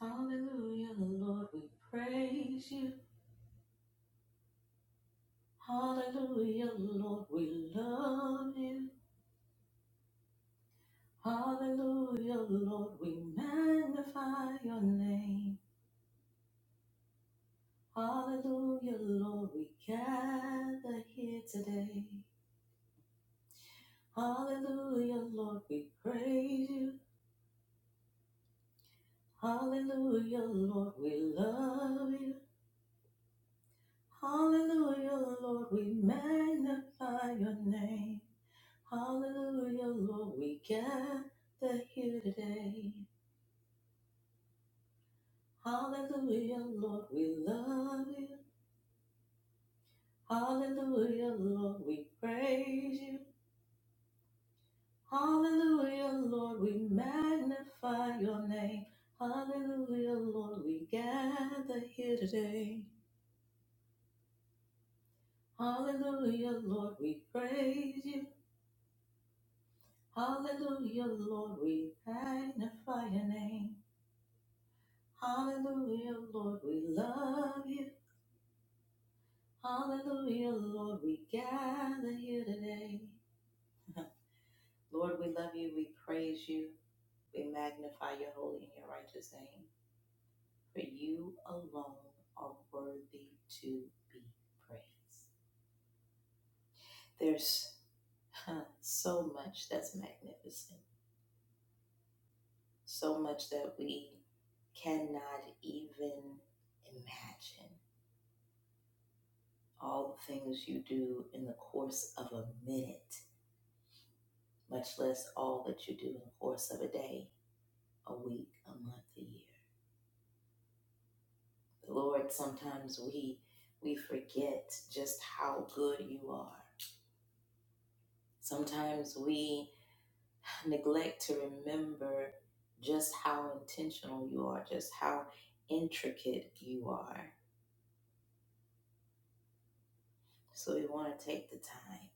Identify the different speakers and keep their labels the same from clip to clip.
Speaker 1: Hallelujah, Lord, we praise you. Hallelujah, Lord, we love you. Hallelujah, Lord, we magnify your name. Hallelujah, Lord, we gather here today. Hallelujah, Lord, we praise you. Hallelujah, Lord, we love you. Hallelujah, Lord, we magnify your name. Hallelujah, Lord, we gather here today. Hallelujah, Lord, we love you. Hallelujah, Lord, we praise you. Hallelujah, Lord, we magnify your name. Hallelujah, Lord, we gather here today. Hallelujah, Lord, we praise you. Hallelujah, Lord, we magnify your name. Hallelujah, Lord, we love you. Hallelujah, Lord, we gather here today. Lord, we love you, we praise you, we magnify your holy and your righteous name, for you alone are worthy to be praised. There's huh, so much that's magnificent, so much that we cannot even imagine. All the things you do in the course of a minute, much less all that you do in the course of a day a week, a month, a year. Lord, sometimes we we forget just how good you are. Sometimes we neglect to remember just how intentional you are, just how intricate you are. So we want to take the time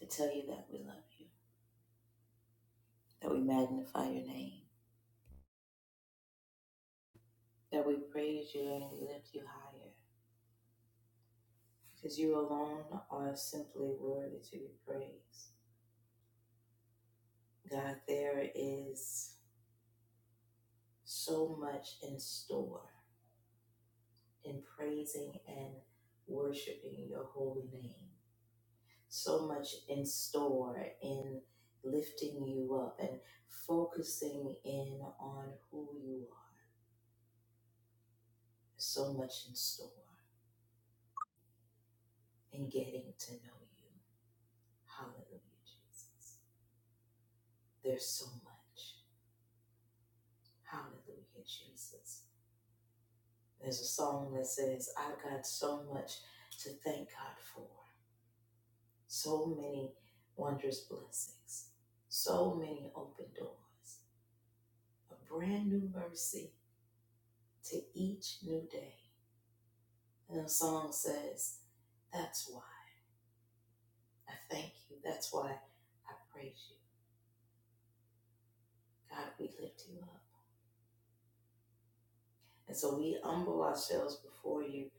Speaker 1: to tell you that we love you, that we magnify your name, that we praise you and we lift you higher. Because you alone are simply worthy to be praised. God, there is so much in store in praising and worshiping your holy name. So much in store in lifting you up and focusing in on who you are. So much in store in getting to know you. Hallelujah, Jesus. There's so much. Hallelujah, Jesus. There's a song that says, I've got so much to thank God for. So many wondrous blessings, so many open doors, a brand new mercy to each new day. And the song says, That's why I thank you. That's why I praise you. God, we lift you up. And so we humble ourselves before you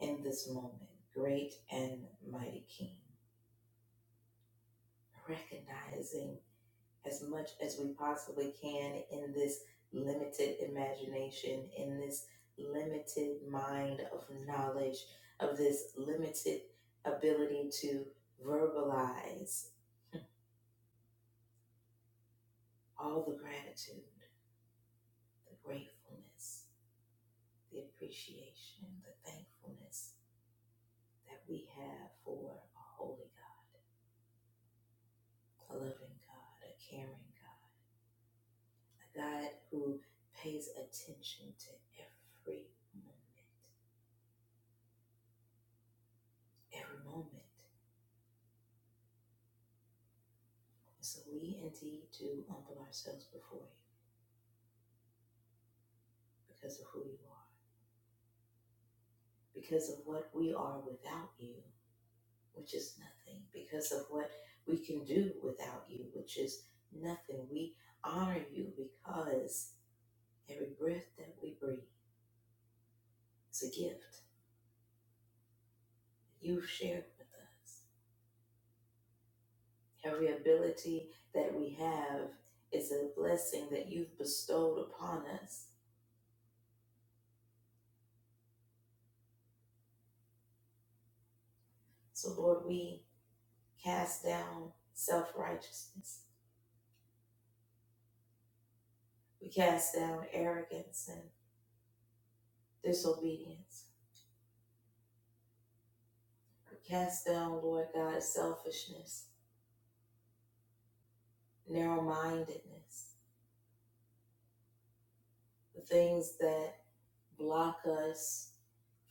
Speaker 1: in this moment, great and mighty King, recognizing. as much as we possibly can in this limited imagination, in this limited mind of knowledge, of this limited ability to verbalize all the gratitude, the gratefulness, the appreciation, the thankfulness that we have for a holy God, a loving God, a caring God, a God who pays attention to every moment, every moment And So we indeed do humble ourselves before you because of who you are, because of what we are without you, which is nothing, because of what we can do without you, which is nothing. We honor you because every breath that we breathe is a gift you've shared with us. Every ability that we have is a blessing that you've bestowed upon us. So, Lord, we cast down self righteousness We cast down arrogance and disobedience. We cast down, Lord God, selfishness, narrow mindedness, the things that block us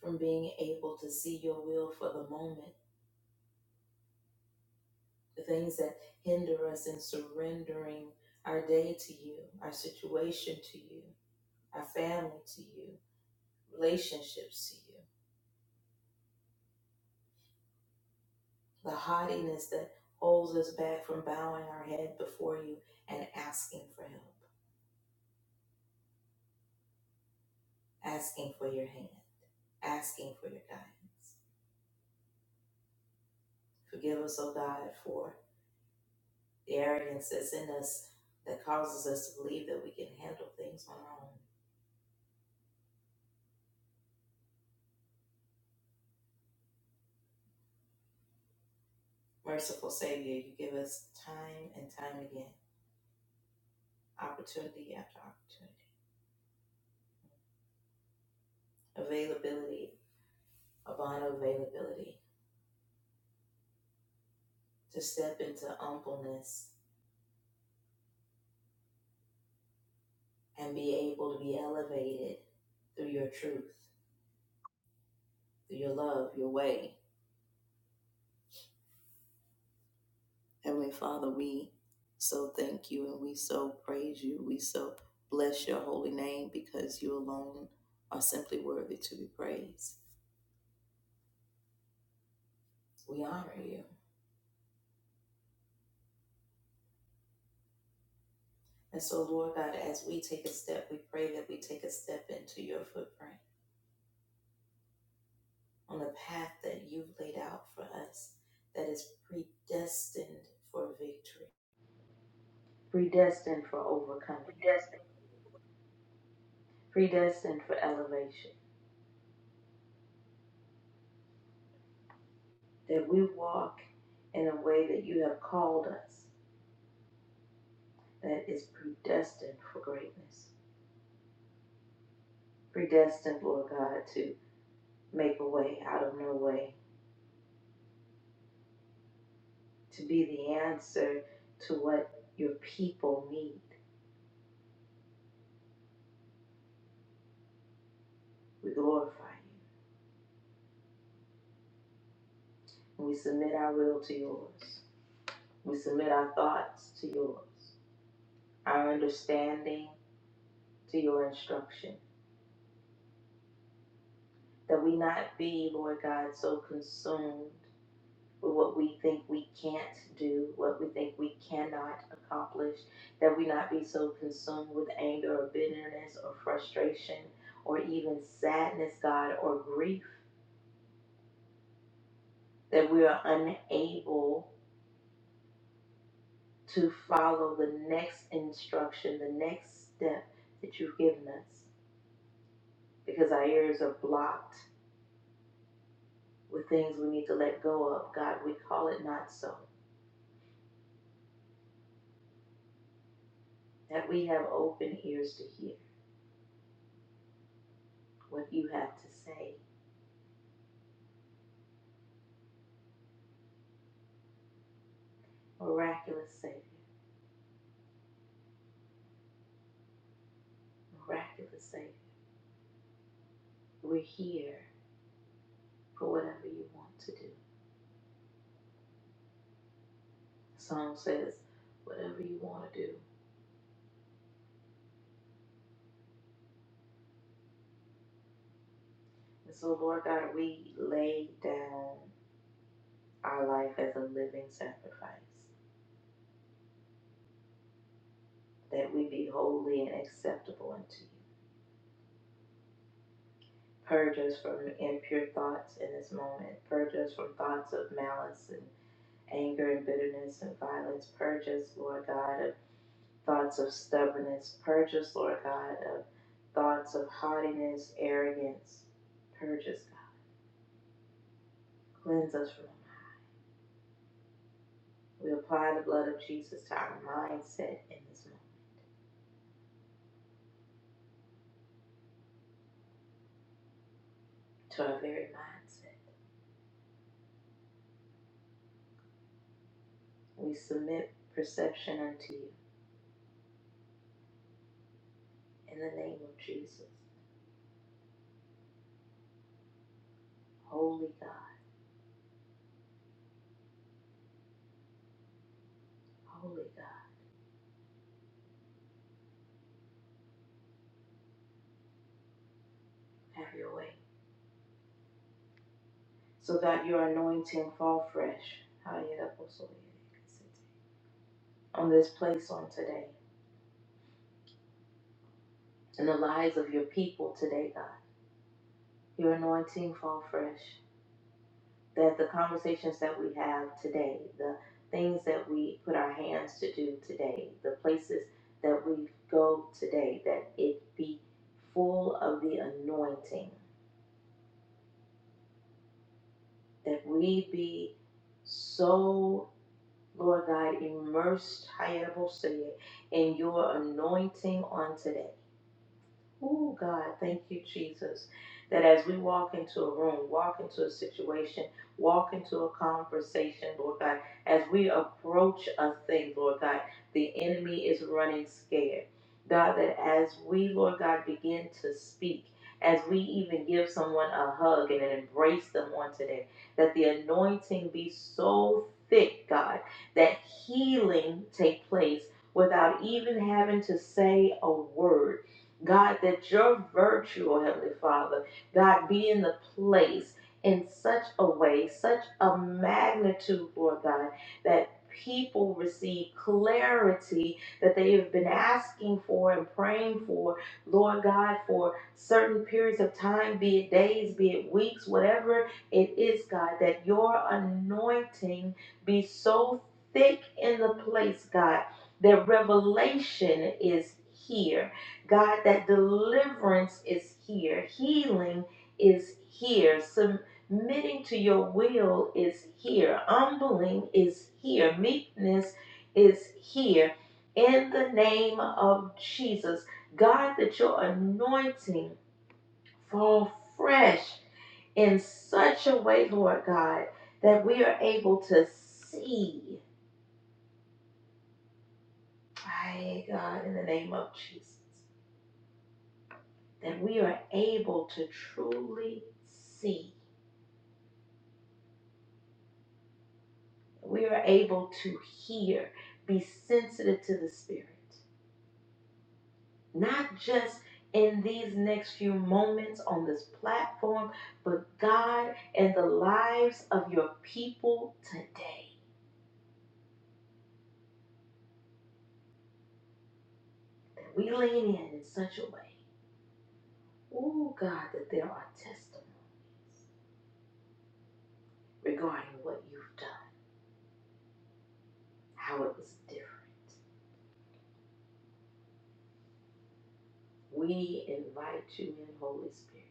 Speaker 1: from being able to see your will for the moment, the things that hinder us in surrendering our day to you, our situation to you, our family to you, relationships to you, the haughtiness that holds us back from bowing our head before you and asking for help. asking for your hand, asking for your guidance. Forgive us, O God, for the arrogance that's in us that causes us to believe that we can handle things on our own. Merciful Savior, you give us time and time again, opportunity after opportunity, availability upon availability, to step into humbleness and be able to be elevated through your truth, through your love, your way, Heavenly Father, we so thank you and we so praise you. We so bless your holy name because you alone are simply worthy to be praised. We honor you. And so, Lord God, as we take a step, we pray that we take a step into your footprint on the path that you've laid out for us that is predestined for victory, predestined for overcoming, predestined for elevation, that we walk in a way that you have called us that is predestined for greatness, predestined, Lord God, to make a way out of no way, to be the answer to what your people need. We glorify you. We submit our will to yours. We submit our thoughts to yours, our understanding to your instruction. That we not be, Lord God, so consumed what we think we can't do, what we think we cannot accomplish, that we not be so consumed with anger or bitterness or frustration or even sadness, God, or grief, that we are unable to follow the next instruction, the next step that you've given us, because our ears are blocked with things we need to let go of. God, we call it not so, that we have open ears to hear what you have to say, miraculous Savior. miraculous Savior. We're here for whatever you want to do. Psalm says, whatever you want to do. And so, Lord God, we lay down our life as a living sacrifice, that we be holy and acceptable unto you. Purge us from impure thoughts in this moment. Purge us from thoughts of malice and anger and bitterness and violence. Purge us, Lord God, of thoughts of stubbornness. Purge us, Lord God, of thoughts of haughtiness, arrogance. Purge us, God. Cleanse us from all. We apply the blood of Jesus to our mindset in this moment, to our very mindset. We submit perception unto you in the name of Jesus. Holy God, holy God, have your way. So that your anointing fall fresh. On this place on today, in the lives of your people today, God. your anointing fall fresh. That the conversations that we have today, the things that we put our hands to do today, the places that we go today, that it be full of the anointing, that we be so, Lord God, immersed, Hayaboseye, in your anointing on today. Oh, God, thank you, Jesus, that as we walk into a room, walk into a situation, walk into a conversation, Lord God, as we approach a thing, Lord God, the enemy is running scared. God, that as we, Lord God, begin to speak, as we even give someone a hug and an embrace them on today, that the anointing be so thick, God, that healing take place without even having to say a word God, that your virtue, oh Heavenly Father, God, be in the place in such a way, such a magnitude, Lord God, that people receive clarity that they have been asking for and praying for, Lord God, for certain periods of time, be it days, be it weeks, whatever it is, God, that your anointing be so thick in the place, God, that revelation is here God, that deliverance is here, healing is here, submitting to your will is here, humbling is here, meekness is here. In the name of Jesus, God, that your anointing fall fresh in such a way, Lord God, that we are able to see. Ay, God, in the name of Jesus. that we are able to truly see, we are able to hear, be sensitive to the Spirit, not just in these next few moments on this platform, but God and the lives of your people today. That we lean in in such a way, oh God, that there are testimonies regarding what you've done, how it was different. We invite you in, Holy Spirit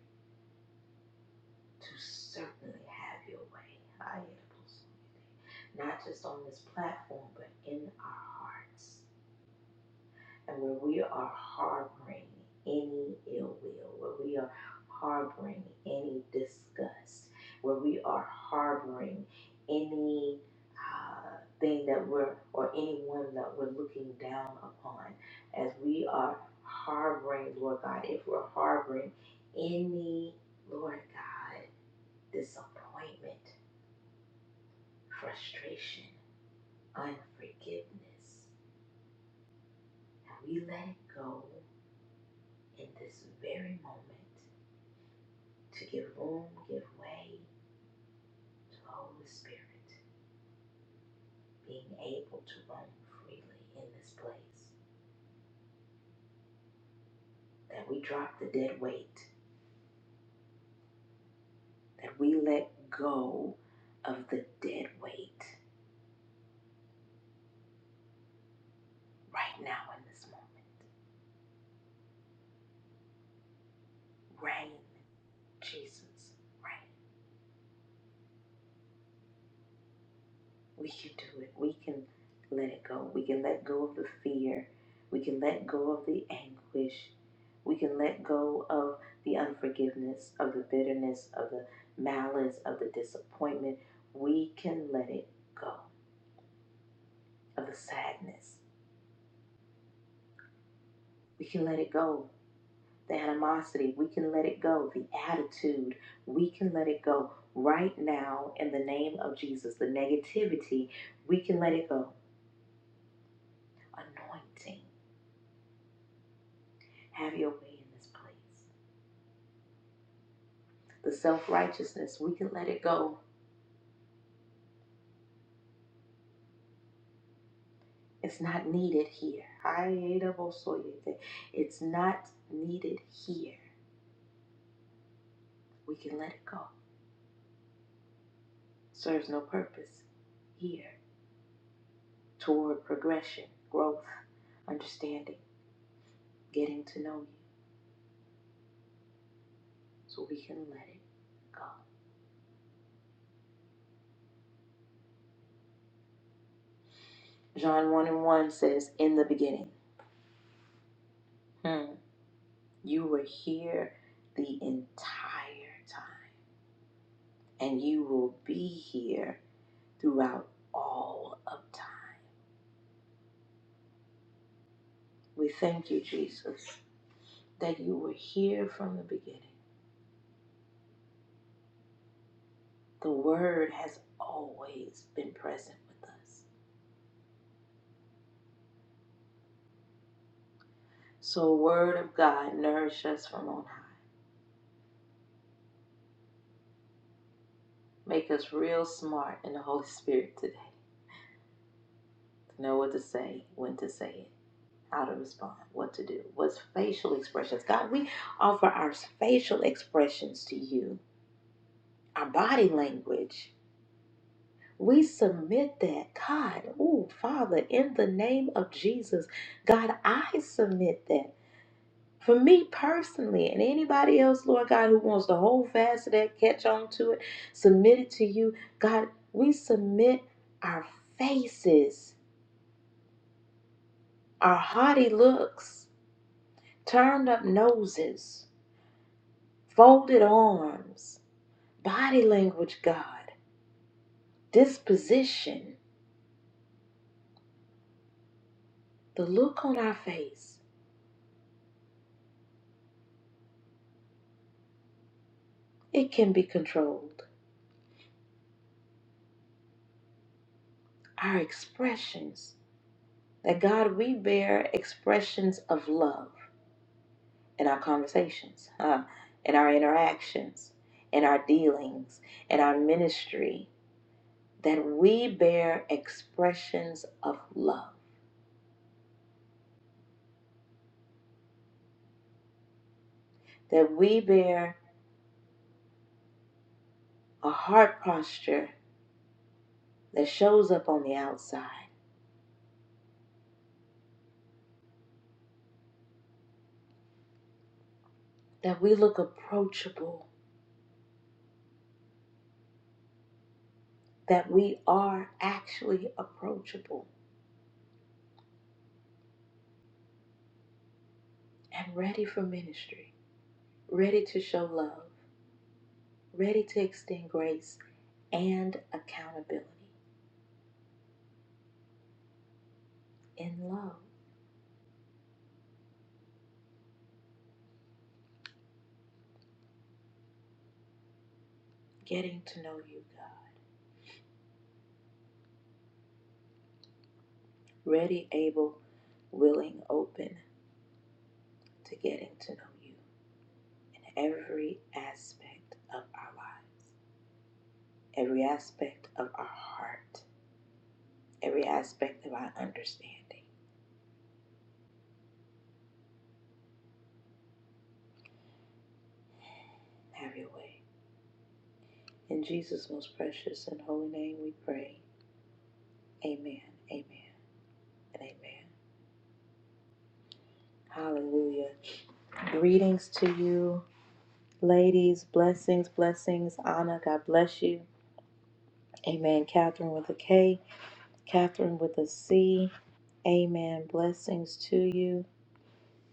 Speaker 1: to certainly have your way. Not just on this platform, but in our hearts. And where we are harboring any ill will, where we are harboring any disgust, where we are harboring any uh, thing that we're, or anyone that we're looking down upon, as we are harboring, Lord God, if we're harboring any, Lord God, disappointment, frustration, unforgiveness. And we let it go in this very moment to give room, give way to the Holy Spirit being able to roam freely in this place. That we drop the dead weight, that we let go of the dead weight right now in this moment. Reign, Jesus, reign. We can do it. We can let it go. We can let go of the fear. We can let go of the anguish. We can let go of the unforgiveness, of the bitterness, of the malice, of the disappointment. We can let it go. Of the sadness. We can let it go. The animosity. We can let it go. The attitude. We can let it go. Right now, in the name of Jesus, the negativity, we can let it go. Anointing. Have your way in this place. The self righteousness, we can let it go. It's not needed here. Ayedabosoyete. It's not needed here. We can let it go. Serves no purpose here toward progression, growth, understanding, getting to know you. So we can let it go. John 1 and 1 says, In the beginning, hmm, you were here the entire time, and you will be here throughout all of time. We thank you, Jesus, that you were here from the beginning. The Word has always been present with us. So, Word of God, nourish us from on high. Make us real smart in the Holy Spirit today to know what to say, when to say it how to respond, what to do, what's facial expressions. God, we offer our facial expressions to you, our body language. We submit that. God, oh, Father, in the name of Jesus, God, I submit that. For me personally and anybody else, Lord God, who wants to hold fast to that, catch on to it, submit it to you. God, we submit our faces, our haughty looks, turned up noses, folded arms, body language, God, disposition, the look on our face. It can be controlled. our expressions that god we bear expressions of love in our conversations huh? in our interactions in our dealings in our ministry that we bear expressions of love that we bear a heart posture that shows up on the outside that we look approachable that we are actually approachable and ready for ministry ready to show love ready to extend grace and accountability in love, getting to know you, God. Ready, able, willing, open to getting to know you. Every aspect of our life, every aspect of our heart, every aspect of our understanding. Have your way. In Jesus' most precious and holy name we pray. Amen, amen, and amen. Hallelujah. Greetings to you. Ladies, blessings, blessings. Anna, God bless you. Amen. Catherine with a K. Catherine with a C. Amen. Blessings to you.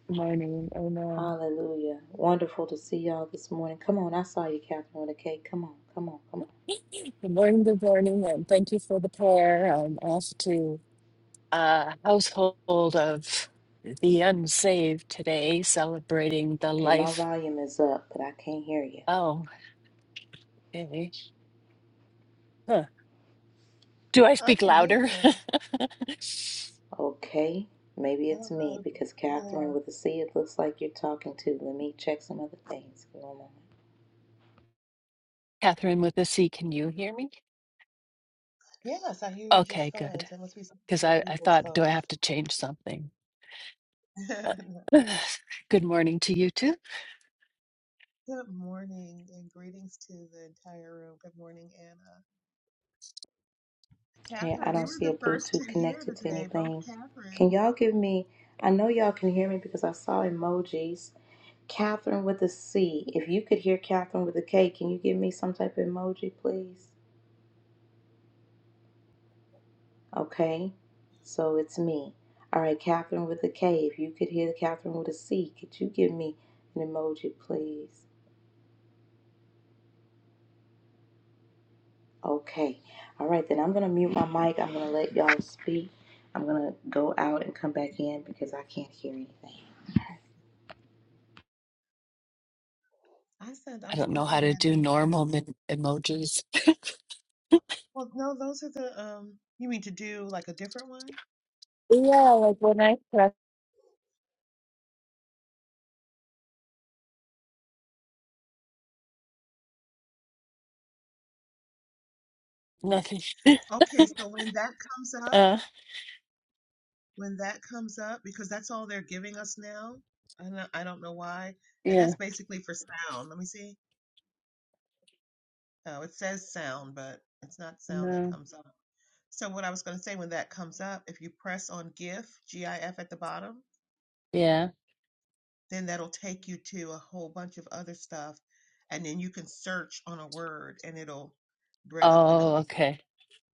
Speaker 2: Good morning. Amen.
Speaker 1: Hallelujah. Wonderful to see y'all this morning. Come on, I saw you, Catherine with a K. Come on, come on, come on.
Speaker 2: Good morning. Good morning. And thank you for the prayer. I'm off to a household of the unsaved today, celebrating the
Speaker 1: Okay, my
Speaker 2: life.
Speaker 1: volume is up, but I can't hear you.
Speaker 2: Oh, okay. Huh. Do I
Speaker 3: I
Speaker 2: speak
Speaker 3: can hear
Speaker 2: louder?
Speaker 3: her.
Speaker 1: Okay, maybe
Speaker 3: I
Speaker 1: it's
Speaker 3: don't know.
Speaker 1: me
Speaker 3: if-
Speaker 1: because
Speaker 3: Yeah.
Speaker 1: Catherine with a C, it looks like you're talking to. Let me check some other things. Come on.
Speaker 2: Catherine with a C, can you hear me?
Speaker 3: Yes, I hear you just
Speaker 2: Okay,
Speaker 3: fine.
Speaker 2: good.
Speaker 3: So it must be something
Speaker 2: Because
Speaker 3: with
Speaker 2: I, I
Speaker 3: April's
Speaker 2: thought, do I
Speaker 3: phone.
Speaker 2: have to change something? Good morning to you too.
Speaker 3: Good morning and greetings to the entire room. Good morning, Anna.
Speaker 1: Okay, I
Speaker 3: Catherine, we
Speaker 1: don't
Speaker 3: were
Speaker 1: see
Speaker 3: the
Speaker 1: a
Speaker 3: first
Speaker 1: Bluetooth
Speaker 3: two here
Speaker 1: connected to
Speaker 3: today, both
Speaker 1: anything. Can y'all
Speaker 3: Catherines.
Speaker 1: give me? I know y'all can hear me because I saw emojis. Catherine with a C. If you could hear Catherine with a K, can you give me some type of emoji, please? Okay, so it's me. All right, Catherine with a K. If you could hear Catherine with a C, could you give me an emoji, please? Okay. All right, then I'm going to mute my mic. I'm going to let y'all speak. I'm going to go out and come back in because I can't hear anything.
Speaker 3: I said I
Speaker 2: I
Speaker 3: was
Speaker 2: don't know how
Speaker 3: looking
Speaker 2: to
Speaker 3: at
Speaker 2: do
Speaker 3: her.
Speaker 2: normal min- emojis.
Speaker 3: Well, no, those are the um you mean to do like a different one?
Speaker 2: Yeah, like when I press nothing.
Speaker 3: Okay, so when that comes up.
Speaker 2: Uh,
Speaker 3: when that comes up because that's all they're giving us now. I don't, I don't know why. And
Speaker 2: yeah,
Speaker 3: that's basically for sound. Let me see. Oh, it says sound, but it's not sound that
Speaker 2: no,
Speaker 3: comes up. So what I was going to say when that comes up, if you press on GIF, GIF at the bottom,
Speaker 2: yeah.
Speaker 3: then that'll take you to a whole bunch of other stuff and then you can search on a word and it'll bring up an
Speaker 2: Oh,
Speaker 3: emoji
Speaker 2: okay.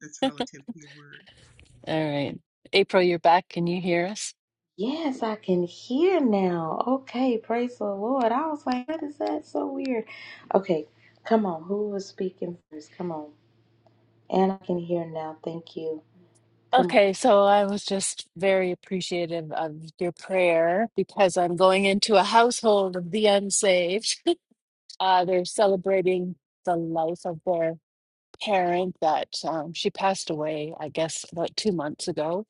Speaker 3: that's relative to your word.
Speaker 2: All right. April, you're back. Can you hear us?
Speaker 1: Yes, I can hear now. Okay, praise the Lord. I was like, what is that? So weird. Okay, come on. Who was speaking first? Come on. And I can hear now. Thank you. Come on.
Speaker 2: Okay, so I was just very appreciative of your prayer because I'm going into a household of the unsaved. Uh, they're celebrating the life of their parent that um, she passed away, I guess, about two months ago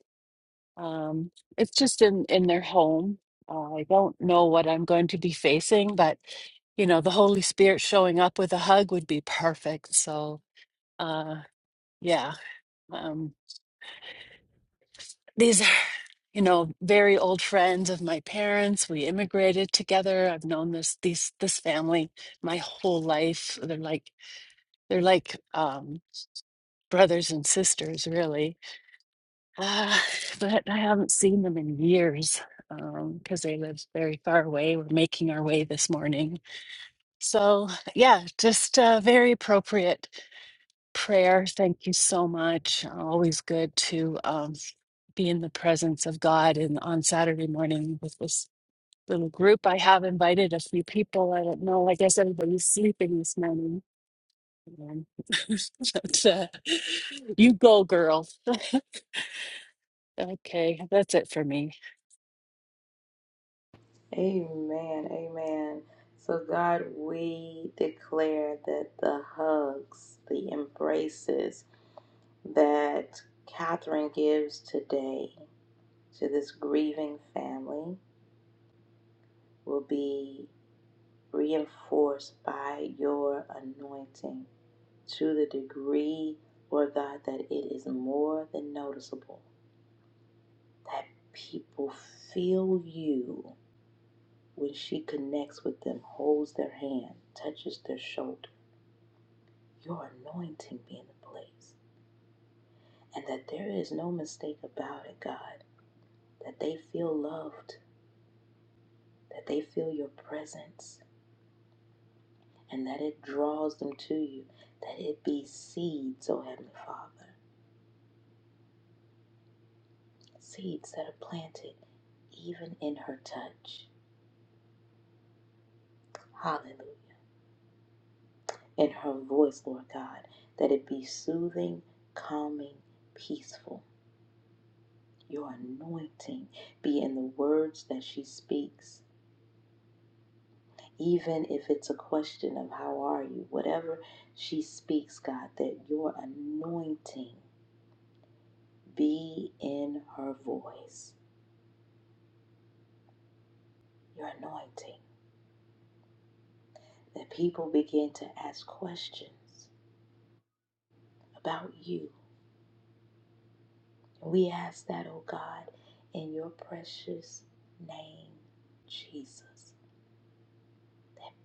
Speaker 2: Um, it's just in in their home. Uh, I don't know what I'm going to be facing, but you know, the Holy Spirit showing up with a hug would be perfect. So, uh, yeah, um, these are you know very old friends of my parents. We immigrated together. I've known this these this family my whole life. They're like they're like um, brothers and sisters, really Uh, but I haven't seen them in years um, because they live very far away. We're making our way this morning. So, yeah, just uh, very appropriate prayer. Thank you so much. Always good to um, be in the presence of God. And on Saturday morning with this little group, I have invited a few people. I don't know. I guess everybody's sleeping this morning. Um, but, uh, you go, girl. Okay, that's it for me.
Speaker 1: Amen. Amen. So, God, we declare that the hugs, the embraces that Catherine gives today to this grieving family, will be reinforced by your anointing to the degree, Lord God, that it is more than noticeable that people feel you when she connects with them, holds their hand, touches their shoulder. Your anointing be in the place. And that there is no mistake about it, God, that they feel loved, that they feel your presence, and that it draws them to you, that it be seed, so Heavenly Father seeds that are planted even in her touch. Hallelujah. In her voice, Lord God, that it be soothing, calming, peaceful. Your anointing be in the words that she speaks. Even if it's a question of how are you, whatever she speaks, God, that your anointing be in her voice. Your anointing. That people begin to ask questions about you We ask that, oh God, in your precious name, Jesus.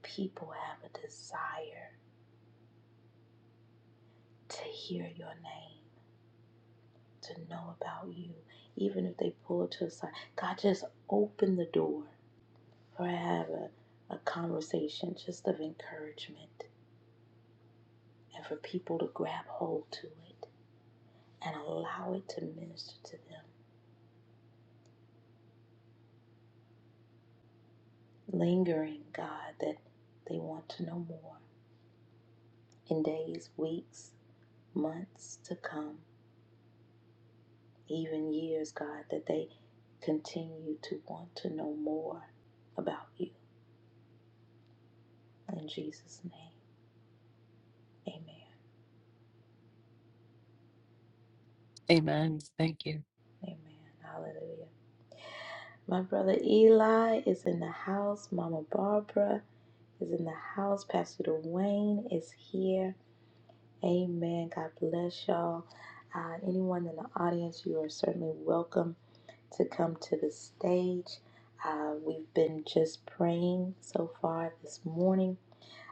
Speaker 1: People have a desire to hear your name, to know about you, even if they pull it to the side. God, just open the door for have a, a conversation just of encouragement and for people to grab hold to it and allow it to minister to them. Lingering, God, that they want to know more in days, weeks, months to come, even years, God, that they continue to want to know more about you. In Jesus' name, amen.
Speaker 2: Amen. Thank you.
Speaker 1: Amen. Hallelujah. My brother Eli is in the house. Mama Barbara is in the house. Pastor Dwayne is here. Amen. God bless y'all. Uh, anyone in the audience, you are certainly welcome to come to the stage. Uh, we've been just praying so far this morning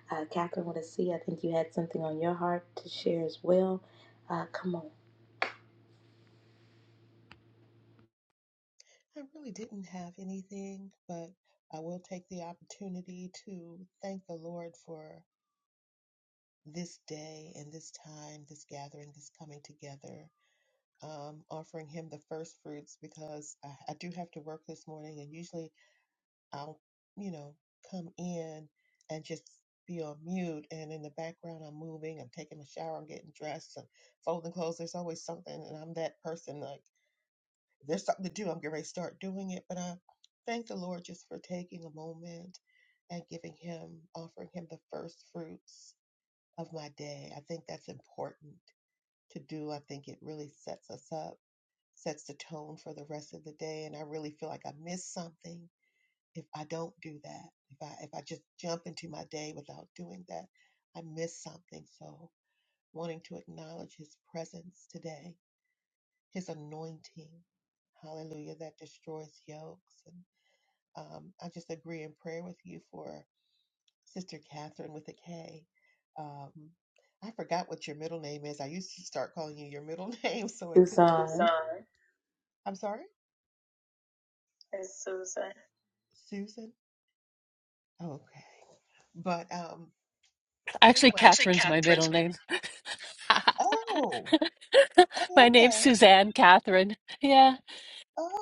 Speaker 1: Uh, Catherine with a C, I think you had something on your heart to share as well. Uh, come on,
Speaker 3: I really didn't have anything, but I will take the opportunity to thank the Lord for this day and this time, this gathering, this coming together, um, offering Him the first fruits because I, I do have to work this morning, and usually I'll, you know, come in and just be on mute, and in the background I'm moving, I'm taking a shower, I'm getting dressed, I'm folding clothes. There's always something, and I'm that person like. If there's something to do. I'm getting ready to start doing it. But I thank the Lord just for taking a moment and giving Him, offering Him the first fruits of my day. I think that's important to do. I think it really sets us up, sets the tone for the rest of the day. And I really feel like I miss something if I don't do that. If I if I just jump into my day without doing that, I miss something. So wanting to acknowledge His presence today his anointing, hallelujah, that destroys yokes. And um, I just agree in prayer with you for Sister Catherine with a K. Um, I forgot what your middle name is. I used to start calling you your middle name, so it could. Susan.
Speaker 1: Susan.
Speaker 3: I'm sorry, It's Susan. Susan. Oh, okay, but um, anyway.
Speaker 2: Actually,
Speaker 3: Actually,
Speaker 2: Catherine's my
Speaker 3: Catherine's.
Speaker 2: middle name.
Speaker 3: Oh,
Speaker 2: my
Speaker 3: oh,
Speaker 2: name's
Speaker 3: okay.
Speaker 2: Suzanne Catherine. Yeah,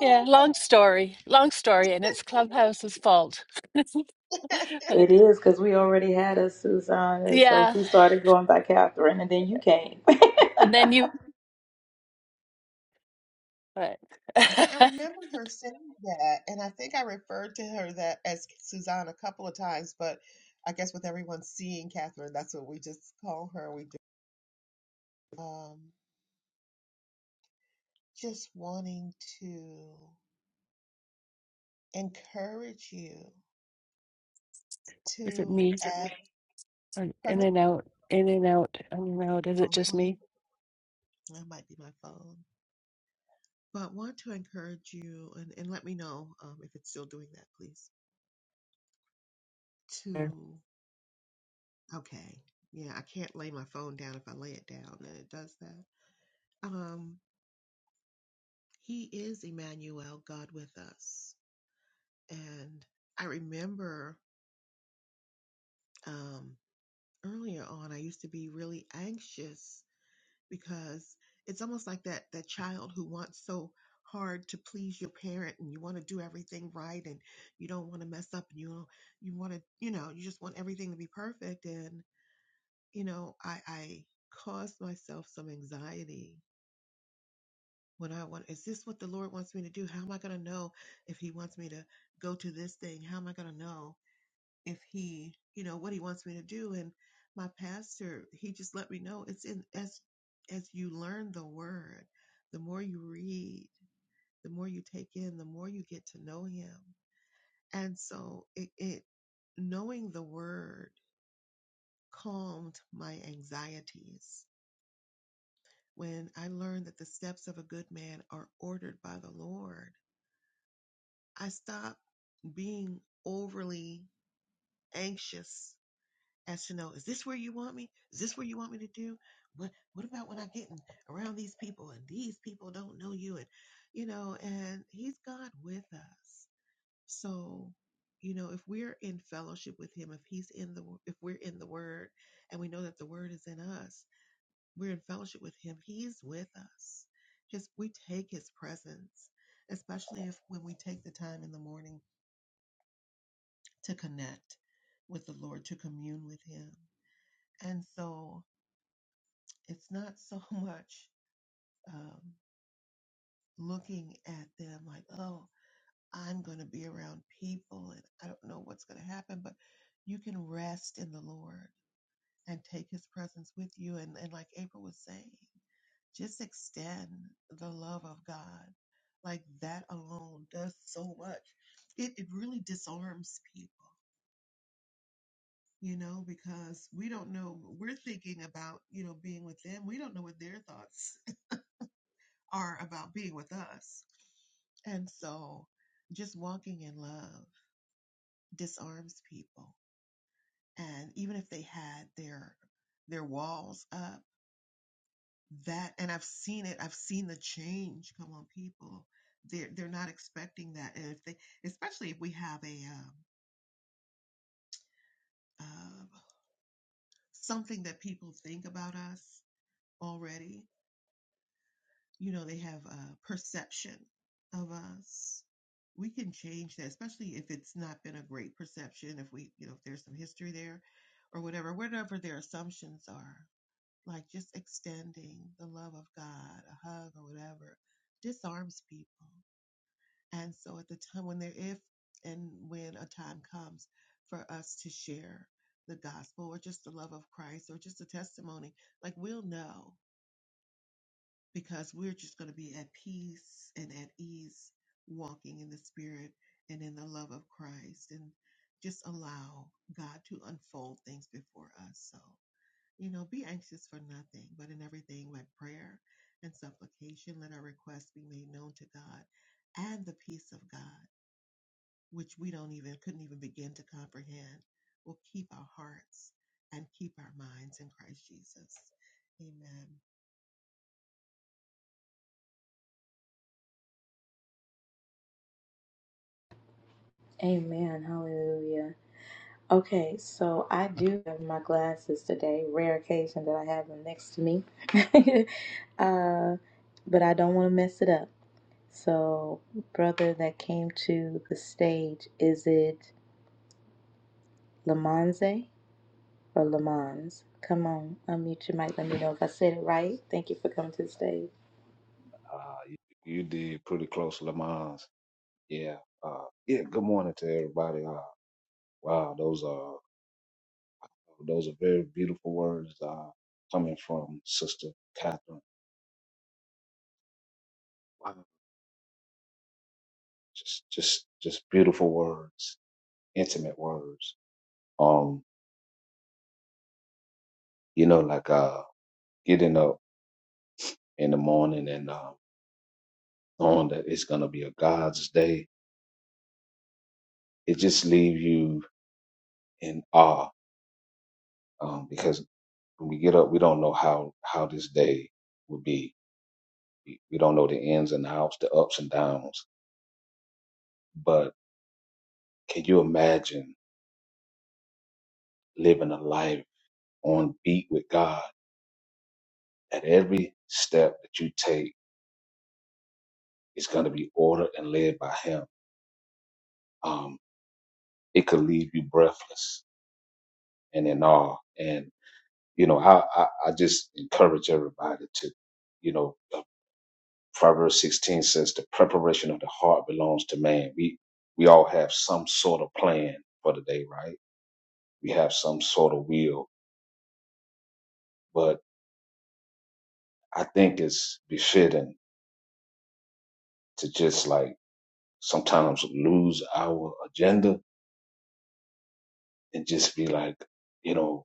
Speaker 2: yeah.
Speaker 3: okay.
Speaker 2: Long story. Long story, and it's Clubhouse's fault.
Speaker 1: It
Speaker 2: but
Speaker 1: is because we already had a Susan, and so
Speaker 2: yeah,
Speaker 1: she started going by Catherine, and then you came.
Speaker 2: and then you. But
Speaker 3: Yeah, I remember her saying that, and I think I referred to her that as Suzanne a couple of times, but I guess with everyone seeing Catherine, that's what we just call her. We do. Um, just wanting to encourage you
Speaker 2: is it
Speaker 3: to
Speaker 2: me?
Speaker 3: Is it ask. me?
Speaker 2: Or
Speaker 3: Pardon
Speaker 2: in
Speaker 3: me?
Speaker 2: and out, in and out, in and out. Is it
Speaker 3: Oh,
Speaker 2: just
Speaker 3: really?
Speaker 2: me?
Speaker 3: That might be my phone. But want to encourage you, and, and let me know um, if it's still doing that, please. To okay, yeah, I can't lay my phone down. If I lay it down, and it does that. Um, He is Emmanuel, God with us. And I remember um, earlier on, I used to be really anxious because it's almost like that that child who wants so hard to please your parent and you want to do everything right and you don't want to mess up and you you want to you know you just want everything to be perfect and you know I I caused myself some anxiety What I want is this what the Lord wants me to do? How am I going to know if He wants me to go to this thing? How am I going to know if He, you know, what He wants me to do? And my pastor, he just let me know it's in as as you learn the Word, the more you read, the more you take in, the more you get to know Him. And so it, it knowing the Word calmed my anxieties when I learned that the steps of a good man are ordered by the Lord I stopped being overly anxious as to know, is this where you want me? Is this where you want me to do? What what about when I get in, around these people and these people don't know you and you know, and he's God with us. So, you know, if we're in fellowship with him, if he's in the if we're in the word and we know that the word is in us, we're in fellowship with him, he's with us. His we take his presence, especially if when we take the time in the morning to connect with the Lord, to commune with Him. And so it's not so much um, looking at them like, oh, I'm going to be around people and I don't know what's going to happen, but you can rest in the Lord and take His presence with you. And, and like April was saying, just extend the love of God. Like that alone does so much. It, it really disarms people you know, because we don't know, we're thinking about, you know, being with them. We don't know what their thoughts are about being with us. And so just walking in love disarms people. And even if they had their, their walls up, that, and I've seen it, I've seen the change come on people. They're, they're not expecting that. And if they, especially if we have a, um, uh, something that people think about us already, you know they have a perception of us we can change that especially if it's not been a great perception if we you know if there's some history there or whatever whatever their assumptions are like just extending the love of god a hug or whatever disarms people and so at the time when there if and when a time comes for us to share the gospel or just the love of christ or just a testimony like we'll know because we're just going to be at peace and at ease walking in the spirit and in the love of Christ and just allow God to unfold things before us. So, you know, be anxious for nothing, but in everything by prayer and supplication, let our requests be made known to God and the peace of God, which we don't even, couldn't even begin to comprehend, will keep our hearts and keep our minds in Christ Jesus. Amen.
Speaker 1: Amen. Hallelujah. Okay, so I do have my glasses today. Rare occasion that I have them next to me, uh, but I don't want to mess it up. So, brother that came to the stage, is it Lamonze? Or Lamons. Come on, unmute your mic. Let me know if I said it right. Thank you for coming to the stage.
Speaker 4: Uh, you, you did pretty close, Lamons. Yeah. Uh, yeah. Good morning to everybody. Uh, wow, those are those are very beautiful words uh, coming from Sister Catherine. Wow, just just just beautiful words, intimate words. Um, you know, like uh, getting up in the morning and uh, knowing that it's gonna be a God's day. It just leaves you in awe um, because when we get up, we don't know how how this day will be We we don't know the ins and outs, the ups and downs. But can you imagine living a life on beat with God? At every step that you take, it's going to be ordered and led by Him. Um, it could leave you breathless and in awe. And you know, I, I I just encourage everybody to, you know, Proverbs 16 says the preparation of the heart belongs to man. We we all have some sort of plan for the day, right? We have some sort of will, but I think it's befitting to just like sometimes lose our agenda and just be like, you know,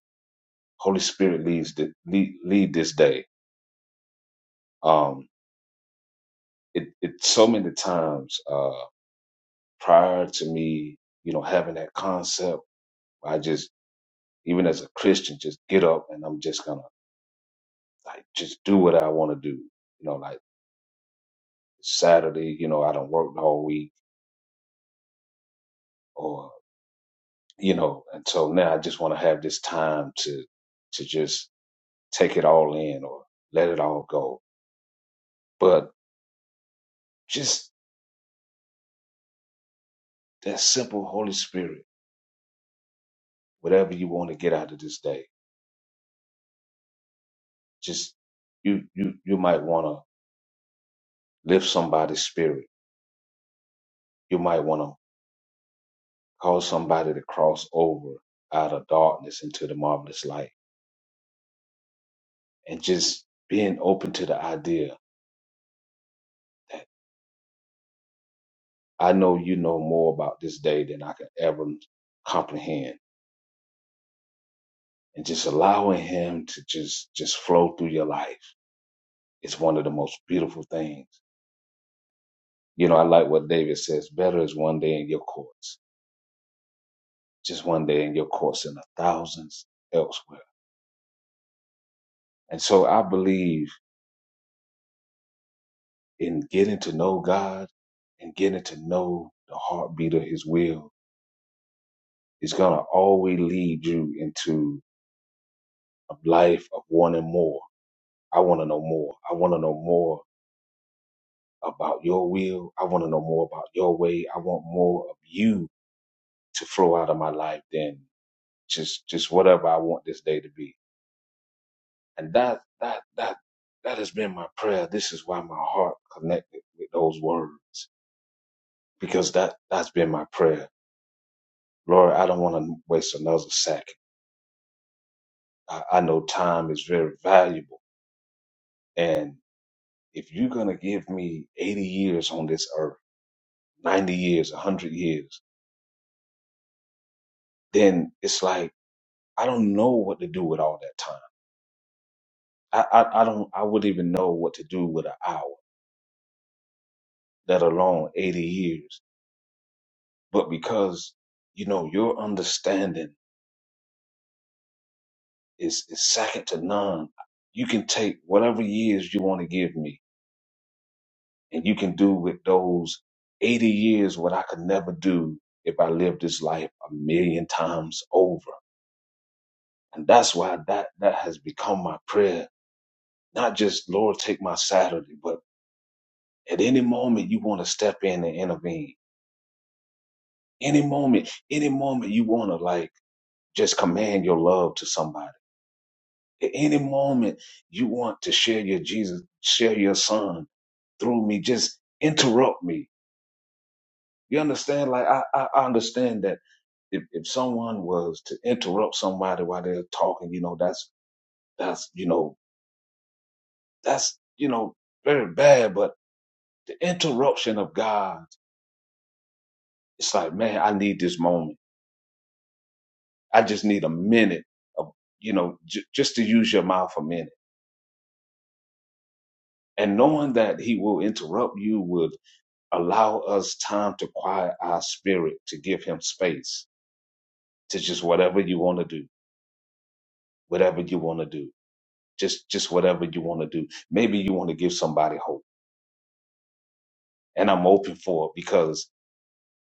Speaker 4: Holy Spirit leads the lead, lead this day. Um, it, it so many times uh, prior to me, you know, having that concept, I just even as a Christian, just get up and I'm just gonna like just do what I want to do. You know, like Saturday, you know, I don't work all week, or you know, and so now I just want to have this time to to just take it all in or let it all go. But just that simple Holy Spirit, whatever you want to get out of this day, just you you you might want to lift somebody's spirit. You might want to cause somebody to cross over out of darkness into the marvelous light, and just being open to the idea. I know you know more about this day than I can ever comprehend, and just allowing Him to just just flow through your life. It's one of the most beautiful things You know, I like what David says better is one day in your courts, just one day in your courts and a thousands elsewhere. And so I believe in getting to know God and getting to know the heartbeat of his will is going to always lead you into a life of wanting more. I want to know more. I want to know more about your will. I want to know more about your way. I want more of you to flow out of my life than just just whatever I want this day to be. And that, that, that, that has been my prayer. This is why my heart connected with those words because that, that's been my prayer. Lord, I don't want to waste another second. I, I know time is very valuable. And if you're going to give me 80 years on this earth, 90 years, 100 years, then it's like, I don't know what to do with all that time. I, I, I don't, I wouldn't even know what to do with an hour, let alone 80 years. But because, you know, your understanding is is second to none. You can take whatever years you want to give me, and you can do with those eighty years what I could never do if I lived this life a million times over. And that's why that that has become my prayer. Not just Lord, take my Saturday, but at any moment you want to step in and intervene. Any moment, any moment you want to like just command your love to somebody. At any moment you want to share your Jesus, share your son through me. Just interrupt me. You understand? Like I, I I understand that if, if someone was to interrupt somebody while they're talking, you know, that's that's you know, that's you know, very bad. But the interruption of God, it's like, man, I need this moment. I just need a minute of you know, j- just to use your mouth a minute. And knowing that he will interrupt you would allow us time to quiet our spirit, to give him space to just whatever you want to do, whatever you want to do just just whatever you want to do maybe you want to give somebody hope and i'm open for it because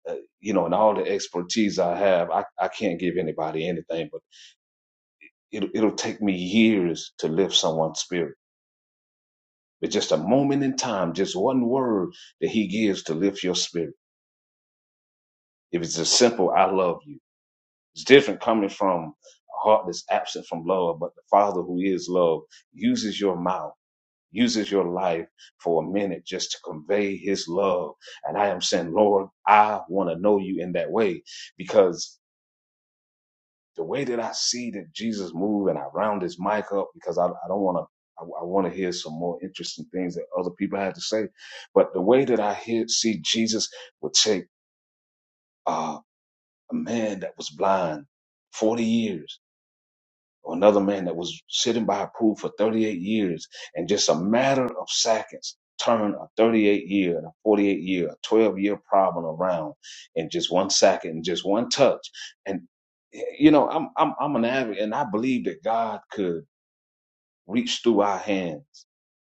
Speaker 4: uh, you know and all the expertise i have i, I can't give anybody anything but it'll, it'll take me years to lift someone's spirit but just a moment in time just one word that he gives to lift your spirit if it's as simple i love you it's different coming from a heart that's absent from love but the father who is love uses your mouth uses your life for a minute just to convey his love. And I am saying, Lord, I want to know you in that way because the way that I see that Jesus move and I round his mic up because I, I don't want to, I, I want to hear some more interesting things that other people had to say. But the way that I hear, see Jesus would take uh, a man that was blind 40 years or another man that was sitting by a pool for 38 years and just a matter of seconds turned a 38 year and a 48 year, a 12 year problem around in just one second, in just one touch. And you know, I'm I'm I'm an avid and I believe that God could reach through our hands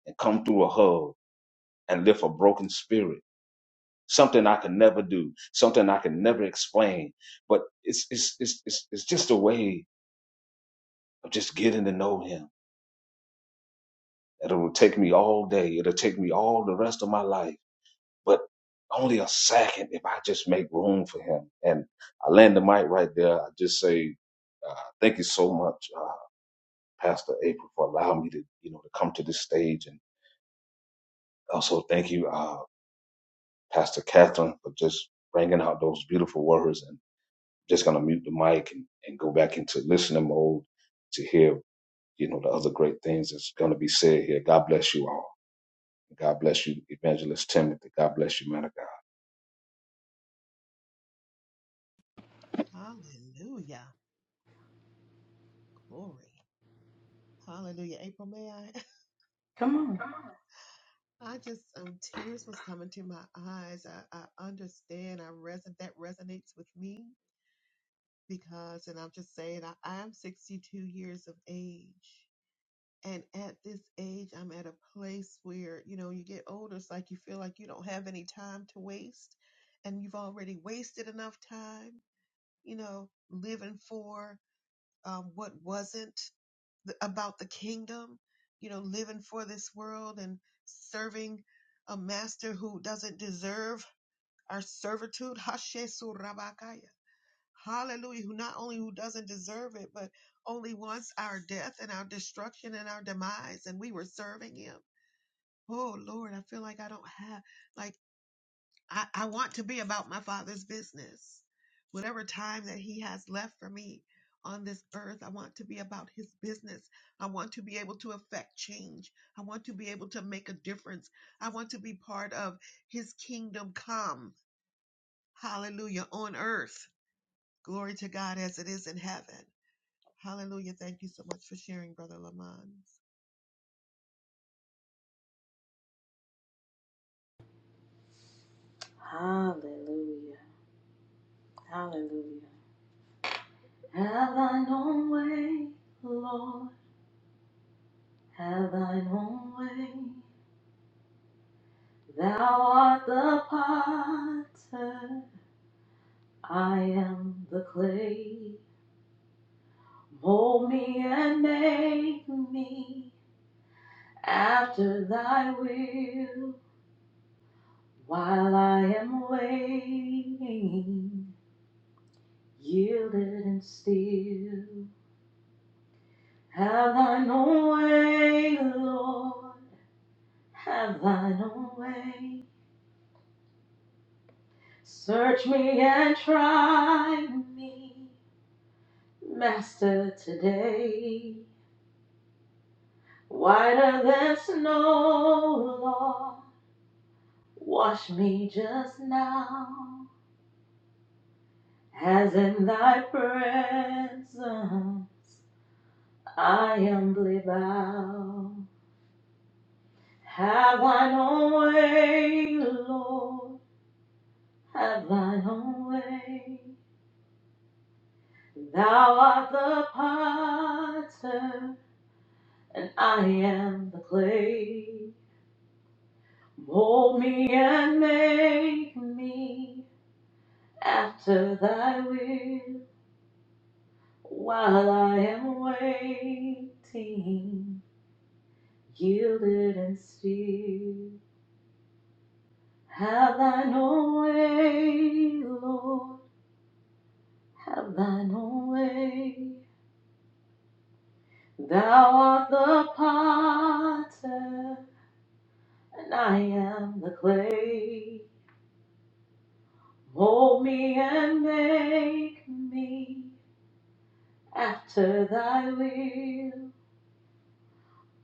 Speaker 4: and come through a hug and lift a broken spirit. Something I could never do, something I could never explain. But it's it's it's it's, it's just a way of just getting to know him and it'll take me all day. It'll take me all the rest of my life, but only a second if I just make room for him. And I land the mic right there. I just say, uh, thank you so much, uh, Pastor April, for allowing me to, you know, to come to this stage. And also thank you, uh, Pastor Catherine, for just bringing out those beautiful words. And just going to mute the mic and, and go back into listening mode to hear, you know, the other great things that's going to be said here. God bless you all. God bless you, Evangelist Timothy. God bless you, man of God.
Speaker 3: Hallelujah. Glory. Hallelujah. April, may I?
Speaker 1: Come on.
Speaker 3: Come on. I just um tears was coming to my eyes. I, I understand. I reson that resonates with me because and I'm just saying I, I'm 62 years of age. And at this age, I'm at a place where, you know, you get older, it's like you feel like you don't have any time to waste and you've already wasted enough time, you know, living for um, what wasn't th- about the kingdom, you know, living for this world and serving a master who doesn't deserve our servitude. Hashe surabakaya. Hallelujah. Who not only who doesn't deserve it, but only wants our death and our destruction and our demise. And we were serving him. Oh Lord, I feel like I don't have like I, I want to be about my father's business. Whatever time that he has left for me on this earth, I want to be about his business. I want to be able to affect change. I want to be able to make a difference. I want to be part of his kingdom come. Hallelujah on earth. Glory to God as it is in heaven. Hallelujah. Thank you so much for sharing, Brother Lamont.
Speaker 1: Hallelujah. Hallelujah. Have thine own way, Lord. Have thine own way. Thou art the potter. I am the clay. Mold me and make me after thy will while I am waiting. Yielded and still, have thine own way, Lord, have thine own way. Search me and try me, Master, today. Whiter than snow, Lord, wash me just now, as in thy presence I humbly bow. Have thine own way, Lord, have thine own way. Thou art the potter, and I am the clay. Mold me and make me after thy will. While I am waiting, yielded and still. Have thine own way, Lord, have thine own way. Thou art the potter, and I am the clay. Mold me and make me after thy will.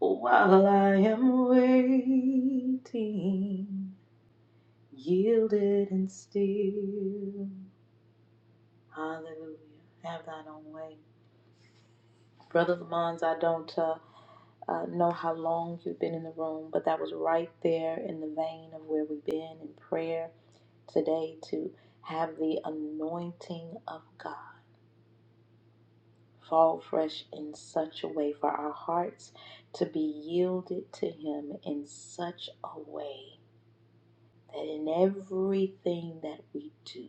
Speaker 1: Oh, While I am waiting, yielded and still. Hallelujah. Have thine own way. Brother Lamont, I don't uh, uh, know how long you've been in the room, but that was right there in the vein of where we've been in prayer today to have the anointing of God fall fresh in such a way for our hearts to be yielded to Him in such a way that in everything that we do,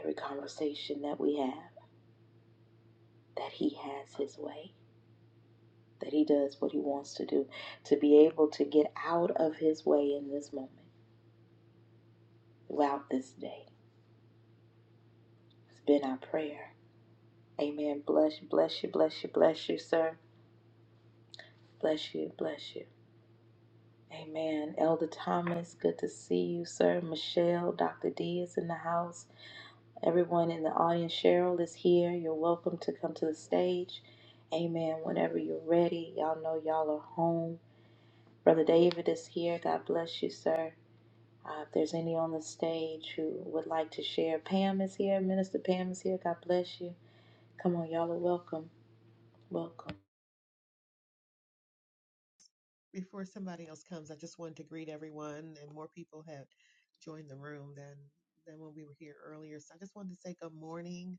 Speaker 1: every conversation that we have, that He has His way, that He does what He wants to do, to be able to get out of His way in this moment, throughout this day. It's been our prayer. Amen. Bless, bless you, bless you, bless you, sir. Bless you, bless you. Amen. Elder Thomas, good to see you, sir. Michelle, Dr. D is in the house. Everyone in the audience, Cheryl is here. You're welcome to come to the stage. Amen. Whenever you're ready, y'all know y'all are home. Brother David is here. God bless you, sir. Uh, if there's any on the stage who would like to share, Pam is here. Minister Pam is here. God bless you. Come on, y'all are welcome. Welcome.
Speaker 3: before somebody else comes, I just wanted to greet everyone, and more people have joined the room than than when we were here earlier. So I just wanted to say good morning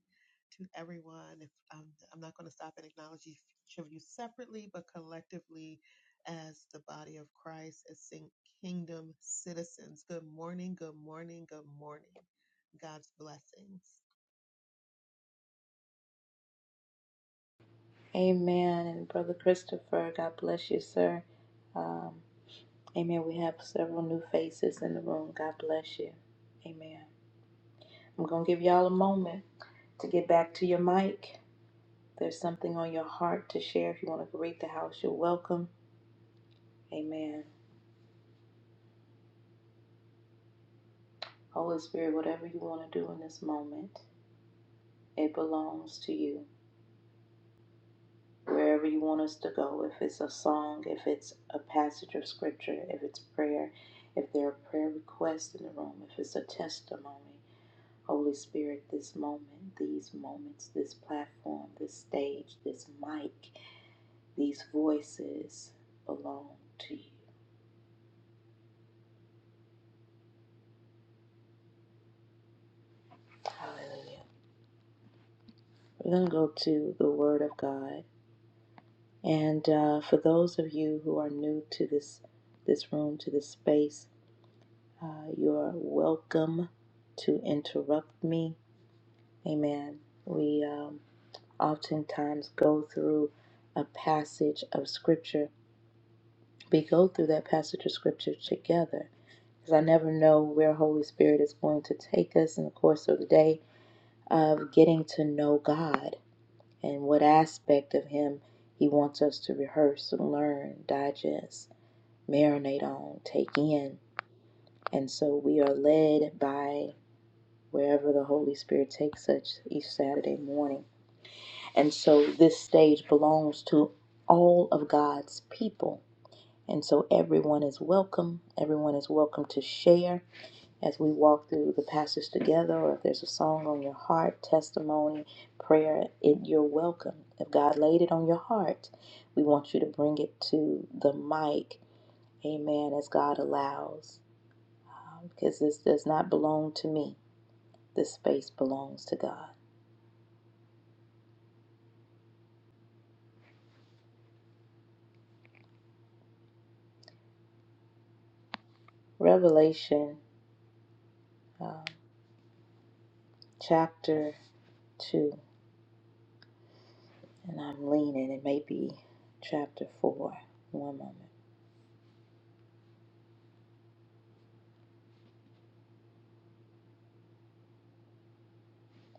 Speaker 3: to everyone. If um, I'm not going to stop and acknowledge each of you separately, but collectively as the body of Christ, as sing- kingdom citizens. Good morning, good morning, good morning. God's blessings.
Speaker 1: Amen. And Brother Christopher, God bless you, sir. Um, Amen. We have several new faces in the room. God bless you. Amen. I'm going to give y'all a moment to get back to your mic. There's something on your heart to share. If you want to greet the house, you're welcome. Amen. Holy Spirit, whatever you want to do in this moment, it belongs to you. Wherever you want us to go, if it's a song, if it's a passage of scripture, if it's prayer, if there are prayer requests in the room, if it's a testimony, Holy Spirit, this moment, these moments, this platform, this stage, this mic, these voices belong to you. Hallelujah. We're going to go to the Word of God. And uh, for those of you who are new to this, this room, to this space, uh, you're welcome to interrupt me. Amen. We um, oftentimes go through a passage of Scripture. We go through that passage of Scripture together because I never know where Holy Spirit is going to take us in the course of the day of getting to know God and what aspect of Him He wants us to rehearse, learn, digest, marinate on, take in. And so we are led by wherever the Holy Spirit takes us each Saturday morning. And so this stage belongs to all of God's people. And so everyone is welcome. Everyone is welcome to share. as we walk through the passage together, or if there's a song on your heart, testimony, prayer, it, you're welcome. If God laid it on your heart, we want you to bring it to the mic, amen, as God allows, um, because this does not belong to me. This space belongs to God. Revelation um, chapter 2, and I'm leaning, it may be chapter 4. One moment.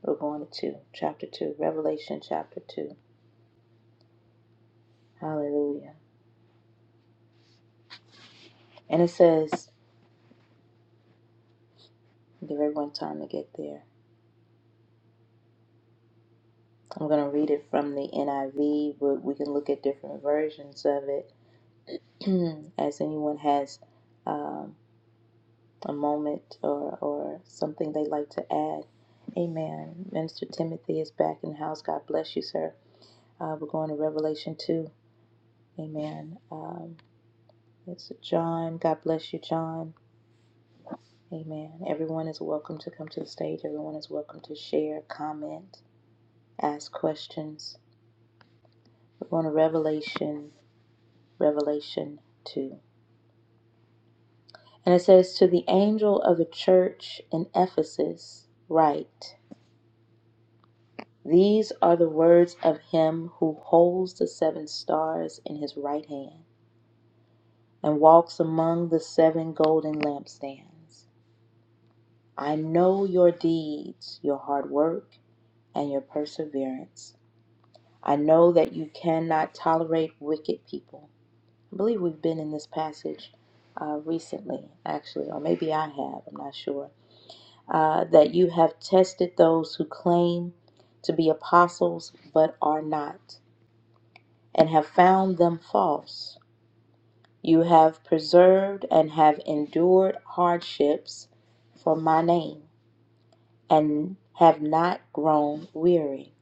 Speaker 1: We're going to 2, chapter 2, Revelation chapter 2. Hallelujah. And it says, Give everyone time to get there. I'm going to read it from the NIV, but we can look at different versions of it as anyone has um, a moment or, or something they'd like to add. Amen. Minister Timothy is back in the house. God bless you, sir. Uh, we're going to Revelation 2. Amen. Um, it's John. God bless you, John. Amen. Everyone is welcome to come to the stage. Everyone is welcome to share, comment, ask questions We're going to Revelation, Revelation 2. And it says, To the angel of the church in Ephesus, write, These are the words of him who holds the seven stars in his right hand and walks among the seven golden lampstands. I know your deeds, your hard work, and your perseverance. I know that you cannot tolerate wicked people I believe we've been in this passage uh, recently, actually, or maybe I have, I'm not sure. Uh, that you have tested those who claim to be apostles but are not, and have found them false. You have preserved and have endured hardships for my name, and have not grown weary.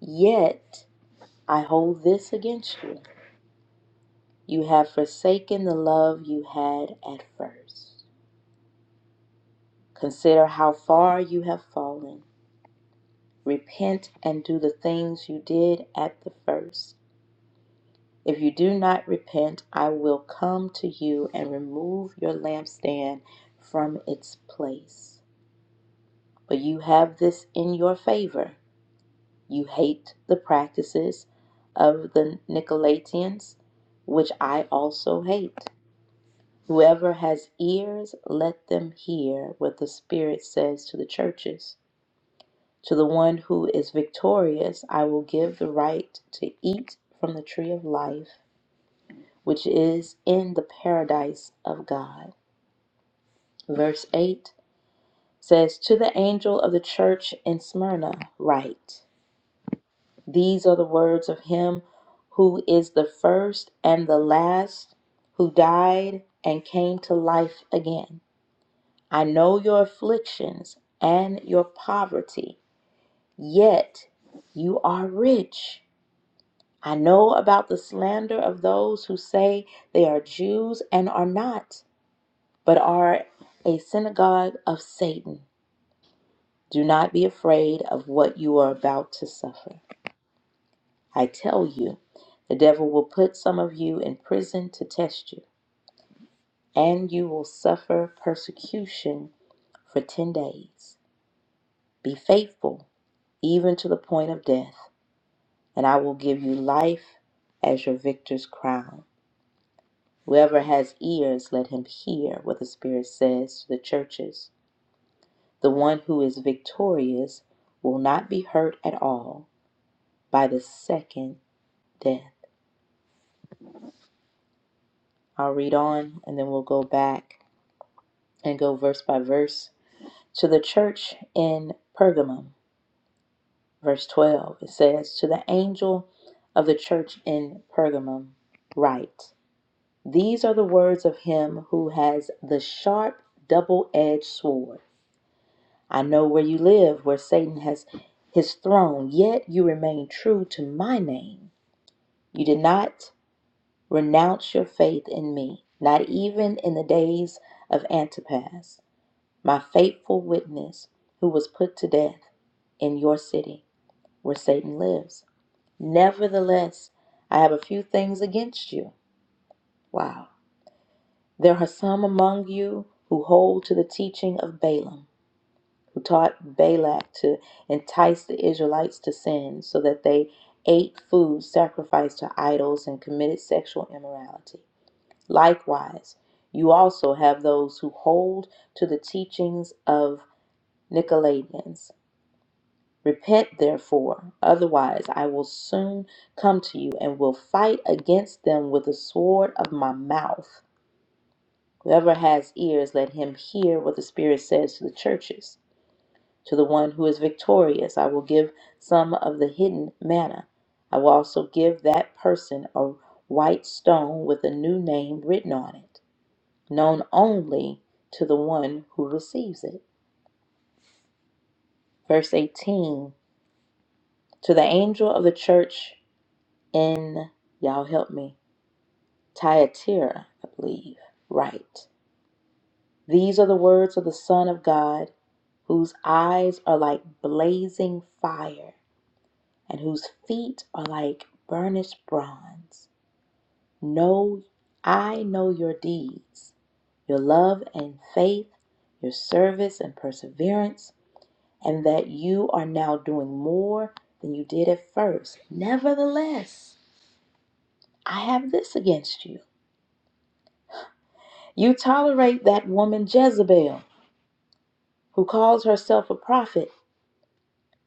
Speaker 1: Yet I hold this against you you have forsaken the love you had at first. Consider how far you have fallen. Repent and do the things you did at the first. If you do not repent, I will come to you and remove your lampstand from its place. But you have this in your favor. You hate the practices of the Nicolaitans, which I also hate. Whoever has ears, let them hear what the Spirit says to the churches. To the one who is victorious, I will give the right to eat from the tree of life, which is in the paradise of God. Verse 8 says, To the angel of the church in Smyrna, write, These are the words of him who is the first and the last, who died and came to life again. I know your afflictions and your poverty, yet you are rich. I know about the slander of those who say they are Jews and are not, but are a synagogue of Satan. Do not be afraid of what you are about to suffer. I tell you, the devil will put some of you in prison to test you, and you will suffer persecution for 10 days. Be faithful, even to the point of death, and I will give you life as your victor's crown. Whoever has ears, let him hear what the Spirit says to the churches. The one who is victorious will not be hurt at all by the second death. I'll read on and then we'll go back and go verse by verse. To the church in Pergamum, verse 12, it says, To the angel of the church in Pergamum, write, These are the words of him who has the sharp double edged sword. I know where you live, where Satan has his throne, yet you remain true to my name. You did not renounce your faith in me, not even in the days of Antipas, my faithful witness, who was put to death in your city where Satan lives. Nevertheless, I have a few things against you. Wow. There are some among you who hold to the teaching of Balaam who taught Balak to entice the Israelites to sin so that they ate food sacrificed to idols and committed sexual immorality. Likewise, you also have those who hold to the teachings of Nicolaitans. Repent, therefore, otherwise I will soon come to you and will fight against them with the sword of my mouth. Whoever has ears, let him hear what the Spirit says to the churches. To the one who is victorious, I will give some of the hidden manna. I will also give that person a white stone with a new name written on it, known only to the one who receives it. Verse 18 To the angel of the church in, y'all help me, Thyatira, I believe. Right. These are the words of the Son of God, whose eyes are like blazing fire and whose feet are like burnished bronze. Know I know your deeds, your love and faith, your service and perseverance, and that you are now doing more than you did at first. Nevertheless, I have this against you. You tolerate that woman Jezebel, who calls herself a prophet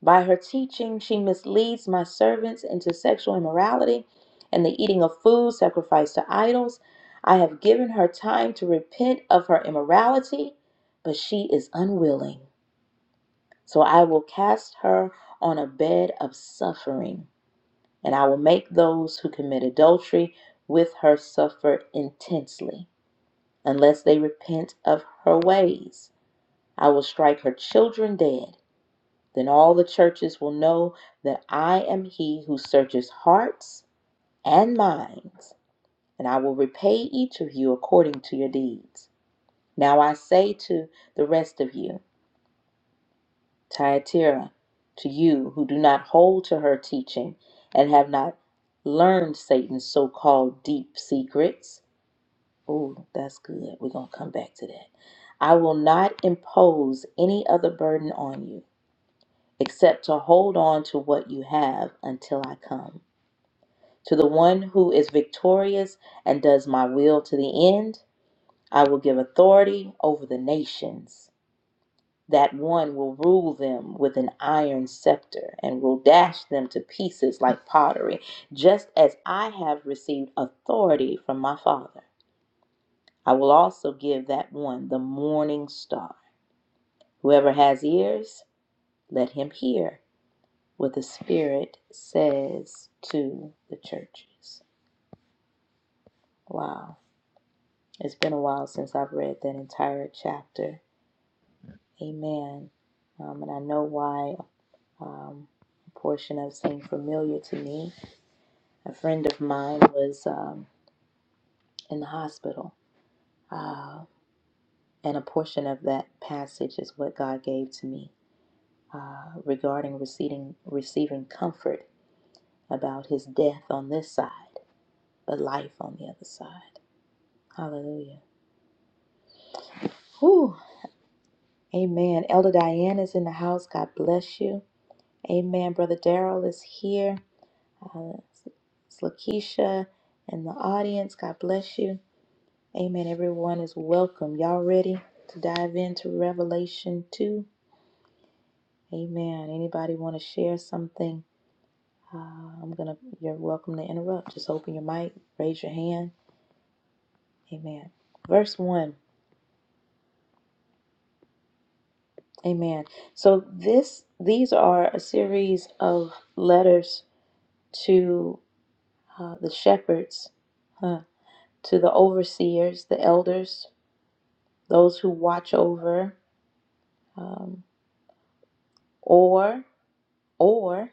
Speaker 1: By her teaching, she misleads my servants into sexual immorality and the eating of food sacrificed to idols. I have given her time to repent of her immorality, but she is unwilling. So I will cast her on a bed of suffering, and I will make those who commit adultery with her suffer intensely, unless they repent of her ways. I will strike her children dead then all the churches will know that I am he who searches hearts and minds, and I will repay each of you according to your deeds. Now I say to the rest of you, Thyatira, to you who do not hold to her teaching and have not learned Satan's so called deep secrets. Ooh, that's good. We're going to come back to that. I will not impose any other burden on you except to hold on to what you have until I come. To the one who is victorious and does my will to the end, I will give authority over the nations. That one will rule them with an iron scepter and will dash them to pieces like pottery, just as I have received authority from my Father. I will also give that one the morning star. Whoever has ears, let him hear what the Spirit says to the churches. Wow. It's been a while since I've read that entire chapter. Amen. Um, and I know why um, a portion of seemed familiar to me. A friend of mine was um, in the hospital, uh, and a portion of that passage is what God gave to me uh, regarding receiving, receiving comfort about his death on this side, but life on the other side. Hallelujah. Whew. Amen. Elder Diane is in the house. God bless you. Amen. Brother Daryl is here. Uh, it's Lakeisha in the audience. God bless you. Amen. Everyone is welcome. Y'all ready to dive into Revelation 2? Amen. Anybody want to share something? Uh, I'm gonna. You're welcome to interrupt. Just open your mic. Raise your hand. Amen. Verse one. Amen. So this these are a series of letters to uh, the shepherds, huh, to the overseers, the elders, those who watch over, um, or or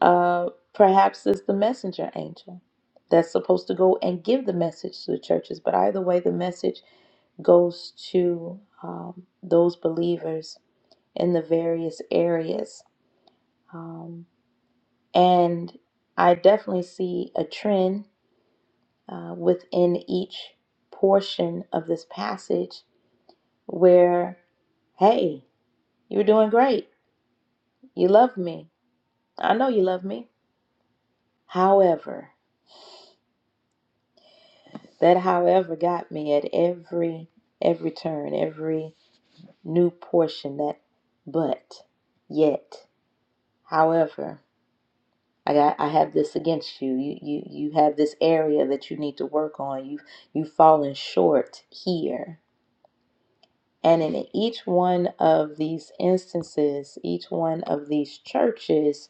Speaker 1: uh, perhaps it's the messenger angel that's supposed to go and give the message to the churches. But either way, the message goes to um, those believers in the various areas, um, and I definitely see a trend uh, within each portion of this passage where, hey, you're doing great. You love me. I know you love me. However, that however got me at every every turn, every new portion that but yet. However, I got I have this against you. You you you have this area that you need to work on. You've you've fallen short here And in each one of these instances, each one of these churches,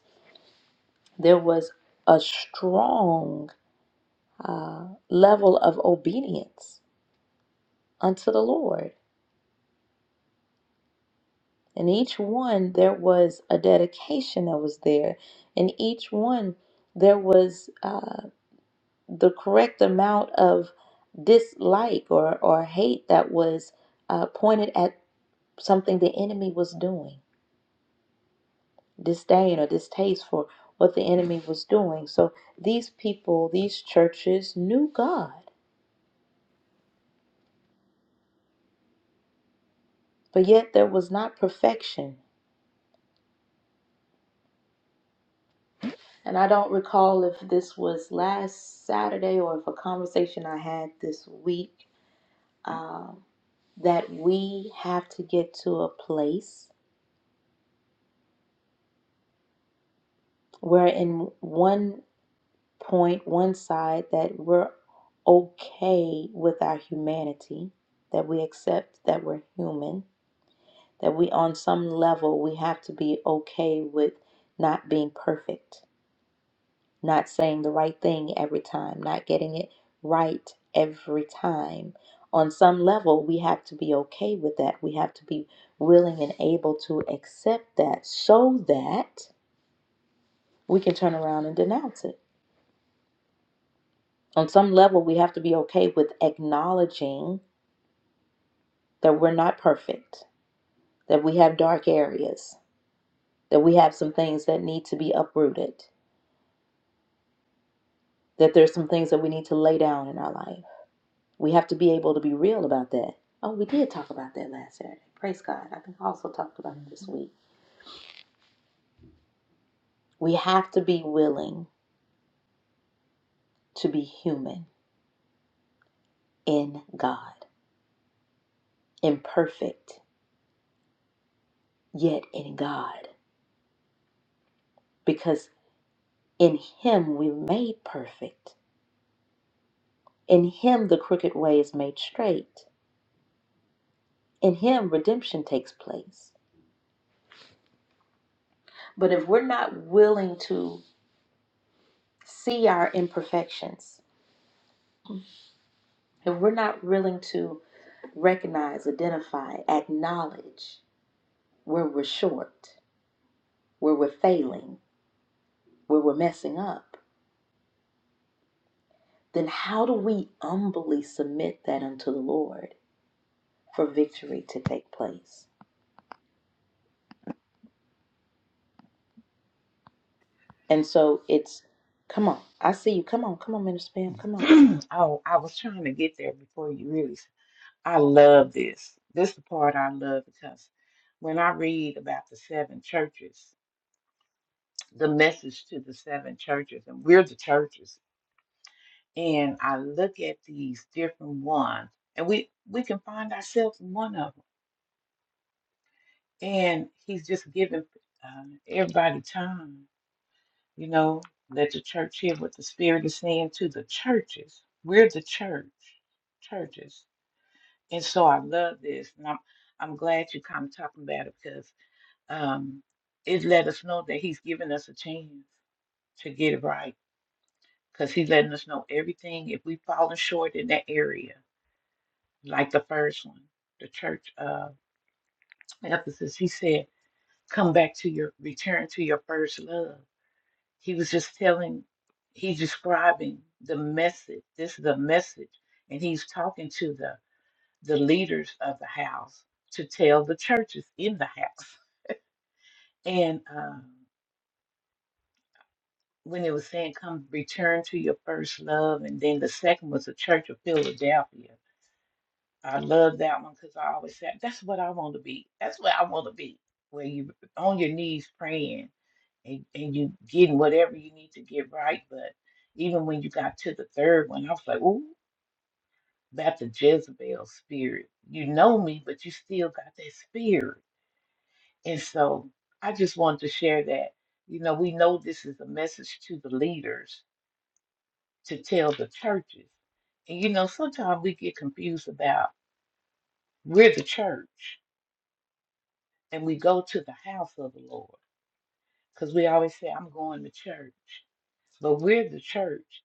Speaker 1: there was a strong uh, level of obedience unto the Lord. In each one, there was a dedication that was there. In each one, there was uh, the correct amount of dislike or, or hate that was uh, pointed at something the enemy was doing disdain or distaste for what the enemy was doing. So these people, these churches knew God, but yet there was not perfection. And I don't recall if this was last Saturday or if a conversation I had this week um, that we have to get to a place where, in one point, one side, that we're okay with our humanity, that we accept that we're human, that we on some level we have to be okay with not being perfect not saying the right thing every time not getting it right every time on some level we have to be okay with that we have to be willing and able to accept that so that we can turn around and denounce it on some level we have to be okay with acknowledging that we're not perfect that we have dark areas that we have some things that need to be uprooted that there's some things that we need to lay down in our life. We have to be able to be real about that. Oh, we did talk about that last Saturday. Praise God. I think I also talked about it this
Speaker 5: Mhm.
Speaker 1: week. We have to be willing to be human in God, imperfect, yet in God, because in Him we're made perfect. In Him the crooked way is made straight. In Him redemption takes place. But if we're not willing to see our imperfections, if we're not willing to recognize, identify, acknowledge where we're short, where we're failing, where we're messing up, then how do we humbly submit that unto the Lord for victory to take place? And so it's, come on, I see you. Come on, come on, Minister Pam, come on.
Speaker 5: oh, I was trying to get there before you really. s- I love this. This is the part I love because when I read about the seven churches, the message to the seven churches, and we're the churches, and I look at these different ones, and we we can find ourselves in one of them. And he's just giving um, everybody time, you know. Let the church hear what the Spirit is saying to the churches. We're the church, churches And so I love this, and I'm I'm glad you come talking about it because um, it let us know that He's giving us a chance to get it right. Because He's letting us know everything. If we've fallen short in that area, like the first one, the church of Ephesus, He said, "Come back to your return to your first love." He was just telling, He's describing the message. This is a message, and He's talking to them. the leaders of the house to tell the churches in the house. And um, when it was saying, come return to your first love, and then the second was the Church of Philadelphia. I love that one because I always said, that's what I want to be. That's what I want to be, where you on your knees praying and, and you getting whatever you need to get right. But even when you got to the third one, I was like, ooh, that's a Jezebel spirit. You know me, but you still got that spirit And so I just wanted to share that. You know, we know this is a message to the leaders to tell the churches. And you know, sometimes we get confused about we're the church and we go to the house of the Lord because we always say, I'm going to church. But we're the church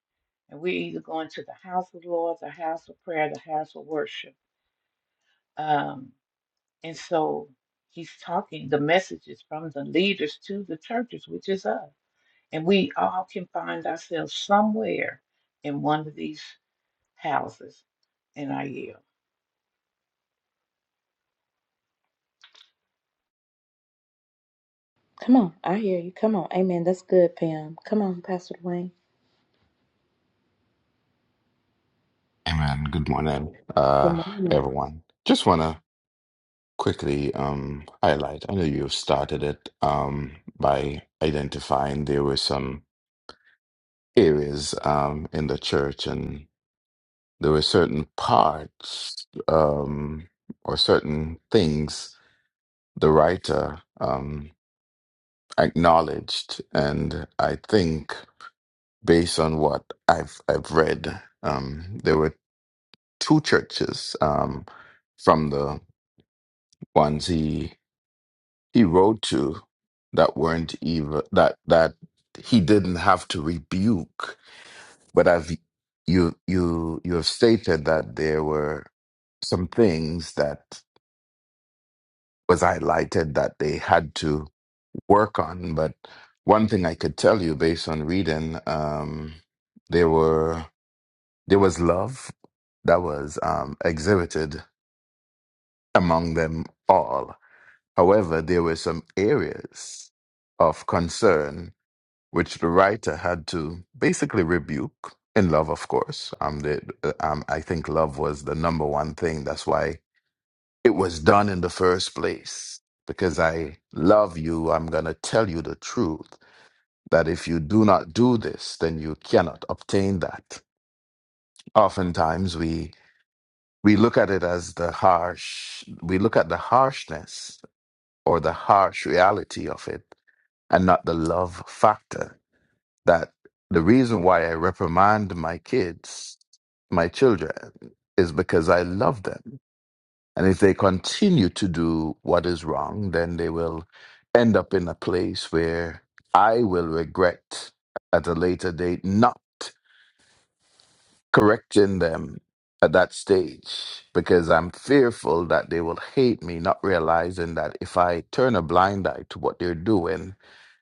Speaker 5: and we're either going to the house of the Lord, the house of prayer, the house of worship. Um, and so he's talking, the message is from the leaders to the churches, which is us. And we all can find ourselves somewhere in one of these houses in our year.
Speaker 1: Come on, I hear you. Come on. Amen. That's good, Pam. Come on, Pastor Dwayne.
Speaker 6: Hey man, good morning,
Speaker 1: Good
Speaker 6: uh,
Speaker 1: morning.
Speaker 6: everyone. Just want to quickly um, highlight. I know you've started it um, by identifying there were some areas um, in the church, and there were certain parts um, or certain things the writer um, acknowledged, and I think based on what I've I've read, um, there were two churches um, from the ones he he wrote to that weren't even that that he didn't have to rebuke but i've you you you have stated that there were some things that was highlighted that they had to work on but one thing i could tell you based on reading um there were there was love that was um exhibited among them all however there were some areas of concern which the writer had to basically rebuke in love, of course. Um, the, uh, um, I think love was the number one thing. That's why it was done in the first place. Because I love you, I'm going to tell you the truth that if you do not do this, then you cannot obtain that. Oftentimes we we look at it as the harsh, we look at the harshness or the harsh reality of it and not the love factor that the reason why I reprimand my kids, my children, is because I love them. And if they continue to do what is wrong, then they will end up in a place where I will regret at a later date not correcting them at that stage because I'm fearful that they will hate me, not realizing that if I turn a blind eye to what they're doing,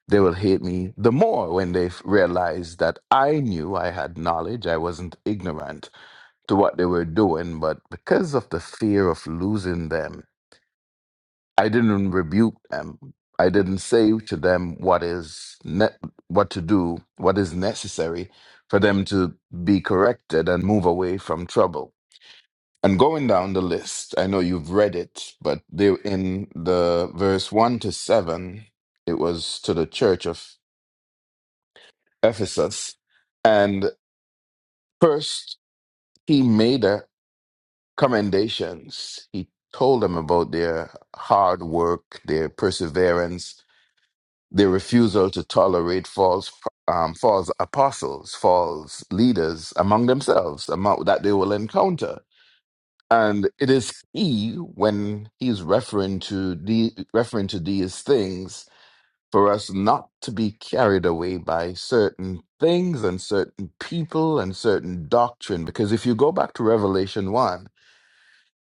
Speaker 6: they will hate me the more when they f- realize that I knew I had knowledge. I wasn't ignorant to what they were doing, but because of the fear of losing them, I didn't rebuke them. I didn't say to them what is ne- what to do, what is necessary for them to be corrected and move away from trouble. And going down the list, I know you've read it, but they in the verse 1 to 7, it was to the church of Ephesus. And first, he made a commendations. He told them about their hard work, their perseverance, their refusal to tolerate false um, false apostles, false leaders among themselves, among, that they will encounter. And it is he when he's referring to the referring to these things for us not to be carried away by certain things and certain people and certain doctrine. Because if you go back to Revelation 1,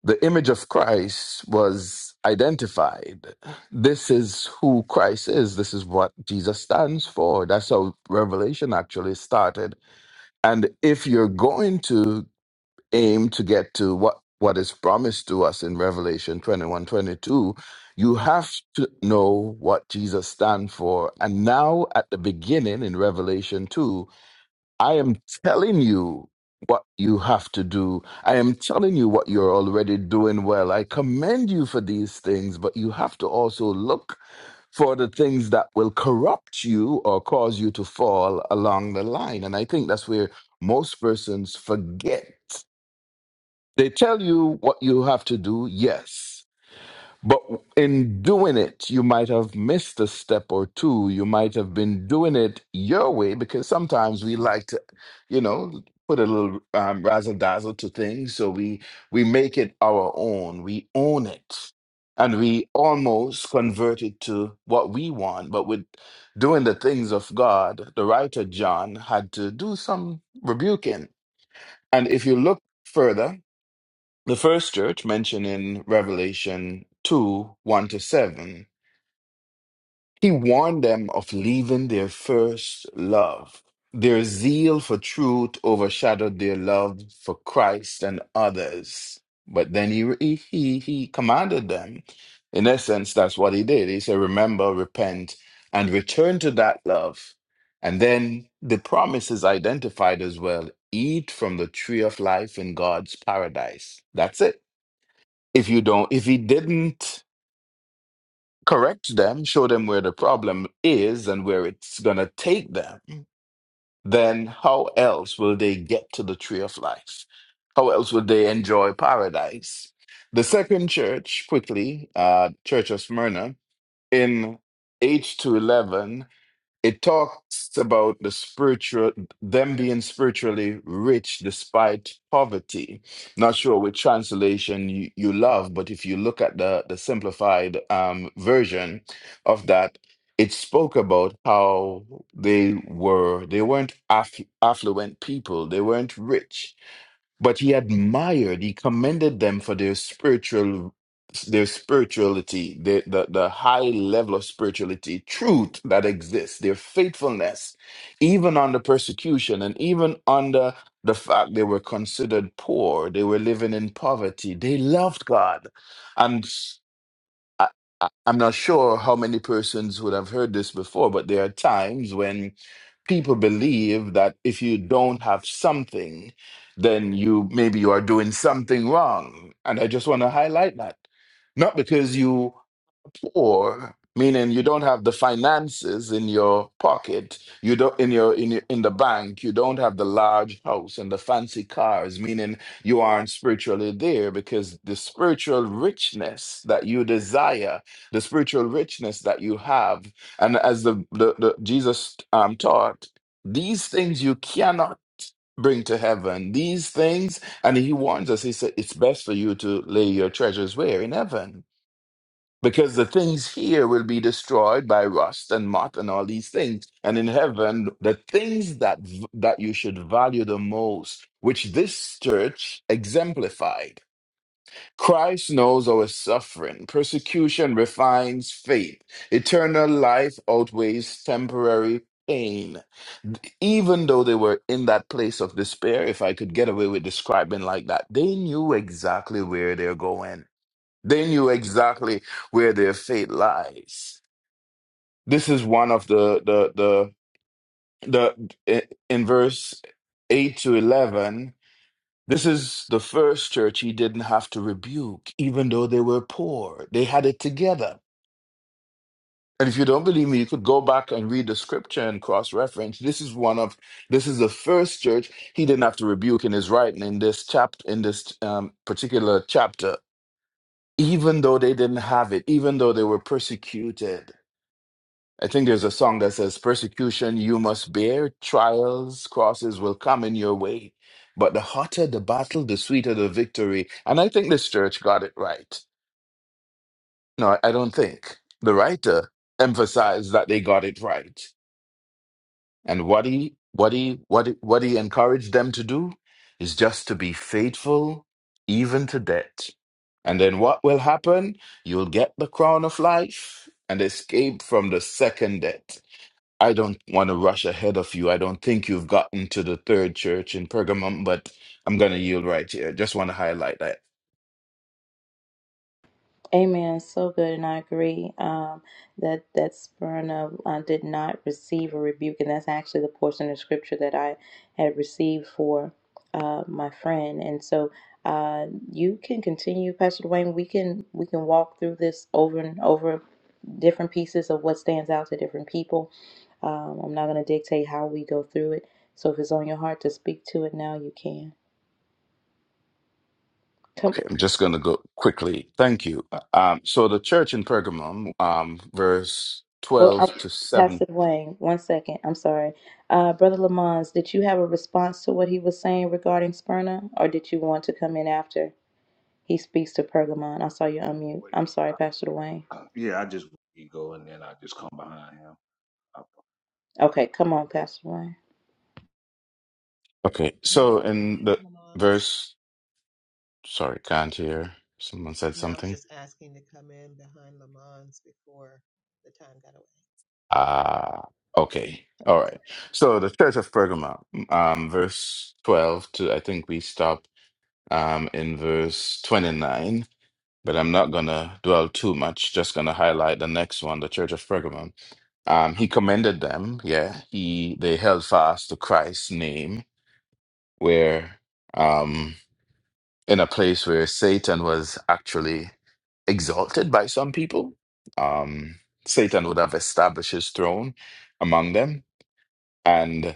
Speaker 6: the image of Christ was identified. This is who Christ is. This is what Jesus stands for. That's how Revelation actually started. And if you're going to aim to get to what what is promised to us in revelation 21 22. you have to know what jesus stands for and now at the beginning in revelation 2 i am telling you what you have to do i am telling you what you're already doing well i commend you for these things but you have to also look for the things that will corrupt you or cause you to fall along the line and i think that's where most persons forget they tell you what you have to do, yes. But in doing it, you might have missed a step or two. You might have been doing it your way because sometimes we like to, you know, put a little um, razzle dazzle to things. So we we make it our own. We own it, and we almost convert it to what we want. But with doing the things of God, the writer John had to do some rebuking. And if you look further the first church mentioned in Revelation 2 1 to 7, he warned them of leaving their first love. Their zeal for truth overshadowed their love for Christ and others. But then he, he, he, he commanded them. In essence, that's what he did. He said, Remember, repent, and return to that love. And then the promise is identified as well eat from the tree of life in God's paradise. That's it if you don't if he didn't correct them show them where the problem is and where it's going to take them then how else will they get to the tree of life how else will they enjoy paradise the second church quickly uh church of smyrna in h211 it talks about the spiritual them being spiritually rich despite poverty not sure which translation you, you love but if you look at the the simplified um, version of that it spoke about how they were they weren't aff- affluent people they weren't rich but he admired he commended them for their spiritual their spirituality the, the the high level of spirituality truth that exists their faithfulness even under persecution and even under the fact they were considered poor they were living in poverty they loved god and I, I- I'm not sure how many persons would have heard this before, but there are times when people believe that if you don't have something, then you maybe you are doing something wrong. And I just want to highlight that. Not because you poor, meaning you don't have the finances in your pocket, you don't in your in your, in the bank, you don't have the large house and the fancy cars, meaning you aren't spiritually there because the spiritual richness that you desire, the spiritual richness that you have, and as the, the, the Jesus um, taught, these things you cannot bring to heaven these things and he warns us he said it's best for you to lay your treasures where in heaven because the things here will be destroyed by rust and moth and all these things and in heaven the things that v- that you should value the most which this church exemplified christ knows our suffering persecution refines faith eternal life outweighs temporary pain even though they were in that place of despair if i could get away with describing like that they knew exactly where they're going they knew exactly where their fate lies. This is one of the the the the i- in verse 8 to 11 this is the first church he didn't have to rebuke even though they were poor they had it together and if you don't believe me you could go back and read the scripture and cross reference this is one of this is the first church he didn't have to rebuke in his writing in this chapter in this um, particular chapter even though they didn't have it even though they were persecuted I think there's a song that says, Persecution you must bear, trials, crosses will come in your way. But the hotter the battle, the sweeter the victory. And I think this church got it right. No, I don't think. The writer emphasized that they got it right. And what he what he what he, what he encouraged them to do is just to be faithful even to death. And then what will happen? You'll get the crown of life and escape from the second death. I don't want to rush ahead of you. I don't think you've gotten to the third church in Pergamum, but I'm going to yield right here. Just want to highlight that.
Speaker 1: Amen. So good, and I agree um, that that Smyrna uh, did not receive a rebuke, and that's actually the portion of scripture that I had received for uh, my friend. And so, uh, you can continue, Pastor Dwayne. We can we can walk through this over and over, different pieces of what stands out to different people. Um, I'm not going to dictate how we go through it. So, if it's on your heart to speak to it now, you can. Come.
Speaker 6: Okay, I'm just going to go quickly. Thank you. Uh, Um, so the church in Pergamum, um, verse
Speaker 1: Well, uh,
Speaker 6: 12 to 7.
Speaker 1: Pastor Dwayne, one second. I'm sorry. Uh, Brother Lamons, did you have a response to what he was saying regarding Smyrna, or did you want to come in after he speaks to Pergamon? I saw you
Speaker 4: Yeah, I just
Speaker 1: unmute.
Speaker 4: wait.
Speaker 1: I'm sorry, Pastor Dwayne.
Speaker 4: Uh, Yeah, I just wait. He go and then I just come behind him. I
Speaker 1: Okay, come on, Pastor Dwayne.
Speaker 6: Okay,
Speaker 3: May I
Speaker 6: so
Speaker 3: go
Speaker 6: in
Speaker 3: behind
Speaker 6: the
Speaker 3: Lamons?
Speaker 6: verse, sorry, can't hear. Someone said
Speaker 3: No, I was
Speaker 6: something.
Speaker 3: just asking to come in behind Lamons before the time got away.
Speaker 6: Ah, okay. All right. So the church of Pergamum, um, verse 12 to, I think we stopped um, in verse 29. but I'm not going to dwell too much, just going to highlight the next one, the Church of Pergamum. Um, he commended them, yeah. He they held fast to Christ's name, where um in a place where Satan was actually exalted by some people. Um Satan would have established his throne among them. And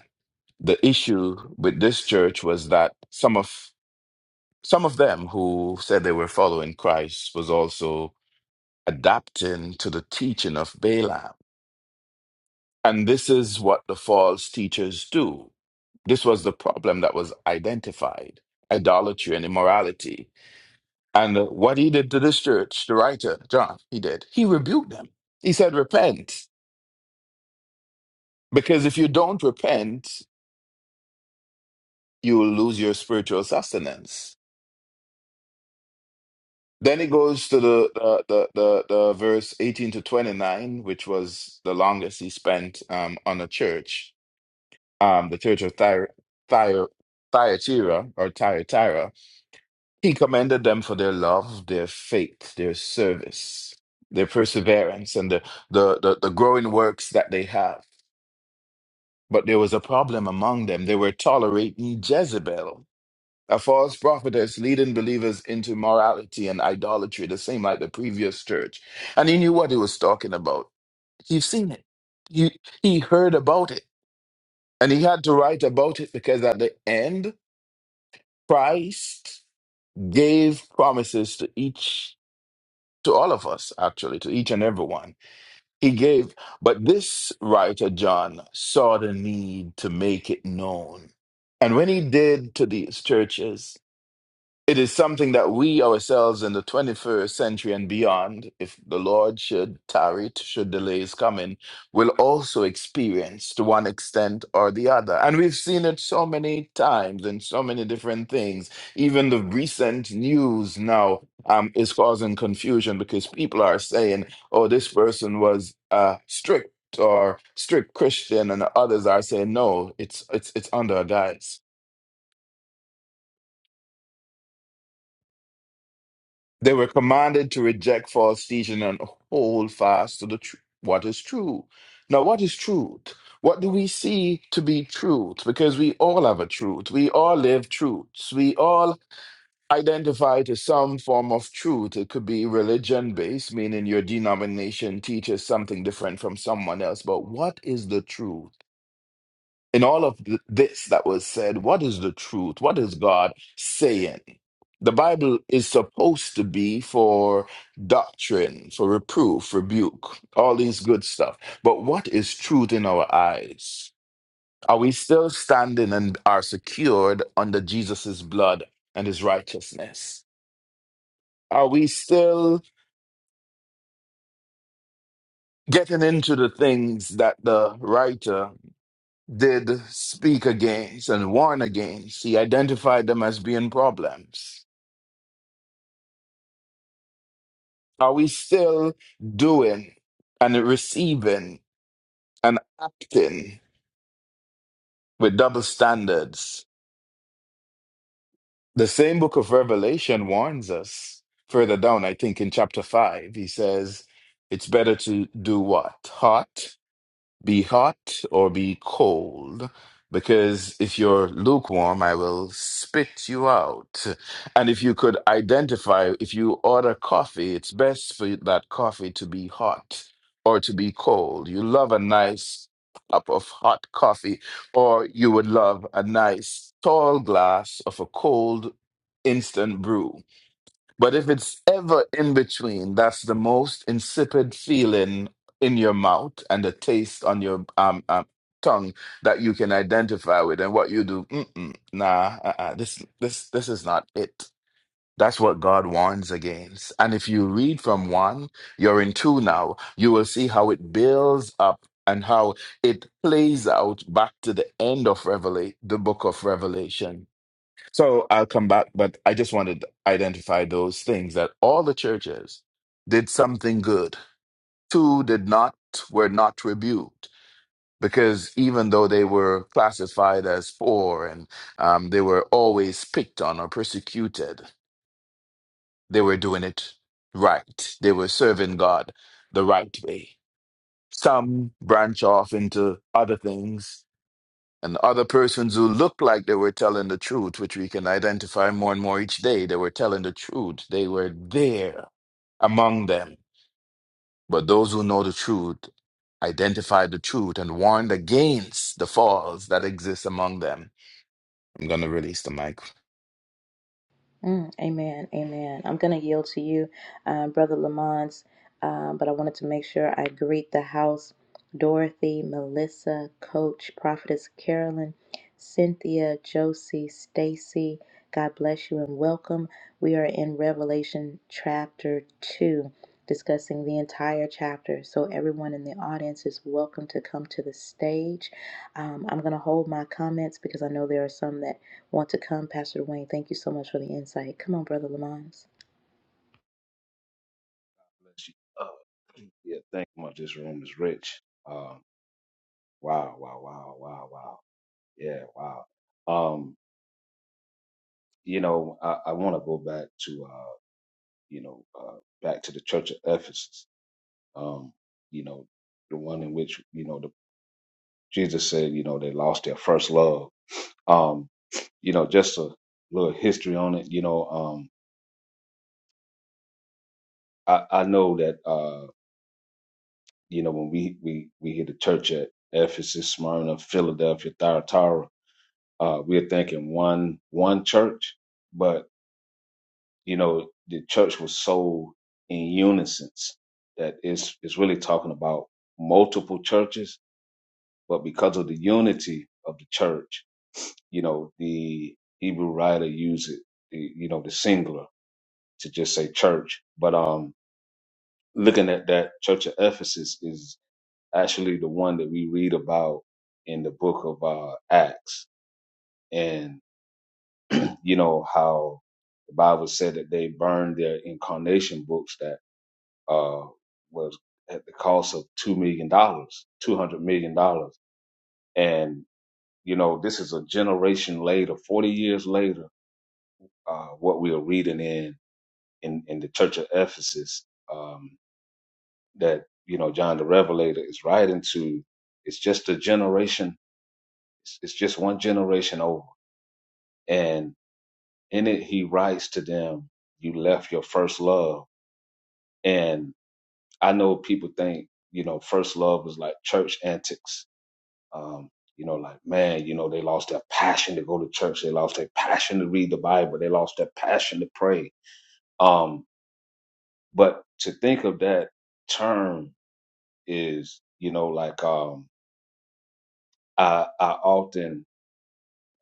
Speaker 6: the issue with this church was that some of some of them who said they were following Christ was also adapting to the teaching of Balaam. And this is what the false teachers do. This was the problem that was identified idolatry and immorality. And what he did to this church, the writer, John, he did, he rebuked them. He said, Repent, because if you don't repent, you will lose your spiritual sustenance. Then he goes to the, the, the, the, the verse 18 to 29, which was the longest he spent um, on a church. um, the church of Thyatira, Thyatira Thyatira, or Thyatira, he commended them for their love, their faith, their service, their perseverance, and the, the, the, the growing works that they have. But there was a problem among them. They were tolerating Jezebel, a false prophetess leading believers into morality and idolatry, the same like the previous church. And he knew what he was talking about. He's seen it. He, he heard about it. And he had to write about it because at the end, Christ gave promises to each, to all of us, actually, to each and everyone. He gave, but this writer, John, saw the need to make it known. And when he did to these churches, it is something that we ourselves in the 21st century and beyond, if the Lord should tarry, should delay his coming, will also experience to one extent or the other. And we've seen it so many times in so many different things. Even the recent news now um, is causing confusion because people are saying, oh, this person was uh, strict or strict Christian, and others are saying, no, it's, it's, it's under a guise. They were commanded to reject false teaching and hold fast to the tr- what is true. Now, what is truth? What do we see to be truth? Because we all have a truth. We all live truths. We all identify to some form of truth. It could be religion based, meaning your denomination teaches something different from someone else. But what is the truth? in all of th- this that was said, what is the truth? What is God saying? The Bible is supposed to be for doctrine, for reproof, rebuke, all these good stuff. But what is truth in our eyes? Are we still standing and are secured under Jesus' blood and his righteousness? Are we still getting into the things that the writer did speak against and warn against. He identified them as being problems. Are we still doing and receiving and acting with double standards? The same book of Revelation warns us further down, I think in chapter 5, he says, it's better to do what? Hot be hot or be cold, because if you're lukewarm, I will spit you out. And if you could identify, if you order coffee, it's best for you- that coffee to be hot or to be cold. You love a nice cup of hot coffee, or you would love a nice tall glass of a cold instant brew but if it's ever in between, that's the most insipid feeling in your mouth and the taste on your um, um tongue that you can identify with. And what you do, mm-mm, nah, uh-uh, this this this is not it. That's what God warns against. And if you read from one, you're in two now. You will see how it builds up and how it plays out back to the end of Revelation, the book of Revelation. So I'll come back, but I just wanted to identify those things that all the churches did something good. Two did not, were not rebuked because even though they were classified as poor and um, they were always picked on or persecuted, they were doing it right. They were serving God the right way. Some branch off into other things And other persons who looked like they were telling the truth, which we can identify more and more each day, they were telling the truth. They were there among them. But those who know the truth identified the truth and warned against the falls that exist among them. I'm going to release the mic.
Speaker 1: Mm, amen. Amen. I'm going to yield to you, uh, Brother Lamont, uh, but I wanted to make sure I greet the house Dorothy, Melissa, Coach, Prophetess Carolyn, Cynthia, Josie, Stacy. God bless you and welcome. We are in Revelation chapter 2, discussing the entire chapter. So, everyone in the audience is welcome to come to the stage. Um, I'm going to hold my comments because I know there are some that want to come. Pastor Dwayne, thank you so much for the insight. Come on, Brother Lamont.
Speaker 4: bless you. Uh, yeah, thank you much. This room is rich. Um, wow, wow, wow, wow, wow. Yeah, wow. Um, you know, I, I want to go back to uh, you know, uh, back to the Church of Ephesus. Um, you know, the one in which you know the Jesus said, you know, they lost their first love. Um, you know, just a little history on it. You know, um, I, I know that uh, you know when we we we hit the church at Ephesus, Smyrna, Philadelphia, Thyatira, uh, we are thinking one one church, but you know the church was so in unison that it's it's really talking about multiple churches, but because of the unity of the church, you know the Hebrew writer used it, the, you know the singular to just say church, but um looking at that church of Ephesus is actually the one that we read about in the book of uh, Acts. And, you know, how the Bible said that they burned their incarnation books that uh, was at the cost of $2 million, $200 million. dollars. And, you know, this is a generation later, 40 years later, uh, what we are reading in, in, in the church of Ephesus um, that, you know, John the Revelator is writing to. It's just a generation. It's it's just one generation over and in it he writes to them you left your first love and i know people think you know first love was like church antics um you know like man you know they lost their passion to go to church they lost their passion to read the bible they lost their passion to pray um but to think of that term is you know like um i i often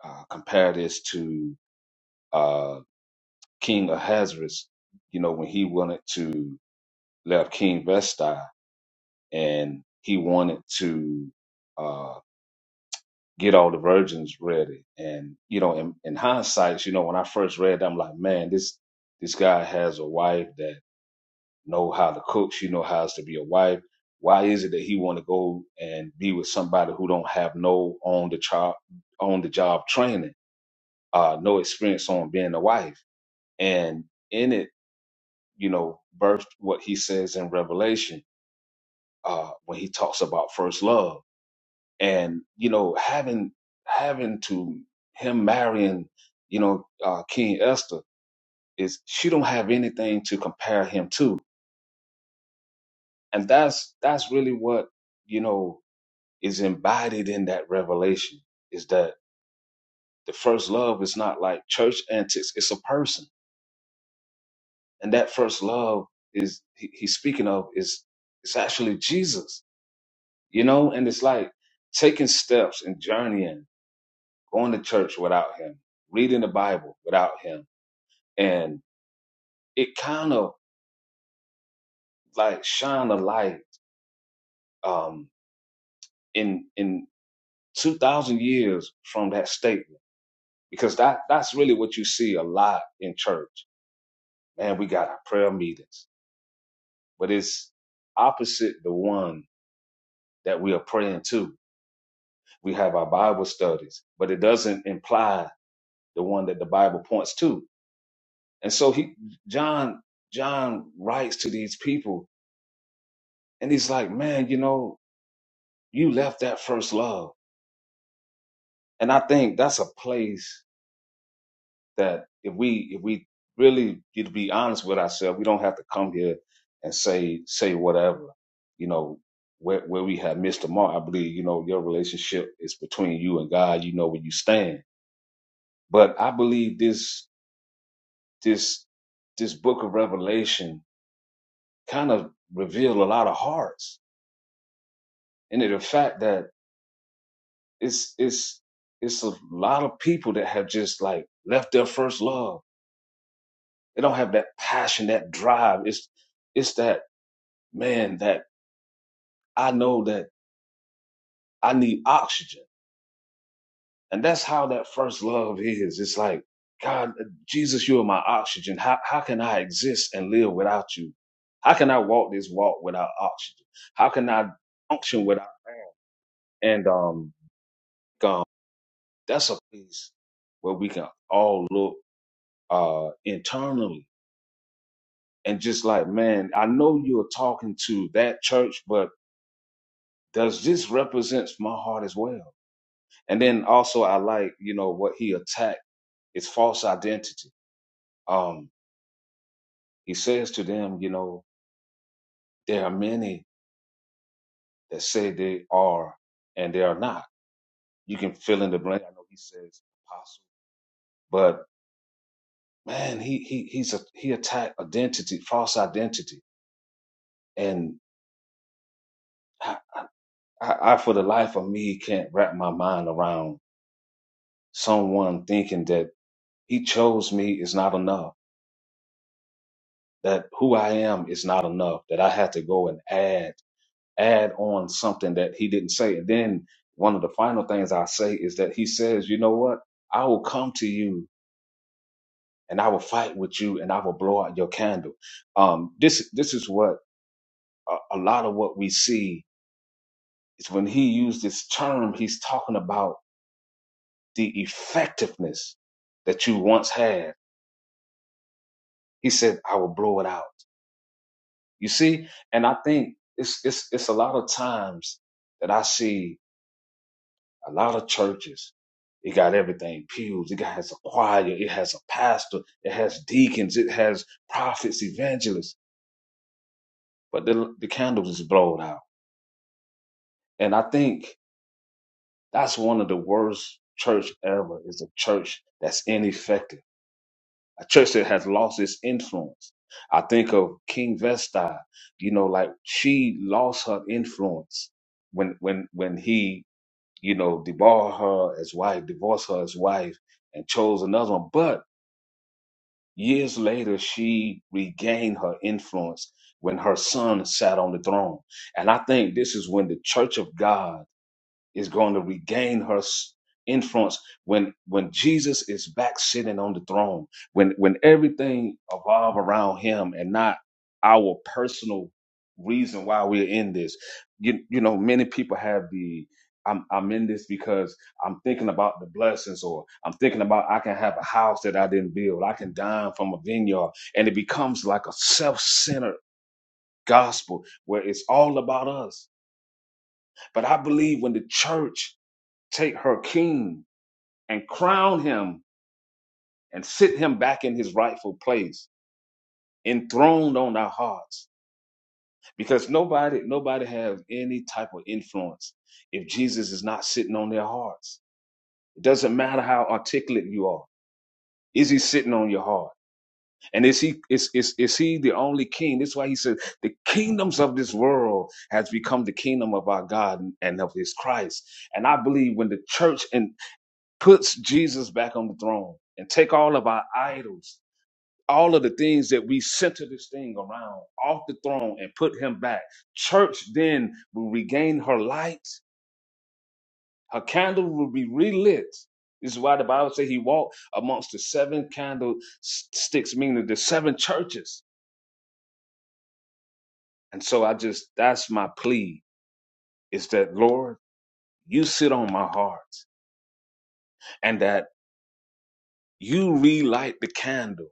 Speaker 4: uh, compare this to uh king ahasuerus you know when he wanted to left King Vesti, and he wanted to uh, get all the virgins ready. And you know, in, in hindsight, you know, when I first read, that, I'm like, man, this this guy has a wife that know how to cook. She know how to be a wife. Why is it that he want to go and be with somebody who don't have no on the job on the job training, uh, no experience on being a wife? And in it, you know, birthed what he says in Revelation uh, when he talks about first love and you know having having to him marrying you know uh, King Esther is she don't have anything to compare him to, and that's that's really what you know is embodied in that revelation is that the first love is not like church antics; it's a person, and that first love is he, he's speaking of is it's actually Jesus, you know, and it's like taking steps and journeying, going to church without him, reading the Bible without him and it kind of like shine a light um, in in two thousand years from that statement because that that's really what you see a lot in church. Man, we got our prayer meetings, but it's opposite the one that we are praying to. We have our Bible studies, but it doesn't imply the one that the Bible points to. And so he John John writes to these people, and he's like, man, you know, you left that first love And I think that's a place that if we if we really need to be honest with ourselves, we don't have to come here and say say whatever, you know, where where we have missed the mark. I believe, you know, your relationship is between you and God, you know where you stand. But I believe this this this book of Revelation kind of revealed a lot of hearts. And the fact that it's it's it's a lot of people that have just like left their first love They don't have that passion, that drive. It's it's that man that I know that I need oxygen. And that's how that first love is. It's like, God, Jesus, you are my oxygen. How how can I exist and live without you? How can I walk this walk without oxygen? How can I function without air? And um God, that's a place where we can all look uh internally and just like, man, I know you're talking to that church, but does this represents my heart as well? And then also I like, you know, what he attacked is false identity. Um, he says to them, you know, there are many that say they are and they are not. You can fill in the blank. I know he says apostle, but man, he he he's a he attacked identity, false identity. And I, I, I for the life of me can't wrap my mind around someone thinking that he chose me is not enough that who I am is not enough, that I had to go and add, add on something that he didn't say. And then one of the final things I say is that he says, you know what? I will come to you and I will fight with you and I will blow out your candle. Um, this, this is what a, a lot of what we see is when he used this term, he's talking about the effectiveness that you once had. He said, I will blow it out. You see? And I think it's, it's, it's a lot of times that I see A lot of churches, it got everything pews, it got- has a choir, it has a pastor, it has deacons, it has prophets, evangelists, but the, the candles is blowed out. And I think that's one of the worst church ever is a church that's ineffective, a church that has lost its influence. I think of King Vesta, you know, like she lost her influence when when when he you know, debar her as wife, divorced her as wife, and chose another one. But Years later, she regained her influence when her son sat on the throne. And I think this is when the church of God is going to regain her s- influence when when Jesus is back sitting on the throne, when when everything evolve around him and not our personal reason why we're in this. You you know, many people have the I'm I'm in this because I'm thinking about the blessings or I'm thinking about I can have a house that I didn't build. I can dine from a vineyard. And it becomes like a self-centered gospel where it's all about us. But I believe when the church take her king and crown him and sit him back in his rightful place enthroned on our hearts because nobody nobody has any type of influence if jesus is not sitting on their hearts it doesn't matter how articulate you are is he sitting on your heart and is he is is, is he the only king that's why he said the kingdoms of this world has become the kingdom of our god and of his christ and i believe when the church and puts Jesus back on the throne and take all of our idols, all of the things that we center this thing around off the throne and put him back. Church then will regain her light. Her candle will be relit. This is why the Bible says he walked amongst the seven candlesticks, meaning the seven churches. And so I just, that's my plea is that, Lord, you sit on my heart and that you relight the candle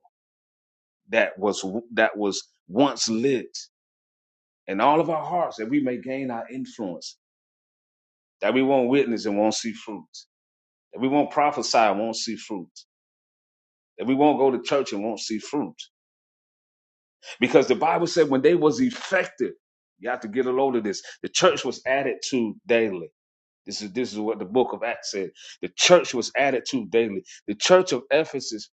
Speaker 4: that was, that was once lit in all of our hearts that we may gain our influence, that we won't witness and won't see fruit, that we won't prophesy and won't see fruit, that we won't go to church and won't see fruit. Because the Bible said when they was effective, you have to get a load of this. The church was added to daily. This is this is what the book of Acts said. The church was added to daily. The church of Ephesus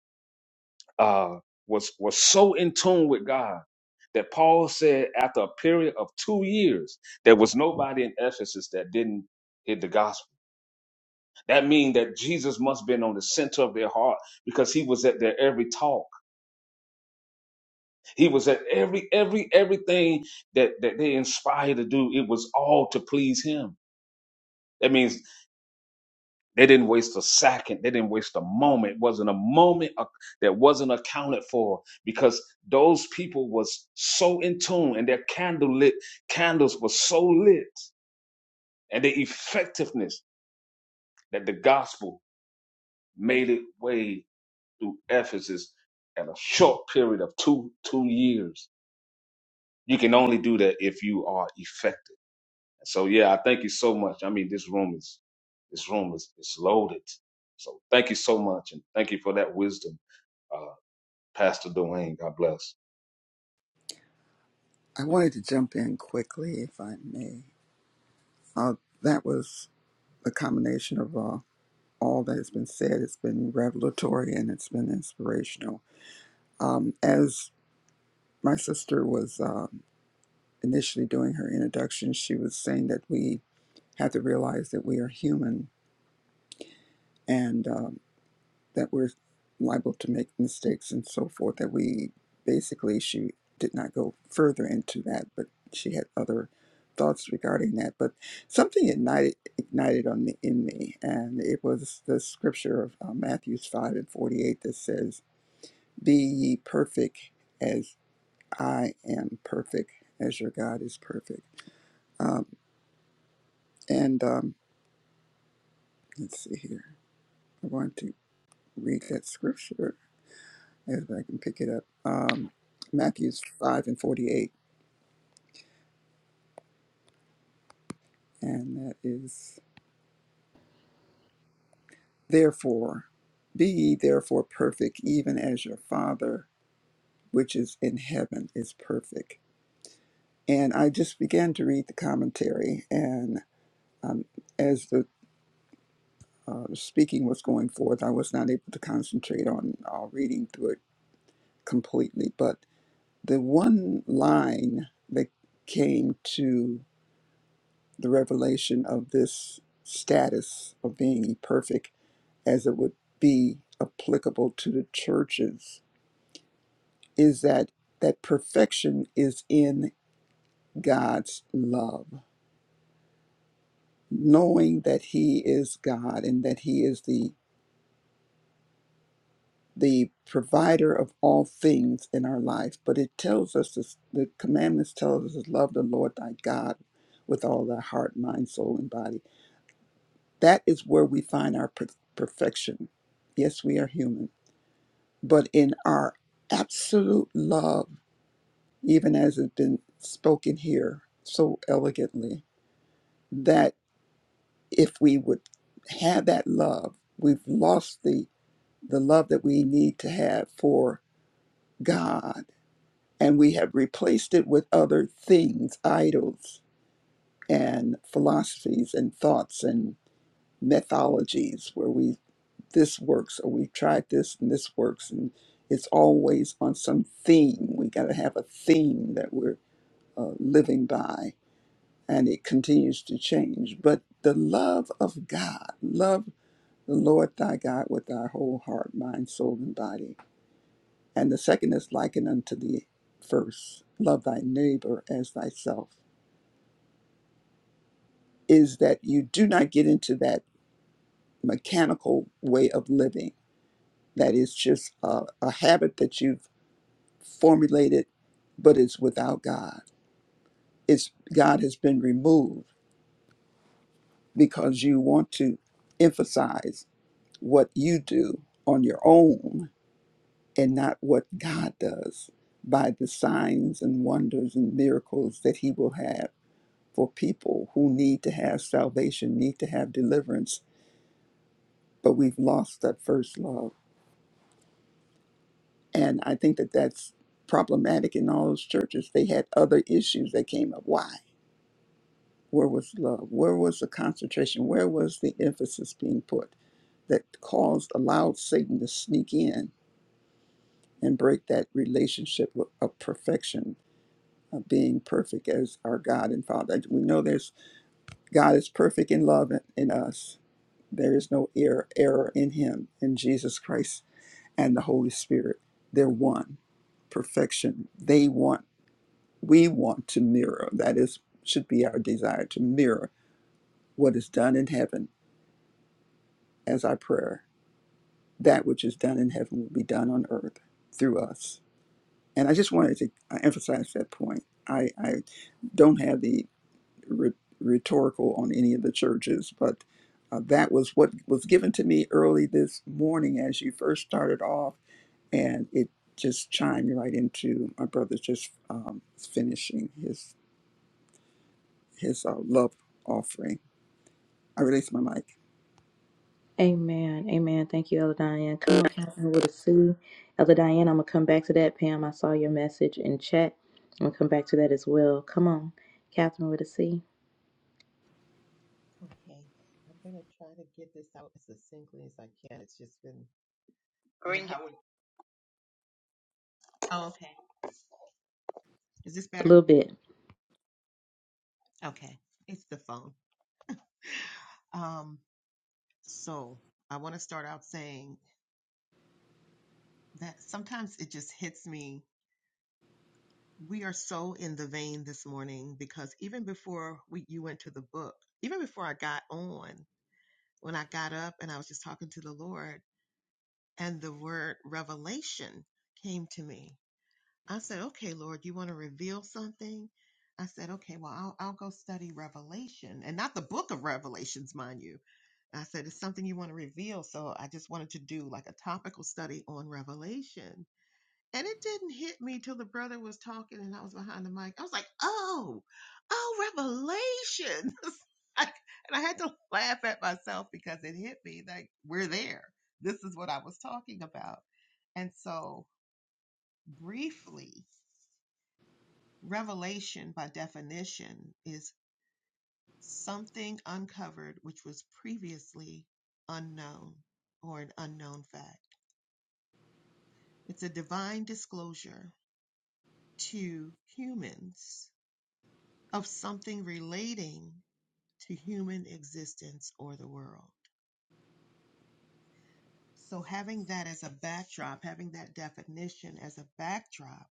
Speaker 4: uh, was was so in tune with God that Paul said after a period of two years, there was nobody in Ephesus that didn't hear the gospel That means that Jesus must have been on the center of their heart because he was at their every talk. He was at every, every, everything that, that they inspired to do. It was all to please him. That means they didn't waste a second. They didn't waste a moment. It wasn't a moment ac- that wasn't accounted for because those people was so in tune and their candle lit candles were so lit and their effectiveness that the gospel made it way through Ephesus in a short period of two two years. You can only do that if you are effective. So yeah, I thank you so much. I mean, this room is this room is is loaded. So thank you so much, and thank you for that wisdom, uh, Pastor Dwayne. God bless.
Speaker 7: I wanted to jump in quickly, if I may. Uh, that was a combination of uh, all that has been said. It's been revelatory and it's been inspirational. Um, as my sister was um initially doing her introduction, she was saying that we have to realize that we are human. And um, that we're liable to make mistakes and so forth that we basically she did not go further into that but she had other thoughts regarding that but something ignited ignited on me in me and it was the scripture of uh, matthew 5 and 48 that says be ye perfect as i am perfect as your god is perfect um, and um, let's see here i want to read that scripture if I can pick it up. Um, Matthew's 5 and 48, and that is, Therefore, be ye therefore perfect, even as your Father which is in heaven is perfect. And I just began to read the commentary, and um, as the uh, speaking was going forth, I was not able to concentrate on uh, reading through it completely. But the one line that came to the revelation of this status of being perfect as it would be applicable to the churches is that that perfection is in God's love knowing that he is God and that he is the the provider of all things in our life but it tells us this, the commandments tells us to love the Lord thy God with all thy heart mind soul and body that is where we find our per- perfection yes we are human but in our absolute love, even as it's been spoken here so elegantly, that if we would have that love, we've lost the, the love that we need to have for God, and we have replaced it with other things, idols, and philosophies, and thoughts, and methodologies, where we this works or we've tried this and this works and it's always on some theme we got to have a theme that we're uh, living by and it continues to change but the love of god love the lord thy god with thy whole heart mind soul and body and the second is likened unto the first love thy neighbor as thyself is that you do not get into that mechanical way of living that is just a, a habit that you've formulated, but it's without God. It's God has been removed because you want to emphasize what you do on your own and not what God does by the signs and wonders and miracles that he will have for people who need to have salvation, need to have deliverance, but we've lost that first love. And I think that that's problematic in all those churches. They had other issues that came up. Why? Where was love? Where was the concentration? Where was the emphasis being put that caused, allowed Satan to sneak in and break that relationship of perfection, of being perfect as our God and Father? We know there's God is perfect in love in, in us. There is no error, error in Him, in Jesus Christ and the Holy Spirit. They're one, perfection. They want, we want to mirror. That is, should be our desire to mirror what is done in heaven as our prayer that which is done in heaven will be done on earth through us. And I just wanted to uh, emphasize that point. I, I don't have the rhe- rhetorical on any of the churches, but uh, that was what was given to me early this morning as you first started off, and it just chimed right into my brother just um, finishing his his uh, love offering. I released my mic.
Speaker 1: Amen. Amen. Thank you, Elder Diane. Come on, Catherine with a C. Elder Diane, I'm going to come back to that. Pam, I saw your message in chat. I'm going to come back to that as well. Come on, Catherine with a C.
Speaker 3: Okay, I'm gonna try to get this out as succinctly as I can. It's just been I, I would. Oh, okay. Is this
Speaker 1: A
Speaker 3: better?
Speaker 1: little bit.
Speaker 3: Okay, it's the phone. Um, so I want to start out saying that sometimes it just hits me. We are so in the vein this morning because even before we you went to the book, even before I got on, when I got up and I was just talking to the Lord, and the word revelation came to me I said, okay, Lord, you want to reveal something? I said, okay, well, I'll, I'll go study Revelation and not the book of Revelations, mind you. I said, it's something you want to reveal. So I just wanted to do like a topical study on Revelation. And it didn't hit me till the brother was talking and I was behind the mic. I was like, oh, oh, Revelation. I- and I had to laugh at myself because it hit me like, we're there. This is what I was talking about. And so briefly, Revelation, by definition, is something uncovered which was previously unknown or an unknown fact. It's a divine disclosure to humans of something relating to human existence or the world. So, having that as a backdrop, having that definition as a backdrop,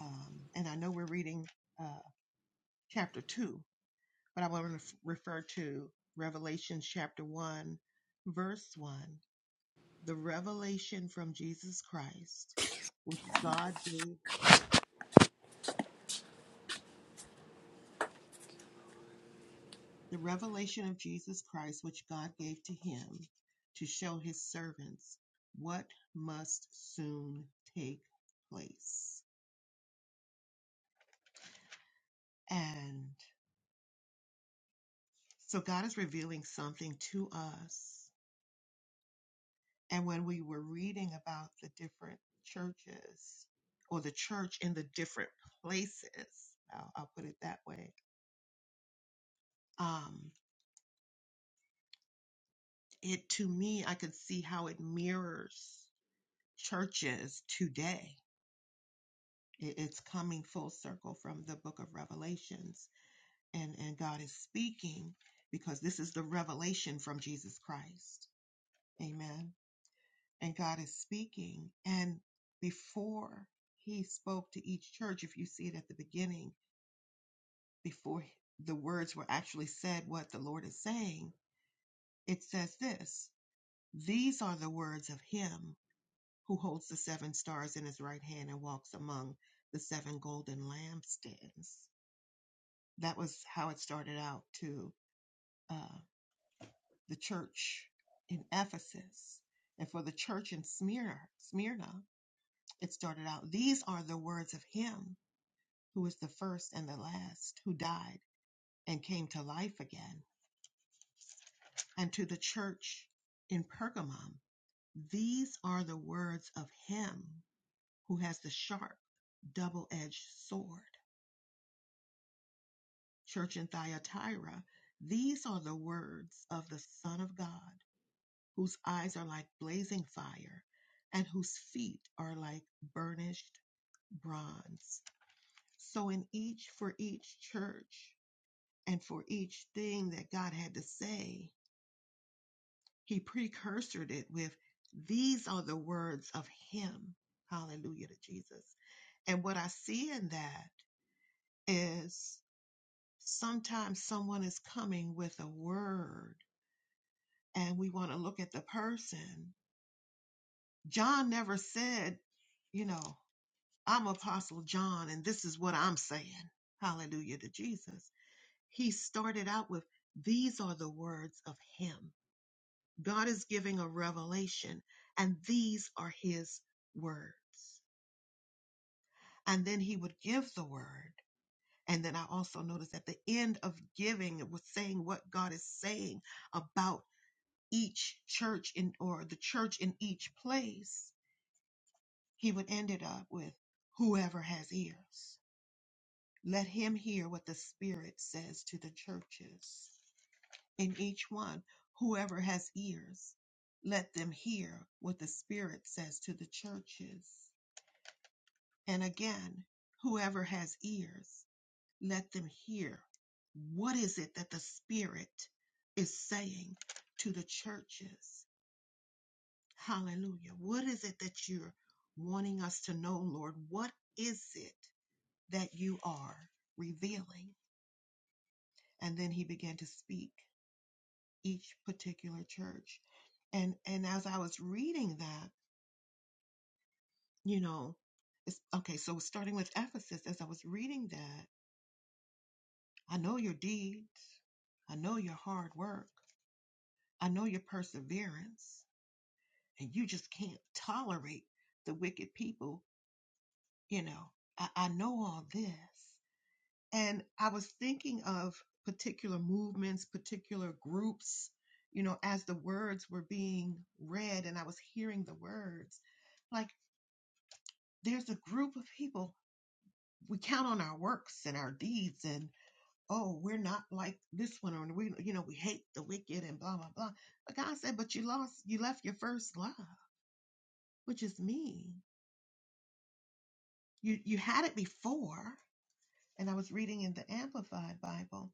Speaker 3: um, and I know we're reading uh, chapter two, but I want to refer to Revelation chapter 1, verse 1. The revelation from Jesus Christ, which God gave, the revelation of Jesus Christ, which God gave to him to show his servants what must soon take place. And so God is revealing something to us And when we were reading about the different churches or the church in the different places, I'll, I'll put it that way. Um, it to me, I could see how it mirrors churches today. It, it's coming full circle from the book of Revelations, and, and God is speaking because this is the revelation from Jesus Christ. Amen. And God is speaking. And before he spoke to each church, if you see it at the beginning, before the words were actually said what the Lord is saying, it says this These are the words of him who holds the seven stars in his right hand and walks among the seven golden lampstands. That was how it started out to uh, the church in Ephesus. And for the church in Smyrna, Smyrna, it started out These are the words of him who is the first and the last, who died and came to life again. and to the church in Pergamum, these are the words of him who has the sharp, double edged sword. Church in Thyatira, these are the words of the Son of God, whose eyes are like blazing fire and whose feet are like burnished bronze. So, in each, for each church and for each thing that God had to say, He precursored it with, These are the words of Him. Hallelujah to Jesus. And what I see in that is sometimes someone is coming with a word and we want to look at the person. John never said, you know, I'm Apostle John and this is what I'm saying. Hallelujah to Jesus. He started out with, These are the words of Him. God is giving a revelation, and these are his words. And then he would give the word. And then I also noticed at the end of giving, it was saying what God is saying about each church in or the church in each place. He would end it up with whoever has ears. Let him hear what the Spirit says to the churches. in each one. Whoever has ears, let them hear what the Spirit says to the churches. And again, whoever has ears, let them hear what is it that the Spirit is saying to the churches. Hallelujah. What is it that you're wanting us to know, Lord? What is it that you are revealing? And then he began to speak. each particular church. And and as I was reading that, you know, it's okay, so starting with Ephesus, as I was reading that, I know your deeds, I know your hard work, I know your perseverance, and you just can't tolerate the wicked people, you know. I, I know all this. And I was thinking of particular movements, particular groups, you know, as the words were being read and I was hearing the words. like. there's a group of people we count on our works and our deeds and oh we're not like this one or we you know we hate the wicked and blah blah blah but god said but you lost you left your first love which is me you you had it before and i was reading in the amplified bible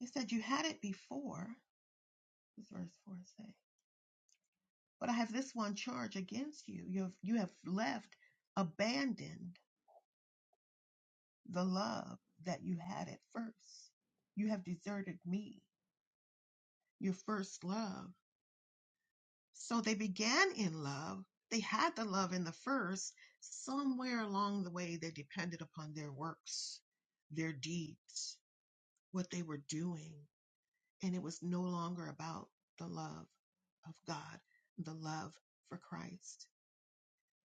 Speaker 3: it said you had it before this verse 4 say but i have this one charge against you you have you have left abandoned the love that you had at first you have deserted me your first love. So they began in love. They had the love in the first. Somewhere along the way, they depended upon their works, their deeds, what they were doing. And it was no longer about the love of God, the love for Christ.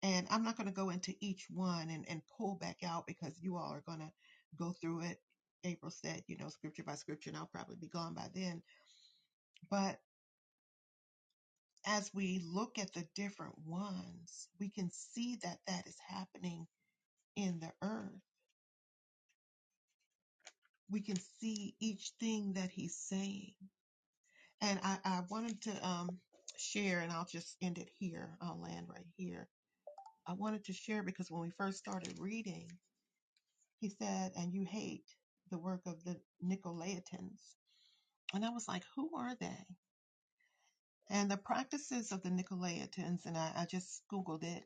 Speaker 3: And I'm not going to go into each one and, and pull back out because you all are going to go through it. April said, you know, scripture by scripture, and I'll probably be gone by then. but. as we look at the different ones, we can see that that is happening in the earth. We can see each thing that he's saying. And I, I wanted to um, share, and I'll just end it here. I'll land right here. I wanted to share because when we first started reading, he said, and you hate the work of the Nicolaitans. And I was like, who are they? And the practices of the Nicolaitans, and I, I just Googled it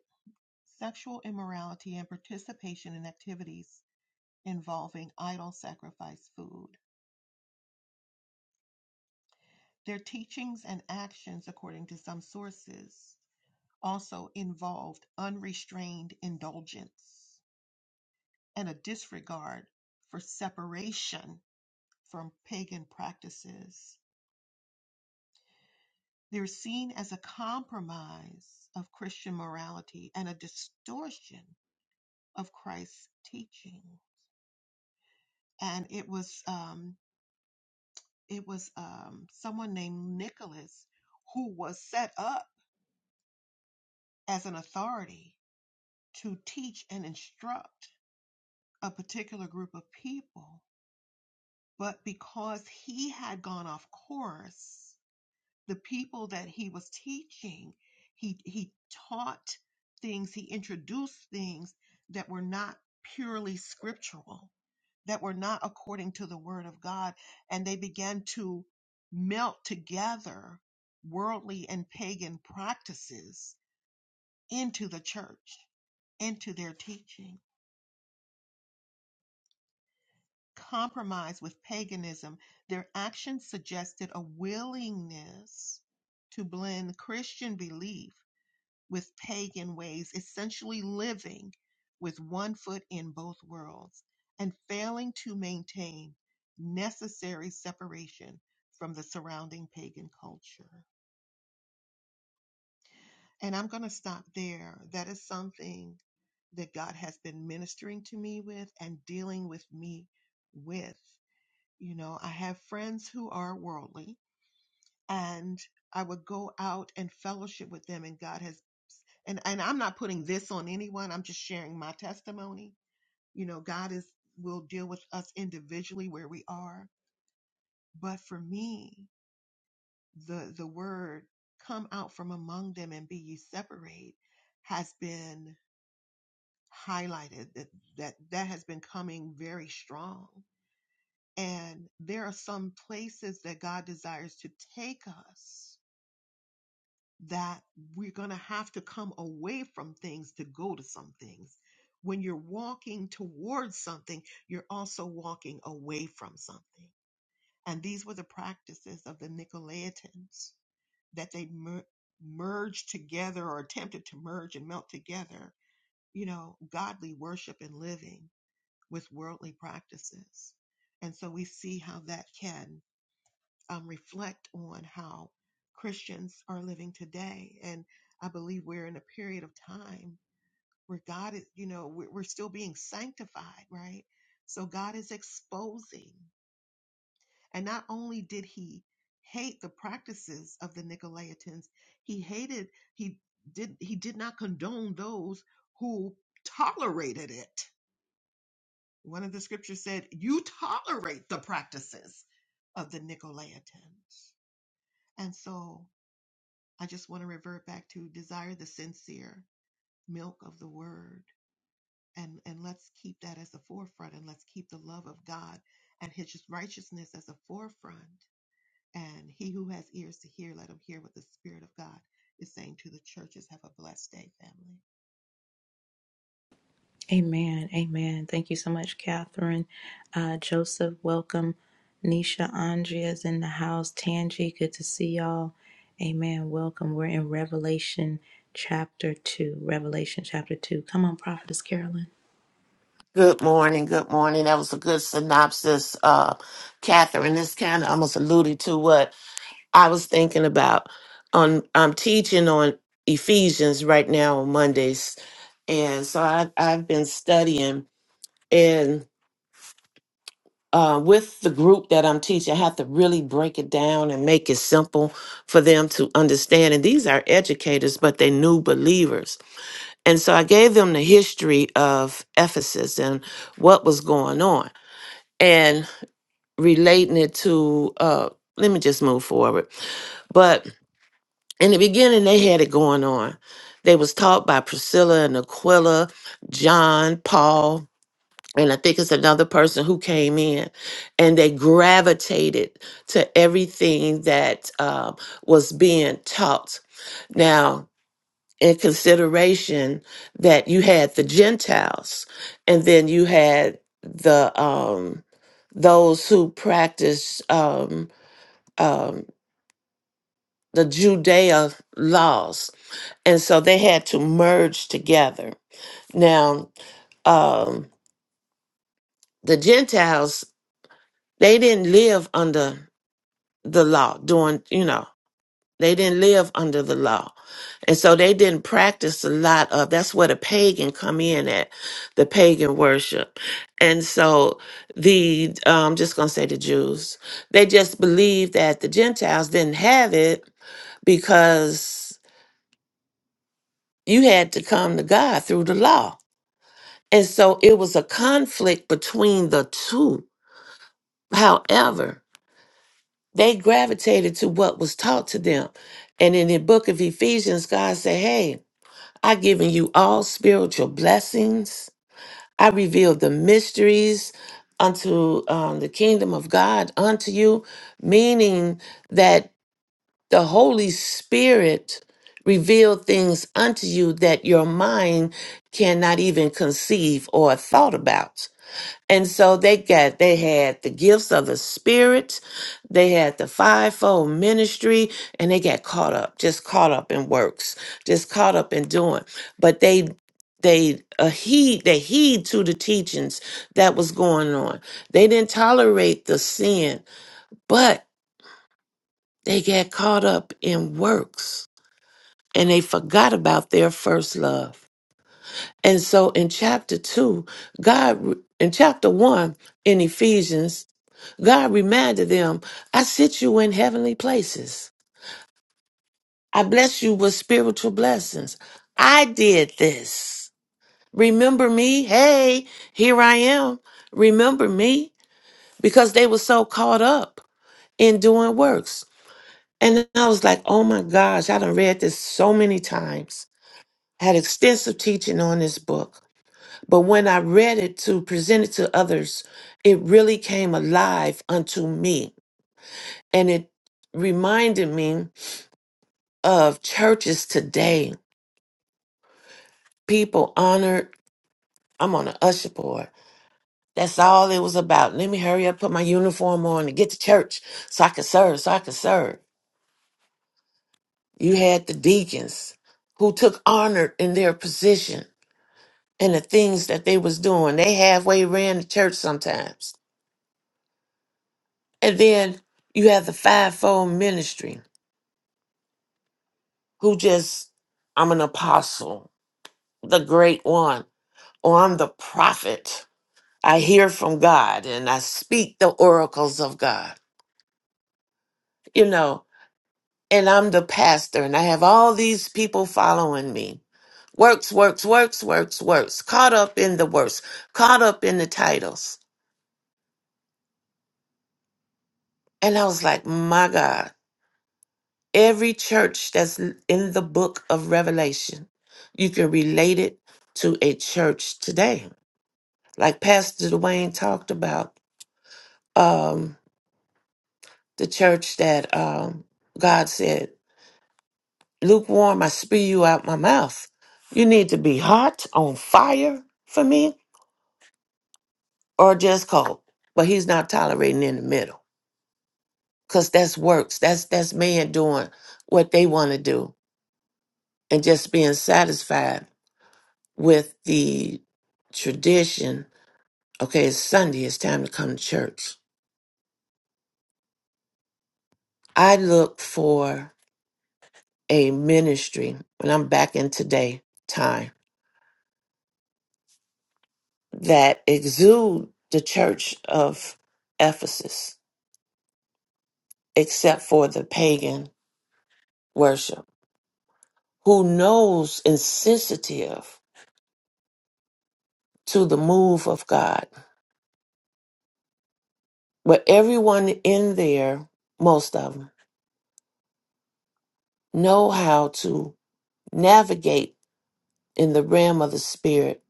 Speaker 3: sexual immorality, and participation in activities involving idol sacrifice food. Their teachings and actions, according to some sources, also involved unrestrained indulgence and a disregard for separation from pagan practices. They're seen as a compromise of Christian morality and a distortion of Christ's teaching. And it was um, it was um, someone named Nicholas who was set up as an authority to teach and instruct a particular group of people. But because he had gone off course, the people that he was teaching he he taught things he introduced things that were not purely scriptural that were not according to the word of god and they began to melt together worldly and pagan practices into the church into their teaching compromise with paganism their actions suggested a willingness to blend christian belief with pagan ways, essentially living with one foot in both worlds and failing to maintain necessary separation from the surrounding pagan culture. And I'm going to stop there. That is something that God has been ministering to me with and dealing with me with. You know, I have friends who are worldly and I would go out and fellowship with them, and God has and and I'm not putting this on anyone. I'm just sharing my testimony. You know, God is will deal with us individually where we are, but for me, the the word come out from among them and be ye separate has been highlighted that that that has been coming very strong. And there are some places that God desires to take us that we're going to have to come away from things to go to some things. When you're walking towards something, you're also walking away from something. And these were the practices of the Nicolaitans that they mer- merged together or attempted to merge and melt together, you know, godly worship and living with worldly practices. And so we see how that can um, reflect on how Christians are living today. And I believe we're in a period of time where God is, you know, we're, we're still being sanctified, right? So God is exposing. And not only did he hate the practices of the Nicolaitans, he hated, he did, he did not condone those who tolerated it. One of the scriptures said, you tolerate the practices of the Nicolaitans. And so I just want to revert back to desire the sincere milk of the word. And, and let's keep that as the forefront and let's keep the love of God and his righteousness as a forefront. And he who has ears to hear, let him hear what the Spirit of God is saying to the churches. Have a blessed day, family.
Speaker 1: Amen. Amen. Thank you so much, Catherine. Uh, Joseph, welcome. Nisha Andrea's in the house. Tangi, good to see y'all. Amen. Welcome. We're in Revelation chapter 2. Revelation chapter 2. Come on, Prophetess Carolyn.
Speaker 8: Good morning. Good morning. That was a good synopsis, uh, Catherine. This kind of almost alluded to what I was thinking about. On I'm teaching on Ephesians right now on Mondays, and so I, I've been studying and. Uh, with the group that I'm teaching, I have to really break it down and make it simple for them to understand. And these are educators, but they're new believers. And so I gave them the history of Ephesus and what was going on. relating it to uh let me just move forward but in the beginning they had it going on they was taught by priscilla and aquila john paul and i think it's another person who came in and they gravitated to everything that uh, was being taught now in consideration that you had the gentiles and then you had the um those who practice um, the Judea laws. And so they had to merge together. Now, um, the Gentiles, they didn't live under the law, doing, you know, they didn't live under the law. And so they didn't practice a lot of that's where the pagan come in at, the pagan worship. And so the uh, I'm just gonna say the Jews, they just believed that the Gentiles didn't have it because You had to come to God through the law. And so it was a conflict between the two. However, they gravitated to what was taught to them. And in the book of Ephesians, God said, Hey, i given you all spiritual blessings. I revealed the mysteries unto um, the kingdom of God unto you, meaning that the Holy Spirit revealed things unto you that your mind cannot even conceive or thought about. And so they got they had the gifts of the spirit, they had the fivefold ministry, and they got caught up, just caught up in works, just caught up in doing. But they they uh, heed they heed to the teachings that was going on. They didn't tolerate the sin, but they got caught up in works and they forgot about their first love. And so in chapter 2, God, in chapter 1 in Ephesians, God reminded them, I sit you in heavenly places. I bless you with spiritual blessings. I did this. Remember me? Hey, here I am. Remember me? Because they were so caught up in doing works. And then I was like, oh my gosh, I done read this so many times. had extensive teaching on this book But when I read it to present it to others, it really came alive unto me. And it reminded me of churches today. People honored. I'm on an usher board. That's all it was about. Let me hurry up, put my uniform on, and get to church so I could serve, so I could serve. You had the deacons who took honor in their position and the things that they was doing. They halfway ran the church sometimes. And then you have the fivefold ministry who just, I'm an apostle, the great one, or I'm the prophet. I hear from God and I speak the oracles of God, you know, and I'm the pastor and I have all these people following me. Works, works, works, works, works, caught up in the works, caught up in the titles. And I was like, my God, every church that's in the book of Revelation, you can relate it to a church today like Pastor Dwayne talked about, um, the church that um, God said, lukewarm, I spew you out my mouth. You need to be hot, on fire for me, or just cold. But he's not tolerating in the middle because that's works. That's that's man doing what they want to do and just being satisfied with the tradition. Okay, it's Sunday. It's time to come to church. I look for a ministry, and I'm back in today time, that exude the church of Ephesus, except for the pagan worship, who knows and sensitive to the move of God. But everyone in there, most of them, know how to navigate in the realm of the spirit.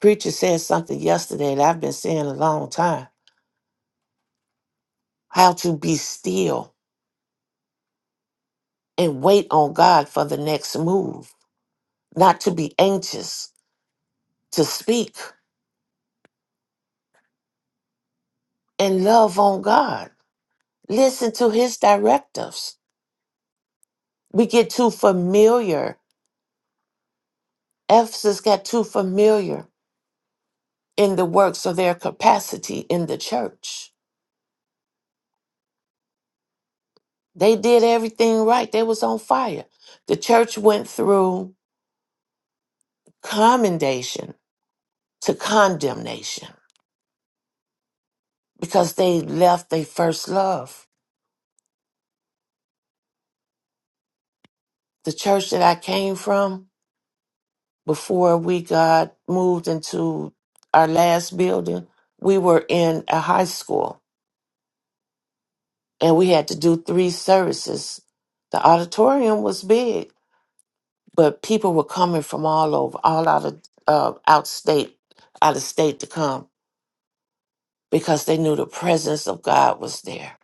Speaker 8: Preacher said something yesterday that I've been saying a long time. How to be still and wait on God for the next move not to be anxious, to speak and love on God. Listen to his directives. We get too familiar. Ephesus got too familiar in the works of their capacity in the church. They did everything right. They was on fire. The church went through commendation to condemnation because they left their first love. The church that I came from, before we got moved into our last building, we were in a high school and we had to do three services. The auditorium was big, but people were coming from all over, all out of uh, out state, out of state to come because they knew the presence of God was there.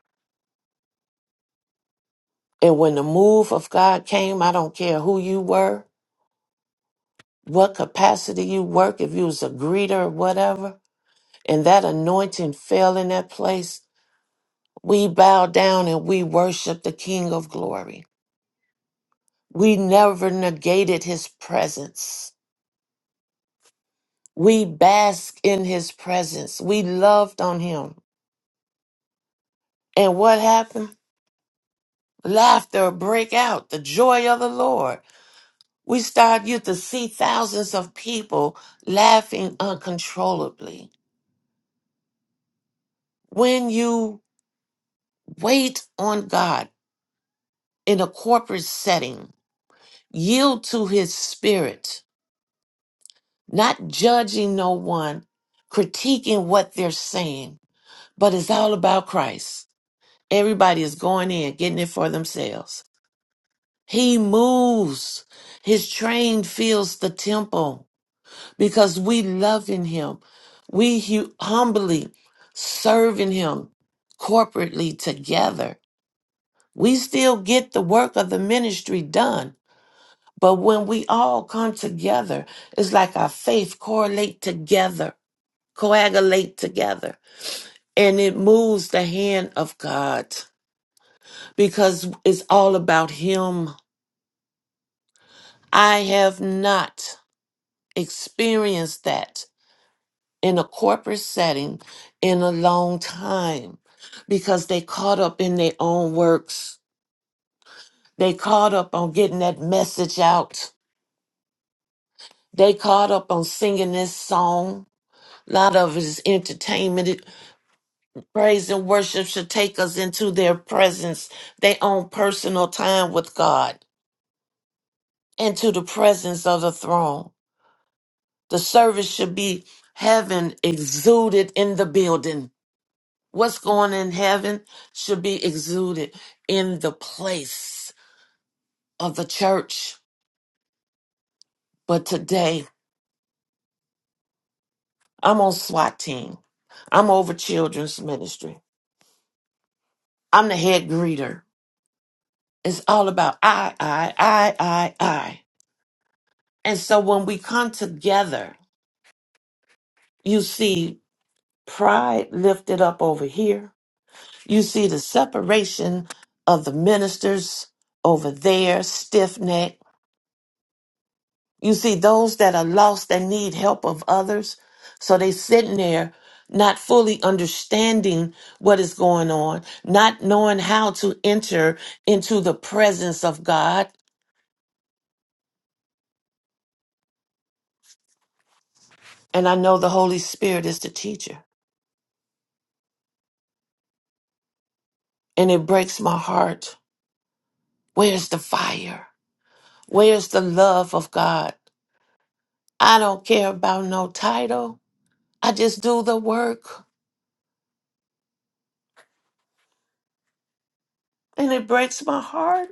Speaker 8: And when the move of God came, I don't care who you were, what capacity you work, if you was a greeter or whatever, and that anointing fell in that place We bow down and we worship the King of glory. We never negated his presence. We bask in his presence. We loved on him. And what happened? Laughter break out, the joy of the Lord. We start you to see thousands of people laughing uncontrollably. When you wait on God in a corporate setting, yield to his spirit not judging no one, critiquing what they're saying, but it's all about Christ. Everybody is going in, getting it for themselves. He moves. His train fills the temple because we love in him. We hu- humbly serve in him corporately together. We still get the work of the ministry done. But when we all come together, it's like our faith correlate together coagulate together. And it moves the hand of God because it's all about Him. I have not experienced that in a corporate setting in a long time because they caught up in their own works. They caught up on getting that message out. They caught up on singing this song. A lot of it is entertainment. Praise and worship should take us into their presence, their own personal time with God, and to the presence of the throne. The service should be heaven exuded in the building. What's going in heaven should be exuded in the place of the church. But today, I'm on SWAT team. I'm over children's ministry. I'm the head greeter. It's all about I, I, I, I, I. And so when we come together, You see pride lifted up over here. You see the separation of the ministers over there, stiff neck. You see those that are lost that need help of others. So they sitting there not fully understanding what is going on, not knowing how to enter into the presence of God. And I know the Holy Spirit is the teacher. And it breaks my heart. Where's the fire? Where's the love of God? I don't care about no title. I just do the work. And it breaks my heart.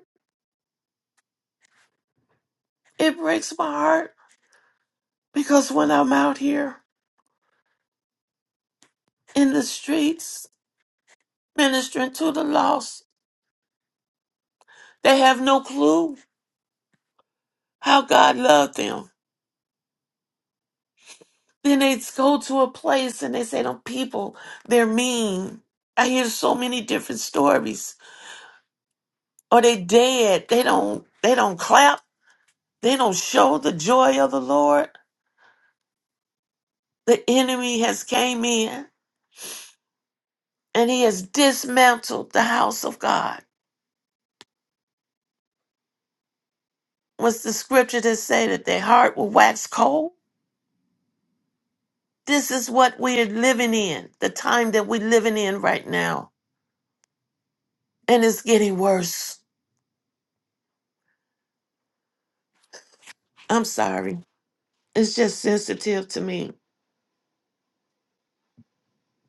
Speaker 8: It breaks my heart because when I'm out here in the streets ministering to the lost, they have no clue how God loved them. Then they go to a place and they say, "Them people, they're mean." I hear so many different stories. Or they dead. They don't. They don't clap. They don't show the joy of the Lord. The enemy has came in and he has dismantled the house of God. What's the scripture that say that their heart will wax cold? This is what we are living in, the time that we're living in right now. And it's getting worse. I'm sorry. It's just sensitive to me.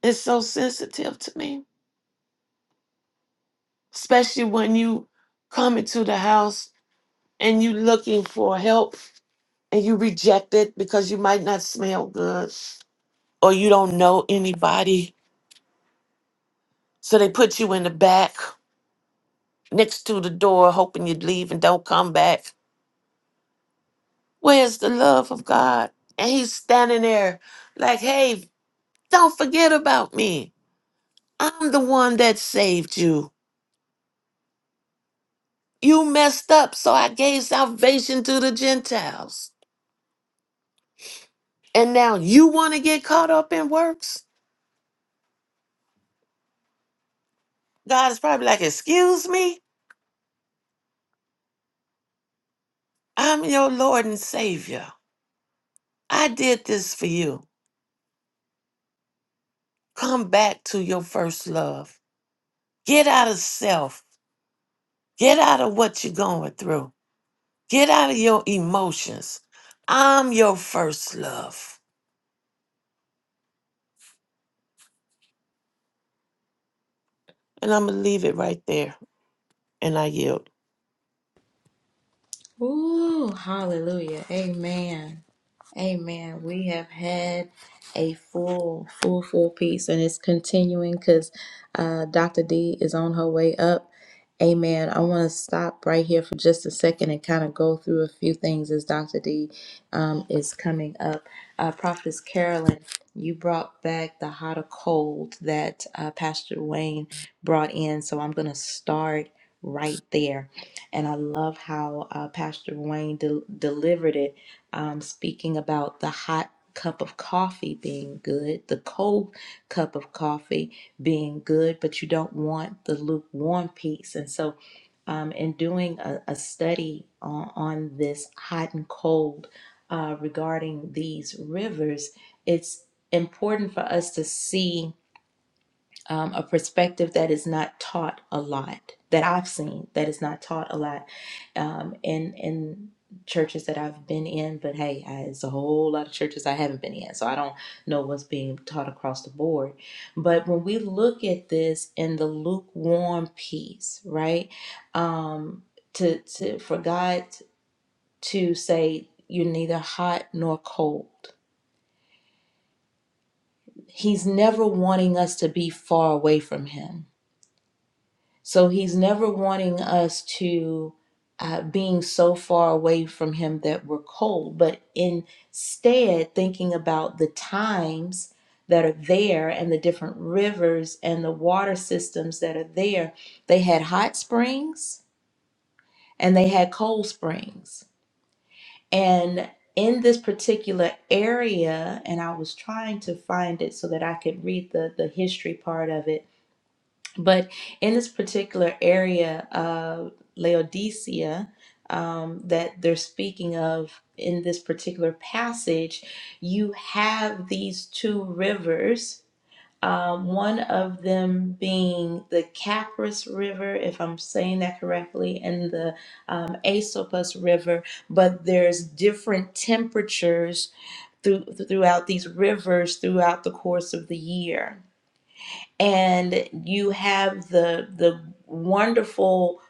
Speaker 8: It's so sensitive to me. Especially when you come into the house and you looking for help and you reject it because you might not smell good or you don't know anybody. So they put you in the back next to the door, hoping you'd leave and don't come back. Where's the love of God? And he's standing there like, hey, don't forget about me. I'm the one that saved you. You messed up, so I gave salvation to the Gentiles. And now you want to get caught up in works? God is probably like, excuse me? I'm your Lord and Savior. I did this for you. Come back to your first love. Get out of self. Get out of what you're going through Get out of your emotions. I'm your first love. And I'm going to leave it right there. And I yield.
Speaker 1: Ooh, hallelujah. Amen. Amen. We have had a full, full, full piece, and it's continuing because uh, Dr. D is on her way up. Amen. I want to stop right here for just a second and kind of go through a few things as Dr. D um, is coming up. Uh, Prophetess Carolyn, you brought back the hot or cold that uh, Pastor Wayne brought in, so I'm going to start right there. And I love how uh, Pastor Wayne del delivered it um, speaking about the hot cup of coffee being good, the cold cup of coffee being good, but you don't want the lukewarm piece. And so, um, in doing a, a study on, on this hot and cold uh, regarding these rivers, it's important for us to see um, a perspective that is not taught a lot that I've seen that is not taught a lot um, in in churches that I've been in. But hey, I, it's a whole lot of churches I haven't been in, so I don't know what's being taught across the board. But when we look at this in the lukewarm piece, right? Um, to to for God to say you're neither hot nor cold. He's never wanting us to be far away from him So he's never wanting us to uh, being so far away from him that we're cold, but instead thinking about the times that are there and the different rivers and the water systems that are there. They had hot springs and they had cold springs. And in this particular area, and I was trying to find it so that I could read the, the history part of it but in this particular area of Laodicea um, that they're speaking of in this particular passage, you have these two rivers. Um, one of them being the Capris River, if I'm saying that correctly, and the um, Asopus River, but there's different temperatures through, throughout these rivers throughout the course of the year and you have the the wonderful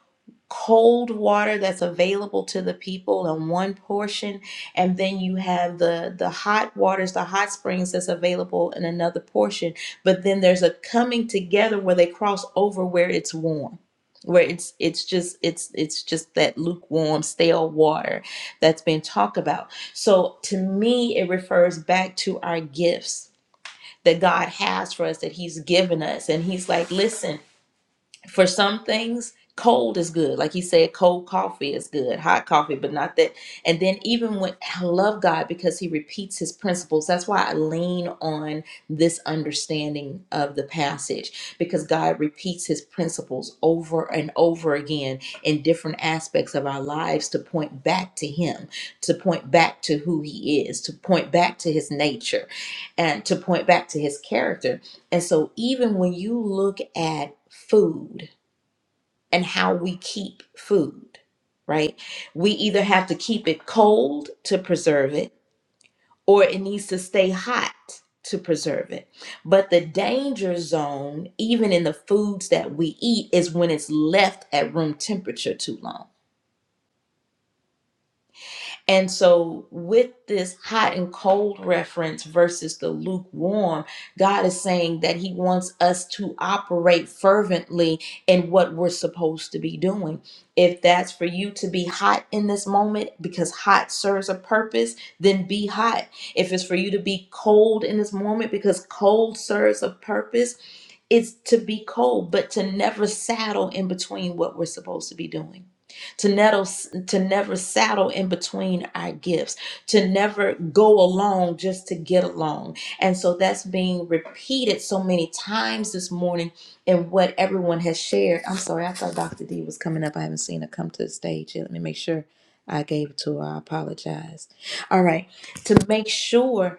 Speaker 1: cold water that's available to the people in one portion and then you have the the hot waters the hot springs that's available in another portion but then there's a coming together where they cross over where it's warm where it's it's just it's it's just that lukewarm stale water that's been talked about so to me it refers back to our gifts that God has for us, that He's given us. And He's like, listen, for some things cold is good like he said cold coffee is good hot coffee but not that and then even when i love god because he repeats his principles that's why i lean on this understanding of the passage because god repeats his principles over and over again in different aspects of our lives to point back to him to point back to who he is to point back to his nature and to point back to his character and so, even when you look at food and how we keep food, right, we either have to keep it cold to preserve it or it needs to stay hot to preserve it. But the danger zone, even in the foods that we eat, is when it's left at room temperature too long And so, with this hot and cold reference versus the lukewarm, God is saying that He wants us to operate fervently in what we're supposed to be doing. If that's for you to be hot in this moment because hot serves a purpose, then be hot. If it's for you to be cold in this moment because cold serves a purpose, is to be cold, but to never saddle in between what we're supposed to be doing. To never, to never saddle in between our gifts, to never go along just to get along. And so that's being repeated so many times this morning in what everyone has shared. I'm sorry, I thought Dr. D was coming up. I haven't seen her come to the stage yet. Let me make sure I gave it to her. I apologize. All right, to make sure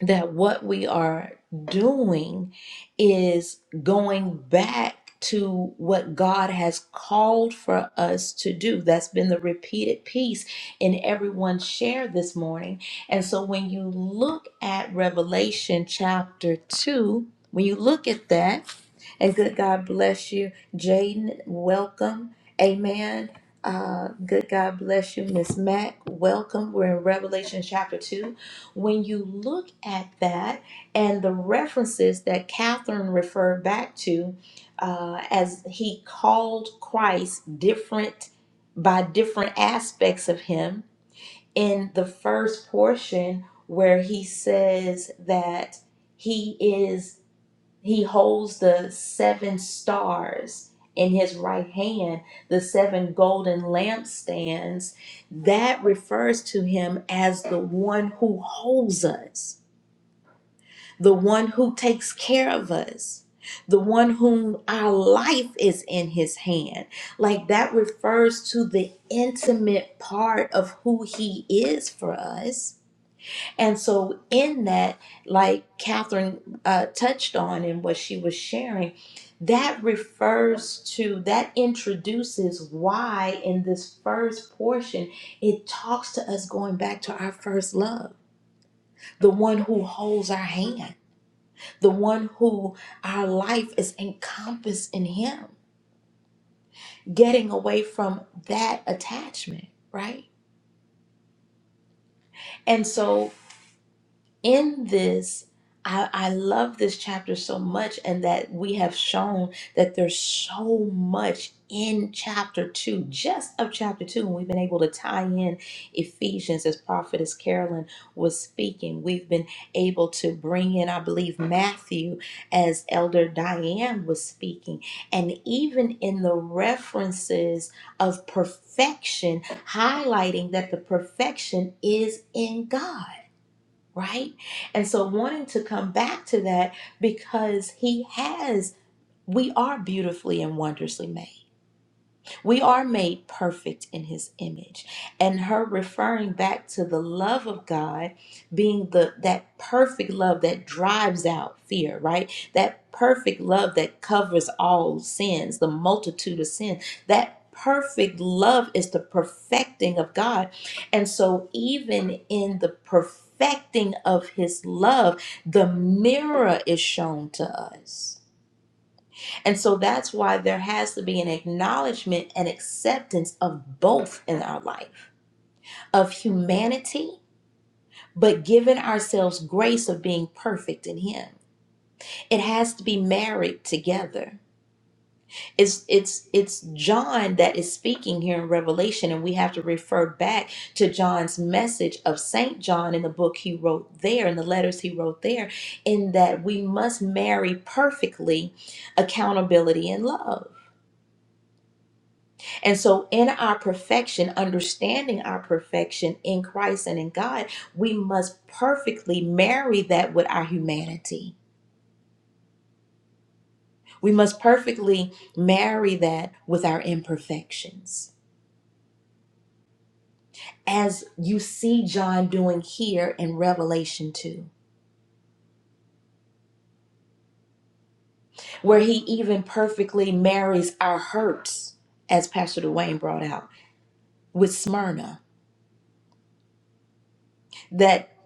Speaker 1: that what we are doing is going back to what God has called for us to do. That's been the repeated piece in everyone's share this morning. And so when you look at Revelation chapter 2, when you look at that, and good God bless you, Jaden, welcome. Amen. Uh, good God bless you, Miss Mac. Welcome. We're in Revelation chapter 2 when you look at that and the references that Catherine referred back to, uh, as he called Christ different by different aspects of him, in the first portion where he says that he is. He holds the seven stars in his right hand, the seven golden lampstands. That refers to him as the one who holds us, the one who takes care of us, the one whom our life is in his hand. Like that refers to the intimate part of who he is for us and so, in that, like Catherine uh, touched on in what she was sharing, that refers to, that introduces why in this first portion, it talks to us going back to our first love, the one who holds our hand, the one who our life is encompassed in Him, getting away from that attachment, right? And so, in this, I, I love this chapter so much, and that we have shown that there's so much in chapter two, just of chapter two, and we've been able to tie in Ephesians as Prophetess Carolyn was speaking. We've been able to bring in, I believe, Matthew as Elder Diane was speaking, and even in the references of perfection, highlighting that the perfection is in God right? And so wanting to come back to that because he has, we are beautifully and wondrously made. We are made perfect in his image. And her referring back to the love of God being the that perfect love that drives out fear, right? That perfect love that covers all sins, the multitude of sins. That perfect love is the perfecting of God. And so even in the perfecting of his love, the mirror is shown to us and so that's why there has to be an acknowledgement and acceptance of both in our life of humanity, but giving ourselves grace of being perfect in Him. It has to be married together. It's it's it's John that is speaking here in Revelation, and we have to refer back to John's message of Saint John in the book he wrote there, in the letters he wrote there, in that we must marry perfectly accountability and love And so, in our perfection, understanding our perfection in Christ and in God, we must perfectly marry that with our humanity. We must perfectly marry that with our imperfections. As you see John doing here in Revelation 2, where he even perfectly marries our hurts, as Pastor Dwayne brought out, with Smyrna, that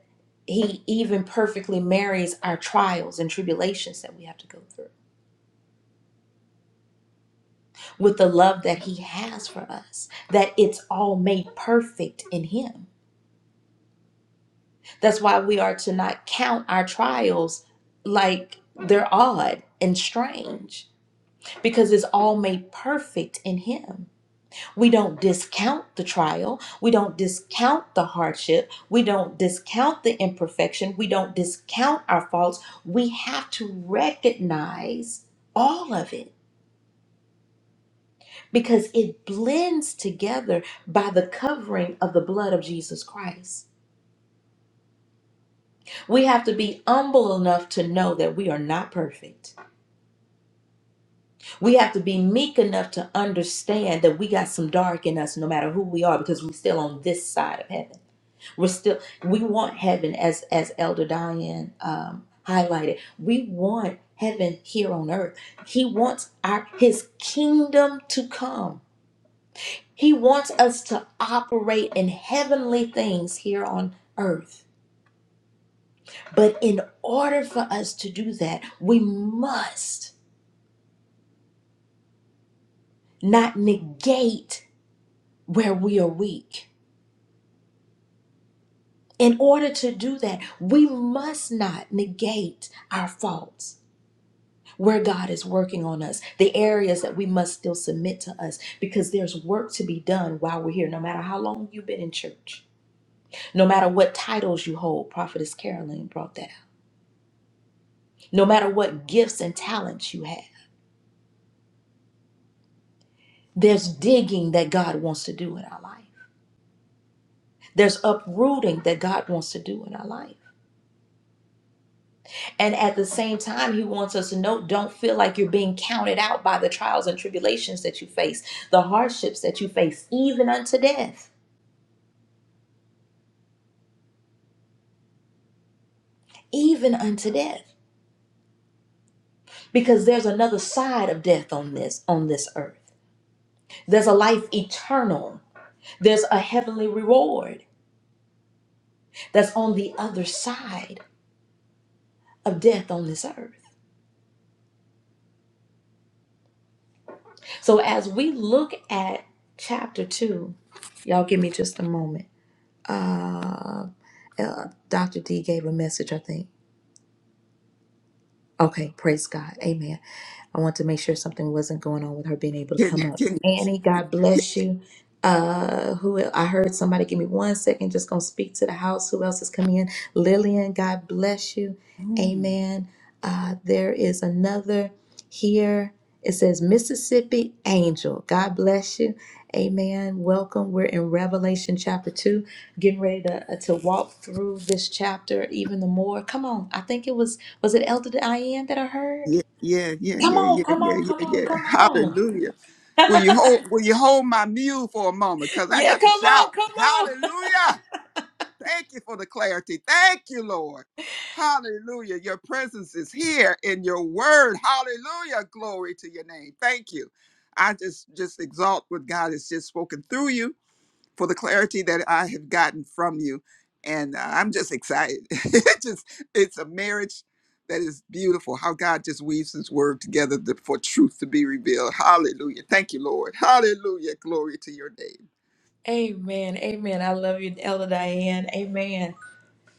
Speaker 1: he even perfectly marries our trials and tribulations that we have to go through with the love that he has for us, that it's all made perfect in him. That's why we are to not count our trials like they're odd and strange because it's all made perfect in him. We don't discount the trial, we don't discount the hardship, we don't discount the imperfection, we don't discount our faults. We have to recognize all of it because it blends together by the covering of the blood of Jesus Christ. We have to be humble enough to know that we are not perfect. We have to be meek enough to understand that we got some dark in us no matter who we are because we're still on this side of heaven. We're still we want heaven as as Elder Diane um highlighted. We want heaven here on earth. He wants our his kingdom to come. He wants us to operate in heavenly things here on earth. But in order for us to do that, we must not negate where we are weak. In order to do that, we must not negate our faults, where God is working on us, the areas that we must still submit to us, because there's work to be done while we're here, no matter how long you've been in church, no matter what titles you hold. Prophetess Carolyn brought that no matter what gifts and talents you have. There's digging that God wants to do in our life, there's uprooting that God wants to do in our life. And at the same time, He wants us to know don't feel like you're being counted out by the trials and tribulations that you face, the hardships that you face, even unto death, even unto death. Because there's another side of death on this on this earth. There's a life eternal. There's a heavenly reward that's on the other side of death on this earth. So as we look at chapter two, y'all give me just a moment. Uh, uh, Dr. D gave a message, I think. Okay, praise God. Amen. I want to make sure something wasn't going on with her being able to
Speaker 7: Can
Speaker 1: come up.
Speaker 7: can
Speaker 1: Annie, God bless you. Uh, who el- I heard somebody give me one second, just gonna speak to the house. Who else is coming in? Lillian, God bless you.
Speaker 7: Mm.
Speaker 1: Amen. Uh, there is another here. It says Mississippi Angel. God bless you. Amen. Welcome. We're in Revelation chapter 2, getting ready to, uh, to walk through this chapter even the more. Come on. I think it was, was it Elder Diane that I heard?
Speaker 7: yeah yeah yeah
Speaker 1: Come
Speaker 7: yeah yeah
Speaker 1: on, come
Speaker 7: yeah
Speaker 1: on, come
Speaker 7: yeah
Speaker 1: on,
Speaker 7: yeah.
Speaker 1: come on.
Speaker 7: Hallelujah. Will you hold will you hold my mule for a moment? Because I
Speaker 1: yeah,
Speaker 7: got to
Speaker 1: come on,
Speaker 7: shout.
Speaker 1: come on.
Speaker 7: Hallelujah. Thank you for the clarity. Thank you, Lord. Hallelujah. Your presence is here in your word. Hallelujah. Glory to your name. Thank you. I just just exalt what God has just spoken through you for the clarity that I have gotten from you. And uh, I'm just excited. it just it's a marriage that is beautiful. How God just weaves His word together to- for truth to be revealed. Hallelujah! Thank you, Lord. Hallelujah! Glory to Your name.
Speaker 1: Amen, amen. I love you, Elder Diane. Amen.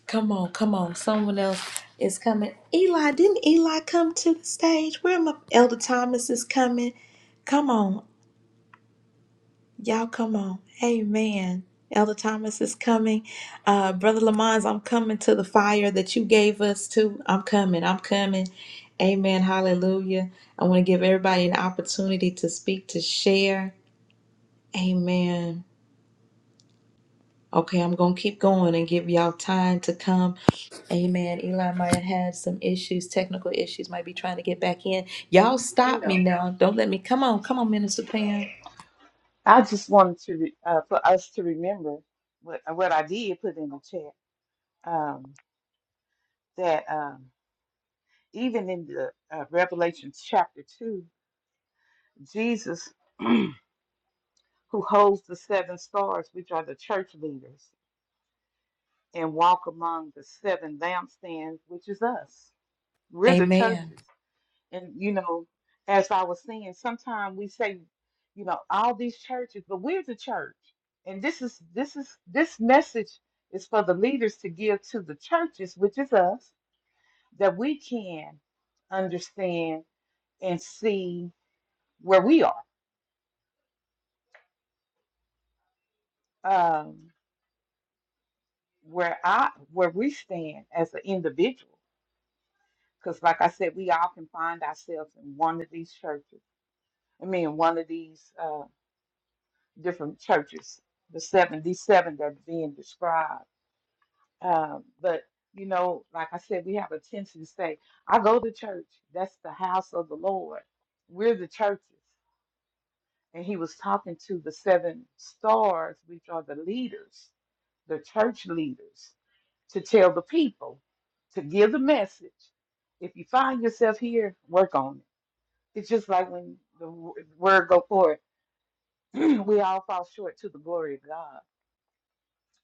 Speaker 1: Come on, come on. Someone else is coming. Eli, didn't Eli come to the stage? Where my Elder Thomas is coming? Come on. Y'all come on. Amen. Elder Thomas is coming. Uh, Brother Lamons, I'm coming to the fire that you gave us to. I'm coming. I'm coming. Amen. Hallelujah. I want to give everybody an opportunity to speak, to share. Amen. Okay, I'm going to keep going and give y'all time to come. Amen. Eli might have had some issues, technical issues, might be trying to get back in. Y'all stop me
Speaker 5: So
Speaker 1: now. Don't let me. Come on. Come on, Minister Pam.
Speaker 5: I just wanted to re- uh, for us to remember what uh, what I did put in the chat um, that um, even in the uh, Revelation chapter two, Jesus, who holds the seven stars, which are the church leaders, and walk among the seven lampstands, which is us. We're the
Speaker 1: Amen.
Speaker 5: churches And you know, as I was saying, sometimes we say, you know, all these churches, but we're the church. And this is this is this message is for the leaders to give to the churches, which is us, that we can understand and see where we are, um, where I where we stand as an individual. Because like I said, we all can find ourselves in one of these churches. I mean, one of these. uh, different churches, the 77 that's being described. Um, but, you know, like I said, we have a tendency to say, I go to church. That's the house of the Lord. We're the churches. And he was talking to the seven stars, which are the leaders, the church leaders, to tell the people, to give the message. If you find yourself here, work on it. It's just like when the w- word go forth, we all fall short to the glory of God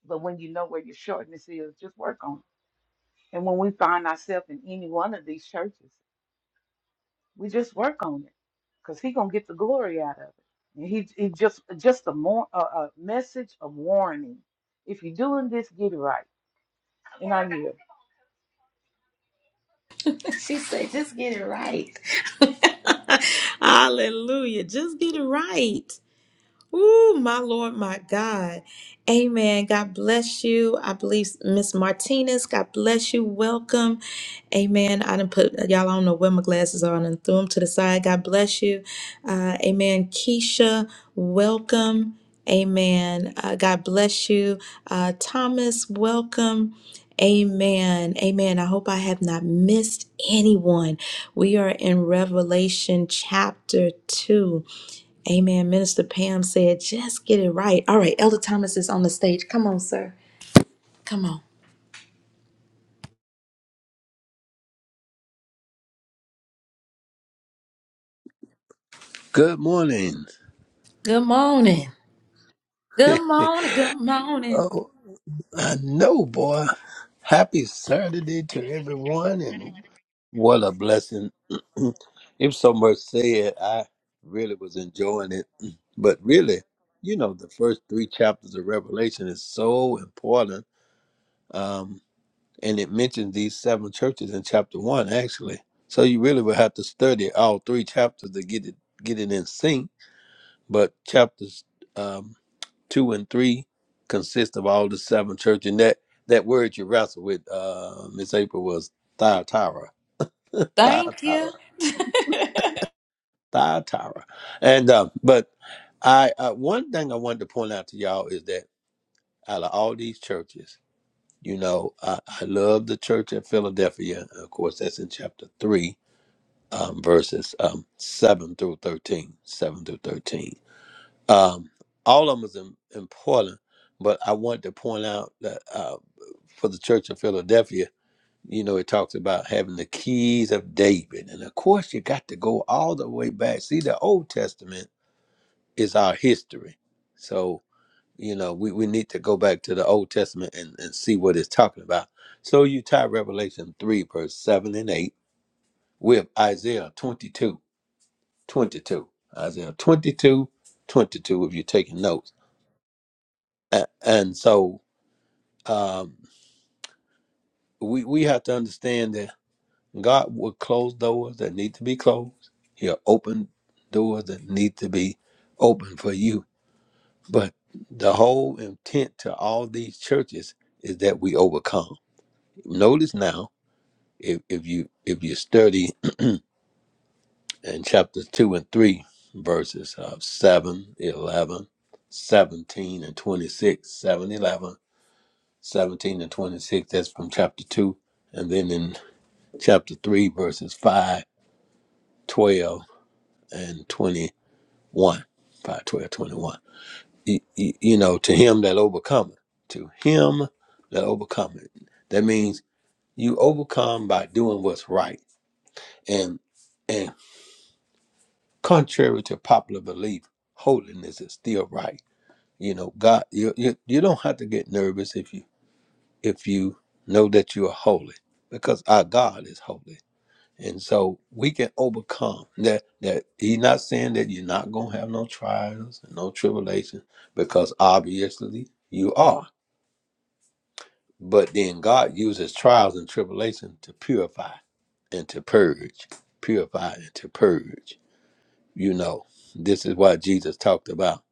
Speaker 5: But when you know where your shortness is, just work on it. And when we find ourselves in any one of these churches, we just work on it, cause He gonna get the glory out of it. And he he just just a more a, a message of warning. If you're doing this, get it right. And I knew
Speaker 1: she said, just get it right. Hallelujah. Just get it right. Ooh, my Lord, my God. Amen. God bless you. I believe Miss Martinez, God bless you. Welcome. Amen. I didn't put y'all. I don't know where my glasses are, and threw them to the side. God bless you. Uh, amen. Keisha, welcome. Amen. Uh, God bless you. Uh, Thomas, welcome. Amen. Amen. I hope I have not missed anyone. We are in Revelation chapter 2. Amen. Minister Pam said, just get it right. All right, Elder Thomas is on the stage. Come on, sir. Come on.
Speaker 9: Good morning.
Speaker 1: Good morning. Good morning. Good morning.
Speaker 9: Oh, I know, boy. Happy Saturday to everyone, and what a blessing. it was so much said. I really was enjoying it. But really, you know, the first three chapters of Revelation is so important. Um, and it mentions these seven churches in chapter one, actually. So you really would have to study all three chapters to get it get it in sync But chapters um, two and three consist of all the seven churches. And that, that word you wrestled with, uh, Miss April, was Thyatira,
Speaker 1: Thank you.
Speaker 9: Thyatira, Thyatira. And uh, but I uh, one thing I wanted to point out to y'all is that out of all these churches, you know, I, I love the church at Philadelphia. Of course, that's in chapter three, um, verses um, seven through thirteen. Seven through thirteen Um, all of them is im- important, but I want to point out that uh, for the Church of Philadelphia, you know, it talks about having the keys of David, and of course, you got to go all the way back. See, the Old Testament is our history, so you know we, we need to go back to the Old Testament and, and see what it's talking about. So you tie Revelation three verse seven and eight with Isaiah 22 22 Isaiah 22 22. if you're taking notes. A- and so Um, we we have to understand that God will close doors that need to be closed. He'll open doors that need to be open for you. But the whole intent to all these churches is that we overcome. Notice now, if, if you if you study in chapter two and three, verses of 7, 11, 17, and 26, seven, eleven, seventeen, and 26, that's from chapter 2. And then in chapter 3, verses 5, 12, and 21. five, twelve, twenty-one. You, you, you know, to him that overcometh, to him that overcometh. That means you overcome by doing what's right. And and contrary to popular belief, holiness is still right. You know, God, you, you, you don't have to get nervous if you if you know that you are holy because our God is holy And so we can overcome that. That he's not saying that you're not gonna have no trials and no tribulations, because obviously you are. But then God uses trials and tribulation to purify and to purge, purify and to purge. You know, this is why Jesus talked about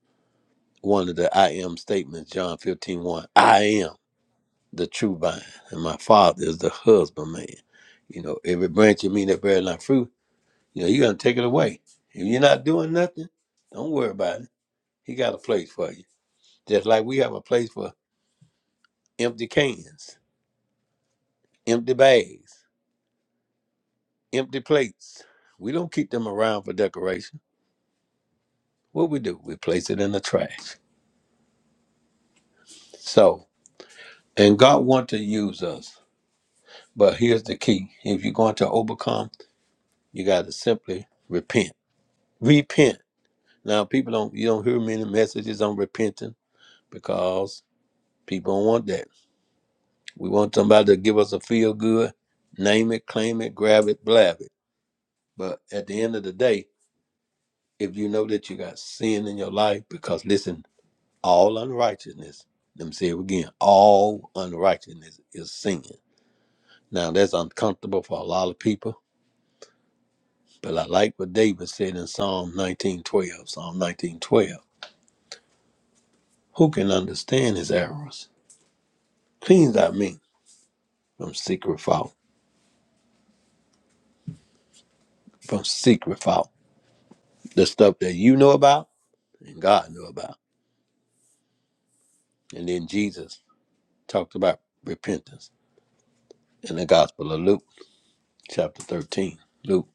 Speaker 9: one of the I am statements, John fifteen one. I am the true vine, and my father is the husbandman. You know, every branch of me that bears not fruit. You know, you're gonna take it away. If you're not doing nothing, don't worry about it. He got a place for you. Just like we have a place for empty cans, empty bags, empty plates. We don't keep them around for decoration. What we do, we place it in the trash. So, and God wants to use us. But here's the key. If you're going to overcome, you gotta simply repent. Repent. Now people don't you don't hear many messages on repenting because people don't want that. We want somebody to give us a feel good, name it, claim it, grab it, blab it. But at the end of the day, if you know that you got sin in your life, because listen, all unrighteousness, let me say it again, all unrighteousness is sin. Now that's uncomfortable for a lot of people, but I like what David said in Psalm 1912, Psalm 1912. Who can understand his errors? Cleans out me from secret fault, from secret fault. The stuff that you know about and God know about And then Jesus talked about repentance in the Gospel of Luke, chapter 13. Luke,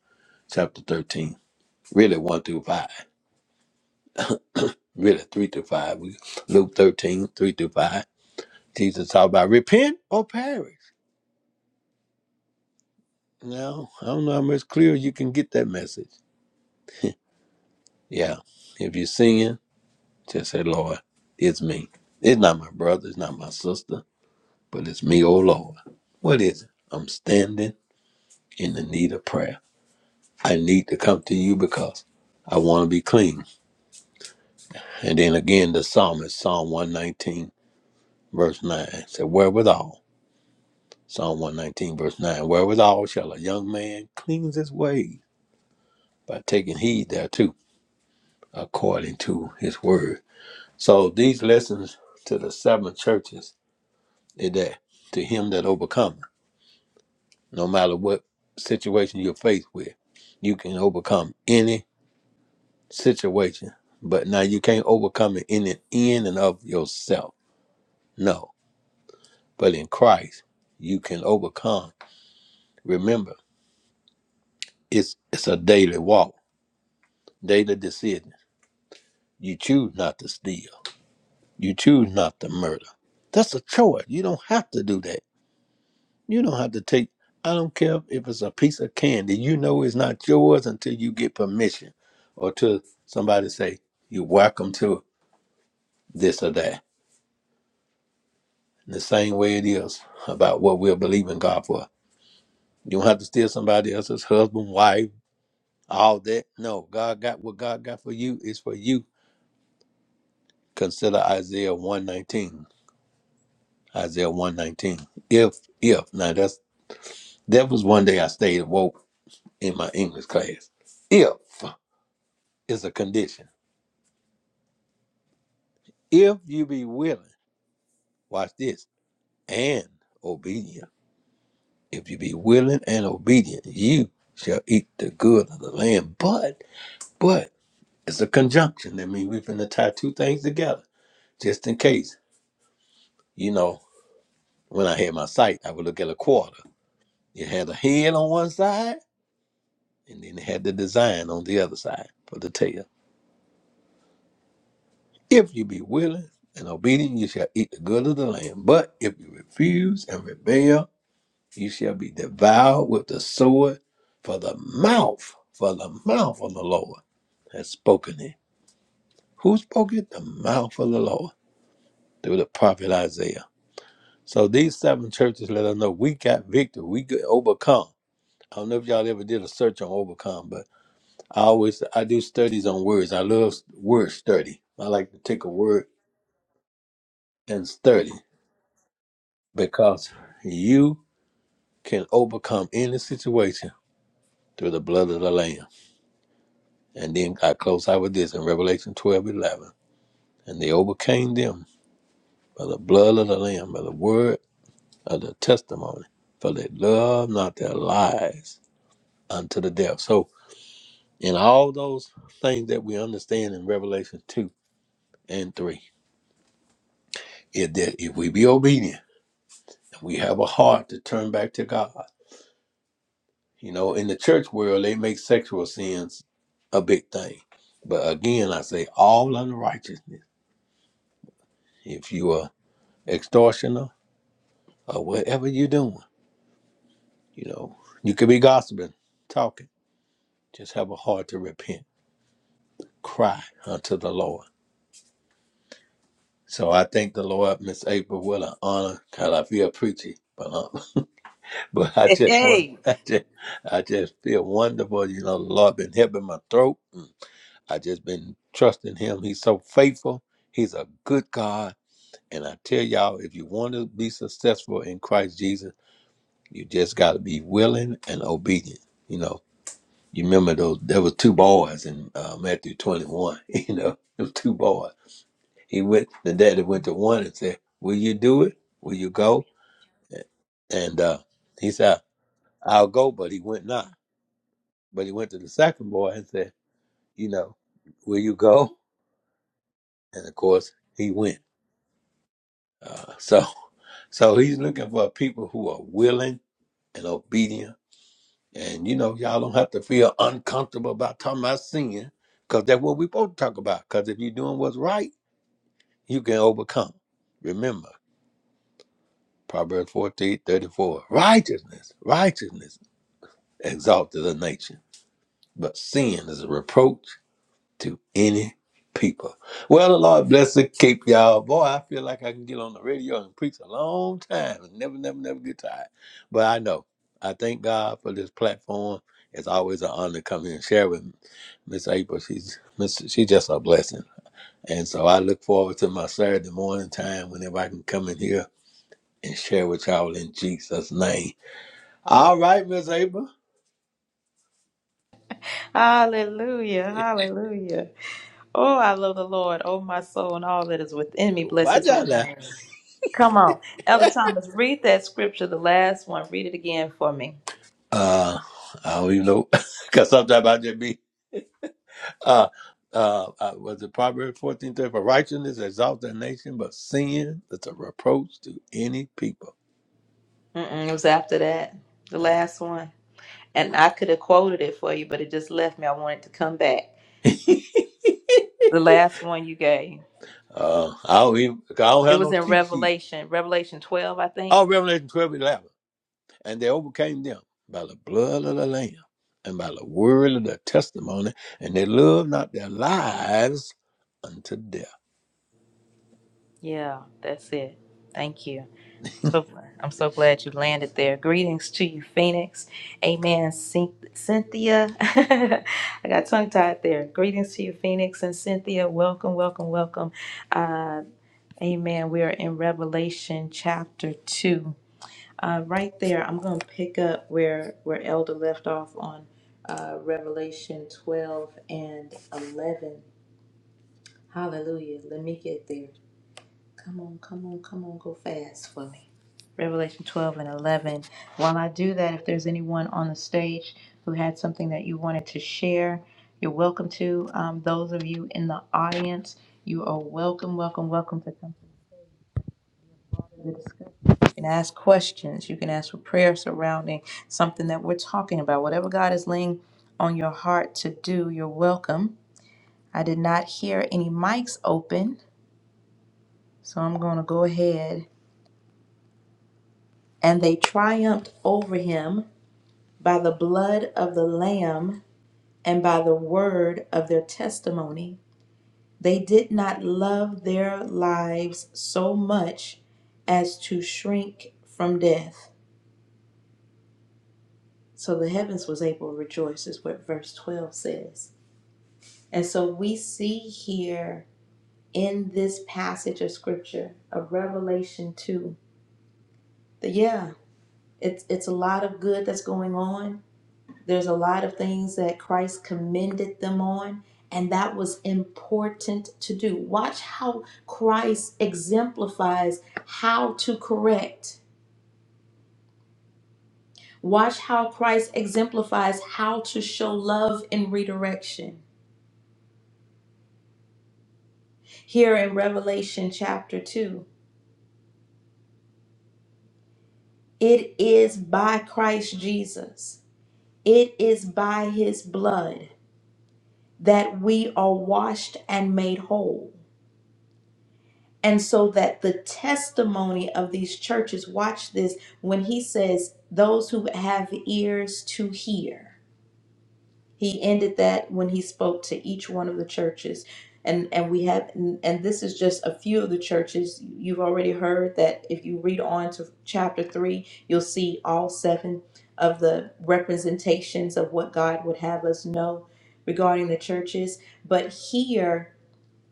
Speaker 9: chapter 13. Really, 1 through 5. Really, 3 through 5. We, Luke 13, 3 through 5. Jesus talked about repent or perish. Now, I don't know how much clearer you can get that message. Yeah. If you're singing, just say, Lord, it's me. It's not my brother, it's not my sister, but it's me, oh Lord. What is it? I'm standing in the need of prayer. I need to come to you because I want to be clean. And then again, the psalmist, Psalm 119, verse 9, said, Wherewithal, Psalm 119, verse 9, wherewithal shall a young man cleanse his way by taking heed thereto, according to his word. So these lessons to the seven churches is that to him that overcometh, no matter what situation you're faced with, you can overcome any. situation. But now you can't overcome it in and in and of yourself. No. But in Christ, you can overcome. Remember, it's it's a daily walk, daily decision. You choose not to steal. You choose not to murder. That's a choice. You don't have to do that. You don't have to take I don't care if it's a piece of candy. You know it's not yours until you get permission or till somebody say, You're welcome to this or that in the same way it is about what we're believing God for. You don't have to steal somebody else's husband, wife, all that. No, God got what God got for you is for you. Consider Isaiah 119. Isaiah 119. If, if, now that's, that was one day I stayed woke in my English class. If is a condition. If you be willing, watch this, and obedient. If you be willing and obedient, you shall eat the good of the land. But, but, It's a conjunction. I mean, we're going to tie two things together just in case. You know, when I had my site, I would look at a quarter. It had a head on one side, and then it had the design on the other side for the tail. If you be willing and obedient, you shall eat the good of the land. But if you refuse and rebel, you shall be devoured with the sword for the mouth, for the mouth of the Lord has spoken it. Who spoke it? The mouth of the Lord through the prophet Isaiah. So these seven churches let us know we got victory. We could overcome. I don't know if y'all ever did a search on overcome, but I always I do studies on words. I love word study. I like to take a word and study because you can overcome any situation through the blood of the Lamb. And then I close out with this in Revelation 12 11, And they overcame them by the blood of the Lamb, by the word of the testimony, for they love not their lives unto the death. So And all those things that we understand in Revelation 2 and 3. If, that, if we be obedient, we have a heart to turn back to God. You know, in the church world, they make sexual sins a big thing. But again, I say all unrighteousness. If you are extortioner or whatever you're doing, you know, you could be gossiping, talking. Just have a heart to repent, cry unto the Lord. So I thank the Lord, Miss April, what an honor. God, I feel preachy, but uh, But I just want,
Speaker 1: Hey,
Speaker 9: I just, I just feel wonderful. You know, the Lord been helping my throat. Mm. I just been trusting Him. He's so faithful. He's a good God. And I tell y'all, if you want to be successful in Christ Jesus, you just got to be willing and obedient. You know, you remember those? There was two boys in uh, Matthew twenty-one. You know, them two boys. He went. The daddy went to one and said, "Will you do it? Will you go?" And uh, he said, "I'll go," but he went not. But he went to the second boy and said, you know, will you go? And of course, he went. Uh, so, so he's looking for people who are willing and obedient. And you know, y'all don't have to feel uncomfortable about talking about sin, because that's what we're supposed to talk about. Because if you're doing what's right, you can overcome. Remember, Proverbs 14 34: righteousness, righteousness exalteth a nation, but sin is a reproach to any people. Well, the Lord bless and keep y'all. Boy, I feel like I can get on the radio and preach a long time and never, never, never get tired. But I know. I thank God for this platform. It's always an honor to come here and share with Miss April. She's Miss, she's just a blessing. And so I look forward to my Saturday morning time whenever I can come in here and share with y'all in Jesus' name. All right, Miss April.
Speaker 1: hallelujah, hallelujah. Oh, I love the Lord, oh my soul, and all that is within me. Bless
Speaker 9: Why
Speaker 1: his
Speaker 9: y'all
Speaker 1: holy
Speaker 9: laugh?
Speaker 1: name. Come on. Elder Thomas, read that scripture, the last one. Read it again for me.
Speaker 9: Uh, I don't even know. Because sometimes I just be uh, uh, uh, was it Proverbs fourteen thirty For righteousness exalts a nation, but sin is a reproach to any people.
Speaker 1: Mm-mm, it was after that, the
Speaker 9: Uh,
Speaker 1: last one. And I could have quoted it for you, but it just left me. I wanted to come back. The last one you gave.
Speaker 9: uh, I, don't even, 'cause I don't
Speaker 1: It
Speaker 9: have
Speaker 1: was
Speaker 9: no
Speaker 1: in
Speaker 9: cheat sheet.
Speaker 1: Revelation, Revelation 12, I think.
Speaker 9: Oh, Revelation 12 11, And they overcame them by the blood of the Lamb and by the word of their testimony, and they loved not their lives unto death.
Speaker 1: Yeah, that's it. Thank you. So I'm so glad you landed there. Greetings to you, Phoenix. Amen, Cyn- Cynthia. I got tongue tied there. Greetings to you, Phoenix and Cynthia. Welcome, welcome, welcome. Uh, amen. We are in Revelation chapter two. Uh, right there, I'm going to pick up where where Elder left off on uh, Revelation 12 and 11. Hallelujah. Let me get there. Come on, come on, come on, go fast for me. Revelation 12 and 11. While I do that, if there's anyone on the stage who had something that you wanted to share, you're welcome to. Um, those of you in the audience, you are welcome, welcome, welcome to come to the discussion. You can ask questions. You can ask for prayer surrounding something that we're talking about. Whatever God is laying on your heart to do, you're welcome. I did not hear any mics open. So I'm going to go ahead. And they triumphed over him by the blood of the Lamb and by the word of their testimony. They did not love their lives so much as to shrink from death. So the heavens was able to rejoice, is what verse 12 says. And so we see here in this passage of scripture of Revelation 2 that, yeah, it's, it's a lot of good that's going on There's a lot of things that Christ commended them on, and that was important to do. Watch how Christ exemplifies how to correct. Watch how Christ exemplifies how to show love and redirection. Here in Revelation chapter 2, it is by Christ Jesus, it is by his blood that we are washed and made whole And so that the testimony of these churches, watch this, when he says, those who have ears to hear, he ended that when he spoke to each one of the churches. And, and we have and and this is just a few of the churches you've already heard that if you read on to chapter 3 you'll see all seven of the representations of what god would have us know regarding the churches but here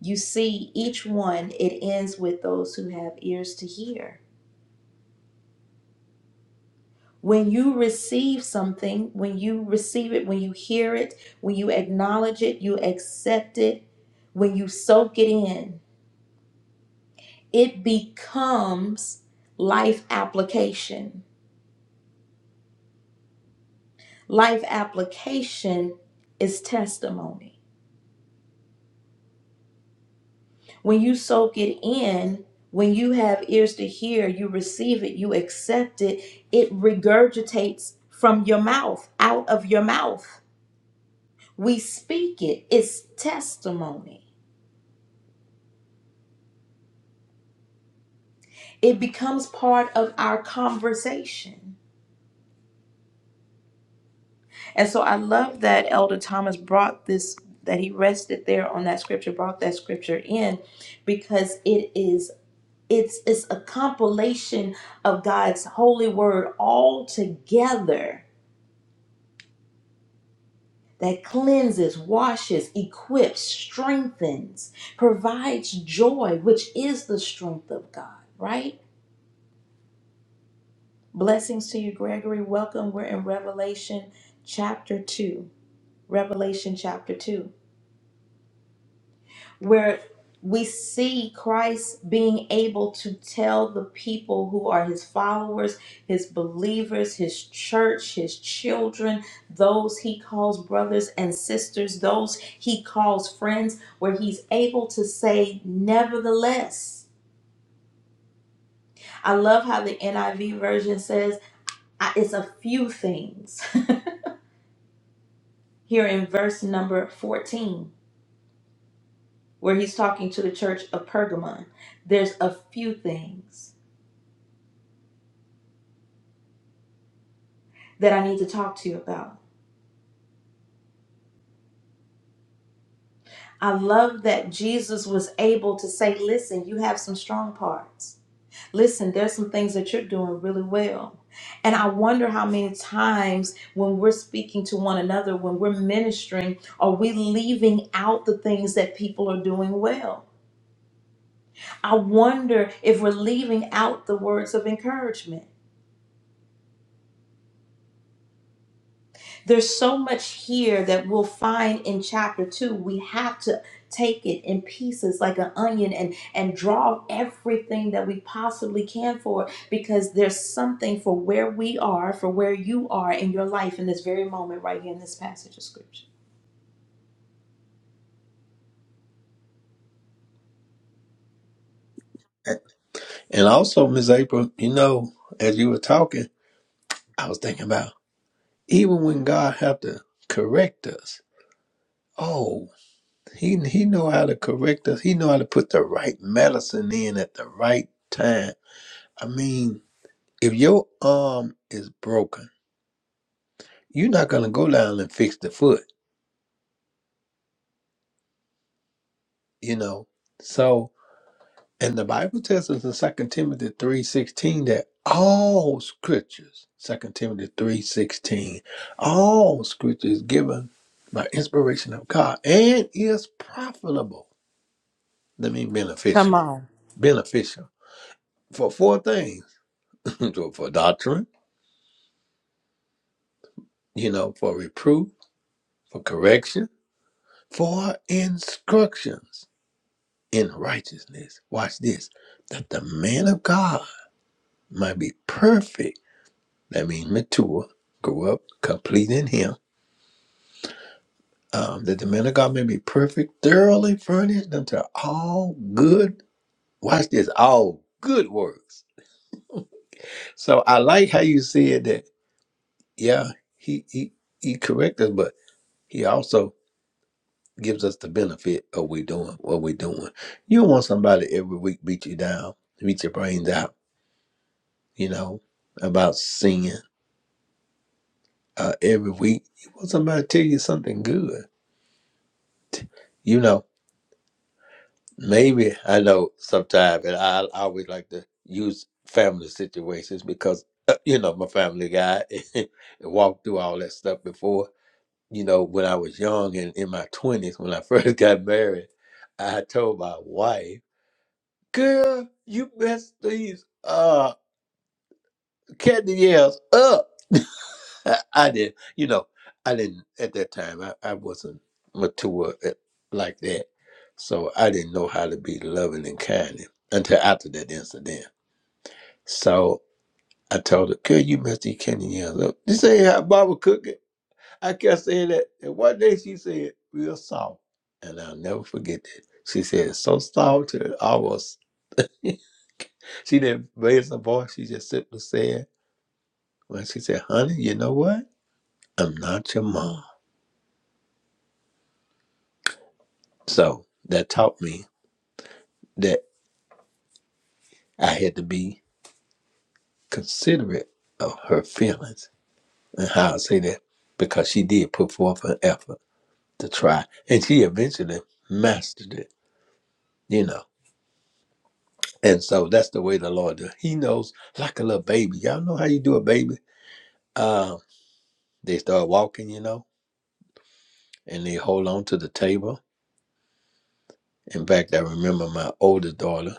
Speaker 1: you see, each one, it ends with those who have ears to hear. When you receive something, when you receive it, when you hear it, when you acknowledge it, you accept it, when you soak it in, it becomes life application. Life application is testimony. When you soak it in, when you have ears to hear, you receive it, you accept it, it regurgitates from your mouth, out of your mouth. We speak it, it's testimony. It becomes part of our conversation. And so I love that Elder Thomas brought this, that he rested there on that scripture, brought that scripture in because it is. It's, it's a compilation of God's holy word all together that cleanses, washes, equips, strengthens, provides joy, which is the strength of God, right? Blessings to you, Gregory. Welcome. We're in Revelation chapter 2. Revelation chapter 2. where we see Christ being able to tell the people who are his followers, his believers, his church, his children, those he calls brothers and sisters, those he calls friends, where he's able to say, nevertheless. I love how the NIV version says, I- it's a few things here in verse number 14, where he's talking to the church of Pergamon. There's a few things that I need to talk to you about. I love that Jesus was able to say, Listen, you have some strong parts. Listen, there's some things that you're doing really well. And I wonder how many times when we're speaking to one another, when we're ministering, are we leaving out the things that people are doing well? I wonder if we're leaving out the words of encouragement. There's so much here that we'll find in chapter two. We have to take it in pieces like an onion and and draw everything that we possibly can for it because there's something for where we are, for where you are in your life in this very moment right here in this passage of scripture.
Speaker 9: And also, Miss April, you know, as you were talking, I was thinking about even when God have to correct us, Oh, he he know how to correct us. He know how to put the right medicine in at the right time. I mean, if your arm is broken, you're not gonna go down and fix the foot, you know. So, and the Bible tells us in Second Timothy three sixteen that all scriptures, Second Timothy three sixteen, all scripture is given by inspiration of God and is profitable. That means
Speaker 1: Come
Speaker 9: beneficial,
Speaker 1: on.
Speaker 9: beneficial for four things for doctrine, you know, for reproof, for correction, for instructions in righteousness. Watch this that the man of God might be perfect. That means mature, grow up, complete in him. Um, that the man of God may be perfect, thoroughly furnished unto all good, watch this, all good works. So I like how you said that, yeah, he, he, he corrected, us, but he also gives us the benefit of we doing what we're doing. You don't want somebody every week beat you down, beat your brains out, you know, about sin. Uh, every week, you want somebody to tell you something good. You know, maybe I know sometimes, and I, I always like to use family situations because, uh, you know, my family guy and walked through all that stuff before. You know, when I was young and in my 20s, when I first got married, I told my wife, Girl, you messed these uh candy yells up. I did. You know, I didn't at that time. I, I wasn't mature at, like that, so I didn't know how to be loving and kind until after that incident. So I told her, "Girl, you messed these candy yells up. This ain't how Baba cook it." I kept saying that, and one day she said, "Real soft," and I'll never forget that. She said, "So soft, to almost." she didn't raise her voice. She just simply said, well, she said, honey, you know what? I'm not your mom. So that taught me that I had to be considerate of her feelings. And how I say that, because she did put forth an effort to try. And she eventually mastered it, you know. And so that's the way the Lord does. He knows like a little baby. Y'all know how you do a baby. Um, they start walking, you know, and they hold on to the table In fact, I remember my older daughter.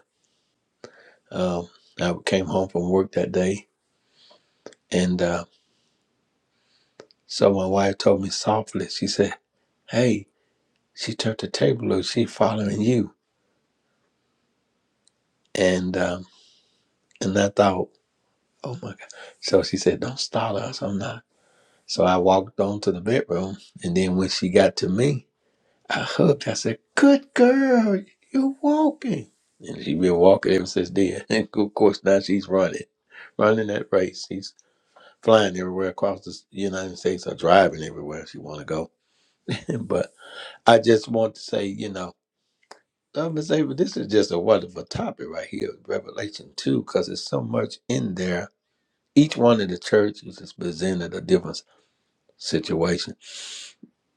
Speaker 9: Um, I came home from work that day, and uh, so my wife told me softly. She said, "Hey," she turned the table over. She following you, and um, and I thought, "Oh my God!" So she said, "Don't stall us. I'm not." So I walked on to the bedroom, and then when she got to me, I hugged. I said, "Good girl, you're walking." And she has been walking ever since then. of course, now she's running, running that race. She's. flying everywhere across the United States or driving everywhere if you want to go. but I just want to say, you know, uh, Miss Ava, this is just a wonderful topic right here, Revelation 2, because there's so much in there. Each one of the churches is presented a different situation.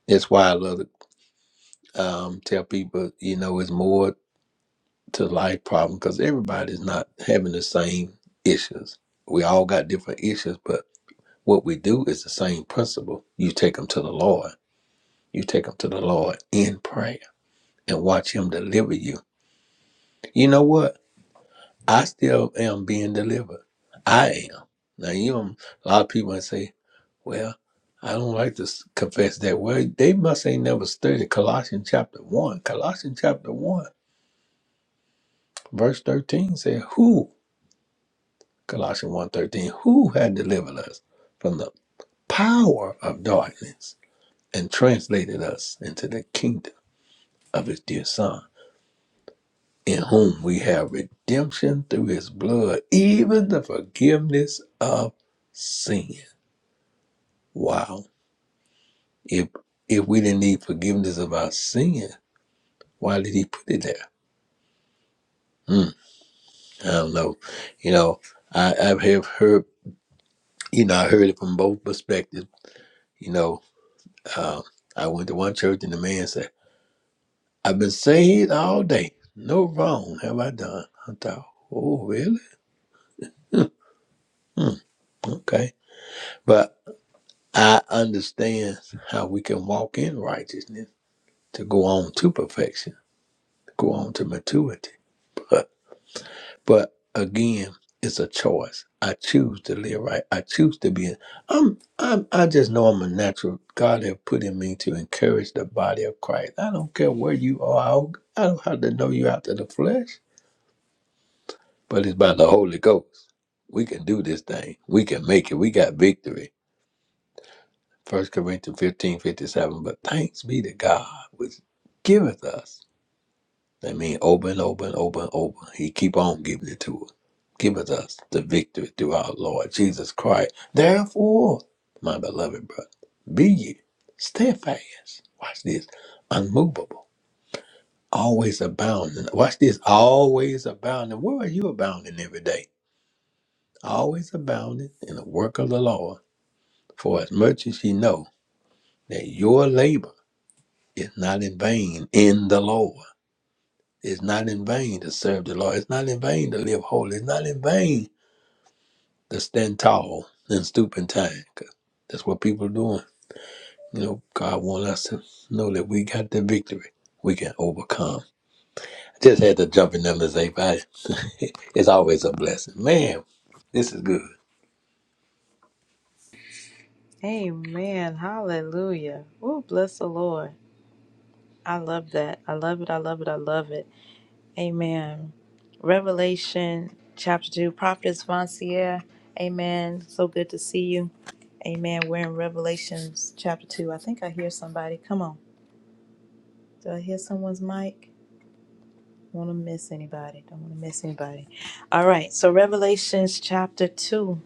Speaker 9: That's why I love to um, tell people, you know, it's more to life problem because everybody's not having the same issues. We all got different issues, but what we do is the same principle. You take them to the Lord You take them to the Lord in prayer and watch Him deliver you. You know what? I still am being delivered. I am. Now, you know, a lot of people say, well, I don't like to s- confess that. Well, they must ain't never studied Colossians chapter 1. Colossians chapter 1, verse 13 says, Who, Colossians one thirteen, who had delivered us from the power of darkness and translated us into the kingdom of his dear Son? in whom we have redemption through his blood, even the forgiveness of sin. Wow. If if we didn't need forgiveness of our sin, why did he put it there? Hmm, I don't know. You know, I, I have heard, you know, I heard it from both perspectives. You know, um, I went to one church and the man said, I've been saved all day. No wrong have I done. I thought, oh, really? Hmm, hmm, okay. But I understand how we can walk in righteousness to go on to perfection, to go on to maturity. But but again, it's a choice. I choose to live right. I choose to be. I'm. I'm. I just know I'm a natural. God have put in me to encourage the body of Christ. I don't care where you are. I don't, I don't have to know you out of the flesh, but it's by the Holy Ghost. We can do this thing. We can make it. We got victory First Corinthians 15 57. But thanks be to God, which giveth us. That means over and over and over and over. He keep on giving it to us. Giveth us the victory through our Lord Jesus Christ. Therefore, my beloved brother, be ye steadfast. Watch this. Unmovable. Always abounding. Watch this. Always abounding. Where are you abounding every day? Always abounding in the work of the Lord. For as much as ye know that your labor It's not in vain in the Lord. It's not in vain to serve the Lord. It's not in vain to live holy. It's not in vain to stand tall and stoop in time. 'cause that's what people are doing. You know, God wants us to know that we got the victory. We can overcome. I just had to jump in numbers eight. I- It's always a blessing. Man, this is good.
Speaker 1: Amen. Hallelujah. Oh, bless the Lord. I love that. I love it. I love it. I love it. Amen. Revelation chapter 2, Prophetess Vancier. Amen. So good to see you. Amen. We're in Revelations chapter 2. I think I hear somebody. Come on. Do I hear someone's mic? Want to miss anybody? Don't want to miss anybody. All right. So Revelations chapter 2.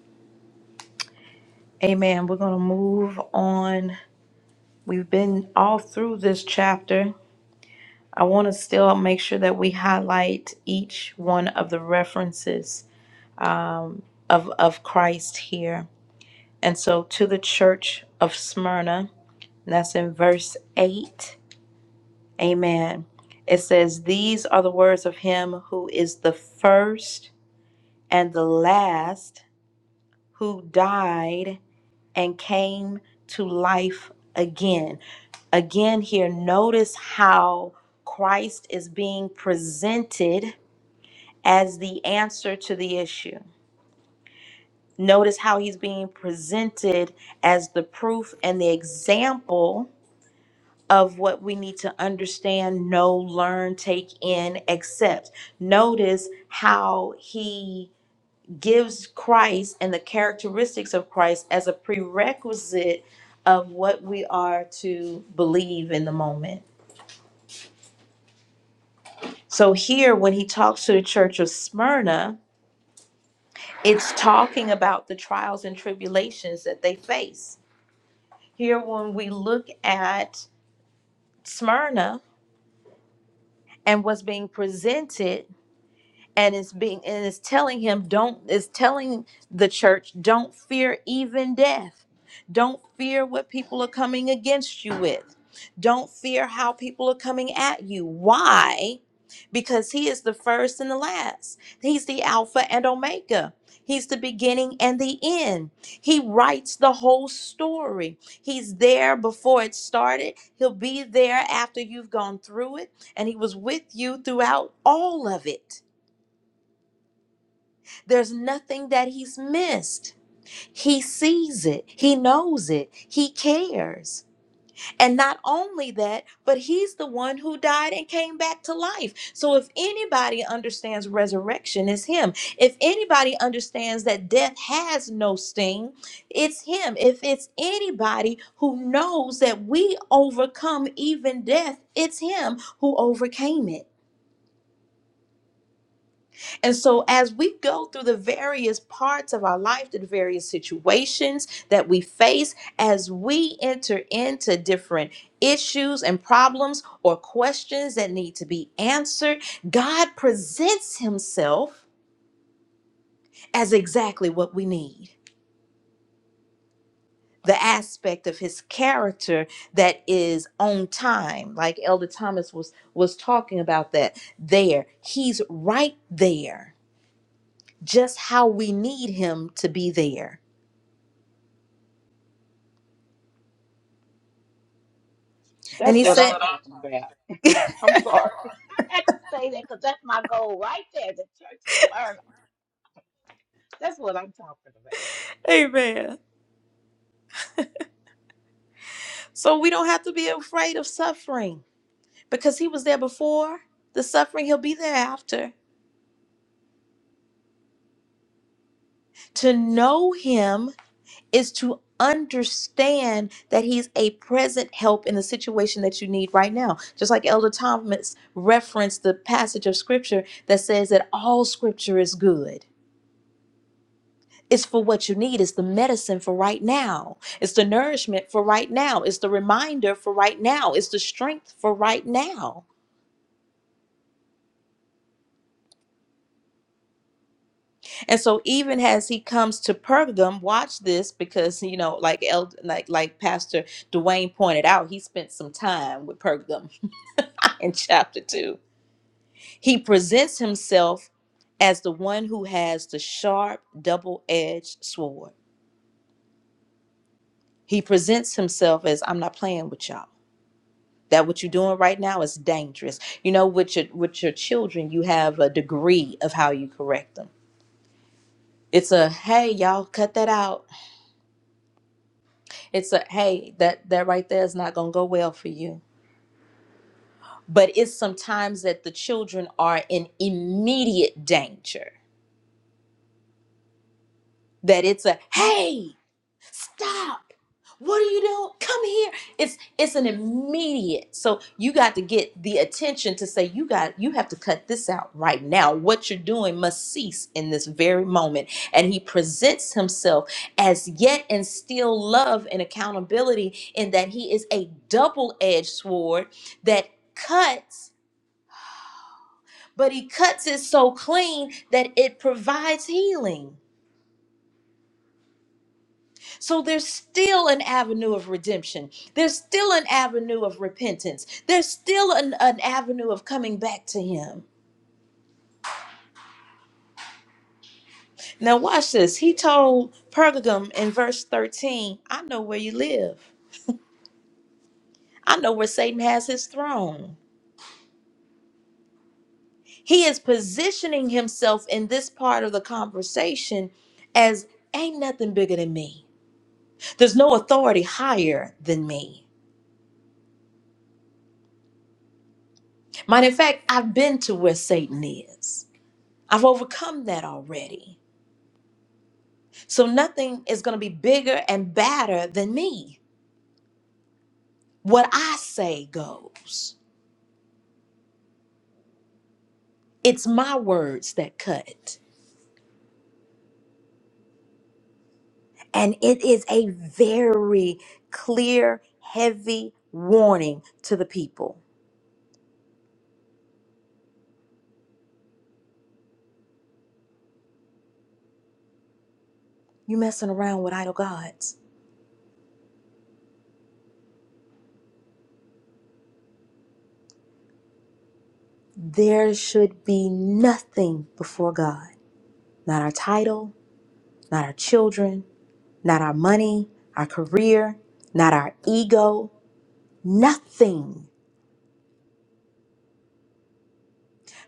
Speaker 1: Amen. We're going to move on. We've been all through this chapter. I want to still make sure that we highlight each one of the references of, of Christ here And so to the church of Smyrna, and that's in verse 8, amen. It says, These are the words of him who is the first and the last, who died and came to life again. Again, here, notice how Christ is being presented as the answer to the issue. Notice how he's being presented as the proof and the example of what we need to understand, know, learn, take in, accept. Notice how he gives Christ and the characteristics of Christ as a prerequisite of what we are to believe in the moment. So here, when he talks to the church of Smyrna, it's talking about the trials and tribulations that they face. Here, when we look at Smyrna and what's being presented, and it's being and it's telling him don't it's telling the church don't fear even death don't fear what people are coming against you with don't fear how people are coming at you why because he is the first and the last he's the alpha and omega he's the beginning and the end he writes the whole story he's there before it started he'll be there after you've gone through it and he was with you throughout all of it there's nothing that he's missed. He sees it, he knows it, he cares. And not only that, but he's the one who died and came back to life. So if anybody understands resurrection, it's him. If anybody understands that death has no sting, it's him. If it's anybody who knows that we overcome even death, it's him who overcame it. And so, as we go through the various parts of our life, the various situations that we face, as we enter into different issues and problems or questions that need to be answered, God presents Himself as exactly what we need. The aspect of his character that is on time, like Elder Thomas was was talking about that there. He's right there, just how we need him to be there And
Speaker 5: that's
Speaker 1: he That's
Speaker 5: what
Speaker 1: said,
Speaker 5: I'm
Speaker 1: what I'm-
Speaker 5: talking about. I'm sorry. I had to say that because that's my goal right there. The church is burning. That's what I'm talking about.
Speaker 1: Amen. So we don't have to be afraid of suffering because he was there before the suffering, he'll be there after. To know him is to understand that he's a present help in the situation that you need right now. Just like Elder Thomas referenced the passage of scripture that says that all scripture is good. It's for what you need. It's the medicine for right now. It's the nourishment for right now. It's the reminder for right now. It's the strength for right now And so even as he comes to Pergam, watch this because you know, like Eld, like like Pastor Dwayne pointed out, he spent some time with Pergam in chapter two. He presents himself as the one who has the sharp double-edged sword. He presents himself as I'm not playing with y'all. That what you're doing right now is dangerous. You know, with your with your children, you have a degree of how you correct them. It's a hey, y'all, cut that out It's a hey, that that right there is not going to go well for you. But it's sometimes that the children are in immediate danger. That it's a hey, stop what are you doing come here it's it's an immediate so you got to get the attention to say you got you have to cut this out right now what you're doing must cease in this very moment and he presents himself as yet and still love and accountability in that he is a double-edged sword that cuts but he cuts it so clean that it provides healing So there's still an avenue of redemption. There's still an avenue of repentance. There's still an, an avenue of coming back to him. Now, watch this. He told Pergamum in verse 13, I know where you live, I know where Satan has his throne. He is positioning himself in this part of the conversation as ain't nothing bigger than me. There's no authority higher than me. Mind in fact, I've been to where Satan is. I've overcome that already. So nothing is going to be bigger and badder than me. What I say goes. It's my words that cut. And it is a very clear, heavy warning to the people. You messing around with idol gods. There should be nothing before God. Not our title, not our children, not our money, our career, not our ego, nothing.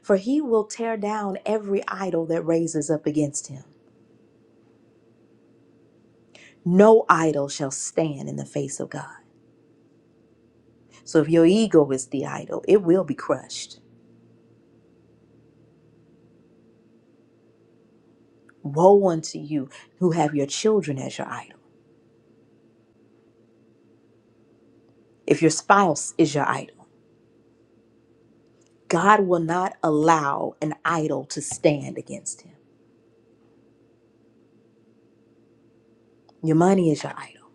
Speaker 1: For he will tear down every idol that raises up against him. No idol shall stand in the face of God. So if your ego is the idol, it will be crushed. Woe unto you who have your children as your idol, if your spouse is your idol. God will not allow an idol to stand against him. Your money is your idol,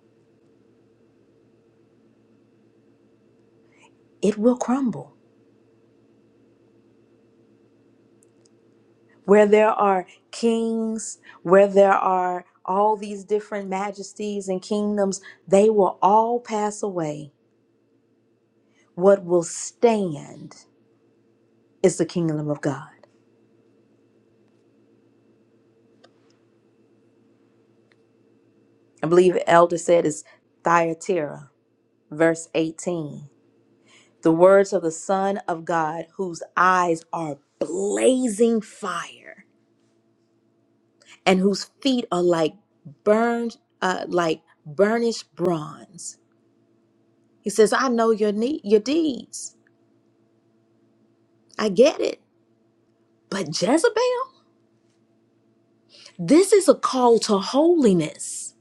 Speaker 1: it will crumble. Where there are kings, where there are all these different majesties and kingdoms, they will all pass away What will stand is the kingdom of God. I believe Elder said is Thyatira, verse 18. The words of the Son of God, whose eyes are blazing fire and whose feet are like burned, uh, like burnished bronze. He says, I know your need, your deeds. I get it. But Jezebel, this is a call to holiness.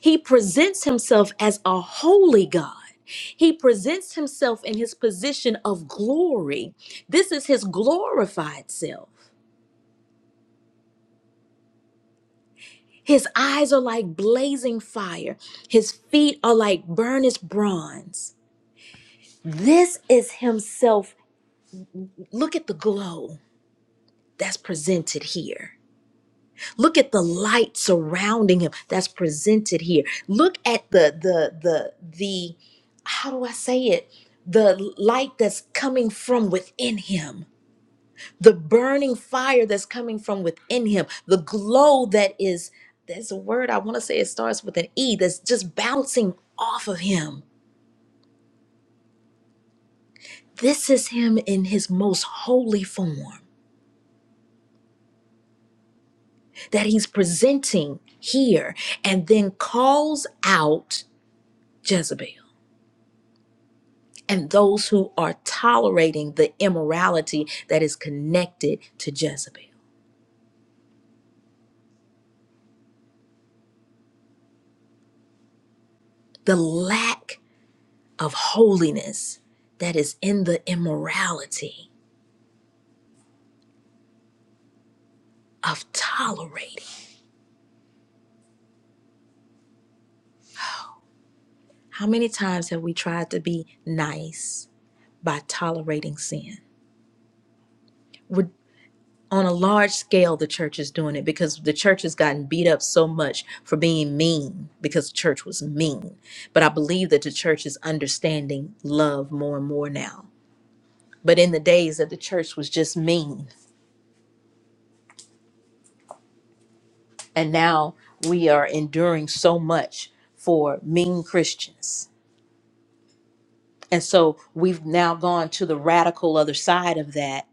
Speaker 1: He presents himself as a holy God. He presents himself in his position of glory. This is his glorified self. His eyes are like blazing fire, his feet are like burnished bronze. This is himself. Look at the glow that's presented here. Look at the light surrounding him that's presented here. Look at the the the the how do I say it? The light that's coming from within him. The burning fire that's coming from within him. The glow that is there's a word I want to say it starts with an E that's just bouncing off of him. This is him in his most holy form that he's presenting here and then calls out Jezebel. and those who are tolerating the immorality that is connected to Jezebel. The lack of holiness that is in the immorality of tolerating. How many times have we tried to be nice by tolerating sin? We're, on a large scale, the church is doing it because the church has gotten beat up so much for being mean because the church was mean. But I believe that the church is understanding love more and more now But in the days that the church was just mean, and now we are enduring so much for mean Christians. And so we've now gone to the radical other side of that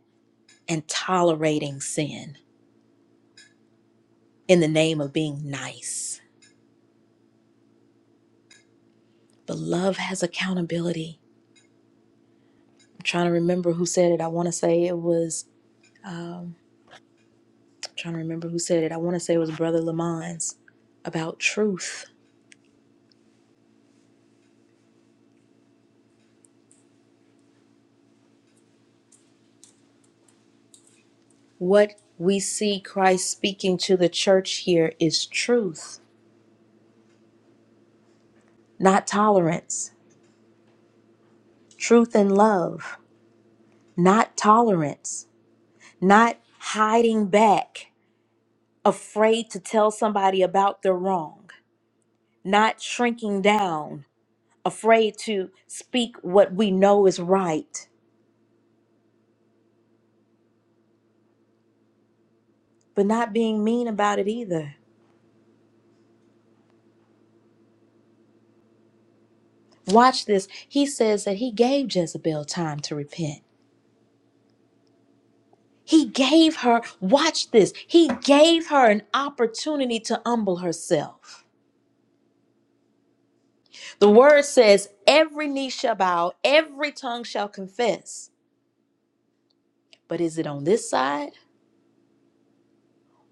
Speaker 1: and tolerating sin in the name of being nice. But love has accountability. I'm trying to remember who said it. I want to say it was, I'm trying to remember who said it. I want to say it was Brother Lamons about truth. What we see Christ speaking to the church here is truth not tolerance, truth and love, not tolerance, not hiding back, afraid to tell somebody about their wrong, not shrinking down, afraid to speak what we know is right, but not being mean about it either. Watch this. He says that he gave Jezebel time to repent. He gave her, watch this, he gave her an opportunity to humble herself. The word says, every knee shall bow, every tongue shall confess. But is it on this side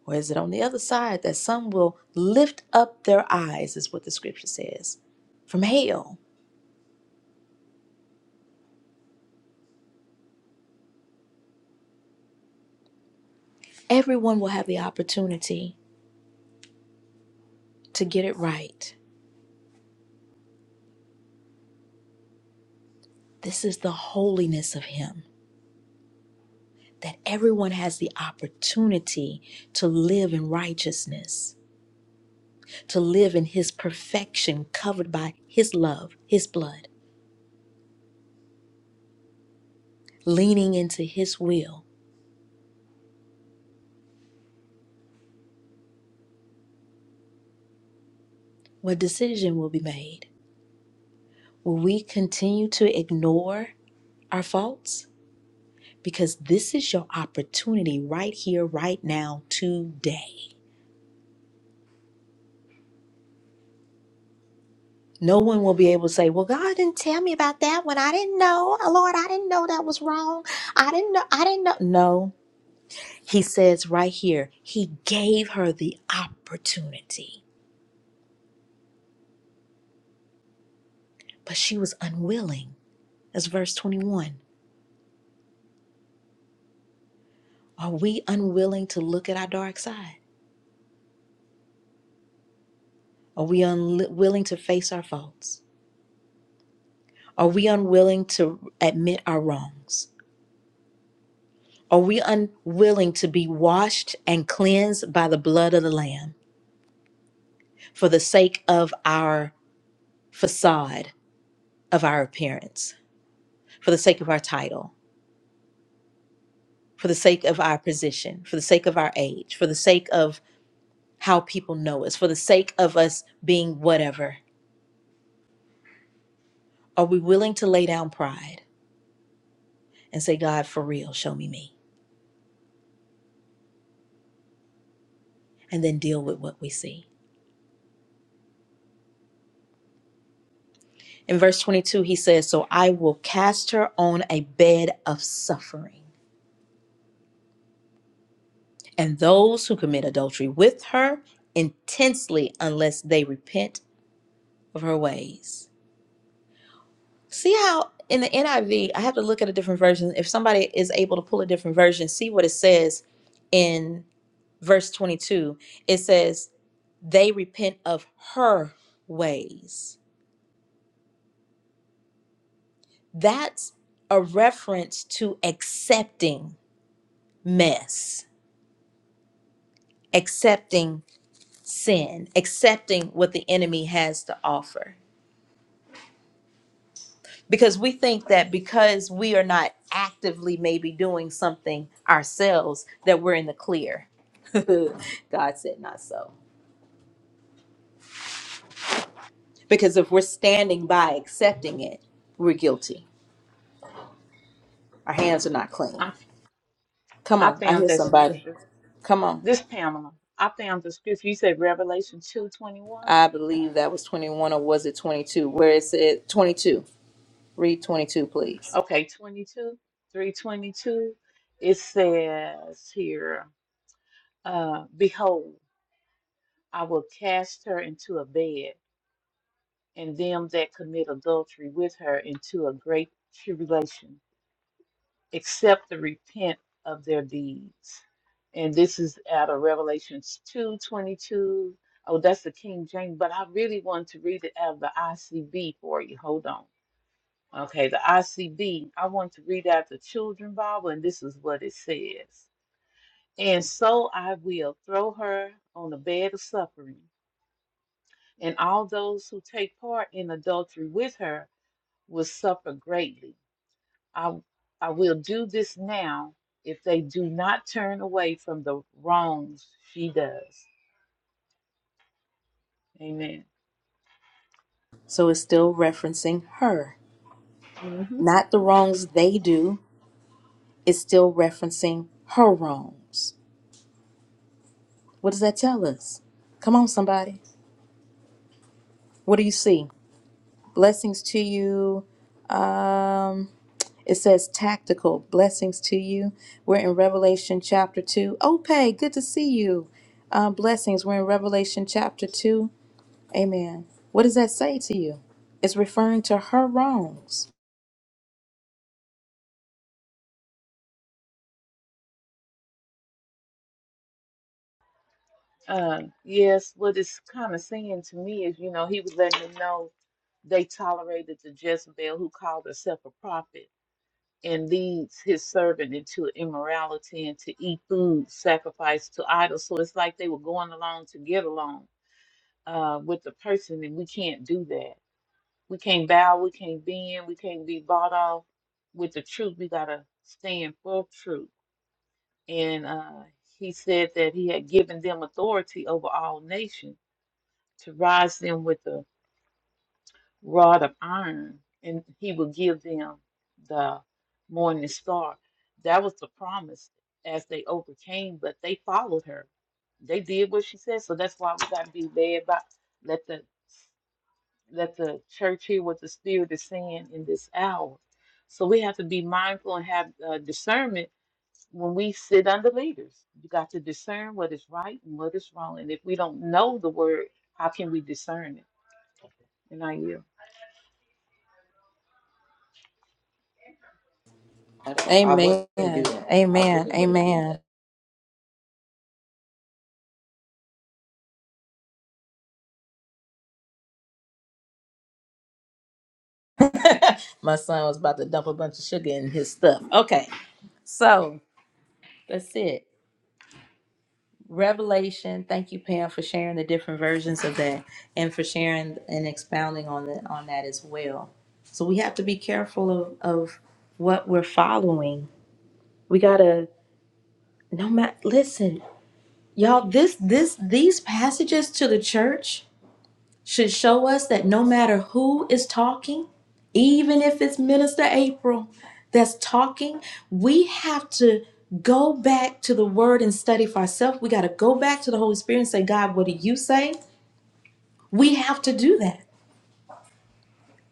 Speaker 1: or is it on the other side that some will lift up their eyes, is what the scripture says? From hell, everyone will have the opportunity to get it right. This is the holiness of Him, that everyone has the opportunity to live in righteousness, to live in His perfection, covered by His love, His blood, leaning into His will what decision will be made? Will we continue to ignore our faults? Because this is your opportunity right here, right now, today. No one will be able to say, Well, God didn't tell me about that when I didn't know. Oh, Lord, I didn't know that was wrong. I didn't know. I didn't know. No. He says right here, He gave her the opportunity, but she was unwilling. That's verse 21. Are we unwilling to look at our dark side? Are we unwilling to face our faults? Are we unwilling to admit our wrongs? Are we unwilling to be washed and cleansed by the blood of the Lamb for the sake of our facade, of our appearance, for the sake of our title, for the sake of our position, for the sake of our age, for the sake of how people know us, for the sake of us being whatever? Are we willing to lay down pride and say, God, for real, show me me, and then deal with what we see? In verse 22, he says, So I will cast her on a bed of suffering, and those who commit adultery with her intensely, unless they repent of her ways. See how in the NIV, I V, I have to look at a different version. If somebody is able to pull a different version, see what it says in verse 22. It says, They repent of her ways. That's a reference to accepting mess accepting sin, accepting what the enemy has to offer. Because we think that because we are not actively maybe doing something ourselves, that we're in the clear. God said not so. Because if we're standing by accepting it, we're guilty. Our hands are not clean. Come
Speaker 5: I I
Speaker 1: on, I
Speaker 5: found
Speaker 1: hear
Speaker 5: that
Speaker 1: somebody.
Speaker 5: scripture.
Speaker 1: Come on.
Speaker 5: This Pamela, I found the scripture. You said Revelation two twenty one.
Speaker 1: I believe that was 21 or was it 22? Where is it said 22. Read 22, please.
Speaker 5: Okay, 22, 322. It says here, uh, Behold, I will cast her into a bed, and them that commit adultery with her into a great tribulation, except the repent of their deeds. And this is out of Revelations 2 22. Oh, that's the King James, but I really want to read it out of the ICB for you. Hold on. Okay, the ICB. I want to read out the children Bible, and this is what it says. And so I will throw her on the bed of suffering, and all those who take part in adultery with her will suffer greatly. I, I will do this now if they do not turn away from the wrongs she does. Amen.
Speaker 1: So it's still referencing her,
Speaker 5: hmm
Speaker 1: not the wrongs they do, is still referencing her wrongs. What does that tell us? Come on, somebody. What do you see? Blessings to you. Um, it says tactical blessings to you. We're in Revelation chapter 2. Ope, good to see you. Um, blessings. We're in Revelation chapter 2. Amen. What does that say to you? It's referring to her wrongs.
Speaker 5: Uh, yes, what it's kind of saying to me is, you know, he was letting me know they tolerated the Jezebel who called herself a prophet and leads his servant into immorality and to eat food sacrificed to idols. So it's like they were going along to get along uh, with the person, and we can't do that. We can't bow, we can't bend, we can't be bought off with the truth. We got to stand for truth. And uh, he said that he had given them authority over all nations to rise them with the rod of iron, and he would give them the morning star. That was the promise as they overcame, but they followed her. They did what she said, so that's why we got to be led by let the let the church hear what the Spirit is saying in this hour. So we have to be mindful and have uh, discernment when we sit under leaders. You got to discern what is right and what is wrong, and if we don't know the word, how can we discern it? And I yield.
Speaker 1: I Amen. wouldn't do that. I Amen. really wouldn't do Amen. My son was about to dump a bunch of sugar in his stuff. Okay. So. That's it. Revelation. Thank you, Pam, for sharing the different versions of that and for sharing and expounding on the, on that as well. So we have to be careful of, of what we're following. We gotta no matter listen, y'all, this this these passages to the church should show us that no matter who is talking, even if it's Minister April that's talking, we have to go back to the word and study for ourselves. We got to go back to the Holy Spirit and say, God, what do you say? We have to do that.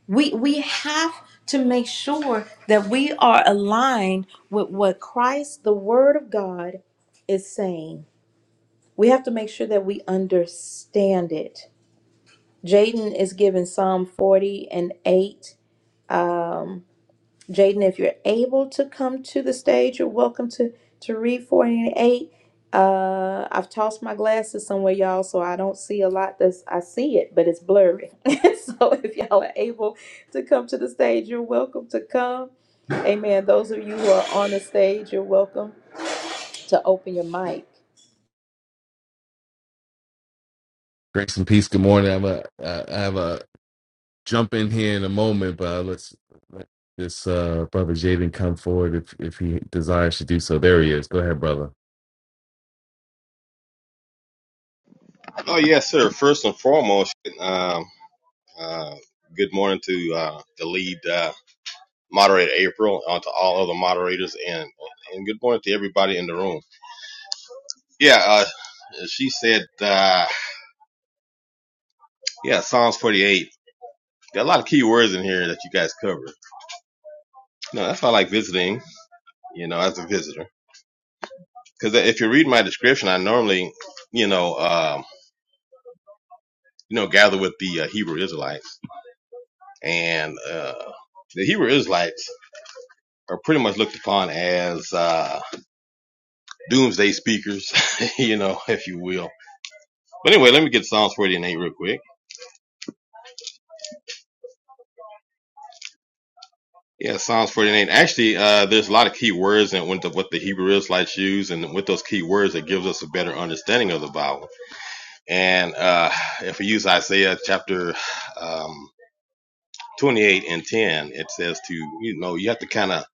Speaker 1: We we have to make sure that we are aligned with what Christ, the word of God, is saying. We have to make sure that we understand it. Jaden is given Psalm 40 and 8 Jaden, if you're able to come to the stage, you're welcome to to read 48. Uh, I've tossed my glasses somewhere, y'all, so I don't see a lot. That's I see it, but it's blurry. so if y'all are able to come to the stage, you're welcome to come. Amen. Those of you who are on the stage, you're welcome to open your mic.
Speaker 10: Grace and peace. Good morning. I'm a, I I have a jump in here in a moment, but uh, let's let this uh, brother Jaden come forward if if he desires to do so. There he is. Go ahead, brother.
Speaker 11: Oh yes, sir. First and foremost, um, uh, good morning to uh, the lead uh, moderator April, on to all other moderators, and and good morning to everybody in the room. Yeah, uh, she said, uh, yeah, Psalms 48. There are a lot of key words in here that you guys covered. No, that's why I like visiting, you know, as a visitor, because if you read my description, I normally, you know, um, you know, gather with the uh, Hebrew Israelites, and uh, the Hebrew Israelites are pretty much looked upon as. Uh, doomsday speakers, you know, if you will. But anyway, let me get Psalms 48 real quick. Yeah, Psalms 48. Actually, uh, there's a lot of key words and what the, what the Hebrew Israelites use, and with those key words, it gives us a better understanding of the Bible. And uh, if we use Isaiah chapter um, 28 and 10, it says to, you know, you have to kind of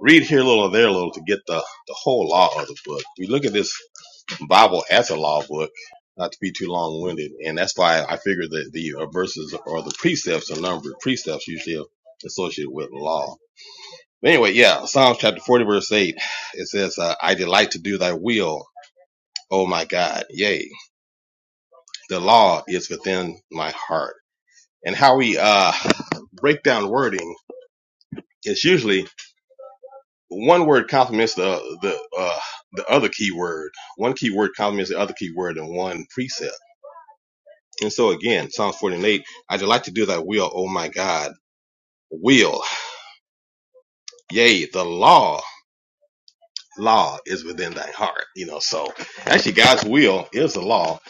Speaker 11: read here a little, there a little to get the, the whole law of the book. We look at this Bible as a law book, not to be too long winded. And that's why I figure that the uh, verses or the precepts are numbered. Precepts usually are associated with law. But anyway, yeah, Psalms chapter 40, verse 8, it says, uh, I delight to do thy will, O my God. Yea, the law is within my heart. And how we uh, break down wording is usually one word complements the, the, uh, the other key word. One key word complements the other key word in one precept. And so again, Psalms 48, I delight to do thy will, oh my God, will. Yea, the law, law is within thy heart. You know, so actually God's will is the law.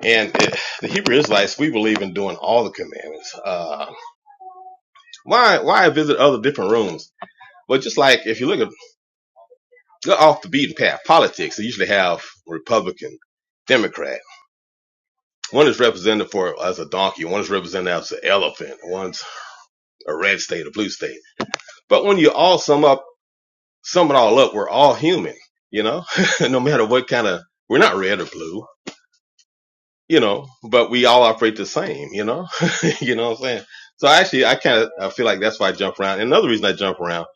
Speaker 11: And it, the Hebrew Israelites, we believe in doing all the commandments. Uh, why, why visit other different rooms? But just like if you look at, look off the beaten path, politics, they usually have Republican, Democrat. One is represented for as a donkey. One is represented as an elephant. One's a red state, a blue state. But when you all sum up sum it all up, we're all human, you know, no matter what kind of, we're not red or blue, you know, but we all operate the same, you know, you know what I'm saying? So actually, I kind of, I feel like that's why I jump around. And another reason I jump around,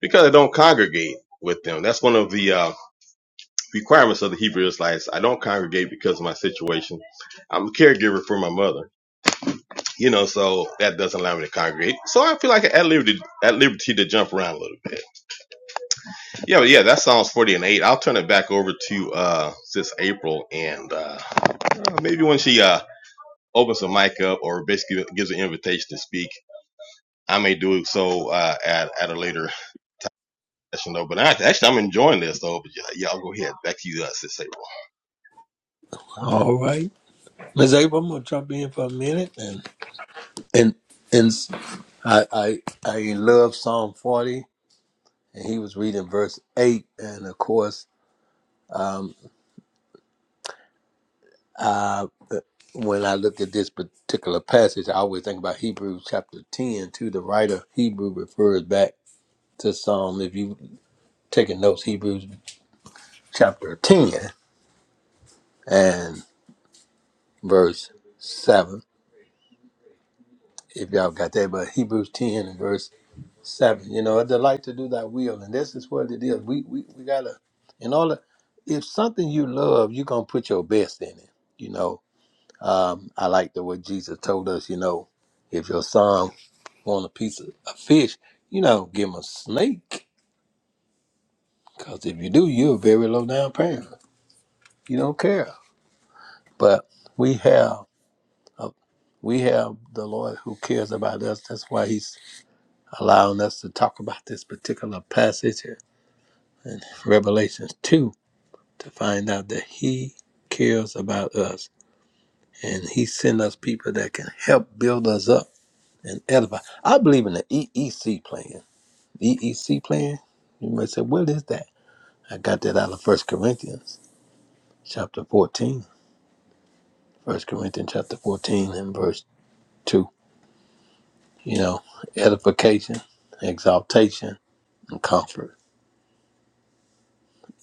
Speaker 11: because I don't congregate with them. That's one of the, uh, requirements of the Hebrew Israelites. I don't congregate because of my situation. I'm a caregiver for my mother, you know, so that doesn't allow me to congregate. So I feel like I'm at liberty, at liberty to jump around a little bit. Yeah, but yeah, that sounds 40 and 8. I'll turn it back over to uh sis April and uh, uh, maybe when she uh opens the mic up or basically gives an invitation to speak, I may do so uh at, at a later session though. But I, actually I'm enjoying this though, but yeah, y'all go ahead. Back to you, uh, sis April.
Speaker 9: All right. Ms. April, I'm gonna jump in for a minute and and and I I I love Psalm 40 and he was reading verse 8 and of course um uh when i look at this particular passage i always think about hebrews chapter 10 too the writer of hebrew refers back to psalm if you taking notes hebrews chapter 10 and verse 7 if y'all got that but hebrews 10 and verse 7 you know a delight to do thy will and this is what it is we we, we gotta in order if something you love you're gonna put your best in it you know Um, I like the way Jesus told us, you know, if your son want a piece of a fish, you know, give him a snake. Because if you do, you're a very low down parent. You don't care. But we have a, we have the Lord who cares about us. That's why He's allowing us to talk about this particular passage here in Revelations 2 to find out that He cares about us. And He sent us people that can help build us up and edify. I believe in the EEC plan. The plan? You might say, what is that? I got that out of First Corinthians chapter 14. First Corinthians chapter 14 and verse 2. You know, edification, exaltation, and comfort.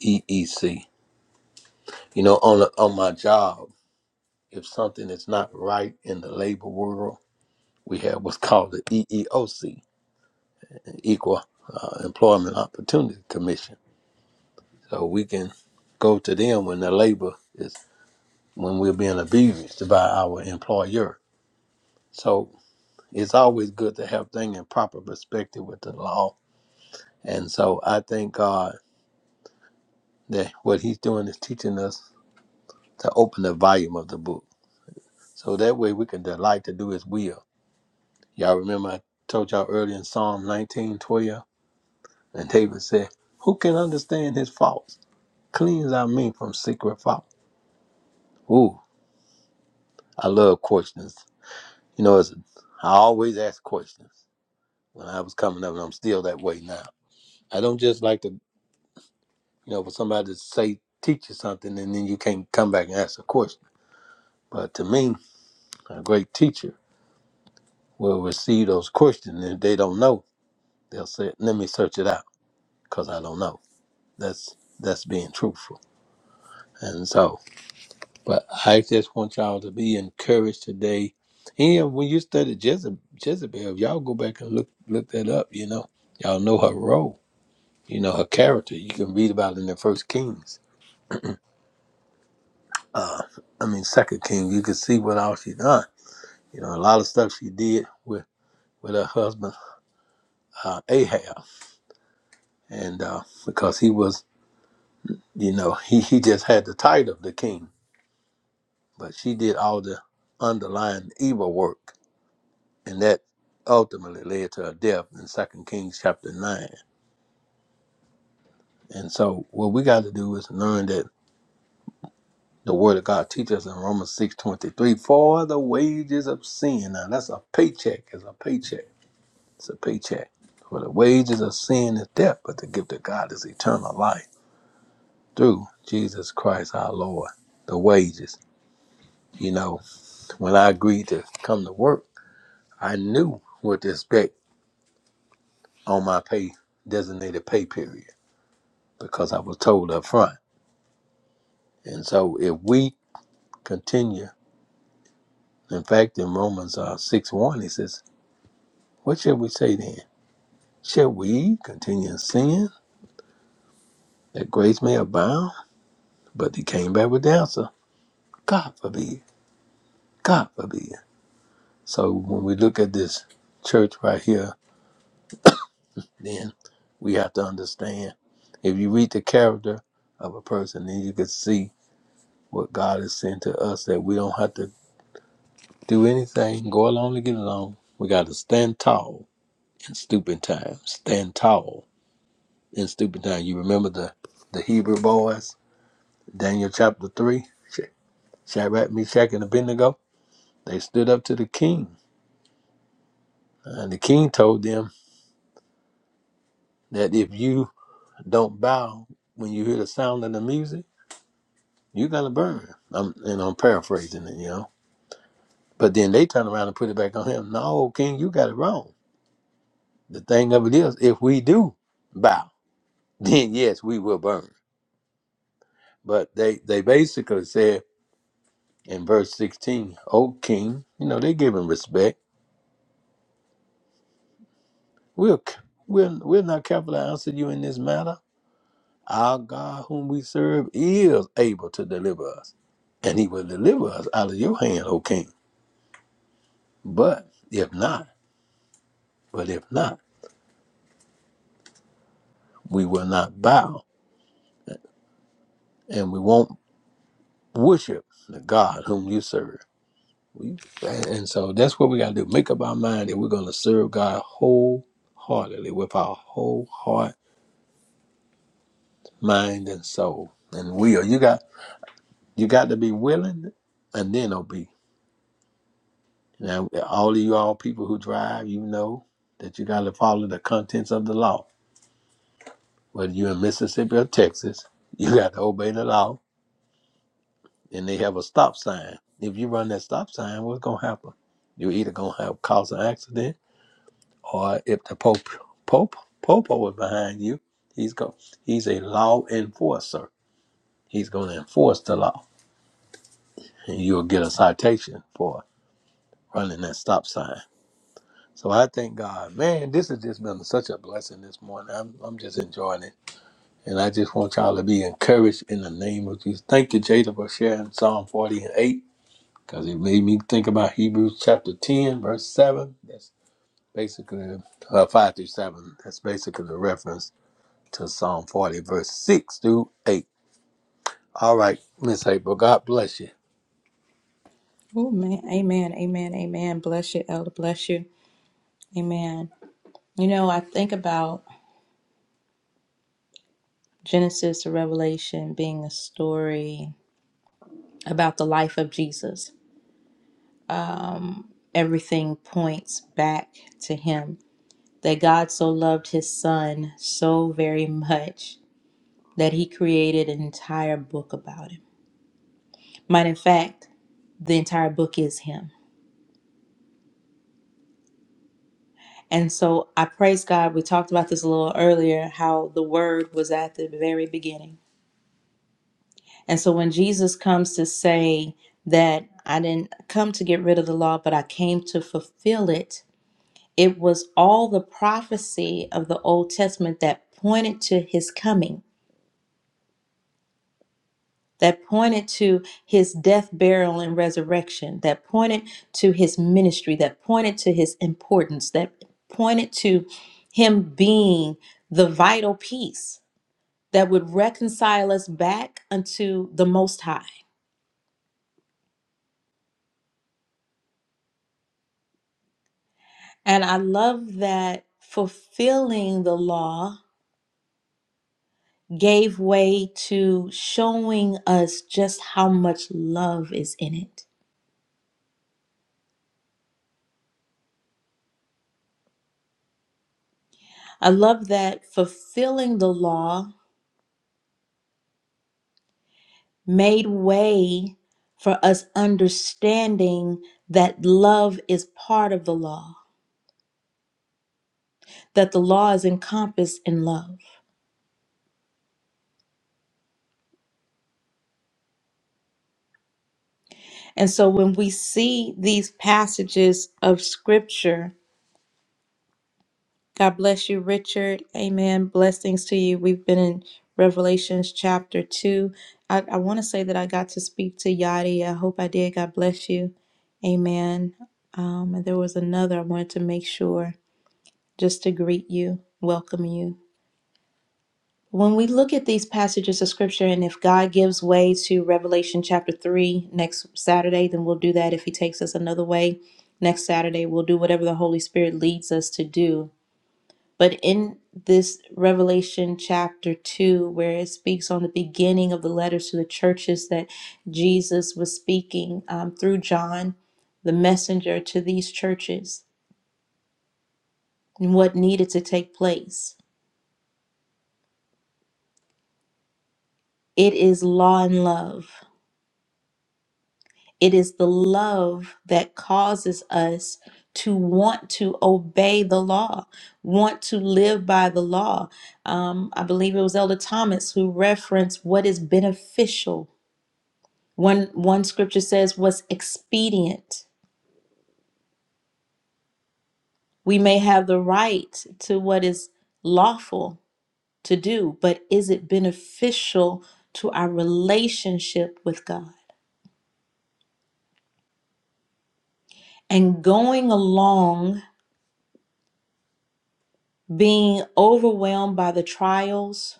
Speaker 9: EEC. You know, on, the, on my job, if something is not right in the labor world, we have what's called the EEOC, Equal uh, Employment Opportunity Commission. So we can go to them when the labor is, when we're being abused by our employer So it's always good to have things in proper perspective with the law. And so I thank God that what He's doing is teaching us to open the volume of the book. So that way we can delight to do His will. Y'all remember I told y'all earlier in Psalm 19 12, and David said, Who can understand his faults? Cleans our me from secret fault. Ooh, I love questions. You know, it's, I always ask questions when I was coming up, and I'm still that way now. I don't just like to you know, for somebody to say, teach you something, and then you can't come back and ask a question. But to me, a great teacher will receive those questions, and if they don't know, they'll say, "Let me search it out, cause I don't know." That's that's being truthful. And so, but I just want y'all to be encouraged today. And when you study Jezebel, Jezebel, y'all go back and look look that up, you know, y'all know her role, you know, her character. You can read about it in the First Kings. Uh, I mean, Second Kings. You can see what all she done You know, a lot of stuff she did with with her husband uh, Ahab, and uh, because he was, you know, he he just had the title of the king, but she did all the underlying evil work, and that ultimately led to her death in Second Kings chapter nine. And so, what we got to do is learn that the Word of God teaches us in Romans six twenty three, for the wages of sin. Now, that's a paycheck. It's a paycheck. It's a paycheck. For the wages of sin is death, but the gift of God is eternal life. through Jesus Christ our Lord, the wages. You know, when I agreed to come to work, I knew what to expect on my pay designated pay period because I was told up front. And so if we continue, in fact in Romans uh, six one it says, What shall we say then? Shall we continue in sin that grace may abound? But he came back with the answer, God forbid, God forbid. So when we look at this church right here then we have to understand. If you read the character of a person, then you can see what God has sent to us that we don't have to do anything, go along to get along. We got to stand tall in stupid times. Stand tall in stupid times. You remember the, the Hebrew boys, Daniel chapter 3, Sh- Shadrach, Meshach, and Abednego? They stood up to the king. And the king told them that if you don't bow when you hear the sound of the music, you gotta burn. I'm and I'm paraphrasing it, you know. But then they turn around and put it back on him. No, King, you got it wrong. The thing of it is, if we do bow, then yes, we will burn. But they they basically said in verse sixteen, "O King, you know they give him respect. We'll we'll we're not careful to answer you in this matter. Our God, whom we serve, is able to deliver us, and He will deliver us out of your hand, O King. But if not, but if not, we will not bow." and we won't worship the God whom you serve. We, and so that's what we got to do. Make up our mind that we're going to serve God wholeheartedly with our whole heart, mind, and soul and will. You got you got to be willing and then obey. Now, all of you all people who drive, you know that you got to follow the contents of the law. Whether you're in Mississippi or Texas, you got to obey the law and they have a stop sign. If you run that stop sign, what's gonna happen? You're either gonna have cause an accident, or if the pope pope popo is behind you, he's go he's a law enforcer. He's gonna enforce the law, and you'll get a citation for running that stop sign. So I thank God, man. This has just been such a blessing this morning. I'm I'm just enjoying it, and I just want y'all to be encouraged in the name of Jesus. Thank you, Jada, for sharing Psalm 48 because it made me think about Hebrews chapter 10, verse 7. That's basically uh, 5 through 7. That's basically the reference to Psalm 40, verse 6 through 8. All right, Miss April, God bless you.
Speaker 1: Oh man, amen, amen, amen. Bless you, Elder. Bless you. Amen. You know, I think about Genesis to Revelation being a story about the life of Jesus. Everything points back to him. That God so loved his son so very much that he created an entire book about him. Might in fact, the entire book is him. And so I praise God. We talked about this a little earlier how the word was at the very beginning. And so when Jesus comes to say that I didn't come to get rid of the law, but I came to fulfill it, It was all the prophecy of the Old Testament that pointed to his coming, that pointed to his death, burial, and resurrection, that pointed to his ministry, that pointed to his importance, that pointed to him being the vital piece that would reconcile us back unto the Most High. And I love that fulfilling the law gave way to showing us just how much love is in it. I love that fulfilling the law made way for us understanding that love is part of the law, that the law is encompassed in love. And so when we see these passages of scripture, God bless you, Richard. Amen. Blessings to you. We've been in Revelations chapter 2. I, I want to say that I got to speak to Yadi. I hope I did. God bless you. Amen. Um, and there was another I wanted to make sure just to greet you, welcome you. When we look at these passages of scripture, and if God gives way to Revelation chapter 3 next Saturday, then we'll do that. If He takes us another way next Saturday, we'll do whatever the Holy Spirit leads us to do but in this Revelation chapter 2, where it speaks on the beginning of the letters to the churches that Jesus was speaking um, through John, the messenger to these churches, and what needed to take place, it is law and love. It is the love that causes us to want to obey the law, want to live by the law. Um, I believe it was Elder Thomas who referenced what is beneficial One one scripture says what's expedient. We may have the right to what is lawful to do, but is it beneficial to our relationship with God? And going along being overwhelmed by the trials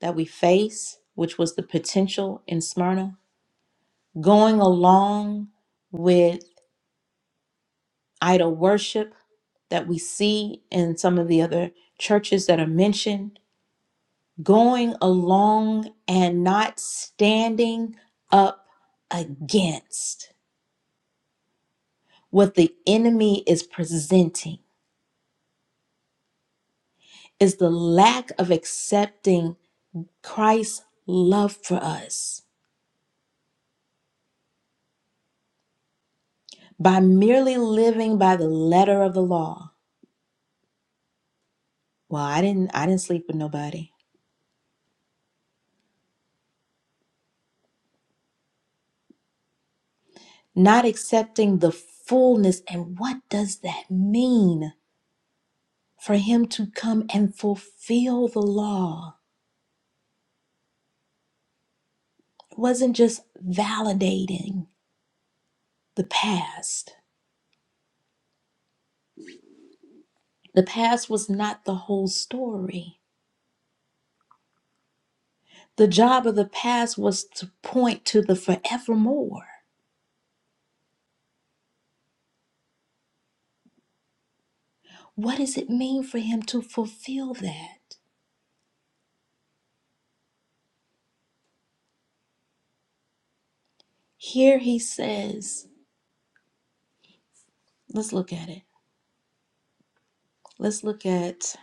Speaker 1: that we face, which was the potential in Smyrna, going along with idol worship that we see in some of the other churches that are mentioned, going along and not standing up against what the enemy is presenting is the lack of accepting Christ's love for us by merely living by the letter of the law. Well, I didn't I didn't sleep with nobody. Not accepting the fullness and what does that mean for him to come and fulfill the law? It wasn't just validating the past. The past was not the whole story. The job of the past was to point to the forevermore. What does it mean for him to fulfill that? Here he says, let's look at it. Let's look at,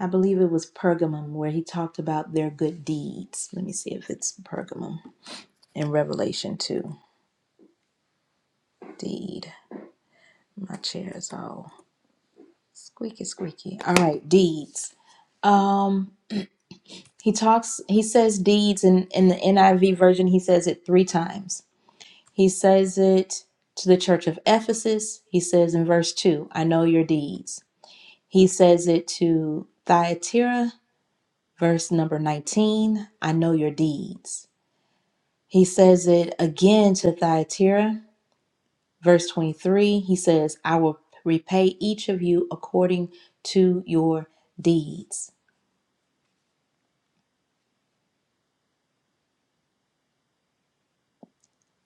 Speaker 1: I believe it was Pergamum where he talked about their good deeds. Let me see if it's Pergamum in Revelation 2. Deed. My chair is all squeaky, squeaky. All right, deeds. Um. He talks, he says deeds in, in the NIV version, he says it three times. He says it to the church of Ephesus. He says in verse 2, I know your deeds. He says it to Thyatira, verse number 19, I know your deeds. He says it again to Thyatira, verse 23. He says, I will repay each of you according to your deeds.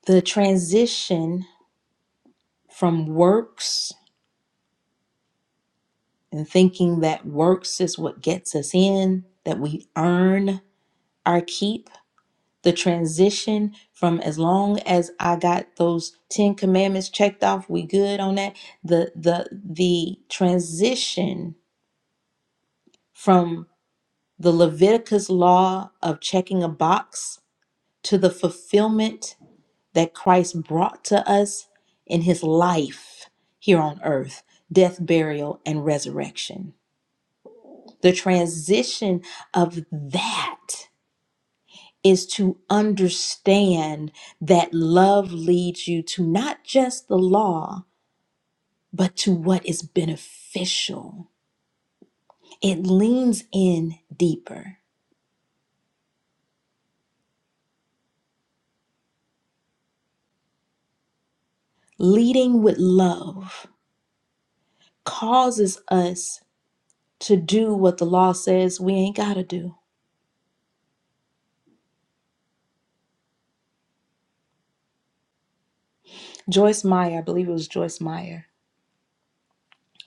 Speaker 1: The transition from works and thinking that works is what gets us in, that we earn our keep. The transition from as long as I got those 10 commandments checked off, we good on that. The the the transition from the Leviticus law of checking a box to the fulfillment that Christ brought to us in his life here on earth, death, burial, and resurrection The transition of that is to understand that love leads you to not just the law, but to what is beneficial. It leans in deeper. Leading with love causes us to do what the law says we ain't got to do. Joyce Meyer, I believe it was Joyce Meyer.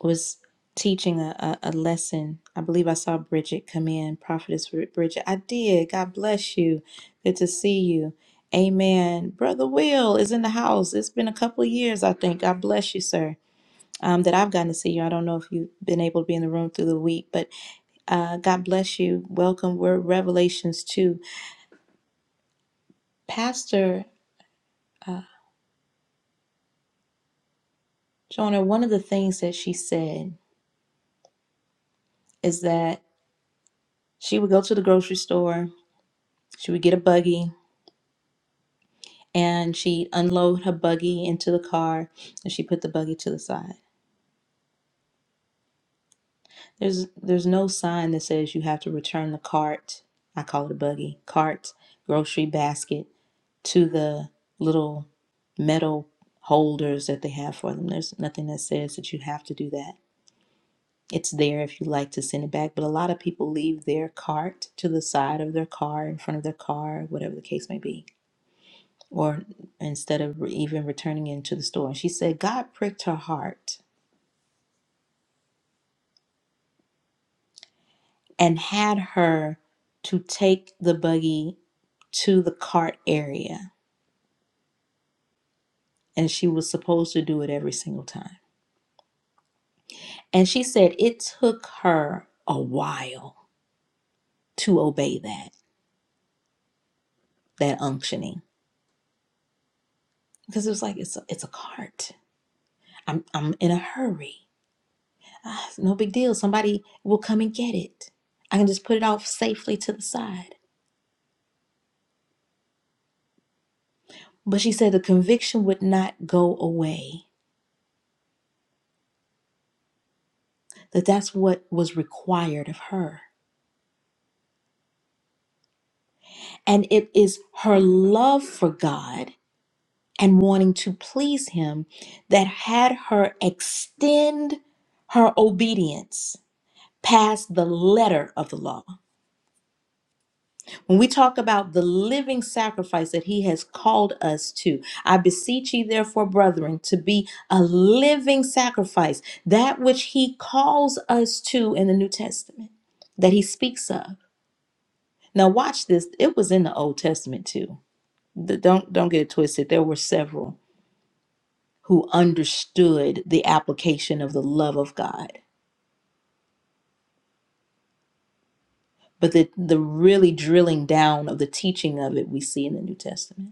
Speaker 1: was teaching a, a, a lesson. I believe I saw Bridget come in, Prophetess Brid- Bridget. I did. God bless you. Good to see you. Amen. Brother Will is in the house. It's been a couple of years, I think. God bless you, sir. Um, that I've gotten to see you. I don't know if you've been able to be in the room through the week, but uh, God bless you. Welcome. We're Revelations 2. Pastor Jonah, one of the things that she said is that she would go to the grocery store, she would get a buggy, and she unloaded her buggy into the car and she put the buggy to the side. There's there's no sign that says you have to return the cart, I call it a buggy, cart, grocery basket to the little metal holders that they have for them. There's nothing that says that you have to do that. It's there if you like to send it back, but a lot of people leave their cart to the side of their car, in front of their car, whatever the case may be or instead of re- even returning into the store. And she said, God pricked her heart and had her to take the buggy to the cart area. And she was supposed to do it every single time. And she said, it took her a while to obey that, that unctioning. Because it was like, it's a, it's a cart. I'm, I'm in a hurry. Ah, it's no big deal. Somebody will come and get it. I can just put it off safely to the side. But she said the conviction would not go away, that that's what was required of her. And it is her love for God and wanting to please Him that had her extend her obedience past the letter of the law. When we talk about the living sacrifice that he has called us to, I beseech ye, therefore, brethren, to be a living sacrifice, that which he calls us to in the New Testament, that he speaks of. Now, watch this. It was in the Old Testament too. The- don't don't get it twisted. There were several who understood the application of the love of God, but the the really drilling down of the teaching of it we see in the New Testament.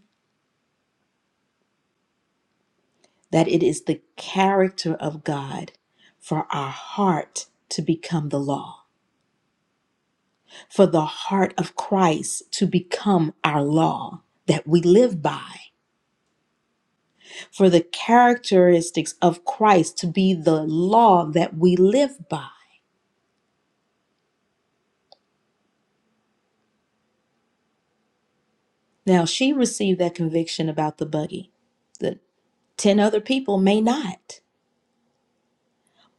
Speaker 1: that it is the character of God for our heart to become the law, for the heart of Christ to become our law that we live by, for the characteristics of Christ to be the law that we live by. Now, she received that conviction about the buggy. The 10 other people may not.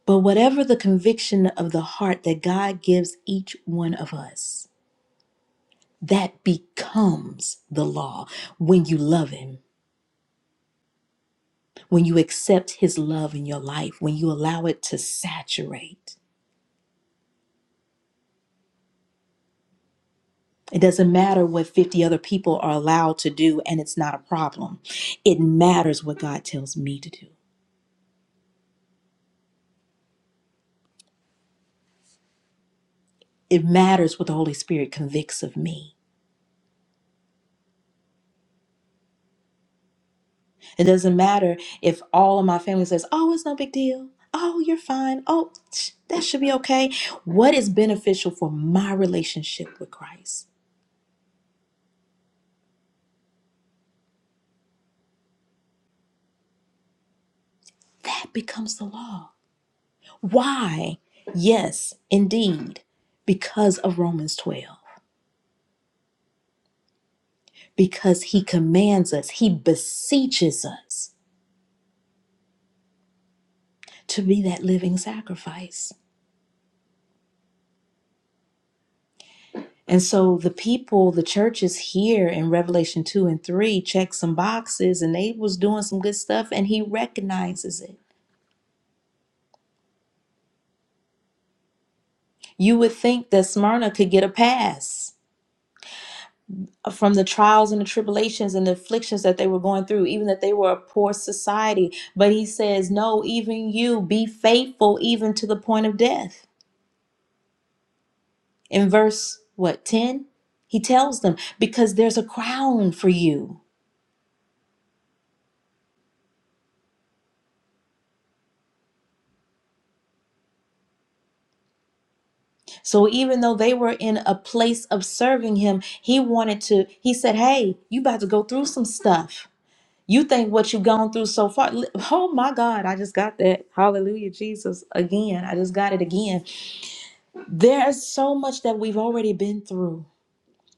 Speaker 1: But whatever the conviction of the heart that God gives each one of us, That becomes the law when you love Him, when you accept His love in your life, when you allow it to saturate. It doesn't matter what 50 other people are allowed to do, and it's not a problem. It matters what God tells me to do, it matters what the Holy Spirit convicts of me. It doesn't matter if all of my family says, Oh, it's no big deal. Oh, you're fine. Oh, tch, that should be okay. What is beneficial for my relationship with Christ? That becomes the law. Why? Yes, indeed, because of Romans 12, because he commands us, he beseeches us to be that living sacrifice. And so the people, the churches here in Revelation 2 and 3 check some boxes and they was doing some good stuff and he recognizes it. You would think that Smyrna could get a pass from the trials and the tribulations and the afflictions that they were going through, even that they were a poor society. But he says, No, even you be faithful even to the point of death. In verse what, 10? He tells them, Because there's a crown for you. So even though they were in a place of serving him, he wanted to, he said, Hey, you about to go through some stuff. You think what you've gone through so far. Oh my God, I just got that. Hallelujah, Jesus. Again, I just got it again There's so much that we've already been through.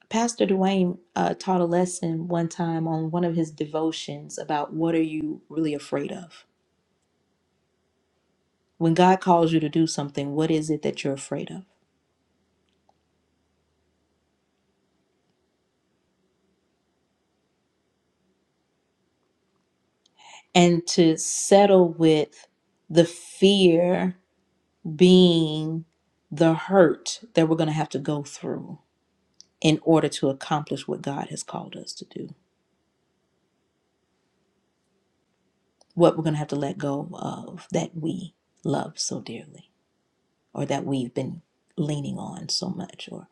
Speaker 1: Pastor Dwayne uh, taught a lesson one time on one of his devotions about what are you really afraid of? When God calls you to do something, what is it that you're afraid of? And to settle with the fear being the hurt that we're going to have to go through in order to accomplish what God has called us to do, what we're going to have to let go of that we love so dearly. or that we've been leaning on so much or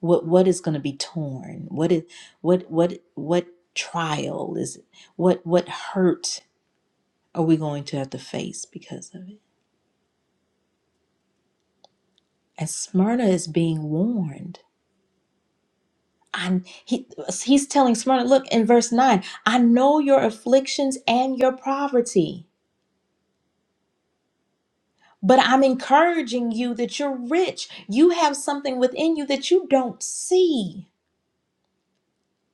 Speaker 1: what what is going to be torn what is what what what trial is what what hurt are we going to have to face because of it and smyrna is being warned I he he's telling smyrna look in verse 9 i know your afflictions and your poverty but i'm encouraging you that you're rich you have something within you that you don't see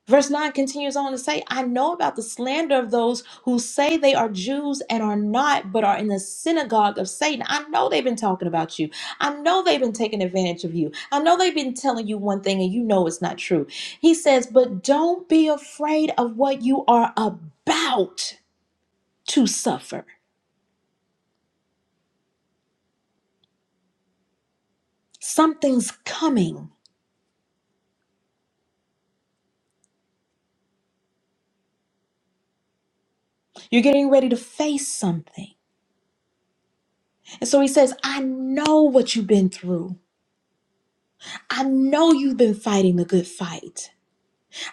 Speaker 1: Verse 9 continues on to say, I know about the slander of those who say they are Jews and are not, but are in the synagogue of Satan. I know they've been talking about you. I know they've been taking advantage of you. I know they've been telling you one thing and you know it's not true. He says, But don't be afraid of what you are about to suffer. Something's coming. You're getting ready to face something. And so he says, I know what you've been through. I know you've been fighting the good fight.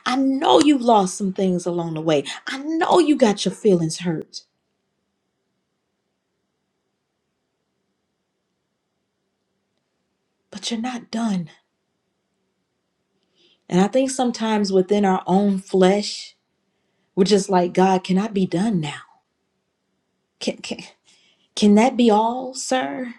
Speaker 1: I know you've lost some things along the way. I know you got your feelings hurt, but you're not done. And I think sometimes within our own flesh, we're just like, God, can I be done now? Can can can that be all, sir?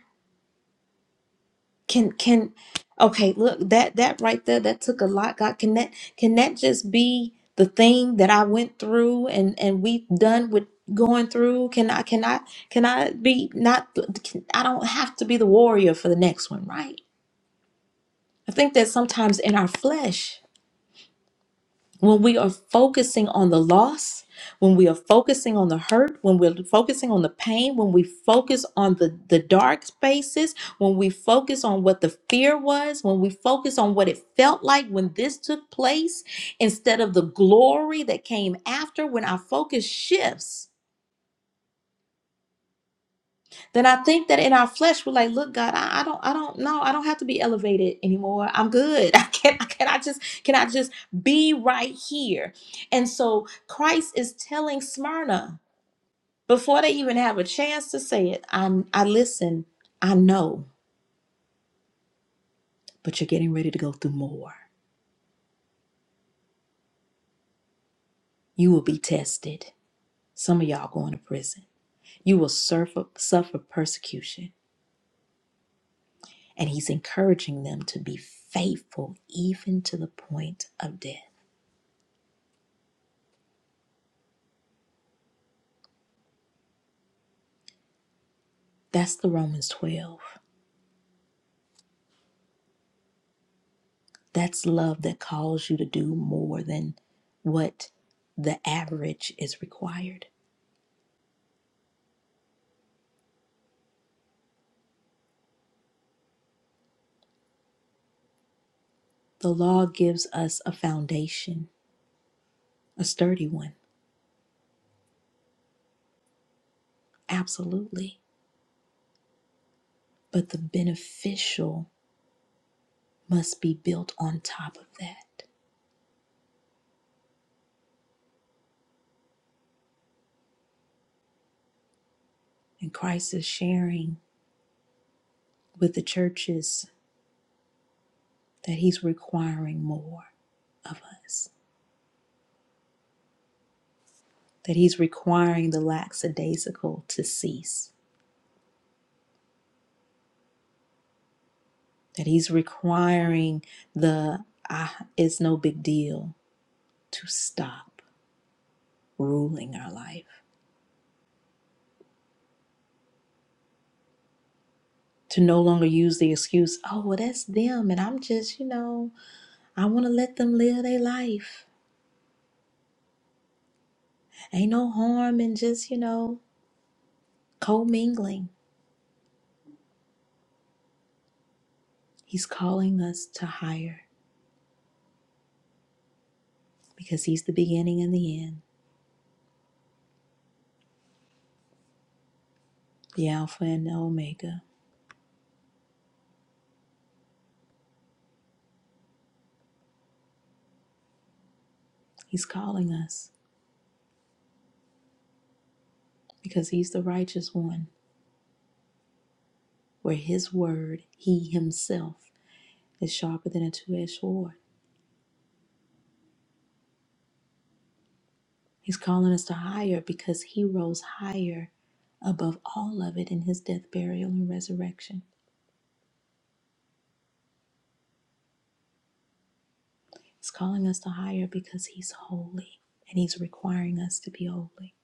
Speaker 1: Can can okay, look, that that right there, that took a lot. God, can that can that just be the thing that I went through and and we done with going through? Can I can I can I be not I don't have to be the warrior for the next one, right? I think that sometimes in our flesh, when we are focusing on the loss, when we are focusing on the hurt, when we're focusing on the pain, when we focus on the, the dark spaces, when we focus on what the fear was, when we focus on what it felt like when this took place, instead of the glory that came after, when our focus shifts, then I think that in our flesh we're like, look, God, I, I don't, I don't know, I don't have to be elevated anymore. I'm good. I can, I can, I just, can I just be right here? And so Christ is telling Smyrna before they even have a chance to say it. I, I listen. I know, but you're getting ready to go through more. You will be tested. Some of y'all going to prison. You will suffer, suffer persecution. And he's encouraging them to be faithful even to the point of death. That's the Romans 12. That's love that calls you to do more than what the average is required. The law gives us a foundation, a sturdy one, absolutely. But the beneficial must be built on top of that. And Christ is sharing with the churches that he's requiring more of us, that he's requiring the lackadaisical to cease that he's requiring the ah, it's no big deal to stop ruling our life, to no longer use the excuse, oh, well, that's them, and I'm just, you know, I want to let them live their life. Ain't no harm in just, you know, co mingling. He's calling us to higher because he's the beginning and the end, the Alpha and the Omega. He's calling us because he's the righteous one, where his word, he himself is sharper than a two edged sword. He's calling us to higher because he rose higher above all of it in his death, burial, and resurrection. He's calling us to higher because he's holy and he's requiring us to be holy.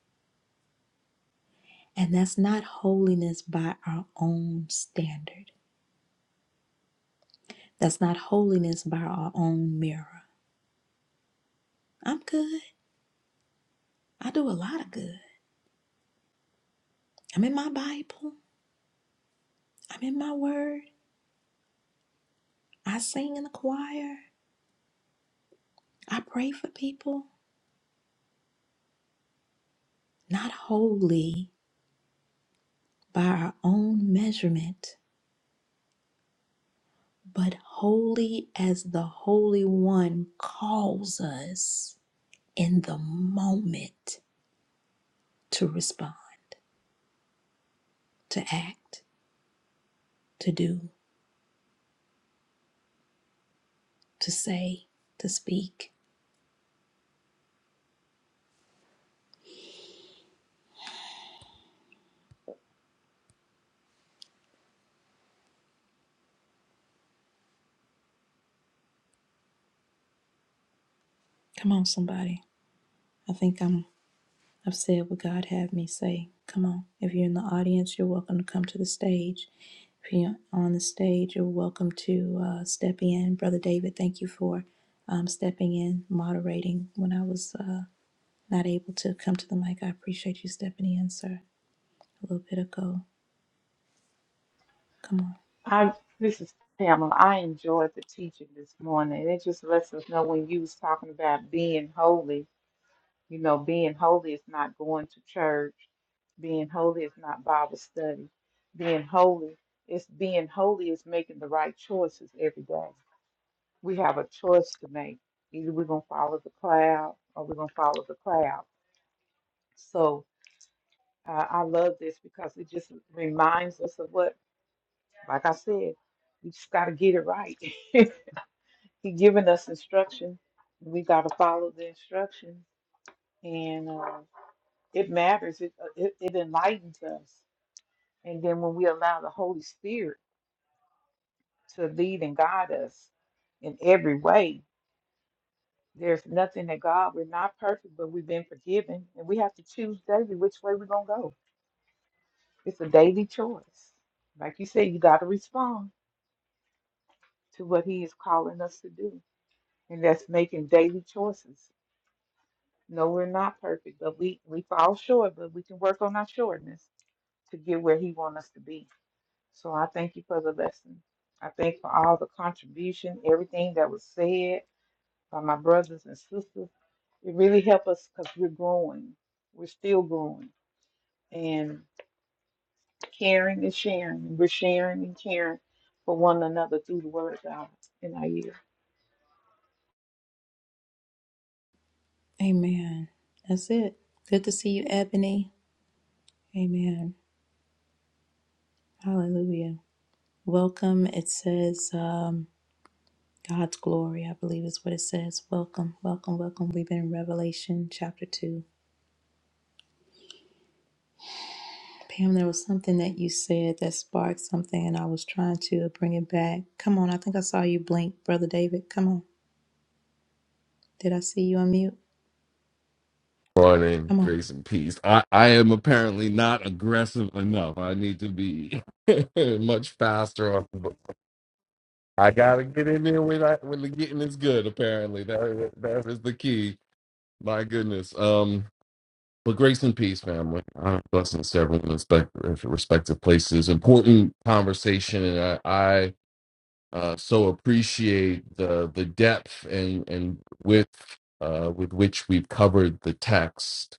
Speaker 1: And that's not holiness by our own standard, that's not holiness by our own mirror. I'm good. I do a lot of good. I'm in my Bible, I'm in my word, I sing in the choir, I pray for people. Not holy by our own measurement, but holy as the Holy One calls us in the moment to respond, to act, to do, to say, to speak. Come on, somebody. I think I'm. I've said what God had me say. Come on. If you're in the audience, you're welcome to come to the stage. If you're on the stage, you're welcome to uh, step in. Brother David, thank you for um, stepping in, moderating when I was. uh, Not able to come to the mic. I appreciate you stepping in, sir. A little bit ago. Come on.
Speaker 5: I this is Pamela. I enjoyed the teaching this morning. It just lets us know when you was talking about being holy. You know, being holy is not going to church. Being holy is not Bible study. Being holy is being holy is making the right choices every day. We have a choice to make. Either we're gonna follow the cloud or we're gonna follow the cloud. So uh, I love this because it just reminds us of what, like I said, we just gotta get it right. He given us instruction. We got to follow the instruction, and uh, it matters. It, uh, it it enlightens us, and then when we allow the Holy Spirit to lead and guide us in every way, there's nothing that God. We're not perfect, but we've been forgiven, and we have to choose daily which way we're gonna go. It's a daily choice. Like you said, you got to respond to what He is calling us to do, and that's making daily choices No, we're not perfect, but we we fall short, but we can work on our shortness to get where He wants us to be. So I thank you for the lesson. I thank for all the contribution, everything that was said by my brothers and sisters. It really helped us because we're growing. We're still growing and caring and sharing. we're sharing and caring for one another through the Word of God in our year.
Speaker 1: Amen. That's it. Good to see you, Ebony. Amen. Hallelujah. Welcome. It says um, God's glory, I believe is what it says. Welcome, welcome, welcome. We've been in Revelation chapter 2. Pam, there was something that you said that sparked something, and I was trying to bring it back. Come on. I think I saw you blink, Brother David. Come on. Did I see you on mute?
Speaker 10: Morning,
Speaker 1: Come on.
Speaker 10: grace and peace. I I am apparently not aggressive enough. I need to be much faster. On, but I gotta get in there when I when the getting is good. Apparently, that that is the key. My goodness. Um. But grace and peace, family. Uh, blessings to everyone in respect- respective places. Important conversation, and I, I uh, so appreciate the the depth and and width uh, with which we've covered the text.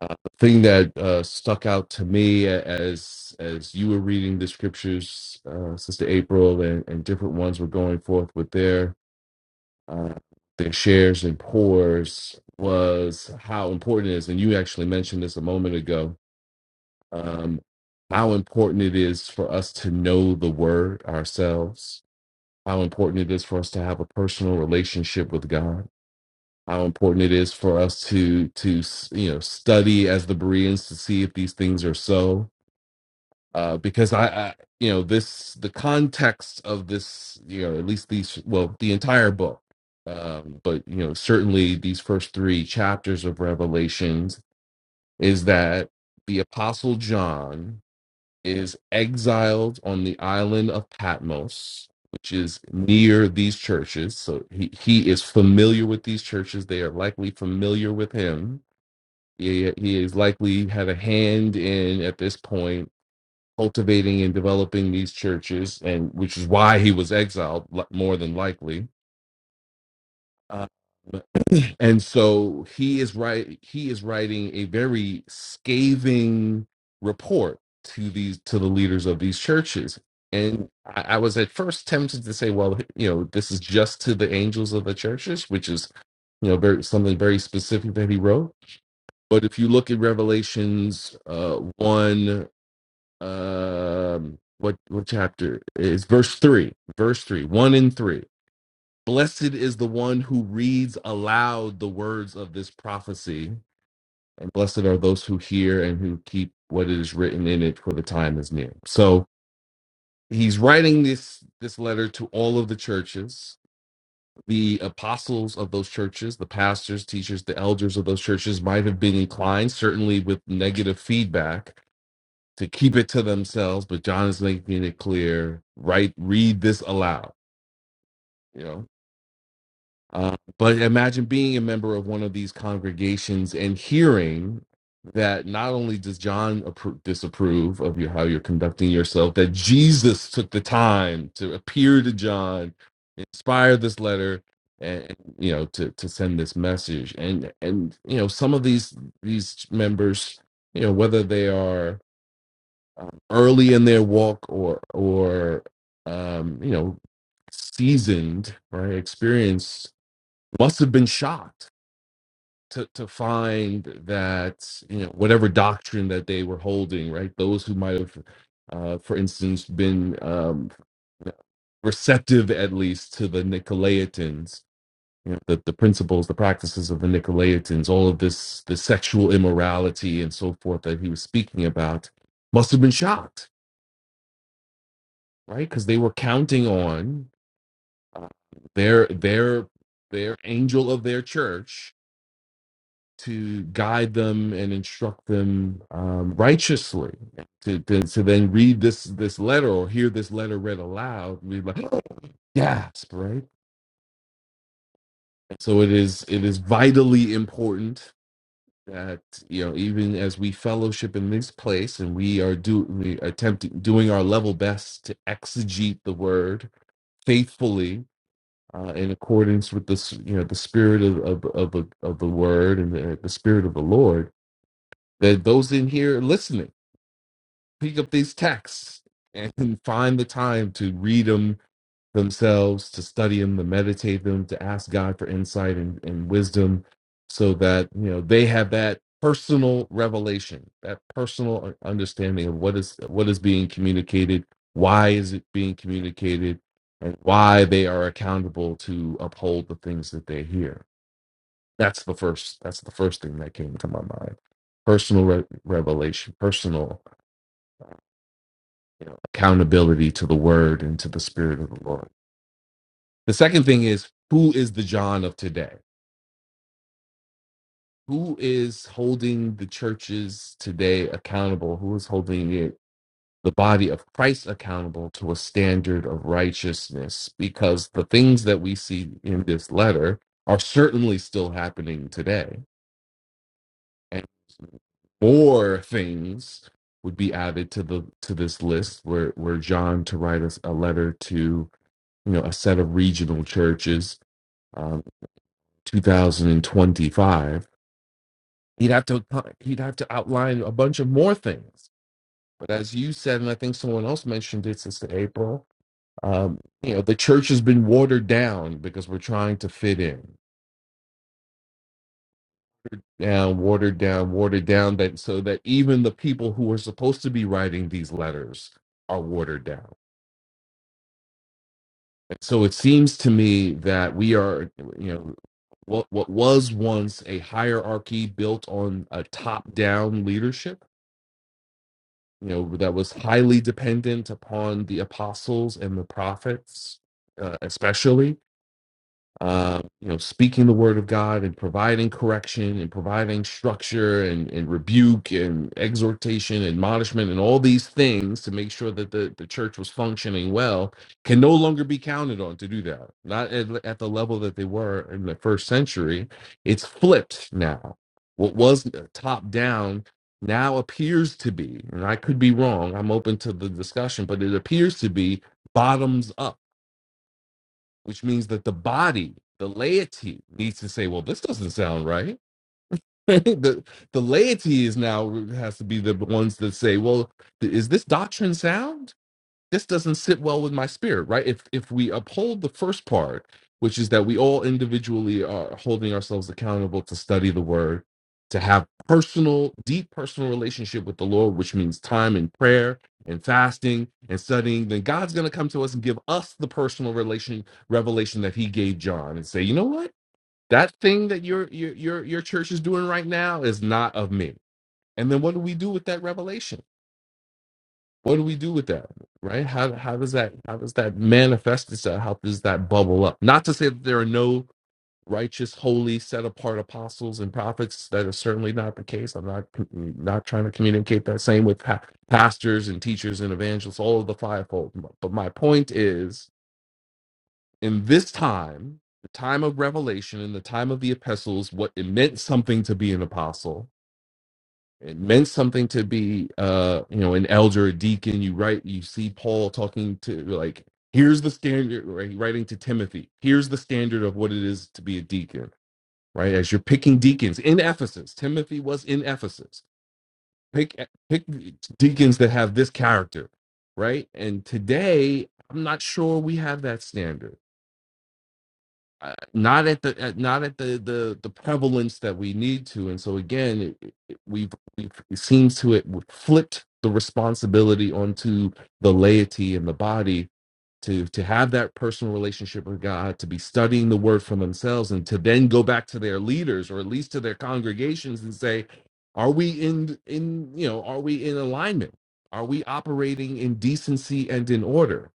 Speaker 10: Uh, the thing that uh, stuck out to me as as you were reading the scriptures, uh, Sister April, and, and different ones were going forth with their uh, their shares and pours was how important it is. And you actually mentioned this a moment ago um, how important it is for us to know the word ourselves, how important it is for us to have a personal relationship with God, how important it is for us to to you know study as the Bereans to see if these things are so. Uh, because I, I, you know, this the context of this, you know, at least these, well, the entire book, um, but you know, certainly these first three chapters of Revelations is that the Apostle John is exiled on the island of Patmos, which is near these churches. So he, he is familiar with these churches. They are likely familiar with him. He, he is likely had a hand in at this point cultivating and developing these churches, and which is why he was exiled li- more than likely. Um, and so he is right he is writing a very scathing report to these to the leaders of these churches and I, I was at first tempted to say well you know this is just to the angels of the churches which is you know very something very specific that he wrote but if you look at revelations uh one um what what chapter is verse three verse three one and three Blessed is the one who reads aloud the words of this prophecy, and blessed are those who hear and who keep what is written in it, for the time is near. So he's writing this this letter to all of the churches. The apostles of those churches, the pastors, teachers, the elders of those churches might have been inclined, certainly with negative feedback, to keep it to themselves. But John is making it clear: right, read this aloud. You know, Uh, but imagine being a member of one of these congregations and hearing that not only does John appro- disapprove of your, how you're conducting yourself, that Jesus took the time to appear to John, inspire this letter, and and, you know to to send this message. And and you know some of these these members, you know whether they are um, early in their walk or or um, you know seasoned, right, experienced must have been shocked to, to find that you know whatever doctrine that they were holding right those who might have uh, for instance been um, receptive at least to the nicolaitans you know, the, the principles the practices of the nicolaitans all of this the sexual immorality and so forth that he was speaking about must have been shocked right because they were counting on uh, their their their angel of their church to guide them and instruct them um, righteously. To, to, to then read this this letter or hear this letter read aloud, we like gasp, right? So it is it is vitally important that you know even as we fellowship in this place and we are do we attempt doing our level best to exegete the word faithfully. Uh, in accordance with the you know the spirit of of of, the- of the word and the, the spirit of the Lord, that those in here listening pick up these texts and find the time to read them themselves, to study them, to meditate them, to ask God for insight and, and wisdom so that you know they have that personal revelation, that personal understanding of what is what is being communicated, why is it being communicated, and why they are accountable to uphold the things that they hear that's the first. That's the first thing that came to my mind. Personal re- revelation, personal you know, accountability to the Word and to the Spirit of the Lord. The second thing is who is the John of today? Who is holding the churches today accountable? Who is holding it? The body of Christ accountable to a standard of righteousness, because the things that we see in this letter are certainly still happening today more things would be added to the to this list were were John to write us a letter to you know a set of regional churches um 2025 he'd have to he'd have to outline a bunch of more things but as you said and I think someone else mentioned it sister April um you know the church has been watered down because we're trying to fit in down watered down watered down that so that even the people who are supposed to be writing these letters are watered down And so it seems to me that we are, you know, what what was once a hierarchy built on a top-down leadership, you know, that was highly dependent upon the apostles and the prophets, uh, especially, uh, you know, speaking the word of God and providing correction and providing structure and, and rebuke and exhortation, admonishment, and all these things to make sure that the, the church was functioning well can no longer be counted on to do that. Not at, at the level that they were in the first century. It's flipped now. What was top down now appears to be, and I could be wrong, I'm open to the discussion, but it appears to be bottoms up which means that the body, the laity, needs to say, "Well, this doesn't sound right." the the laity is now has to be the ones that say, "Well, th- is this doctrine sound?" this doesn't sit well with my spirit right if if we uphold the first part which is that we all individually are holding ourselves accountable to study the word to have personal deep personal relationship with the lord which means time and prayer and fasting and studying then god's going to come to us and give us the personal relation revelation that he gave john and say you know what that thing that your your your, your church is doing right now is not of me and then what do we do with that revelation what do we do with that? Right? How how does that how does that manifest itself? How does that bubble up? Not to say that there are no righteous, holy, set apart apostles and prophets. That is certainly not the case. I'm not not trying to communicate that. Same with pa- pastors and teachers and evangelists, all of the fivefold. But my point is, in this time, the time of revelation, in the time of the epistles, what it meant something to be an apostle it meant something to be uh you know an elder a deacon you write you see paul talking to like here's the standard right writing to timothy here's the standard of what it is to be a deacon right as you're picking deacons in ephesus timothy was in ephesus pick eh, pick deacons that have this character right and today i'm not sure we have that standard uh, not at the at, not at the, the the prevalence that we need to and so again it, it, it- we've, we've it seems to it we've flipped the responsibility onto the laity and the body to to have that personal relationship with god to be studying the word for themselves and to then go back to their leaders or at least to their congregations and say are we in in you know are we in alignment are we operating in decency and in order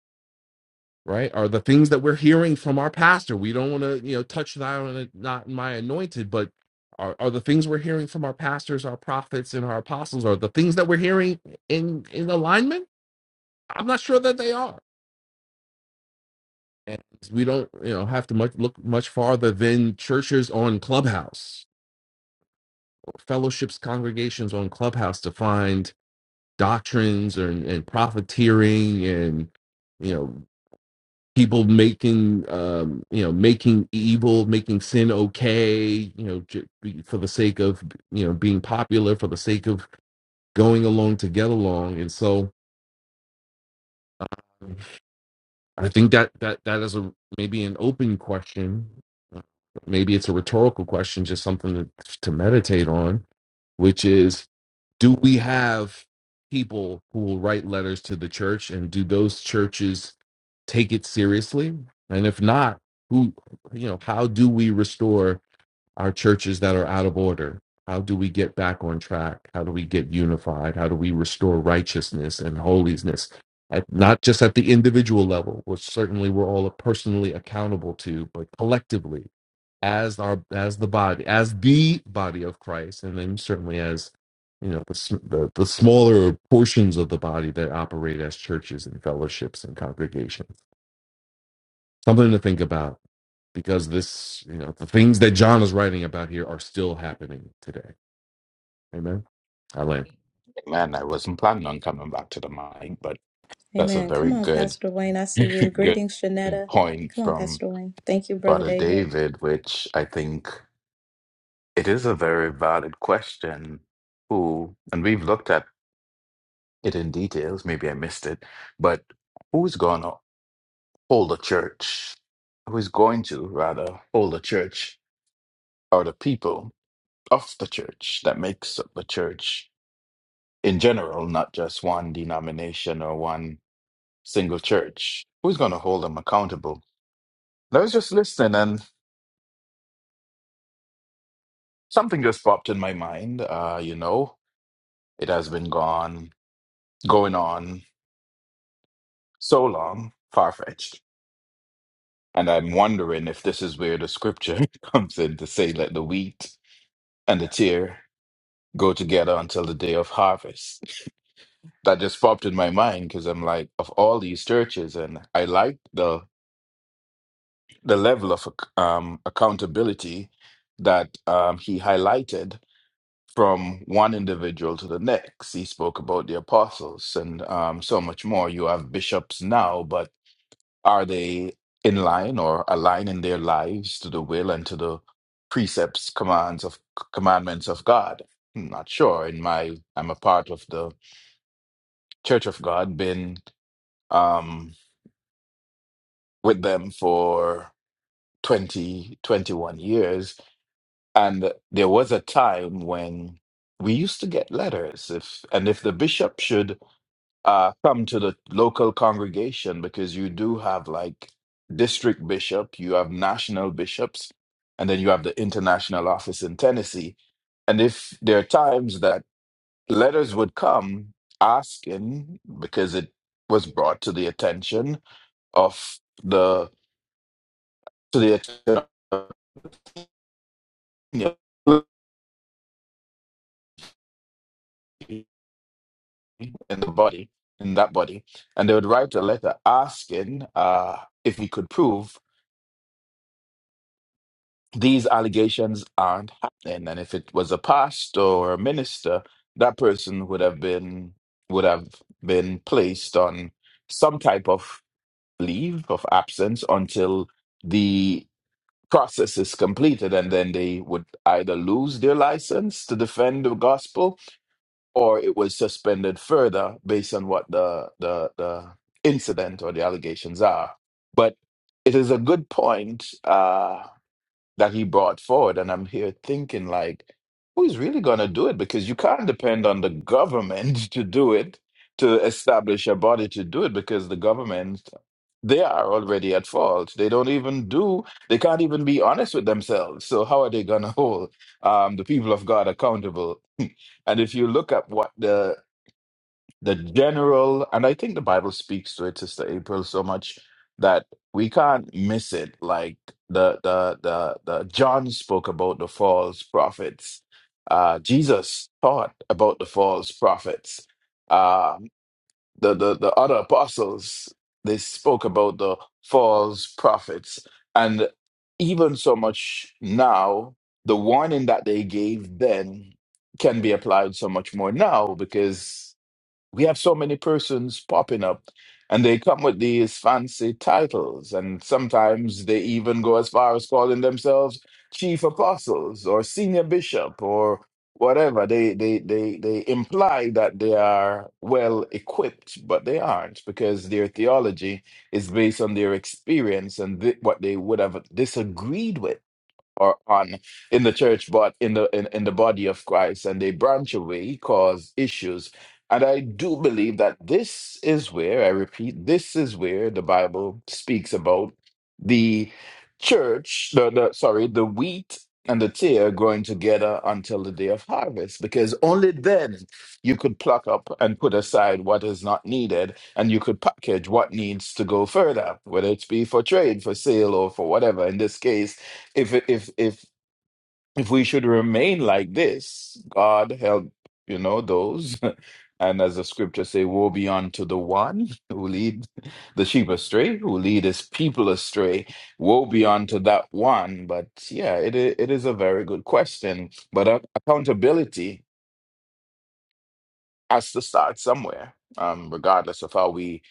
Speaker 10: right are the things that we're hearing from our pastor we don't want to you know touch that on not my anointed but are, are the things we're hearing from our pastors our prophets and our apostles are the things that we're hearing in in alignment i'm not sure that they are and we don't you know have to much look much farther than churches on clubhouse or fellowships congregations on clubhouse to find doctrines and, and profiteering and you know people making um you know making evil making sin okay you know j- for the sake of you know being popular for the sake of going along to get along and so i think that that that is a maybe an open question maybe it's a rhetorical question just something to, to meditate on which is do we have people who will write letters to the church and do those churches take it seriously and if not who you know how do we restore our churches that are out of order? How do we get back on track? How do we get unified? How do we restore righteousness and holiness? At, not just at the individual level, which certainly we're all personally accountable to, but collectively as our as the body, as the body of Christ, and then certainly as you know the, sm- the the smaller portions of the body that operate as churches and fellowships and congregations. Something to think about because this, you know, the things that John is writing about here are still happening today. Amen. I land.
Speaker 6: Man, I wasn't planning on coming back to the mic, but that's a
Speaker 1: Amen. Come
Speaker 6: very
Speaker 1: on,
Speaker 6: good,
Speaker 1: Pastor Wayne. I see you.
Speaker 6: good
Speaker 1: Greetings, Shanetta.
Speaker 6: point
Speaker 1: Come on,
Speaker 6: from
Speaker 1: Pastor Wayne. Thank you, Brother
Speaker 6: Brother
Speaker 1: David.
Speaker 6: David, which I think it is a very valid question. Who, and we've looked at it in details. Maybe I missed it, but who's going to hold a church? Who's going to rather hold a church are the people of the church that makes up the church in general, not just one denomination or one single church. Who's going to hold them accountable? I was just listening, and something just popped in my mind. Uh, you know, it has been gone going on so long, far fetched And I'm wondering if this is where the scripture comes in to say, let the wheat and the tear go together until the day of harvest. That just popped in my mind because I'm like, of all these churches, and I like the the level of ac- um, accountability that um, he highlighted from one individual to the next. He spoke about the apostles and um, so much more. You have bishops now, but Are they in line or aligning their lives to the will and to the precepts, commands of commandments of God? I'm not sure. In my, I'm a part of the Church of God, been um, with them for 20, 21 years, and there was a time when we used to get letters if and if the bishop should uh, come to the local congregation because you do have like district bishop, you have national bishops, and then you have the international office in Tennessee. And if there are times that letters would come asking because it was brought to the attention of the to the attention of in the body in that body, and they would write a letter asking uh, if he could prove. these allegations aren't happening. And if it was a pastor or a minister, that person would have been would have been placed on some type of leave of absence until the process is completed, and then they would either lose their license to defend the gospel, or it was suspended further based on what the the, the incident or the allegations are. But it is a good point. Uh, that he brought forward. And I'm here thinking, like, who's really going to do it? Because you can't depend on the government to do it, to establish a body to do it, because the government, they are already at fault. They don't even do, they can't even be honest with themselves. So, how are they going to hold um, the people of God accountable? and if you look at what the the general, and I think the Bible speaks to it, Sister April, so much that we can't miss it. Like the the the the John spoke about the false prophets. Uh, Jesus taught about the false prophets. Uh, the the the other apostles they spoke about the false prophets, and even so much now, the warning that they gave then can be applied so much more now because we have so many persons popping up and they come with these fancy titles and sometimes they even go as far as calling themselves chief apostles or senior bishop or whatever they they they they imply that they are well equipped but they aren't because their theology is based on their experience and th- what they would have disagreed with or on in the church, but in the in, in the body of Christ, and they branch away, cause issues. And I do believe that this is where, I repeat, this is where the Bible speaks about the church, the, the sorry, the wheat and the tear growing together until the day of harvest, because only then you could pluck up and put aside what is not needed, and you could package what needs to go further, whether it's be for trade, for sale, or for whatever. In this case, if if if if we should remain like this, God help you know those, and as the scripture say, woe be unto the one who lead the sheep astray, who lead his people astray. Woe be unto that one. But yeah, it i- it is a very good question. But ac- accountability has to start somewhere, um, regardless of how we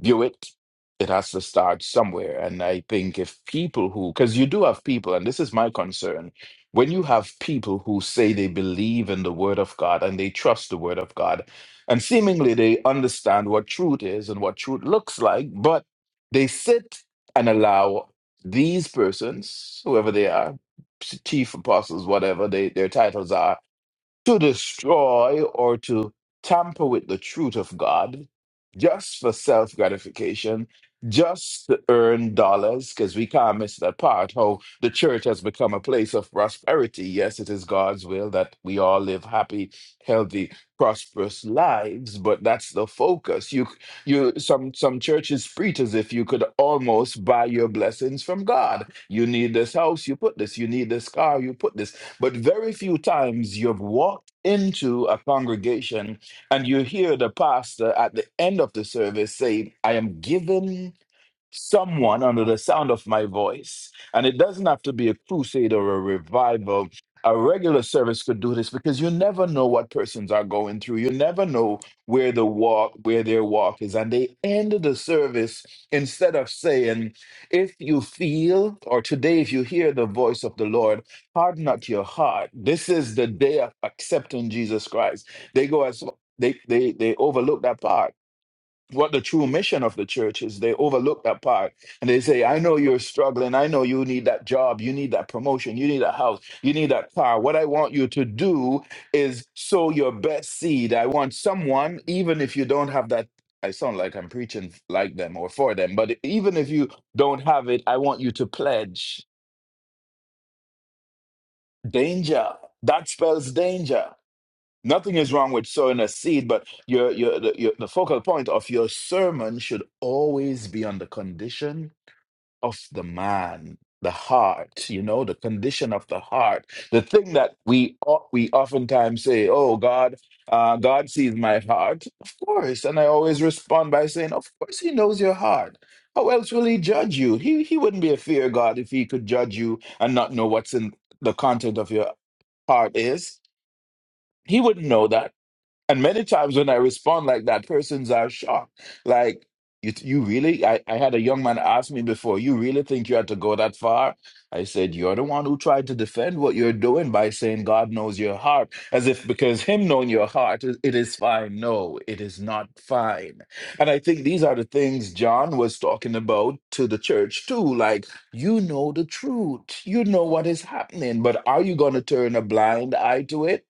Speaker 6: View it, it has to start somewhere. And I think if people who, because you do have people, and this is my concern, when you have people who say they believe in the Word of God and they trust the Word of God, and seemingly they understand what truth is and what truth looks like, but they sit and allow these persons, whoever they are, chief apostles, whatever they, their titles are, to destroy or to tamper with the truth of God just for self gratification, just to earn dollars, because we can't miss that part how the church has become a place of prosperity. Yes, it is God's will that we all live happy, healthy, prosperous lives, but that's the focus. You you some some churches preach as if you could almost buy your blessings from God. You need this house, you put this, you need this car, you put this but very few times you've walked into a congregation and you hear the pastor at the end of the service say, I am given someone under the sound of my voice. And it doesn't have to be a crusade or a revival. A regular service could do this because you never know what persons are going through. You never know where the walk, where their walk is. And they end the service instead of saying, if you feel, or today, if you hear the voice of the Lord, harden not your heart. This is the day of accepting Jesus Christ. They go as they they they overlook that part what the true mission of the church is. They overlook that part and they say, I know you're struggling. I know you need that job. You need that promotion. You need a house. You need that car. What I want you to do is sow your best seed. I want someone, even if you don't have that. I sound like I'm preaching like them or for them, but even if you don't have it, I want you to pledge danger. That spells danger. Nothing is wrong with sowing a seed, but your your the, your the focal point of your sermon should always be on the condition of the man, the heart. You know, the condition of the heart. The thing that we o- we oftentimes say, "Oh God, uh, God sees my heart." Of course, and I always respond by saying, "Of course, He knows your heart. How else will He judge you? He He wouldn't be a fear God if He could judge you and not know what's in the content of your heart is. He wouldn't know that." And many times when I respond like that, persons are shocked. Like, you, you really? I, I had a young man ask me before, you really think you had to go that far? I said, you're the one who tried to defend what you're doing by saying God knows your heart, as if because Him knowing your heart, it it is fine. No, it is not fine. And I think these are the things John was talking about to the church too. Like, you know the truth, you know what is happening, but are you going to turn a blind eye to it?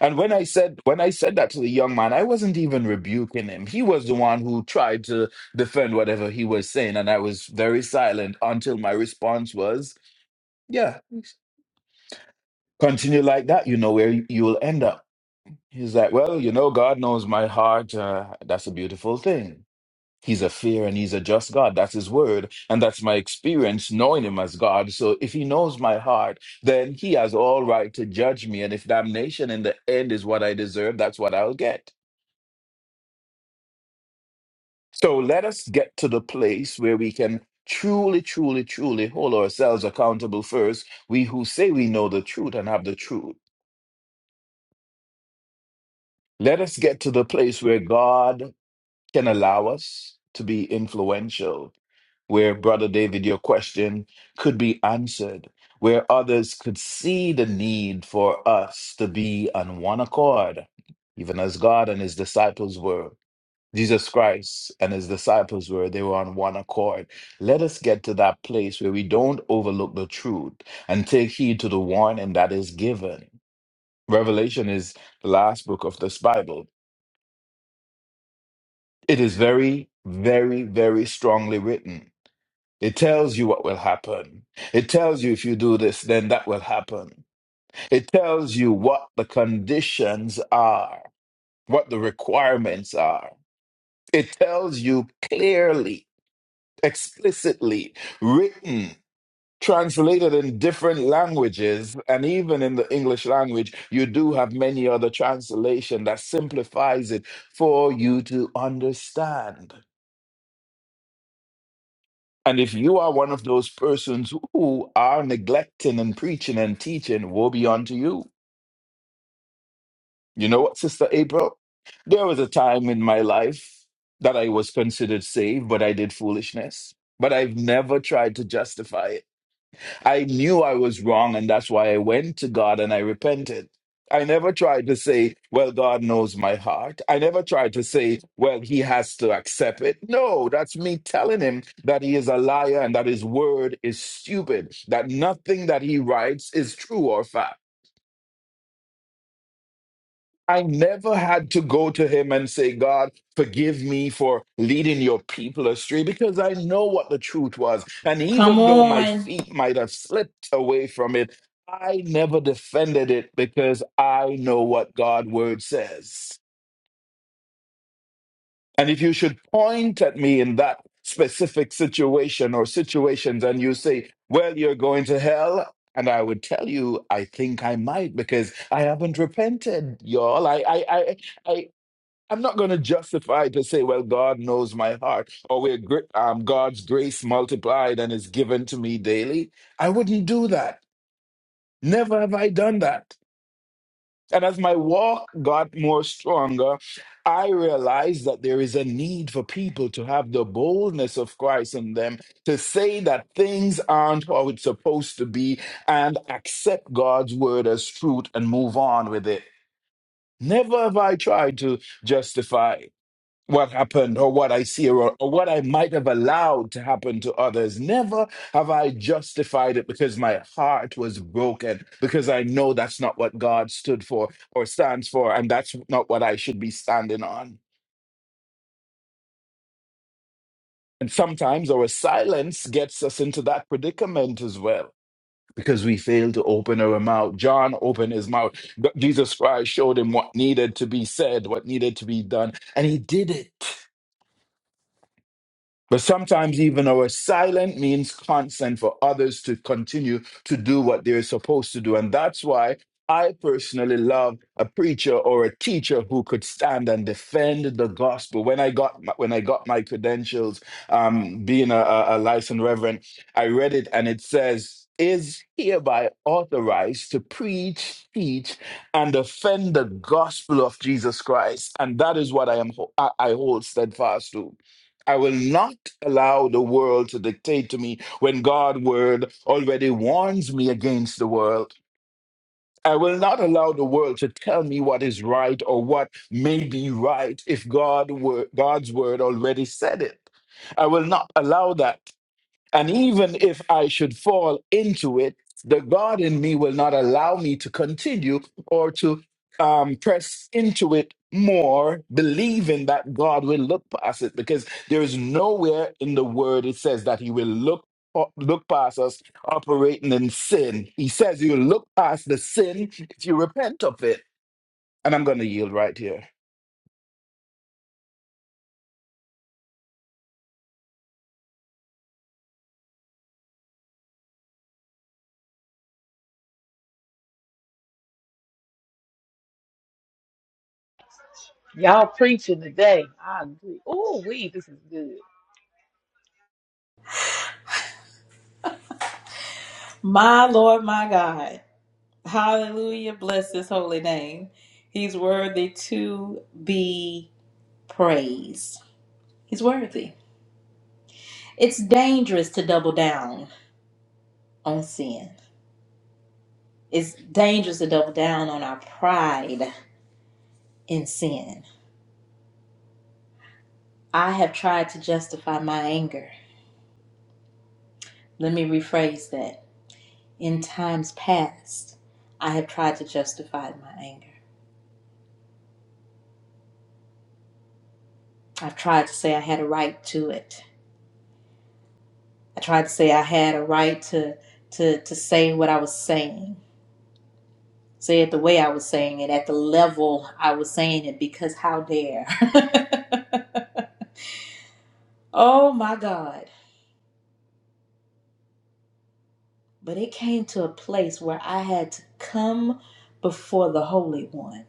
Speaker 6: And when I said when I said that to the young man, I wasn't even rebuking him. He was the one who tried to defend whatever he was saying, and I was very silent until my response was, "Yeah, continue like that. You know where you you will end up." He's like, "Well, you know, God knows my heart. Uh, that's a beautiful thing. He's a fair and he's a just God. That's His word, and that's my experience knowing Him as God. So if He knows my heart, then He has all right to judge me. And if damnation in the end is what I deserve, that's what I'll get." So let us get to the place where we can truly, truly, truly hold ourselves accountable first. We who say we know the truth and have the truth. Let us get to the place where God can allow us to be influential, where, Brother David, your question could be answered, where others could see the need for us to be on one accord, even as God and his disciples were. Jesus Christ and his disciples were, they were on one accord. Let us get to that place where we don't overlook the truth and take heed to the warning that is given. Revelation is the last book of this Bible. It is very, very, very strongly written. It tells you what will happen. It tells you if you do this, then that will happen. It tells you what the conditions are, what the requirements are. It tells you clearly explicitly written, translated in different languages, and even in the English language, you do have many other translation that simplifies it for you to understand. And if you are one of those persons who are neglecting and preaching and teaching, woe be unto you. You know what, Sister April? There was a time in my life that I was considered saved, but I did foolishness. But I've never tried to justify it. I knew I was wrong, and that's why I went to God and I repented. I never tried to say, well, God knows my heart. I never tried to say, well, he has to accept it. No, that's me telling him that he is a liar and that his word is stupid, that nothing that he writes is true or fact. I never had to go to him and say, God, forgive me for leading your people astray because I know what the truth was. And
Speaker 1: Come
Speaker 6: even though my
Speaker 1: on,
Speaker 6: feet might have slipped away from it, I never defended it because I know what God's word says. And if you should point at me in that specific situation or situations and you say, well, you're going to hell, and I would tell you, I think I might because I haven't repented, y'all. I, I, I, I, I'm not going to justify to say, well, God knows my heart, or where gr- um, God's grace multiplied and is given to me daily. I wouldn't do that. Never have I done that. And as my walk got more stronger, I realized that there is a need for people to have the boldness of Christ in them to say that things aren't how it's supposed to be and accept God's word as truth and move on with it. Never have I tried to justify what happened or what I see or, or what I might have allowed to happen to others. Never have I justified it because my heart was broken, because I know that's not what God stood for or stands for, and that's not what I should be standing on. And sometimes our silence gets us into that predicament as well. Because we fail to open our mouth. John opened his mouth. Jesus Christ showed him what needed to be said, what needed to be done, and he did it. But sometimes, even our silent means consent for others to continue to do what they're supposed to do. And that's why I personally love a preacher or a teacher who could stand and defend the gospel. When I got my, when I got my credentials, um, being a, a a licensed reverend, I read it and it says, "Is hereby authorized to preach, teach, and defend the gospel of Jesus Christ." And that is what I am ho- I I hold steadfast to. I will not allow the world to dictate to me when God's word already warns me against the world. I will not allow the world to tell me what is right or what may be right if God were, God's word already said it. I will not allow that. And even if I should fall into it, the God in me will not allow me to continue or to um, press into it more, believing that God will look past it, because there is nowhere in the word it says that He will look. Look past us operating in sin. He says you look past the sin if you repent of it. And I'm going to yield right here.
Speaker 5: Y'all preaching today. I agree. Oh, we this is good.
Speaker 1: my Lord, my God. Hallelujah. Bless his holy name. He's worthy to be praised. He's worthy. It's dangerous to double down on sin. It's dangerous to double down on our pride in sin. I have tried to justify my anger. Let me rephrase that. In times past, I have tried to justify my anger. I've tried to say I had a right to it. I tried to say I had a right to to to say what I was saying, say it the way I was saying it, at the level I was saying it, because how dare? oh my God! But it came to a place where I had to come before the Holy One,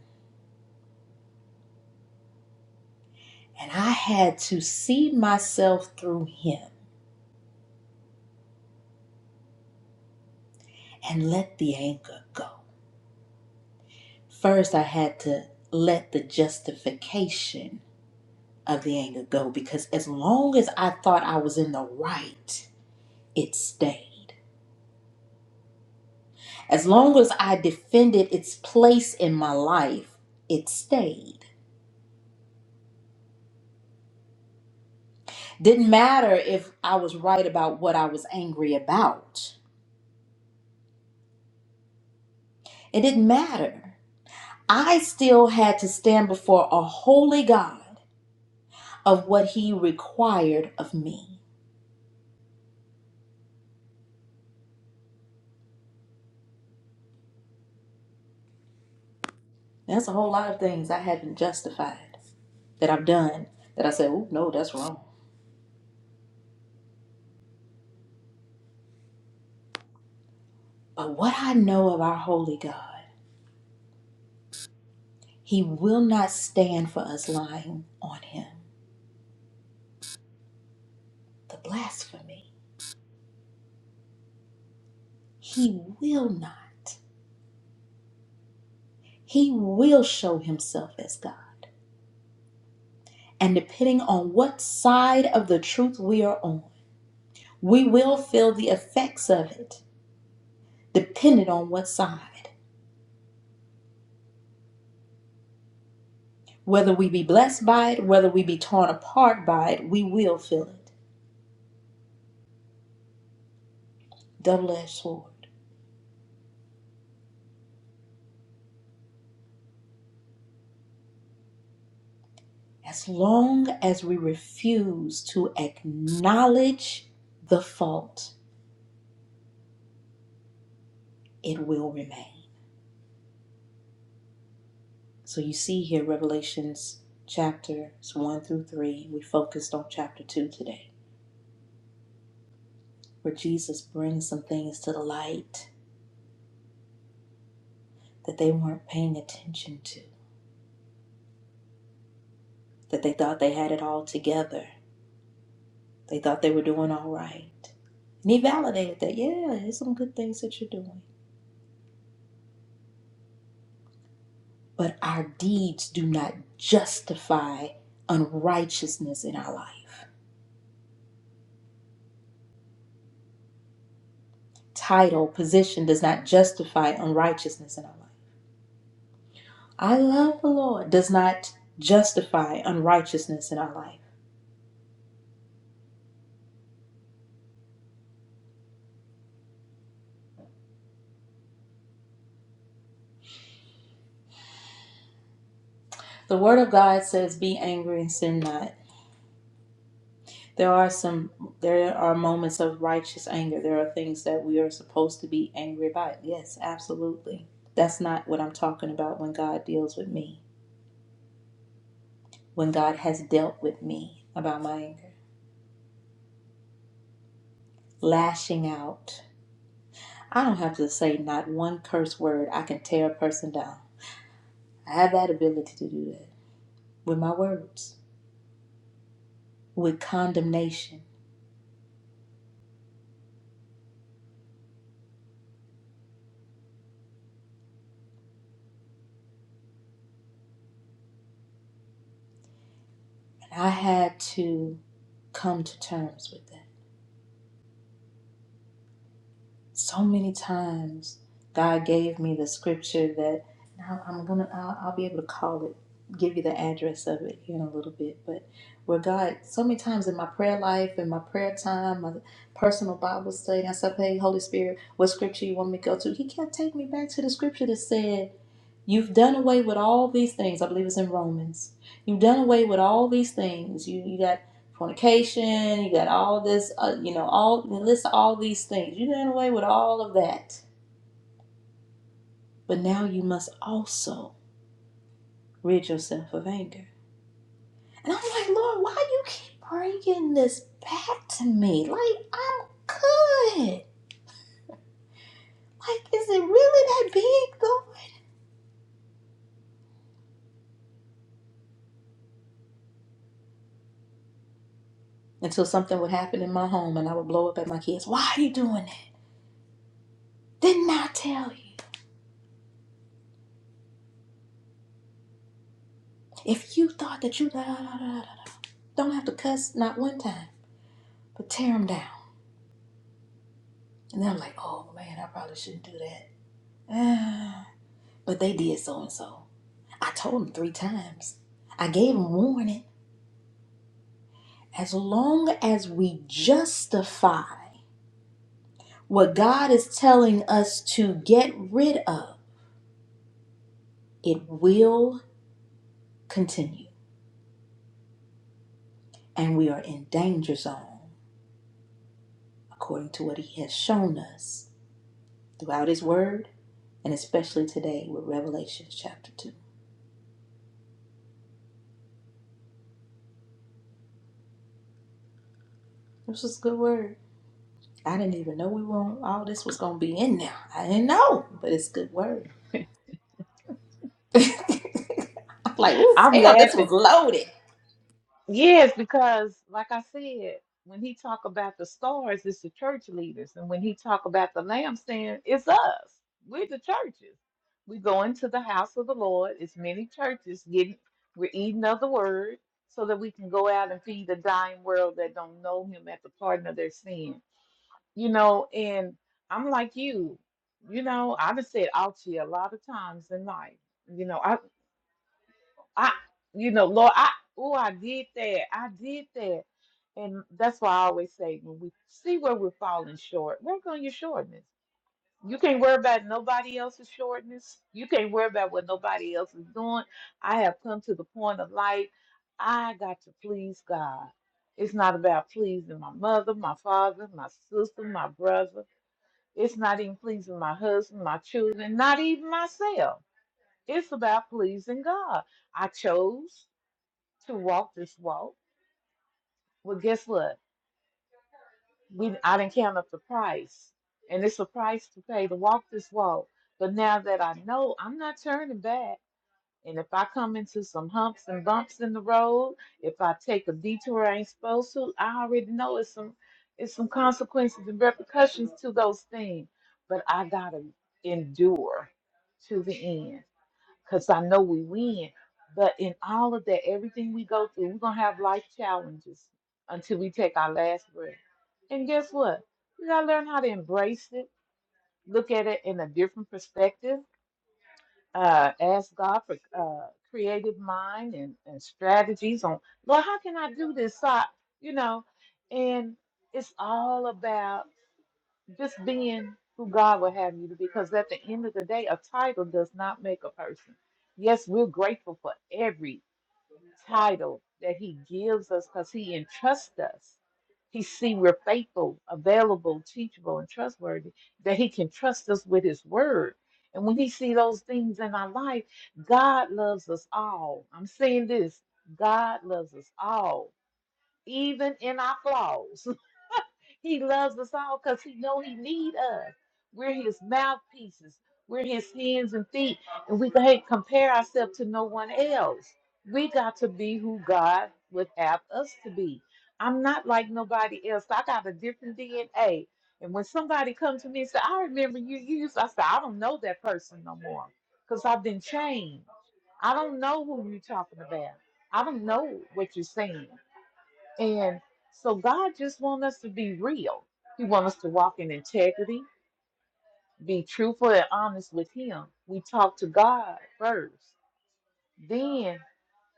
Speaker 1: and I had to see myself through Him and let the anger go. first I had to let the justification of the anger go because as long as I thought I was in the right, it stayed. As long as I defended its place in my life, it stayed. Didn't matter if I was right about what I was angry about, it didn't matter. I still had to stand before a holy God of what He required of me. That's a whole lot of things I hadn't justified. that I've done that I said, oh, no, that's wrong. But what I know of our holy God, he will not stand for us lying on him. The blasphemy, he will not. He will show himself as God. And depending on what side of the truth we are on, we will feel the effects of it, depending on what side. Whether we be blessed by it, whether we be torn apart by it, we will feel it. Double edged sword. As long as we refuse to acknowledge the fault, it will remain. So you see here, Revelations chapters 1 through 3, we focused on chapter 2 today, where Jesus brings some things to the light that they weren't paying attention to, that they thought they had it all together, they thought they were doing all right. And he validated that, yeah, there's some good things that you're doing. but our deeds do not justify unrighteousness in our life. Title, position does not justify unrighteousness in our life. I love the Lord does not justify unrighteousness in our life. The word of God says, Be angry and sin not. There are some there are moments of righteous anger. There are things that we are supposed to be angry about. Yes, absolutely. That's not what I'm talking about when God deals with me, when God has dealt with me about my anger. lashing out. I don't have to say not one curse word. I can tear a person down. I have that ability to do that with my words, with condemnation. And I had to come to terms with that. so many times God gave me the scripture that now I'm gonna I'll, I'll be able to call it give you the address of it here in a little bit but where God so many times in my prayer life in my prayer time my personal Bible study I said hey Holy Spirit what scripture you want me to go to he kept taking me back to the scripture that said You've done away with all these things. I believe it's in Romans. You've done away with all these things. You, you got fornication. You got all this, uh, you know, all list all these things. You done away with all of that, but now you must also rid yourself of anger. And I'm like, Lord, why you keep bringing this back to me? Like I'm good. Like, is it really that big though? Until something would happen in my home and I would blow up at my kids. Why are you doing that? Didn't I tell you? If you thought that you da da da da da, da, don't have to cuss not one time, but tear them down. And then I'm like, oh man, I probably shouldn't do that. but they did so and so. I told them three times. I gave them warning. As long as we justify what God is telling us to get rid of, it will continue. And we are in danger zone according to what He has shown us throughout His Word and especially today with Revelation chapter 2. This was a good word. I didn't even know we were all this was gonna be in there. I didn't know, but it's good word. I'm like, ooh,
Speaker 5: I'm
Speaker 1: Pam, this
Speaker 5: laughing
Speaker 1: was loaded.
Speaker 5: Yes, because like I said, when he talk about the stars, it's the church leaders, and when he talk about the lampstand, it's us. We're the churches. We go into the house of the Lord. It's many churches getting. We're eating of the word so that we can go out and feed the dying world that don't know Him at the pardon of their sin. You know, and I'm like you. You know, I've said ouchie a lot of times in life. You know, I, you know, Lord, I, oh, I did that. I did that. And that's why I always say when we see where we're falling short, work on your shortness. You can't worry about nobody else's shortness. You can't worry about what nobody else is doing. I have come to the point of life, I got to please God. It's not about pleasing my mother, my father, my sister, my brother. It's not even pleasing my husband, my children, not even myself. It's about pleasing God. I chose to walk this walk. Well, guess what? We I didn't count up the price, and it's a price to pay to walk this walk. But now that I know, I'm not turning back. And if I come into some humps and bumps in the road, if I take a detour I ain't supposed to, I already know it's some it's some consequences and repercussions to those things. But I gotta endure to the end. because I know we win. But in all of that, everything we go through, we're gonna have life challenges until we take our last breath. And guess what? We gotta learn how to embrace it, look at it in a different perspective, uh, ask God for uh, creative mind and, and strategies on, Lord, how can I do this? So, I, you know, and it's all about just being who God would have you to be. Because at the end of the day, a title does not make a person. Yes, we're grateful for every title that He gives us because He entrusts us. He see we're faithful, available, teachable, and trustworthy, that He can trust us with His word. And when He see those things in our life, God loves us all. I'm saying this God loves us all, even in our flaws. He loves us all because he know he need us. We're his mouthpieces. We're his hands and feet, and we can't compare ourselves to no one else. We got to be who God would have us to be. I'm not like nobody else. I got a different DNA. And when somebody comes to me and say, I remember you used, I say, I don't know that person no more because I've been changed. I don't know who you're talking about. I don't know what you're saying. And so God just wants us to be real. He wants us to walk in integrity, be truthful and honest with Him. We talk to God first. Then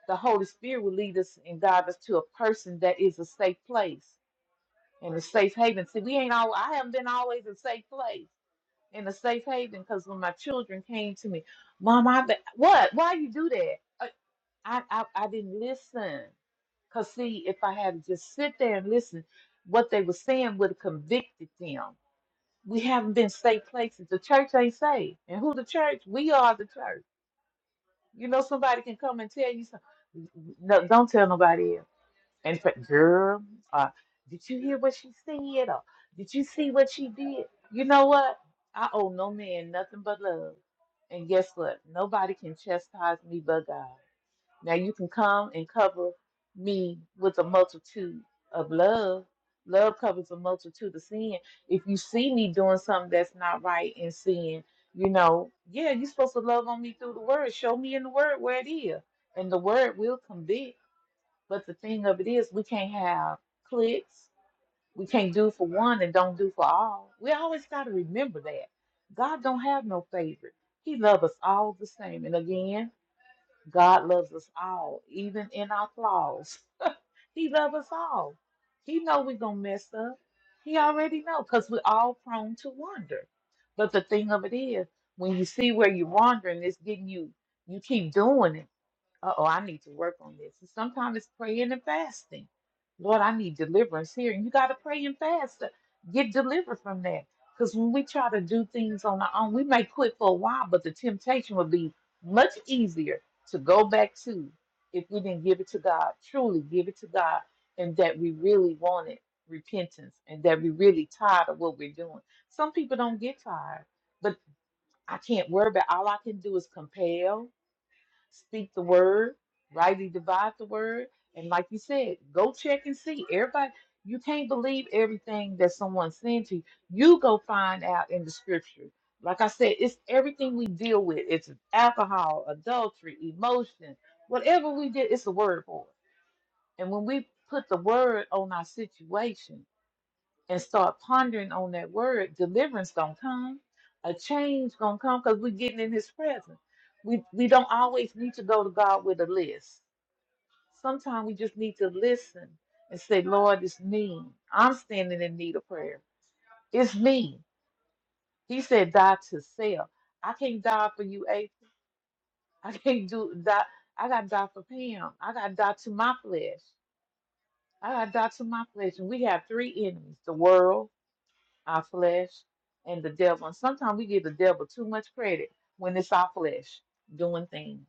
Speaker 5: the Holy Spirit will lead us and guide us to a person that is a safe place and a safe haven. See, we ain't all I haven't been always a safe place in a safe haven because when my children came to me, Mom, I be- what? Why you do that? I, I I I didn't listen. Because, see, if I had to just sit there and listen, what they were saying would have convicted them. We haven't been safe places. The church ain't safe. And who the church? We are the church. You know, somebody can come and tell you something. No, don't tell nobody else. And it's like, girl, uh, did you hear what she said? Or did you see what she did? You know what? I owe no man nothing but love. And guess what? Nobody can chastise me but God. Now you can come and cover me with a multitude of love. Love covers a multitude of sin. If you see me doing something that's not right in sin, you know, yeah, you're supposed to love on me through the word. Show me in the word where it is. And the word will convict. But the thing of it is, we can't have clicks. We can't do for one and don't do for all. We always got to remember that. God don't have no favorite. He loves us all the same. And again, God loves us all, even in our flaws. He loves us all. He know we're gonna mess up. He already know because we're all prone to wander. But the thing of it is, when you see where you're wandering, it's getting you. You keep doing it uh-oh, I need to work on this. And sometimes it's praying and fasting. Lord, I need deliverance here. And you got to pray and fast to get delivered from that. Because when we try to do things on our own, we may quit for a while, but the temptation will be much easier to go back to if we didn't give it to God, truly give it to God, and that we really wanted repentance and that we really tired of what we're doing. Some people don't get tired, but I can't worry about all I can do is compel speak the word, rightly divide the word, and like you said, go check and see. Everybody, you can't believe everything that someone sends you. You go find out in the scripture. Like I said, it's everything we deal with. It's alcohol, adultery, emotion, whatever we did. It's the word for it. And when we put the word on our situation, and start pondering on that word, deliverance gonna come, a change gonna come because we're getting in His presence. We we don't always need to go to God with a list. Sometimes we just need to listen and say, Lord, it's me. I'm standing in need of prayer. It's me. He said, die to self. I can't die for you, A. I can't do die. I gotta die for Pam. I gotta die to my flesh. I gotta die to my flesh. And we have three enemies: the world, our flesh and the devil. And sometimes we give the devil too much credit when it's our flesh doing things.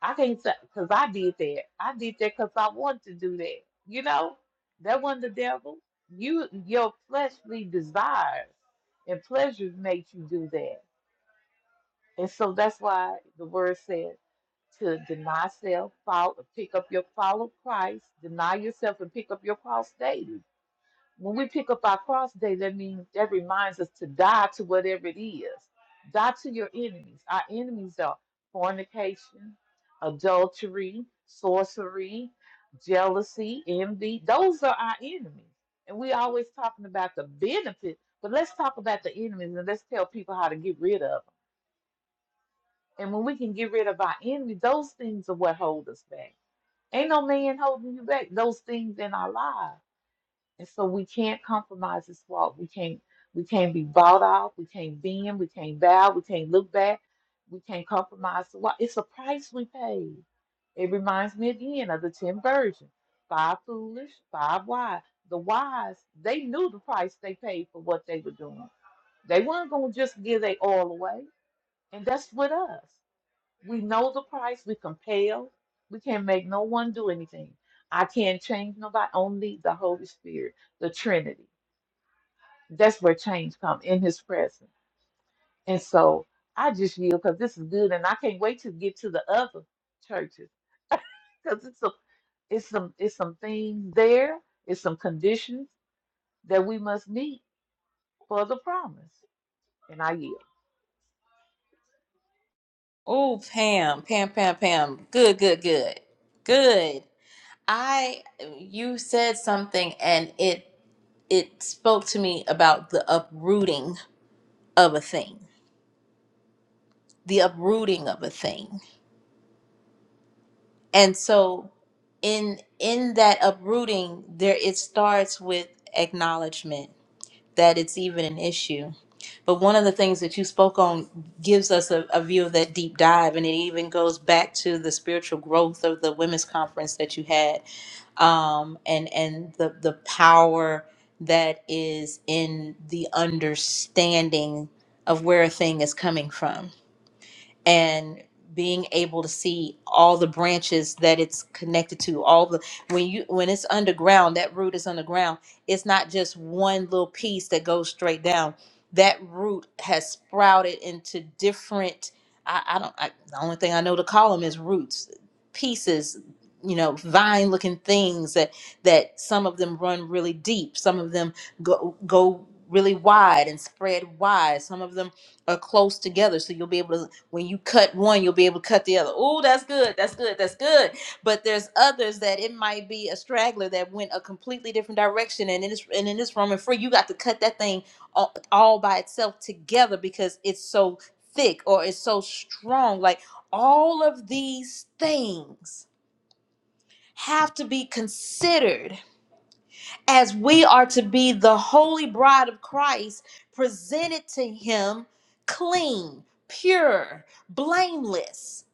Speaker 5: I can't say because I did that. I did that because I wanted to do that. You know, that wasn't the devil. You your fleshly desires and pleasures makes you do that. And so that's why the word says to deny self, follow, pick up your follow Christ, deny yourself and pick up your cross daily when we pick up our cross day, that means that reminds us to die to whatever it is. Die to your enemies. Our enemies are fornication, adultery, sorcery, jealousy, envy. Those are our enemies. And we always talking about the benefit, but let's talk about the enemies and let's tell people how to get rid of them. And when we can get rid of our enemies, those things are what hold us back. Ain't no man holding you back. Those things in our lives. And so we can't compromise this walk. We can't we can't be bought off. We can't bend. We can't bow. We can't look back. We can't compromise the walk. It's a price we pay. It reminds me again of the ten virgins, five foolish, five wise. The wise, they knew the price they paid for what they were doing. They weren't gonna just give their all away. And that's with us. We know the price. We compel. We can't make no one do anything. I can't change nobody. Only the Holy Spirit, the Trinity. That's where change comes in His presence. And so I just yield because this is good, and I can't wait to get to the other churches because it's a, it's some it's some things there. It's some conditions that we must meet for the promise. And I yield.
Speaker 1: Oh, Pam, Pam, Pam, Pam. Good, good, good, good. I, you said something, and it it spoke to me about the uprooting of a thing, the uprooting of a thing, and so in in that uprooting, there it starts with acknowledgement that it's even an issue But one of the things that you spoke on gives us a, a view of that deep dive, and it even goes back to the spiritual growth of the women's conference that you had, um, and and the the power that is in the understanding of where a thing is coming from and being able to see all the branches that it's connected to all the when you when it's underground that root is underground it's not just one little piece that goes straight down that root has sprouted into different i, I don't I, the only thing i know to call them is roots pieces you know vine looking things that that some of them run really deep some of them go go really wide and spread wide some of them are close together so you'll be able to when you cut one, you'll be able to cut the other. Oh, that's good. That's good. That's good. But there's others that it might be a straggler that went a completely different direction. And in this and in this Roman free, you got to cut that thing all, all by itself together because it's so thick or it's so strong. Like all of these things have to be considered as we are to be the holy bride of Christ, presented to him clean, pure, blameless,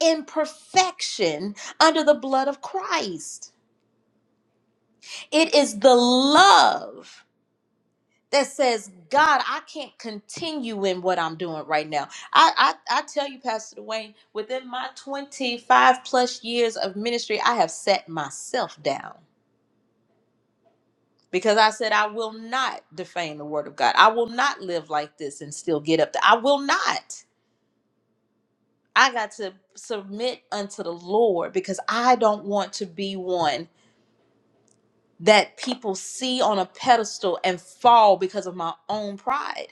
Speaker 1: in perfection under the blood of Christ. It is the love that says, God, I can't continue in what I'm doing right now. I, I, I tell you, Pastor Dwayne, within my 25 plus years of ministry, I have set myself down. because I said, I will not defame the word of God. I will not live like this and still get up. There. I will not. I got to submit unto the Lord because I don't want to be one that people see on a pedestal and fall because of my own pride.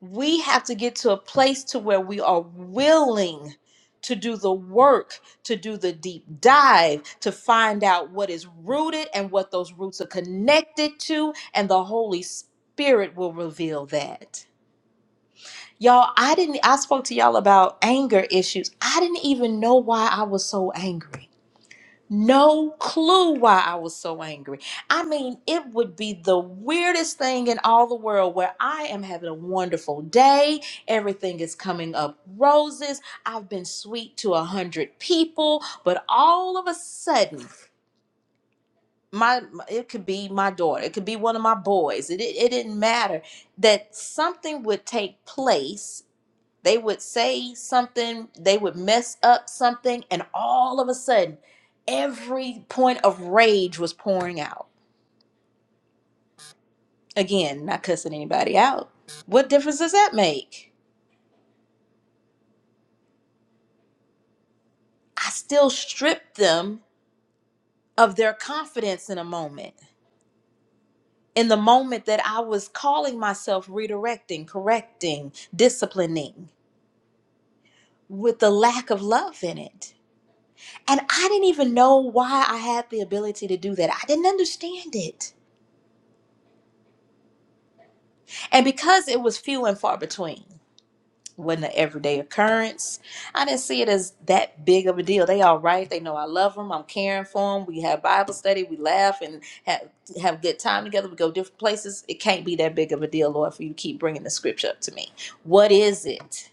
Speaker 1: we have to get to a place to where we are willing to do the work to do the deep dive to find out what is rooted and what those roots are connected to and the holy spirit will reveal that y'all i didn't i spoke to y'all about anger issues i didn't even know why i was so angry no clue why I was so angry. I mean, it would be the weirdest thing in all the world where I am having a wonderful day. Everything is coming up roses. I've been sweet to a hundred people, but all of a sudden, my it could be my daughter, it could be one of my boys. It, it, it didn't matter that something would take place they would say something, they would mess up something, and all of a sudden, every point of rage was pouring out. Again, not cussing anybody out. What difference does that make? I still stripped them of their confidence in a moment. In the moment that I was calling myself redirecting, correcting, disciplining, with the lack of love in it. And I didn't even know why I had the ability to do that. I didn't understand it. And because it was few and far between, wasn't an everyday occurrence, I didn't see it as that big of a deal. They all right. They know I love them. I'm caring for them. We have Bible study. We laugh and have, have good time together. We go different places. It can't be that big of a deal, Lord, for you to keep bringing the scripture up to me. What is it?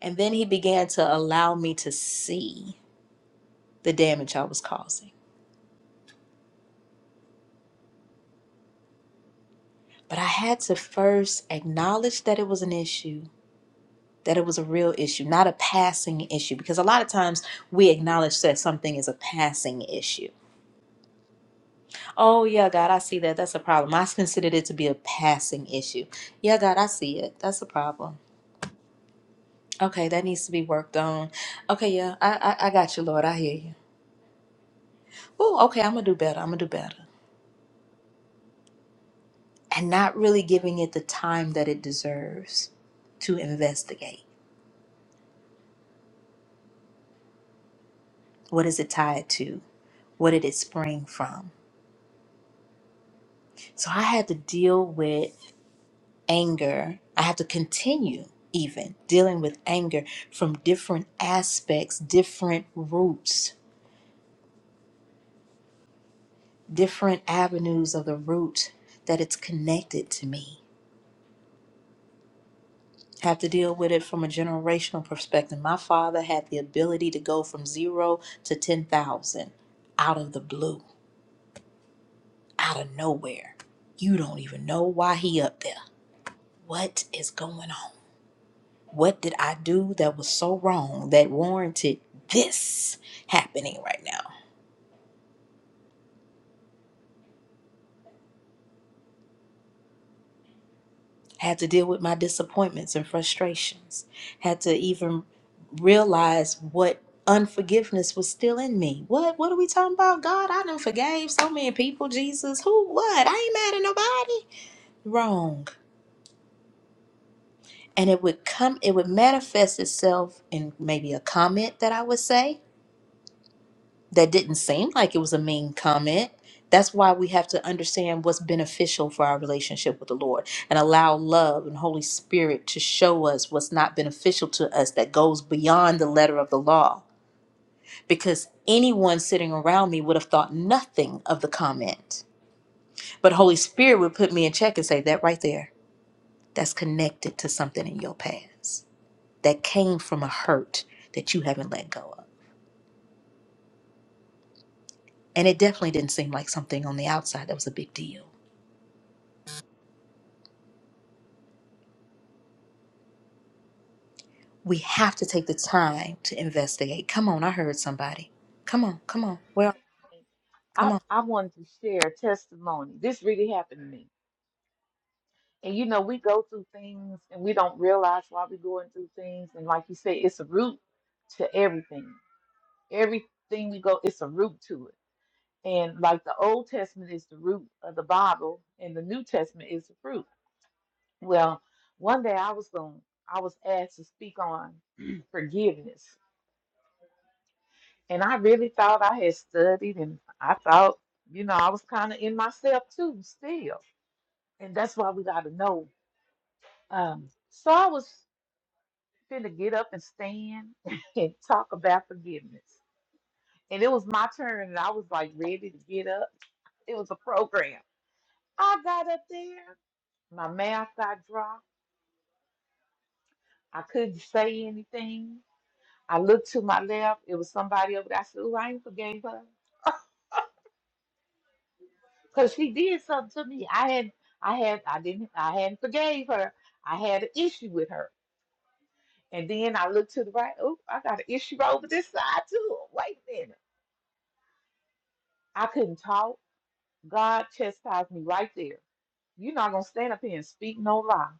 Speaker 1: And then he began to allow me to see the damage I was causing. But I had to first acknowledge that it was an issue that it was a real issue, not a passing issue. Because a lot of times we acknowledge that something is a passing issue. Oh, yeah, God, I see that. That's a problem. I considered it to be a passing issue. Yeah, God, I see it. That's a problem. Okay, that needs to be worked on. Okay, yeah, I, I, I got you, Lord. I hear you. Oh, okay, I'm going to do better. I'm going to do better. And not really giving it the time that it deserves to investigate. What is it tied to? What did it spring from? So I had to deal with anger. I have to continue even dealing with anger from different aspects, different roots, different avenues of the root that it's connected to me. I have to deal with it from a generational perspective. My father had the ability to go from zero to 10,000 out of the blue, out of nowhere. You don't even know why he up there. What is going on? What did I do that was so wrong that warranted this happening right now? Had to deal with my disappointments and frustrations. Had to even realize what unforgiveness was still in me. What what are we talking about? God, I done forgave so many people, Jesus. Who what? I ain't mad at nobody. Wrong. And it would come it would manifest itself in maybe a comment that I would say that didn't seem like it was a mean comment. That's why we have to understand what's beneficial for our relationship with the Lord and allow love and Holy Spirit to show us what's not beneficial to us that goes beyond the letter of the law. Because anyone sitting around me would have thought nothing of the comment. But Holy Spirit would put me in check and say, That right there, that's connected to something in your past that came from a hurt that you haven't let go of. And it definitely didn't seem like something on the outside that was a big deal We have to take the time to investigate. Come on, I heard somebody. Come on, come on. Well, come
Speaker 5: I
Speaker 1: on.
Speaker 5: I wanted to share a testimony. This really happened to me. And you know, we go through things and we don't realize why we're going through things. And like you say, it's a root to everything. Everything we go, it's a root to it. And like the Old Testament is the root of the Bible, and the New Testament is the fruit. Well, one day I was going, I was asked to speak on forgiveness, and I really thought I had studied, and I thought, you know, I was kind of in myself too, still. And that's why we got to know um, so I was finna get up and stand and talk about forgiveness. And it was my turn, and I was like ready to get up. It was a program. I got up there, my mouth got dry. I couldn't say anything. I looked to my left. It was somebody over there. I said, "Ooh, I ain't forgave her, 'cause she did something to me. I had, I had, I didn't, I hadn't forgave her. I had an issue with her." And then I looked to the right. Oh, I got an issue over this side too. Wait a minute. I couldn't talk. God chastised me right there. You're not gonna stand up here and speak no lie.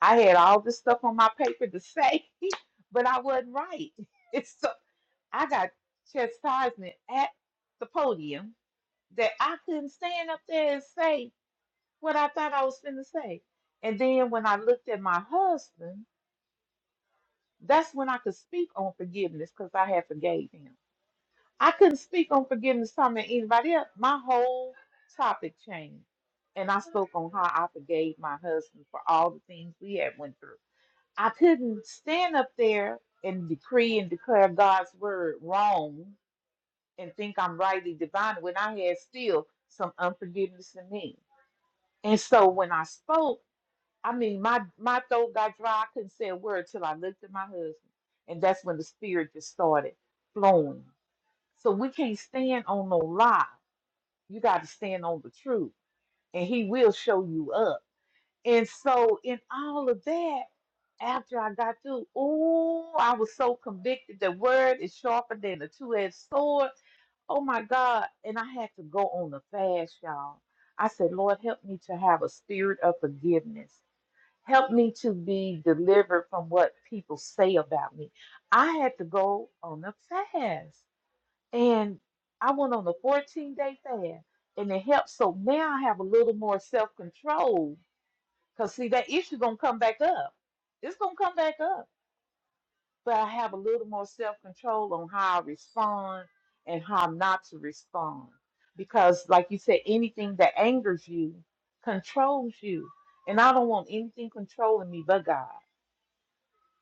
Speaker 5: I had all this stuff on my paper to say, but I wasn't right. It's so I got chastisement at the podium that I couldn't stand up there and say what I thought I was going to say. And then when I looked at my husband, that's when I could speak on forgiveness because I had forgave him. I couldn't speak on forgiveness talking to anybody else. My whole topic changed. And I spoke on how I forgave my husband for all the things we had went through. I couldn't stand up there and decree and declare God's word wrong and think I'm rightly divine when I had still some unforgiveness in me. And so when I spoke, I mean my my throat got dry. I couldn't say a word till I looked at my husband. And that's when the spirit just started flowing so we can't stand on no lie. You got to stand on the truth, and He will show you up. And so, in all of that, after I got through, oh, I was so convicted. The word is sharper than a two-edged sword. Oh my God. And I had to go on the fast, y'all. I said, Lord, help me to have a spirit of forgiveness. Help me to be delivered from what people say about me. I had to go on the fast. And I went on a 14 day fast and it helped. So now I have a little more self control. Cause see that issue gonna come back up. It's gonna come back up. But I have a little more self control on how I respond and how not to respond. Because like you said, anything that angers you controls you. And I don't want anything controlling me but God.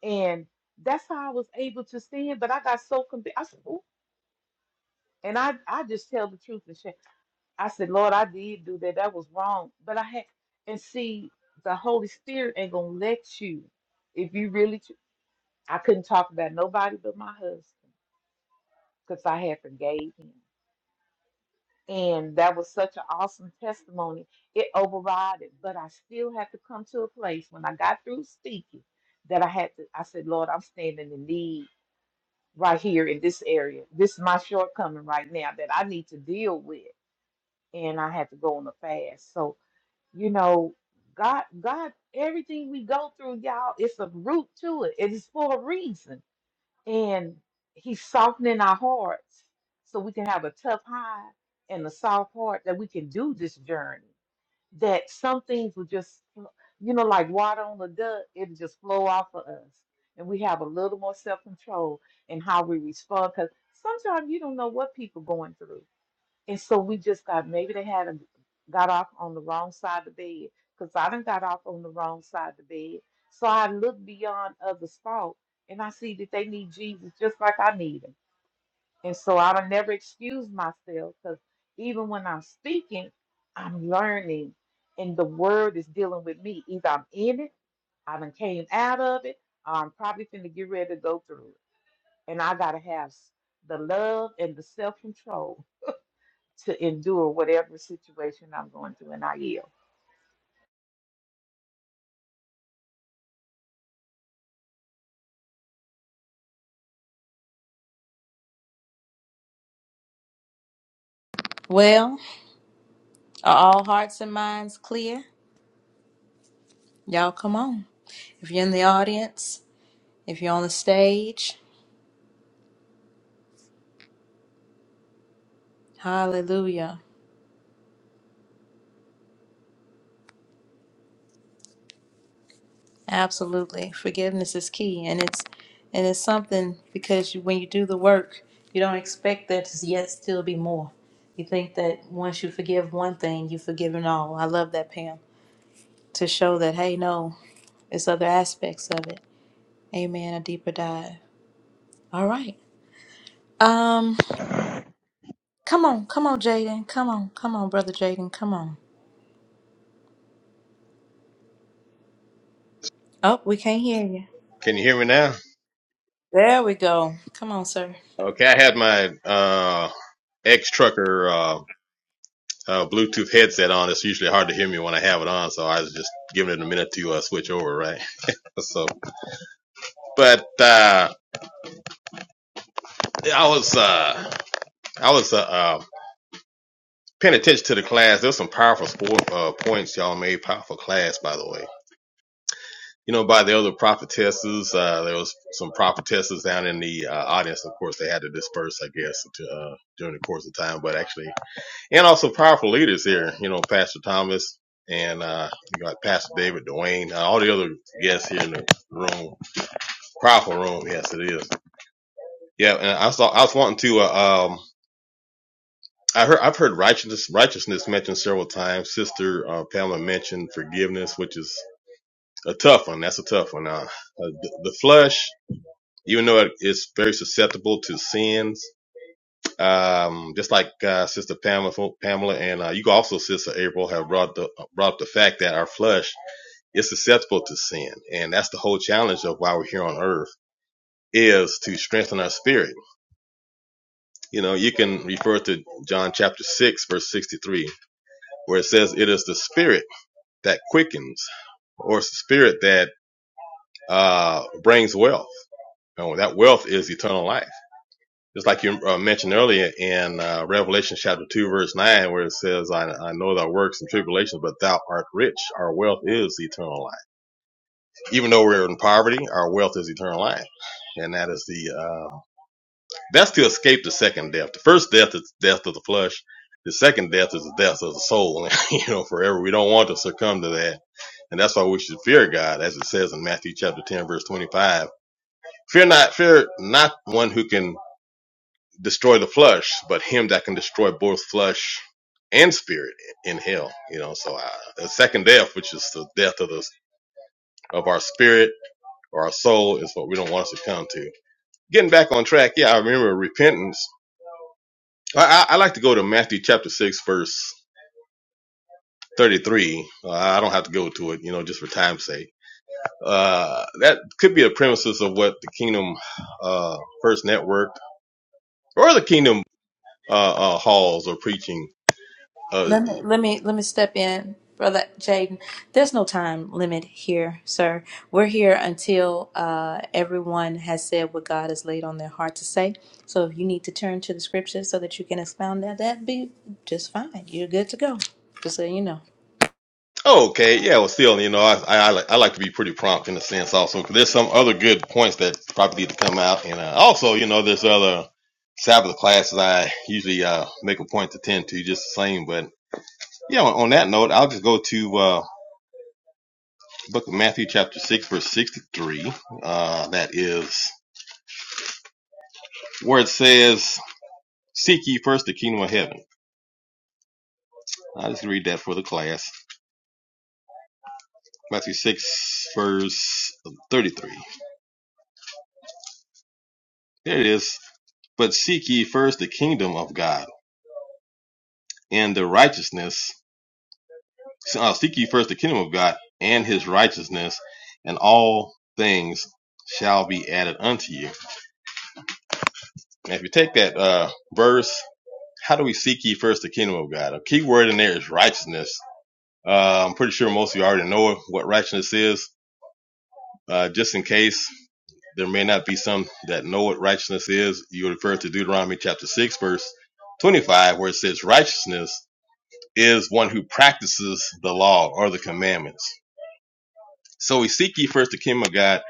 Speaker 5: And that's how I was able to stand. But I got so convicted. I said, "Ooh," and I, I just tell the truth and shame. I said, Lord, I did do that. That was wrong. But I had, and see, the Holy Spirit ain't gonna let you if you really. tr- I couldn't talk about nobody but my husband because I had forgave him, and that was such an awesome testimony. It overrided, but I still had to come to a place when I got through speaking that I had to. I said, Lord, I'm standing in need right here in this area. This is my shortcoming right now that I need to deal with, and I had to go on a fast. So you know, God, God, everything we go through, y'all, it's a root to it. It is for a reason. And He's softening our hearts so we can have a tough hide and a soft heart that we can do this journey. That some things will just, fl- you know, like water on a duck, it'll just flow off of us. And we have a little more self control in how we respond because sometimes you don't know what people going through and so we just got maybe they hadn't got off on the wrong side of the bed because I done got off on the wrong side of the bed. So I look beyond others' fault and I see that they need Jesus just like I need him. And so I don't never excuse myself because even when I'm speaking, I'm learning and the word is dealing with me. Either I'm in it, I done came out of it, or I'm probably finna get ready to go through it. And I gotta have s- the love and the self-control to endure whatever situation I'm going through, and I yield.
Speaker 1: Well, are all hearts and minds clear? Y'all come on. If you're in the audience, if you're on the stage, hallelujah. Absolutely. Forgiveness is key and it's and it's something because you, when you do the work, you don't expect there to yet still be more. You think that once you forgive one thing, you've forgiven all. I love that, Pam, to show that, hey, no, it's other aspects of it. Amen. A deeper dive. All right. Um, come on, come on, Jaden. Come on, come on, brother Jaden. Come on. Oh, we can't hear you.
Speaker 11: Can you hear me now?
Speaker 1: There we go. Come on, sir.
Speaker 11: Okay, I had my uh ex trucker uh, Bluetooth headset on. It's usually hard to hear me when I have it on, so I was just giving it a minute to uh, switch over, right? so, but uh, I was uh, I was uh, uh, paying attention to the class. There was some powerful sport, uh, points y'all made. Powerful class, by the way. You know, by the other prophetesses, uh, there was some prophetesses down in the uh, audience. Of course, they had to disperse, I guess, to, uh, during the course of time. But actually. and also powerful leaders here. You know, Pastor Thomas and uh, you got Pastor David, Dwayne, uh, all the other guests here in the room. Powerful room, yes, it is. Yeah, and I saw I was wanting to. Uh, um, I heard I've heard righteousness righteousness mentioned several times. Sister uh, Pamela mentioned forgiveness, which is a tough one. That's a tough one. Uh, uh, the, the flesh, even though it is very susceptible to sins, Um, just like uh, Sister Pamela, Pamela, and uh, you can also Sister April have brought the brought up the fact that our flesh is susceptible to sin, and that's the whole challenge of why we're here on earth is to strengthen our spirit. You know, you can refer to John chapter six, verse sixty-three, where it says, "It is the spirit that quickens, or it's the spirit that uh, brings wealth. You know, that wealth is eternal life." Just like you uh, mentioned earlier in uh, Revelation chapter 2 verse 9 where it says, I, I know thy works and tribulations, but thou art rich. Our wealth is eternal life. Even though we're in poverty, our wealth is eternal life. And that is the, uh, that's to escape the second death. The first death is death of the flesh. The second death is the death of the soul. you know, forever. We don't want to succumb to that. And that's why we should fear God, as it says in Matthew chapter 10, verse 25. Fear not, fear not one who can destroy the flesh, but him that can destroy both flesh and spirit in hell. You know, so uh, the second death, which is the death of the of our spirit or our soul, is what we don't want us to come to. Getting back on track, yeah, I remember repentance. I, I, I like to go to Matthew chapter six, verse thirty-three. Uh, I don't have to go to it, you know, just for time's sake. Uh, that could be the premises of what the Kingdom uh, First Network or the Kingdom uh, uh, halls are preaching Uh,
Speaker 1: Let me let me let me step in, brother Jaden. There's no time limit here, sir. We're here until uh, everyone has said what God has laid on their heart to say. So if you need to turn to the scriptures so that you can expound that, that'd be just fine. You're good to go. Just so you know.
Speaker 11: Oh, okay. Yeah. Well, still, you know, I, I, I like I like to be pretty prompt in a sense also 'cause there's some other good points that probably need to come out. And uh, also, you know, there's other Sabbath classes I usually uh, make a point to tend to just the same. But yeah, on, on that note, I'll just go to uh, book of Matthew chapter 6, verse 63. Uh, that is where it says, seek ye first the kingdom of heaven. I'll just read that for the class. Matthew 6, verse 33. There it is. But seek ye first the kingdom of God and the righteousness. Uh, seek ye first the kingdom of God and his righteousness, and all things shall be added unto you. And if you take that uh, verse, how do we seek ye first the kingdom of God? A key word in there is righteousness. Uh, I'm pretty sure most of you already know what righteousness is. Uh, just in case there may not be some that know what righteousness is, you refer to Deuteronomy chapter 6, verse 25, where it says righteousness is one who practices the law or the commandments. So we seek ye first the kingdom of God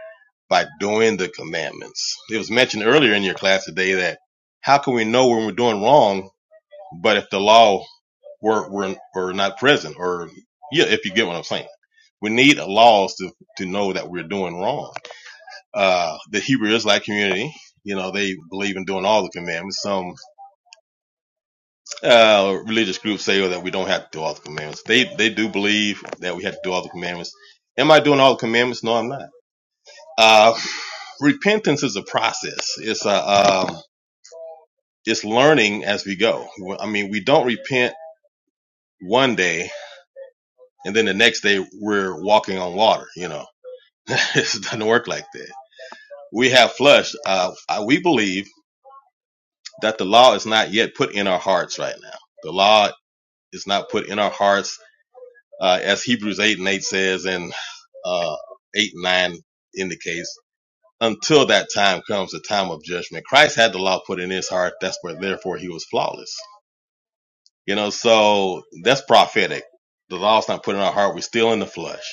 Speaker 11: by doing the commandments. It was mentioned earlier in your class today that how can we know when we're doing wrong, but if the law were were, were not present, or yeah, if you get what I'm saying. We need laws to, to know that we're doing wrong. Uh, the Hebrew Israelite community, you know, they believe in doing all the commandments. Some uh, religious groups say that we don't have to do all the commandments. They they do believe that we have to do all the commandments. Am I doing all the commandments? No, I'm not. Uh, repentance is a process. It's a um, it's learning as we go. I mean, we don't repent one day and then the next day we're walking on water. You know, it doesn't work like that. We have flushed. Uh, we believe that the law is not yet put in our hearts right now. The law is not put in our hearts, uh, as Hebrews eight and eight says, and uh, eight, nine indicates until that time comes the time of judgment. Christ had the law put in his heart. That's where, therefore, he was flawless. You know, so that's prophetic. The law's not put in our heart. We're still in the flesh.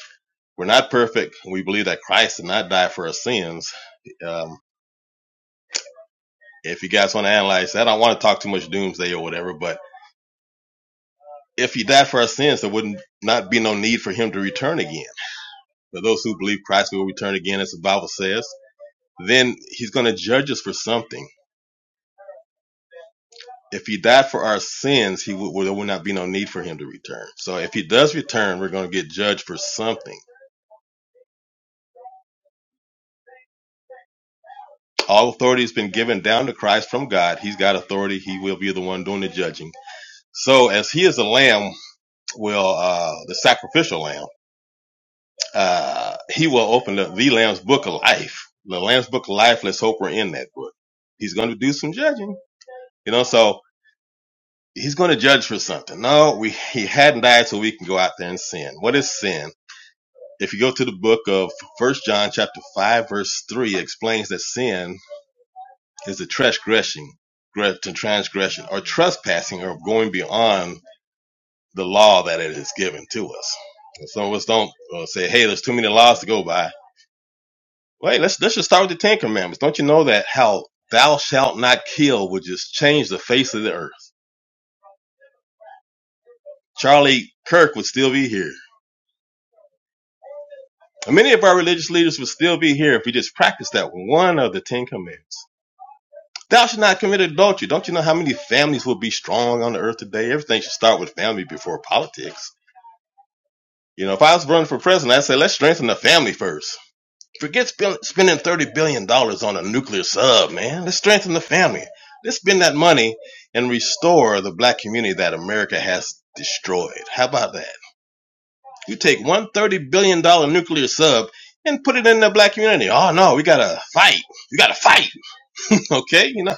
Speaker 11: We're not perfect. We believe that Christ did not die for our sins. Um, if you guys want to analyze that, I don't want to talk too much doomsday or whatever, but if he died for our sins, there wouldn't not be no need for him to return again. For those who believe Christ will return again, as the Bible says, then he's going to judge us for something if he died for our sins, he would, there would not be no need for him to return. So if he does return, we're going to get judged for something. All authority has been given down to Christ from God. He's got authority. He will be the one doing the judging. So as he is the lamb, well, uh, the sacrificial lamb, uh, he will open up the lamb's book of life. The lamb's book of life. Let's hope we're in that book. He's going to do some judging, you know. So he's going to judge for something. No, we he hadn't died, so we can go out there and sin. What is sin? If you go to the book of First John chapter five verse three, it explains that sin is a transgression, to transgression, or trespassing, or going beyond the law that it is given to us. And some of us don't uh, say, "Hey, there's too many laws to go by." Wait, let's let's just start with the Ten Commandments. Don't you know that how "Thou shalt not kill" would just change the face of the earth? Charlie Kirk would still be here. And many of our religious leaders would still be here if we just practiced that one of the Ten Commandments. Thou should not commit adultery. Don't you know how many families will be strong on the earth today? Everything should start with family before politics. You know, if I was running for president, I'd say let's strengthen the family first. Forget spend, spending thirty billion dollars on a nuclear sub, man. Let's strengthen the family. Let's spend that money and restore the black community that America has destroyed. How about that? You take one thirty billion dollar nuclear sub and put it in the black community. Oh no, we gotta fight. We gotta fight. Okay, you know,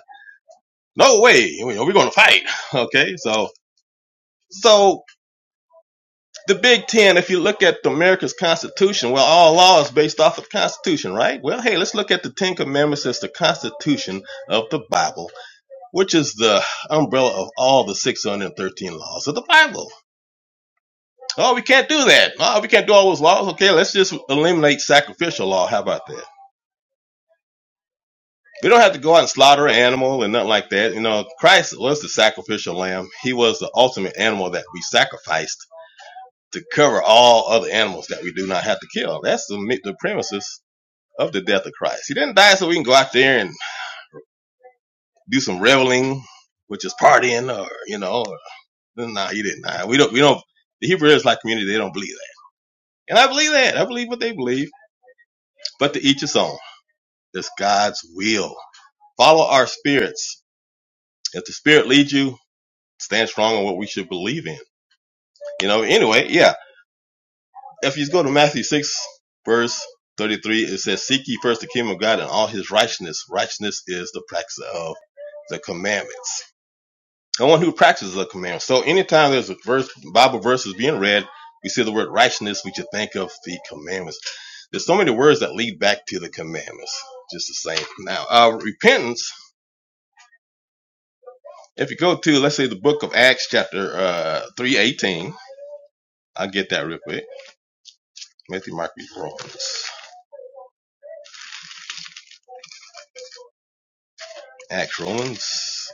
Speaker 11: no way. You we're gonna fight. Okay, so So the Big Ten, if you look at America's Constitution, well, all law is based off of the Constitution, right? Well, hey, let's look at the Ten Commandments as the Constitution of the Bible, which is the umbrella of all the 613 laws of the Bible. Oh, we can't do that. Oh, we can't do all those laws. Okay, let's just eliminate sacrificial law. How about that? We don't have to go out and slaughter an animal and nothing like that. You know, Christ was the sacrificial lamb. He was the ultimate animal that we sacrificed to cover all other animals that we do not have to kill. That's the, the premises of the death of Christ. He didn't die so we can go out there and do some reveling, which is partying, or you know, no, nah, he didn't. Nah, we don't. We don't. The Hebrew Israelite community they don't believe that, and I believe that. I believe what they believe. But to each his own. It's God's will. Follow our spirits. If the spirit leads you, stand strong on what we should believe in. You know. Anyway, yeah. If you go to Matthew 6, verse 33, it says, Seek ye first the kingdom of God and all his righteousness. Righteousness is the practice of the commandments. The one who practices the commandments. So anytime there's a verse, Bible verse is being read, we see the word righteousness, we should think of the commandments. There's so many words that lead back to the commandments, just the same. Now, uh, repentance, if you go to, let's say, the book of Acts, chapter uh, 318, I'll get that real quick. Matthew, Mark, Luke, Romans. Acts, Romans.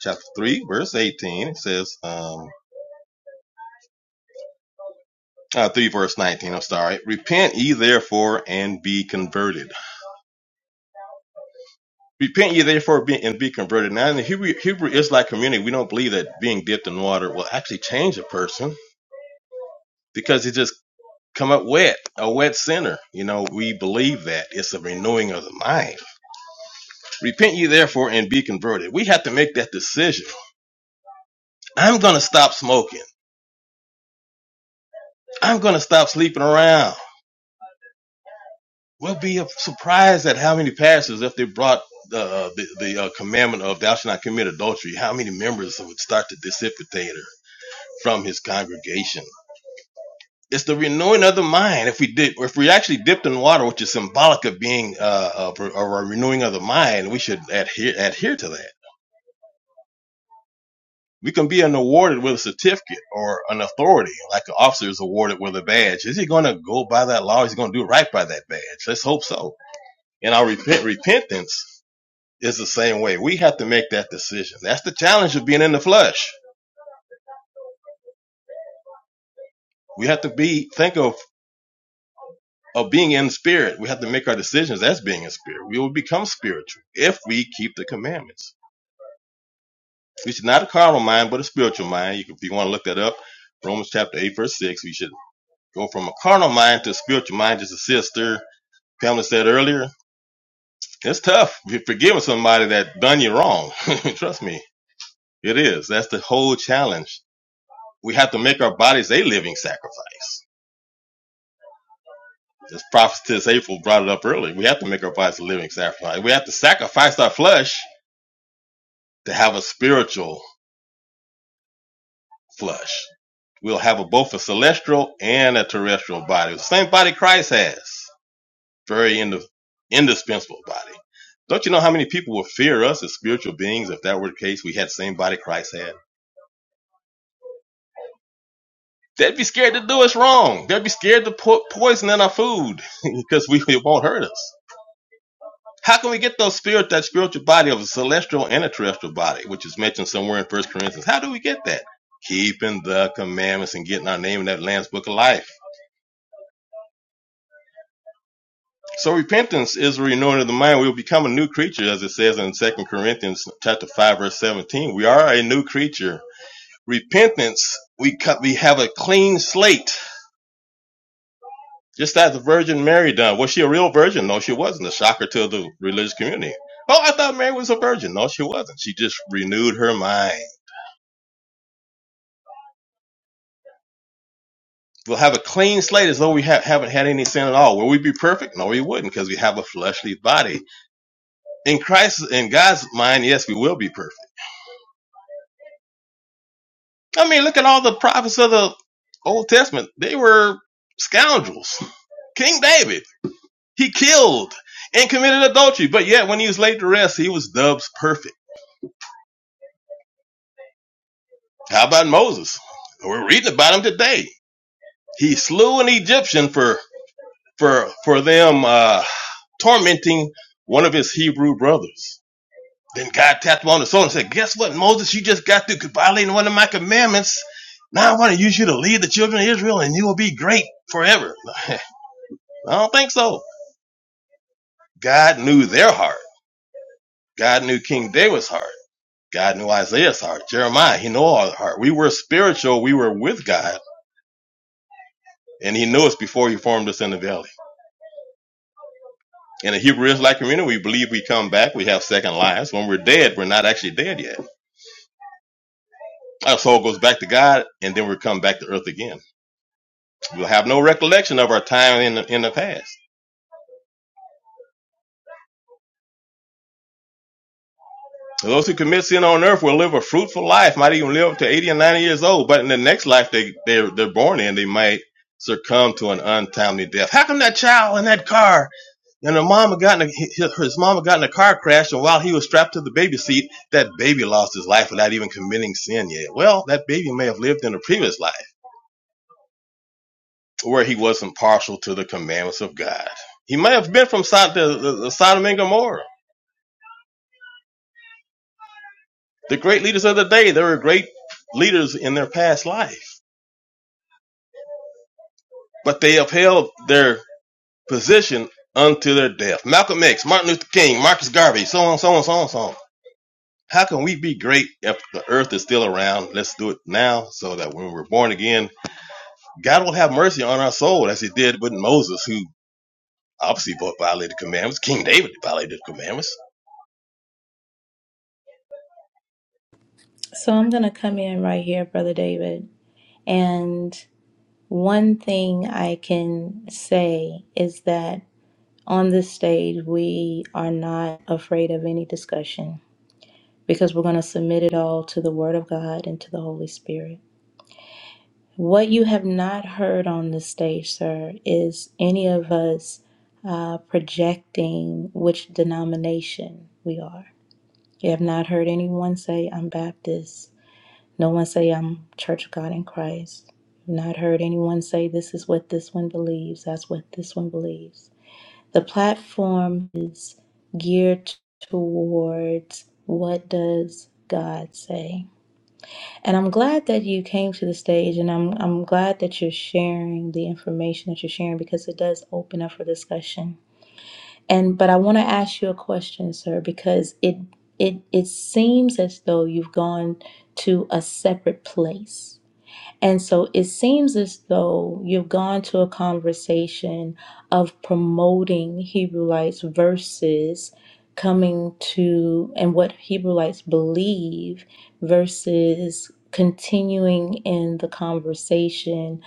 Speaker 11: chapter 3, verse 18. It says, um, uh, 3 verse 19, I'm sorry. Repent ye therefore and be converted. Repent ye therefore be, and be converted. Now, in the Hebrew, Hebrew Israelite community, we don't believe that being dipped in water will actually change a person because it just come up wet, a wet sinner. You know, we believe that. It's a renewing of the mind. Repent ye therefore and be converted. We have to make that decision. I'm going to stop smoking. I'm going to stop sleeping around. We'll be surprised at how many pastors, if they brought the uh, the, the uh, commandment of thou shalt not commit adultery, how many members would start to dissipate her from his congregation. It's the renewing of the mind. If we did, if we actually dipped in water, which is symbolic of being uh, of, of a renewing of the mind, we should adhere adhere to that. We can be an awarded with a certificate or an authority, like an officer is awarded with a badge. Is he going to go by that law? Is he going to do right by that badge? Let's hope so. In our repent repentance, It's the same way. We have to make that decision. That's the challenge of being in the flesh. We have to be think of of being in spirit. We have to make our decisions as being in spirit. We will become spiritual if we keep the commandments. We should not a carnal mind, but a spiritual mind. You can, if you want to look that up, Romans chapter eight, verse six. We should go from a carnal mind to a spiritual mind. Just a sister Pamela said earlier. It's tough You're forgiving somebody that done you wrong. Trust me, it is. That's the whole challenge. We have to make our bodies a living sacrifice This prophetess April brought it up early. We have to make our bodies a living sacrifice. We have to sacrifice our flesh to have a spiritual flesh. We'll have a, both a celestial and a terrestrial body. The same body Christ has. Very ind- indispensable body. Don't you know how many people would fear us as spiritual beings if that were the case? We had the same body Christ had. They'd be scared to do us wrong. They'd be scared to put poison in our food because we, it won't hurt us. How can we get those spirit, that spiritual body of a celestial and a terrestrial body, which is mentioned somewhere in First Corinthians? How do we get that? Keeping the commandments and getting our name in that Lamb's Book of Life. So repentance is a renewing of the mind. We'll become a new creature, as it says in Second Corinthians chapter five, verse seventeen. We are a new creature. Repentance, we cut, we have a clean slate, just as the Virgin Mary done. Was she a real virgin? No, she wasn't. A shocker to the religious community. Oh, I thought Mary was a virgin. No, she wasn't. She just renewed her mind. We'll have a clean slate as though we ha- haven't had any sin at all. Will we be perfect? No, we wouldn't because we have a fleshly body. In Christ, in God's mind, yes, we will be perfect. I mean, look at all the prophets of the Old Testament. They were scoundrels. King David, he killed and committed adultery, but yet when he was laid to rest, he was dubbed perfect. How about Moses? We're reading about him today. He slew an Egyptian for for for them uh, tormenting one of his Hebrew brothers. Then God tapped him on the shoulder and said, Guess what, Moses? You just got through violating one of my commandments. Now I want to use you to lead the children of Israel and you will be great forever. I don't think so. God knew their heart. God knew King David's heart. God knew Isaiah's heart. Jeremiah, he knew our heart. We were spiritual. We were with God. And he knew us before he formed us in the valley. In the Hebrew Israelite community, we believe we come back. We have second lives. When we're dead, we're not actually dead yet. Our soul goes back to God and then we come back to earth again. will have no recollection of our time in the, in the past. Those who commit sin on earth will live a fruitful life, might even live to 80 and 90 years old, but in the next life they, they're, they're born in, they might succumb to an untimely death. How come that child in that car and her mama got in a, his, his mama got in a car crash and while he was strapped to the baby seat, that baby lost his life without even committing sin yet? Well, that baby may have lived in a previous life where he wasn't partial to the commandments of God. He may have been from Sod- the, the, the Sodom and Gomorrah The great leaders of the day, they were great leaders in their past life, but they upheld their position unto their death. Malcolm X, Martin Luther King, Marcus Garvey, so on, so on, so on, so on. How can we be great if the earth is still around? Let's do it now so that when we're born again, God will have mercy on our soul as he did with Moses, who obviously violated the commandments. King David violated the commandments.
Speaker 1: So I'm gonna come in right here, brother David, and One thing I can say is that on this stage, we are not afraid of any discussion because we're going to submit it all to the Word of God and to the Holy Spirit. What you have not heard on the stage, sir, is any of us uh, projecting which denomination we are. You have not heard anyone say, I'm Baptist. No one say I'm Church of God in Christ. I've not heard anyone say this is what this one believes, that's what this one believes. The platform is geared towards what does God say? And I'm glad that you came to the stage and I'm I'm glad that you're sharing the information that you're sharing because it does open up for discussion. And but I want to ask you a question, sir, because it it it seems as though you've gone to a separate place and so it seems as though you've gone to a conversation of promoting Hebrewites versus coming to and what Hebrewites believe versus continuing in the conversation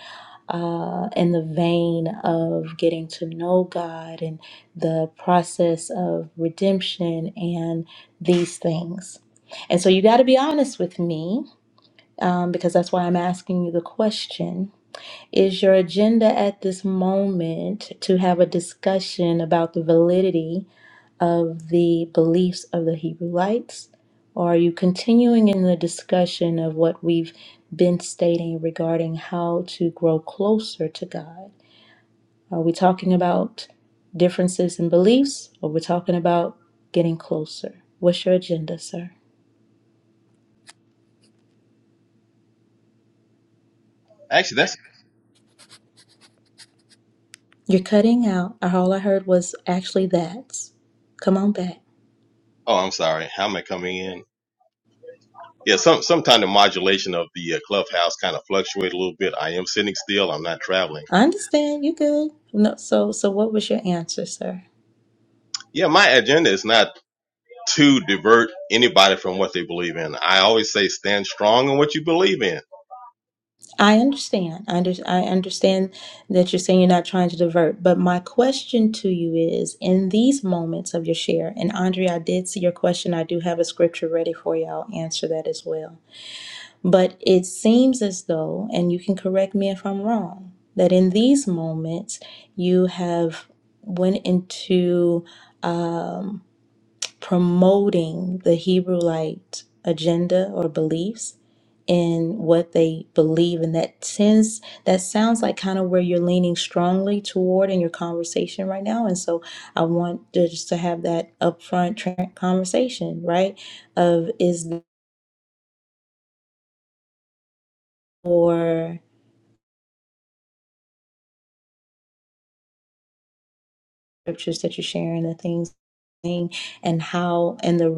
Speaker 1: uh, in the vein of getting to know God and the process of redemption and these things. And so you got to be honest with me um, because that's why I'm asking you the question. Is your agenda at this moment to have a discussion about the validity of the beliefs of the Hebrewites? Or are you continuing in the discussion of what we've been stating regarding how to grow closer to God? Are we talking about differences in beliefs or we're talking about getting closer? What's your agenda, sir?
Speaker 11: Actually, that's,
Speaker 1: You're cutting out. All I heard was actually that's. Come on back.
Speaker 11: oh, I'm sorry. How am I coming in? Yeah, some some the modulation of the uh, clubhouse kind of fluctuate a little bit. I am sitting still. I'm not traveling.
Speaker 1: I understand. You good? No. So, so what was your answer, sir?
Speaker 11: Yeah, my agenda is not to divert anybody from what they believe in. I always say stand strong in what you believe in.
Speaker 1: I understand. I, under, I understand that you're saying you're not trying to divert. But my question to you is, in these moments of your share, and Andrea, I did see your question. I do have a scripture ready for you. I'll answer that as well. But it seems as though, and you can correct me if I'm wrong, that in these moments you have went into um, promoting the Hebrewite agenda or beliefs in what they believe, and that tends that sounds like kind of where you're leaning strongly toward in your conversation right now. And so I want to, just to have that upfront tra- conversation, right? Of is for scriptures that you're sharing, the things, and how, and the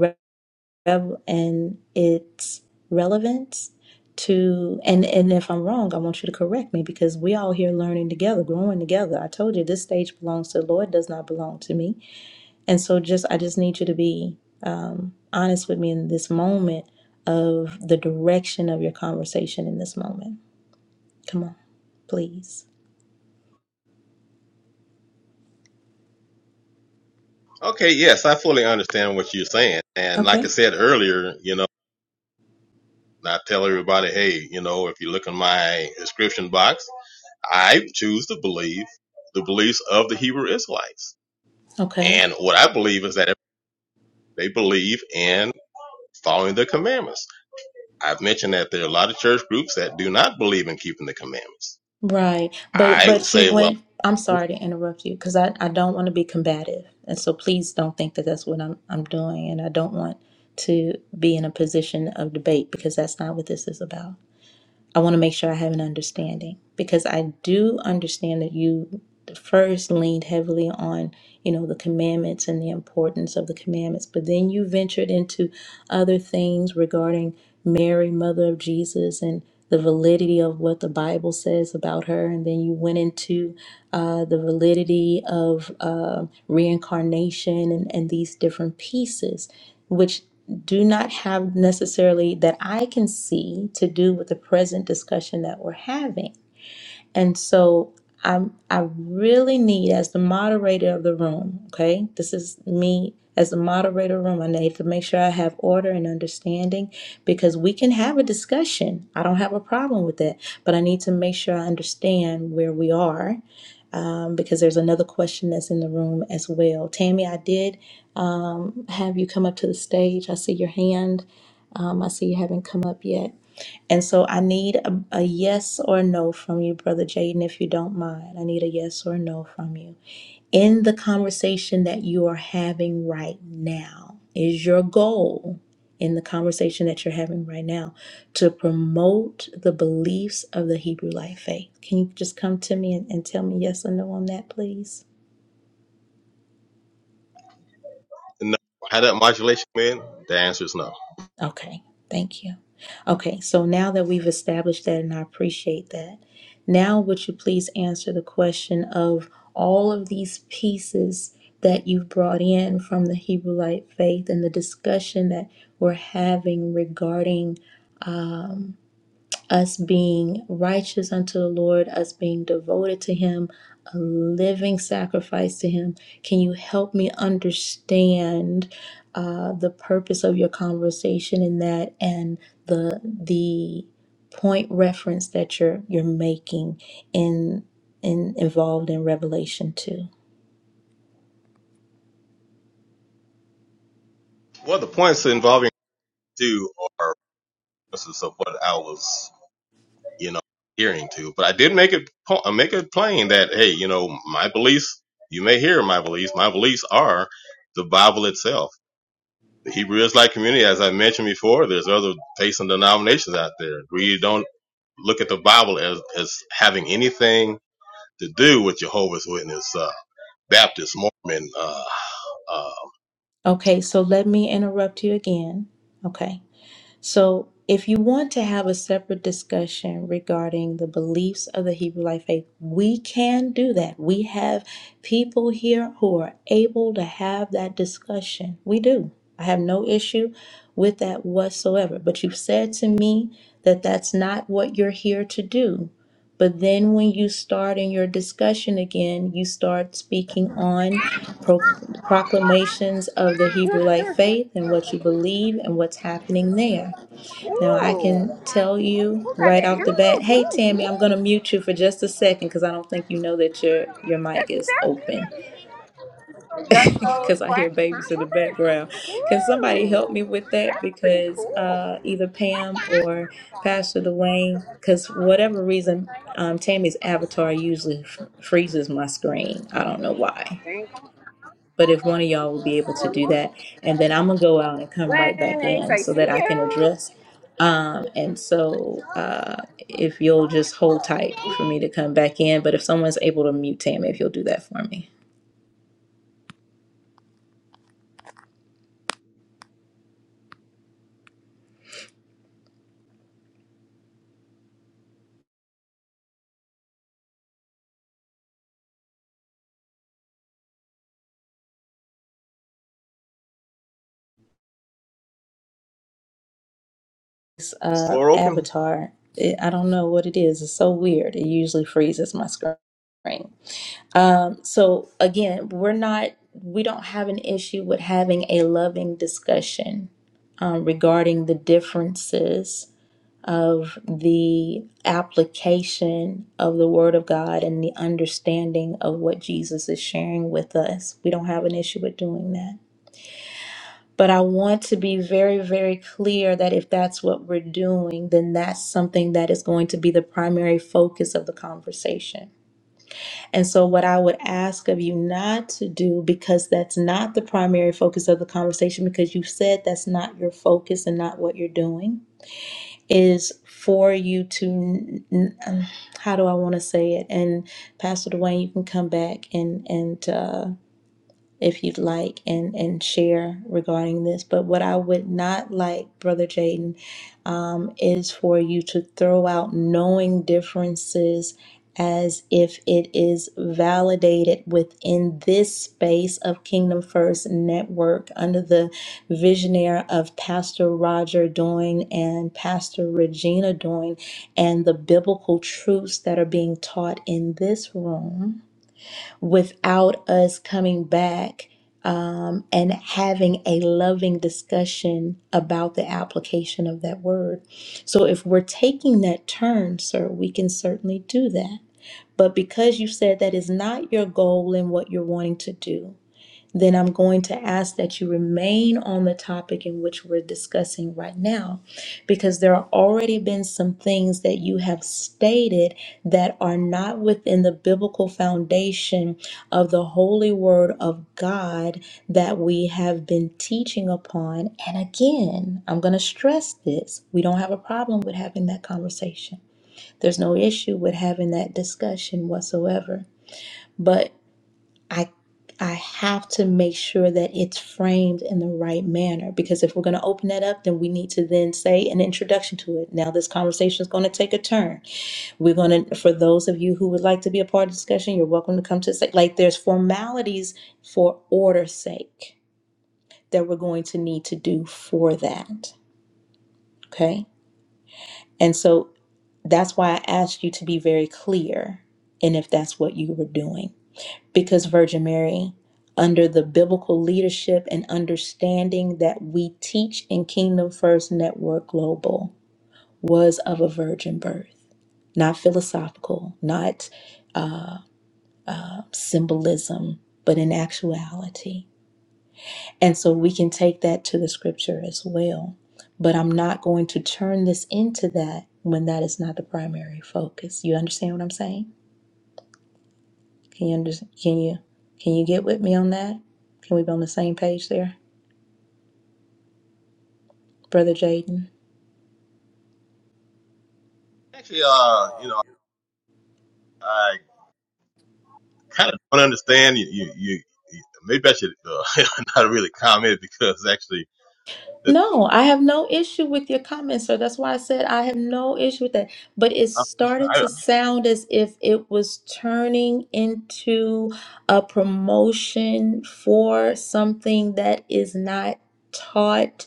Speaker 1: rev, and its relevance to, and and if I'm wrong, I want you to correct me because we all here learning together, growing together. I told you this stage belongs to the Lord, does not belong to me, and so just I just need you to be um, honest with me in this moment of the direction of your conversation in this moment. Come on, please.
Speaker 11: Okay, yes, I fully understand what you're saying. And like I
Speaker 1: Okay.
Speaker 11: said earlier, you know, I tell everybody, hey, you know, if you look in my description box. I choose to believe the beliefs of the Hebrew Israelites.
Speaker 1: Okay.
Speaker 11: And what I believe is that they believe in following the commandments. I've mentioned that there are a lot of church groups that do not believe in keeping the commandments.
Speaker 1: Right. But
Speaker 11: I would
Speaker 1: but you
Speaker 11: say, well,
Speaker 1: went I'm sorry to interrupt you because I, I don't want to be combative. And so please don't think that that's what I'm I'm doing and I don't want to be in a position of debate because that's not what this is about. I want to make sure I have an understanding because I do understand that you first leaned heavily on, you know, the commandments and the importance of the commandments, but then you ventured into other things regarding Mary, mother of Jesus, and the validity of what the Bible says about her, and then you went into uh, the validity of uh, reincarnation and, and these different pieces which do not have necessarily that I can see to do with the present discussion that we're having. And so I'm I really need as the moderator of the room, okay? This is me as the moderator of the room. I need to make sure I have order and understanding because we can have a discussion. I don't have a problem with that, but I need to make sure I understand where we are. Um, because there's another question that's in the room as well. Tammy, I did um, have you come up to the stage. I see your hand. Um, I see you haven't come up yet. And so I need a, a yes or no from you, Brother Jaden, if you don't mind. I need a yes or no from you. In the conversation that you are having right now, is your goal in the conversation that you're having right now to promote the beliefs of the Hebrew life faith? Can you just come to me and, and tell me yes or no on that, please?
Speaker 11: no. How that modulation man? The answer is no.
Speaker 1: Okay, thank you. Okay, so now that we've established that, and I appreciate that, now would you please answer the question of all of these pieces that you've brought in from the Hebrew Light faith and the discussion that we're having regarding us being righteous unto the Lord, us being devoted to Him, a living sacrifice to Him. Can you help me understand uh, the purpose of your conversation in that and the the point reference that you're you're making in in involved in Revelation two?
Speaker 11: Well, the points involving two are pieces of what I was, you know, hearing to. But I did make it po- uh, make it plain that hey, you know, my beliefs. You may hear my beliefs. My beliefs are the Bible itself the Hebrew Israelite community, as I mentioned before, there's other faiths and denominations out there. We don't look at the Bible as, as having anything to do with Jehovah's Witness, uh, Baptist, Mormon. Uh, uh,
Speaker 1: Okay, so let me interrupt you again. Okay. So, if you want to have a separate discussion regarding the beliefs of the Hebrew Life Faith, we can do that. We have people here who are able to have that discussion. We do. I have no issue with that whatsoever. But you've said to me that that's not what you're here to do. But then when you start in your discussion again, you start speaking on pro- proclamations of the Hebrew Life Faith and what you believe and what's happening there. Now I
Speaker 12: Ooh,
Speaker 1: can tell you
Speaker 12: who got
Speaker 1: right
Speaker 12: that
Speaker 1: off the bat,
Speaker 12: animals?
Speaker 1: hey
Speaker 12: Wings,
Speaker 1: Tammy, I'm gonna
Speaker 12: wings.
Speaker 1: mute you for just a second because I don't think you know that your your mic
Speaker 12: That's
Speaker 1: is open
Speaker 12: exactly Duck toes,
Speaker 1: because I hear
Speaker 12: quack, huh,
Speaker 1: babies in the
Speaker 12: Robert?
Speaker 1: background. Can somebody help
Speaker 12: Ooh,
Speaker 1: me with that?
Speaker 12: that's pretty
Speaker 1: Because
Speaker 12: cool.
Speaker 1: uh, either Pam or Pastor Dwayne, because whatever reason, um, Tammy's avatar usually f- freezes my screen. I don't know why.
Speaker 12: Thank you.
Speaker 1: But if one of y'all would be able to do that, and then I'm gonna go out and come right back
Speaker 12: Lennox,
Speaker 1: in
Speaker 12: I
Speaker 1: so that
Speaker 12: see
Speaker 1: I can
Speaker 12: you.
Speaker 1: address. Um, and so uh, if you'll just hold tight for me to come back in, but if someone's able to mute Tam, if you'll do that for me.
Speaker 11: is the
Speaker 1: Uh,
Speaker 11: floor open?
Speaker 1: Avatar, it, I don't know what it is. It's so weird. It usually freezes my screen. Um, so again, we're not. We don't have an issue with having a loving discussion um, regarding the differences of the application of the Word of God and the understanding of what Jesus is sharing with us. We don't have an issue with doing that. But I want to be very, very clear that if that's what we're doing, then that's something that is going to be the primary focus of the conversation. And so, what I would ask of you not to do, because that's not the primary focus of the conversation, because you said that's not your focus and not what you're doing, is for you to n- n- um, how do I want to say it? And Pastor Dwayne, you can come back and and. uh, if you'd like and and share regarding this but what i would not like brother jaden um, is for you to throw out knowing differences as if it is validated within this space of kingdom first network under the visionary of pastor roger doyne and pastor regina doyne and the biblical truths that are being taught in this room without us coming back um, and having a loving discussion about the application of that word. So, if we're taking that turn, sir, we can certainly do that. But because you said that is not your goal and what you're wanting to do, then I'm going to ask that you remain on the topic in which we're discussing right now, because there have already been some things that you have stated that are not within the biblical foundation of the holy word of God that we have been teaching upon. And again, I'm going to stress this we don't have a problem with having that conversation, there's no issue with having that discussion whatsoever. But I I have to make sure that it's framed in the right manner because if we're going to open that up, then we need to then say an introduction to it. Now this conversation is going to take a turn. We're going to, for those of you who would like to be a part of the discussion, you're welcome to come to say like there's formalities for order's sake that we're going to need to do for that. Okay, and so that's why I asked you to be very clear, and if that's what you were doing. because Virgin Mary, under the biblical leadership and understanding that we teach in Kingdom First Network Global, was of a virgin birth. Not philosophical, not symbolism, but in actuality. And so we can take that to the scripture as well. But I'm not going to turn this into that when that is not the primary focus. You understand what I'm saying? Can you under, can you can you get with me on that? Can we be on the same page there, brother Jaden?
Speaker 11: Actually, uh, you know, I kind of don't understand. You, you, you you- maybe I should uh, not really comment because actually, the,
Speaker 1: No, I have no issue with your comments, sir. That's why I said I have no issue with that. But it
Speaker 11: I,
Speaker 1: started
Speaker 11: I,
Speaker 1: to sound as if it was turning into a promotion for something that is not taught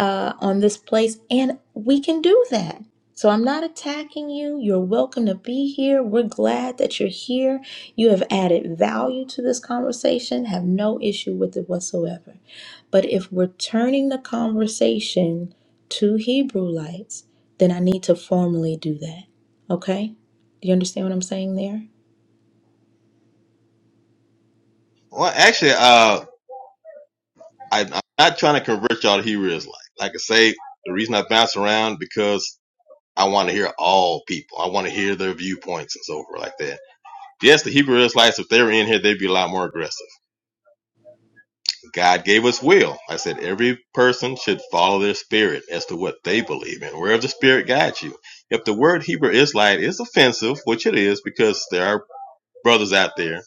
Speaker 1: uh, on this place, and we can do that. So I'm not attacking you. You're welcome to be here. We're glad that you're here. You have added value to this conversation. Have no issue with it whatsoever. But if we're turning the conversation to Hebrewites, then I need to formally do that. Okay? Do you understand what I'm saying there?
Speaker 11: well, actually, uh, I, I'm not trying to convert y'all to Hebrew Israelite. Like I say, the reason I bounce around because I want to hear all people. I want to hear their viewpoints and so forth like that. Yes, the Hebrew Israelites, if they were in here, they'd be a lot more aggressive. God gave us will. I said every person should follow their spirit as to what they believe in, wherever the spirit guides you. If the word Hebrew Israelite is offensive, which it is, because there are brothers out there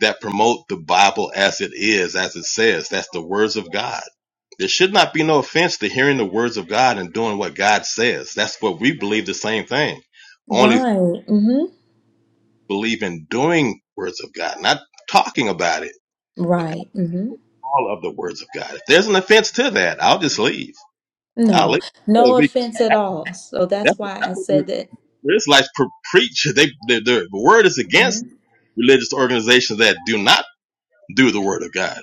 Speaker 11: that promote the Bible as it is, as it says, that's the words of God. There should not be no offense to hearing the words of God and doing what God says. That's what we believe the same thing only.
Speaker 1: Right. Mm-hmm.
Speaker 11: believe in doing words of God, not talking about it, but
Speaker 1: Right. Mm-hmm.
Speaker 11: all of the words of God. If there's an offense to that, I'll just leave. I'll
Speaker 1: No.
Speaker 11: leave.
Speaker 1: No offense at all. So that's
Speaker 11: That's,
Speaker 1: why I
Speaker 11: that's what
Speaker 1: said that.
Speaker 11: the Israelites pre- preach. They, they, the word is
Speaker 1: Mm-hmm.
Speaker 11: against religious organizations that do not do the word of God.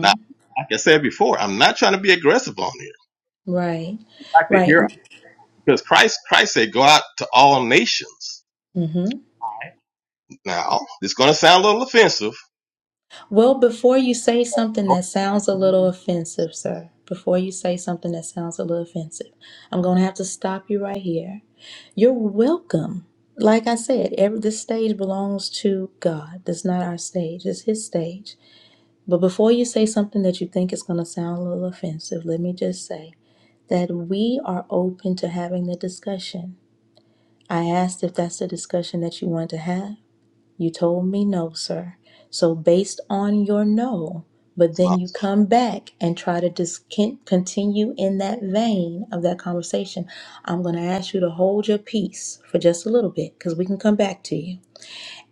Speaker 11: Now, like I said before, I'm not trying to be aggressive on here.
Speaker 1: Right.
Speaker 11: I like to hear
Speaker 1: Right.
Speaker 11: because Christ, Christ said, "Go out to all nations."
Speaker 1: Mm-hmm.
Speaker 11: Now, it's going to sound a little offensive.
Speaker 1: Well, before you say something that sounds a little
Speaker 11: No,
Speaker 1: offensive, sir, before you say something that sounds a little offensive, I'm going to have to stop you right here. You're welcome. Like I said, every this stage belongs to God. This is not our stage. It's his stage. But before you say something that you think is going to sound a little offensive, let me just say that we are open to having the discussion. I asked if that's the discussion that you want to have. You told me no, sir. So, based on your no, but then you come back and try to just con- continue in that vein of that conversation, I'm going to ask you to hold your peace for just a little bit because we can come back to you.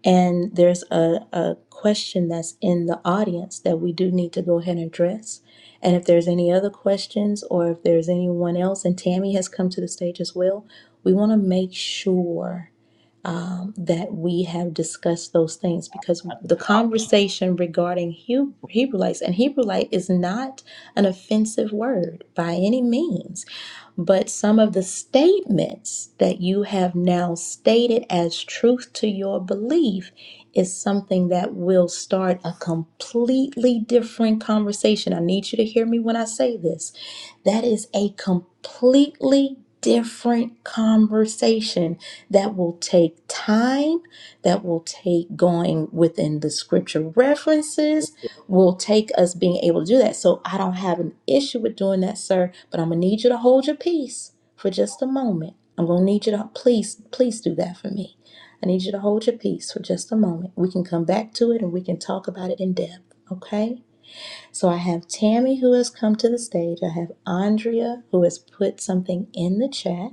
Speaker 1: And there's a, a question that's in the audience that we do need to go ahead and address. And if there's any other questions or if there's anyone else, and Tammy has come to the stage as well, we want to make sure that we have discussed those things because
Speaker 11: I
Speaker 1: the
Speaker 11: think
Speaker 1: conversation regarding Hebrew, Hebrewlites and Hebrewite is not an offensive word by any means, but some of the statements that you have now stated as truth to your belief is something that will start a completely different conversation. I need you to hear me when I say this that is a completely different conversation that will take time, that will take going within the scripture references, will take us being able to do that. So I don't have an issue with doing that, sir, but I'm going to need you to hold your peace for just a moment. I'm going to need you to please, please do that for me. I need you to hold your peace for just a moment. We can come back to it and we can talk about it in depth, okay? So I have Tammy who has come to the stage. I have Andrea who has put something in the chat.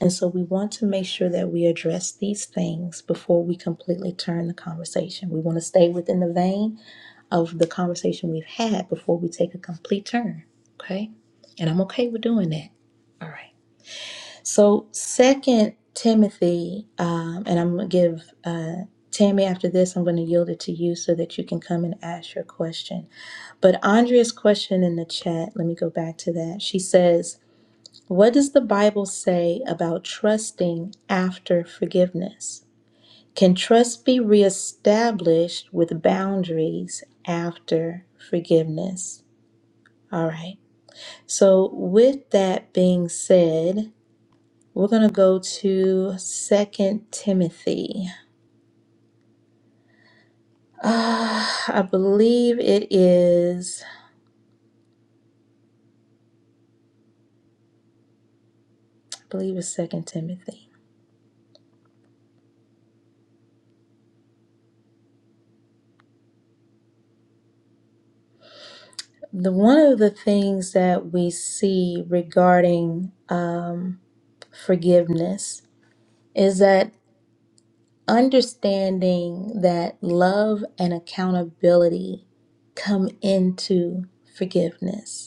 Speaker 1: And so we want to make sure that we address these things before we completely turn the conversation. We want to stay within the vein of the conversation we've had before we take a complete turn. Okay? And I'm okay with doing that. All right. So, second Timothy, um, and I'm going to give uh, Tammy after this, I'm going to yield it to you so that you can come and ask your question. But Andrea's question in the chat, let me go back to that. She says, What does the Bible say about trusting after forgiveness? Can trust be reestablished with boundaries after forgiveness? All right. So, with that being said, we're going to go to Second Timothy. Ah, I believe it is, I believe it's Second Timothy. The one of the things that we see regarding um, forgiveness is that understanding that love and accountability come into forgiveness.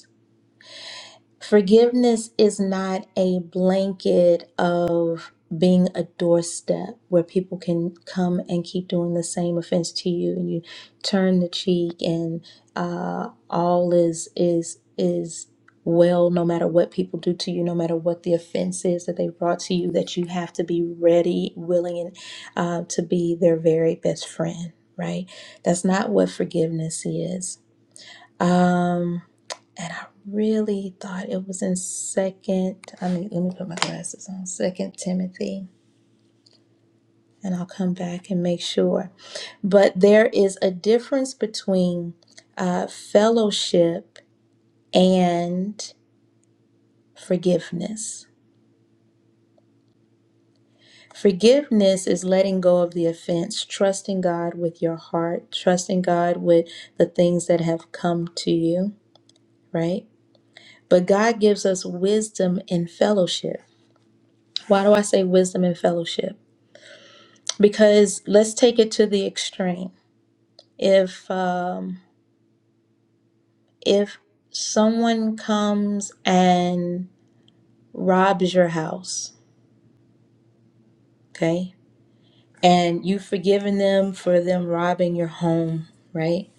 Speaker 1: Forgiveness is not a blanket of being a doorstep where people can come and keep doing the same offense to you, and you turn the cheek, and uh, all is is is well, no matter what people do to you, no matter what the offense is that they brought to you, that you have to be ready, willing, and uh, to be their very best friend. Right? That's not what forgiveness is. Um, and I really thought it was in second. I mean, let me put my glasses on. Second Timothy, and I'll come back and make sure. But there is a difference between uh, fellowship and forgiveness. Forgiveness is letting go of the offense, trusting God with your heart, trusting God with the things that have come to you, right? But God gives us wisdom and fellowship. Why do I say wisdom and fellowship? because let's take it to the extreme if um if someone comes and robs your house okay and you've forgiven them for them robbing your home right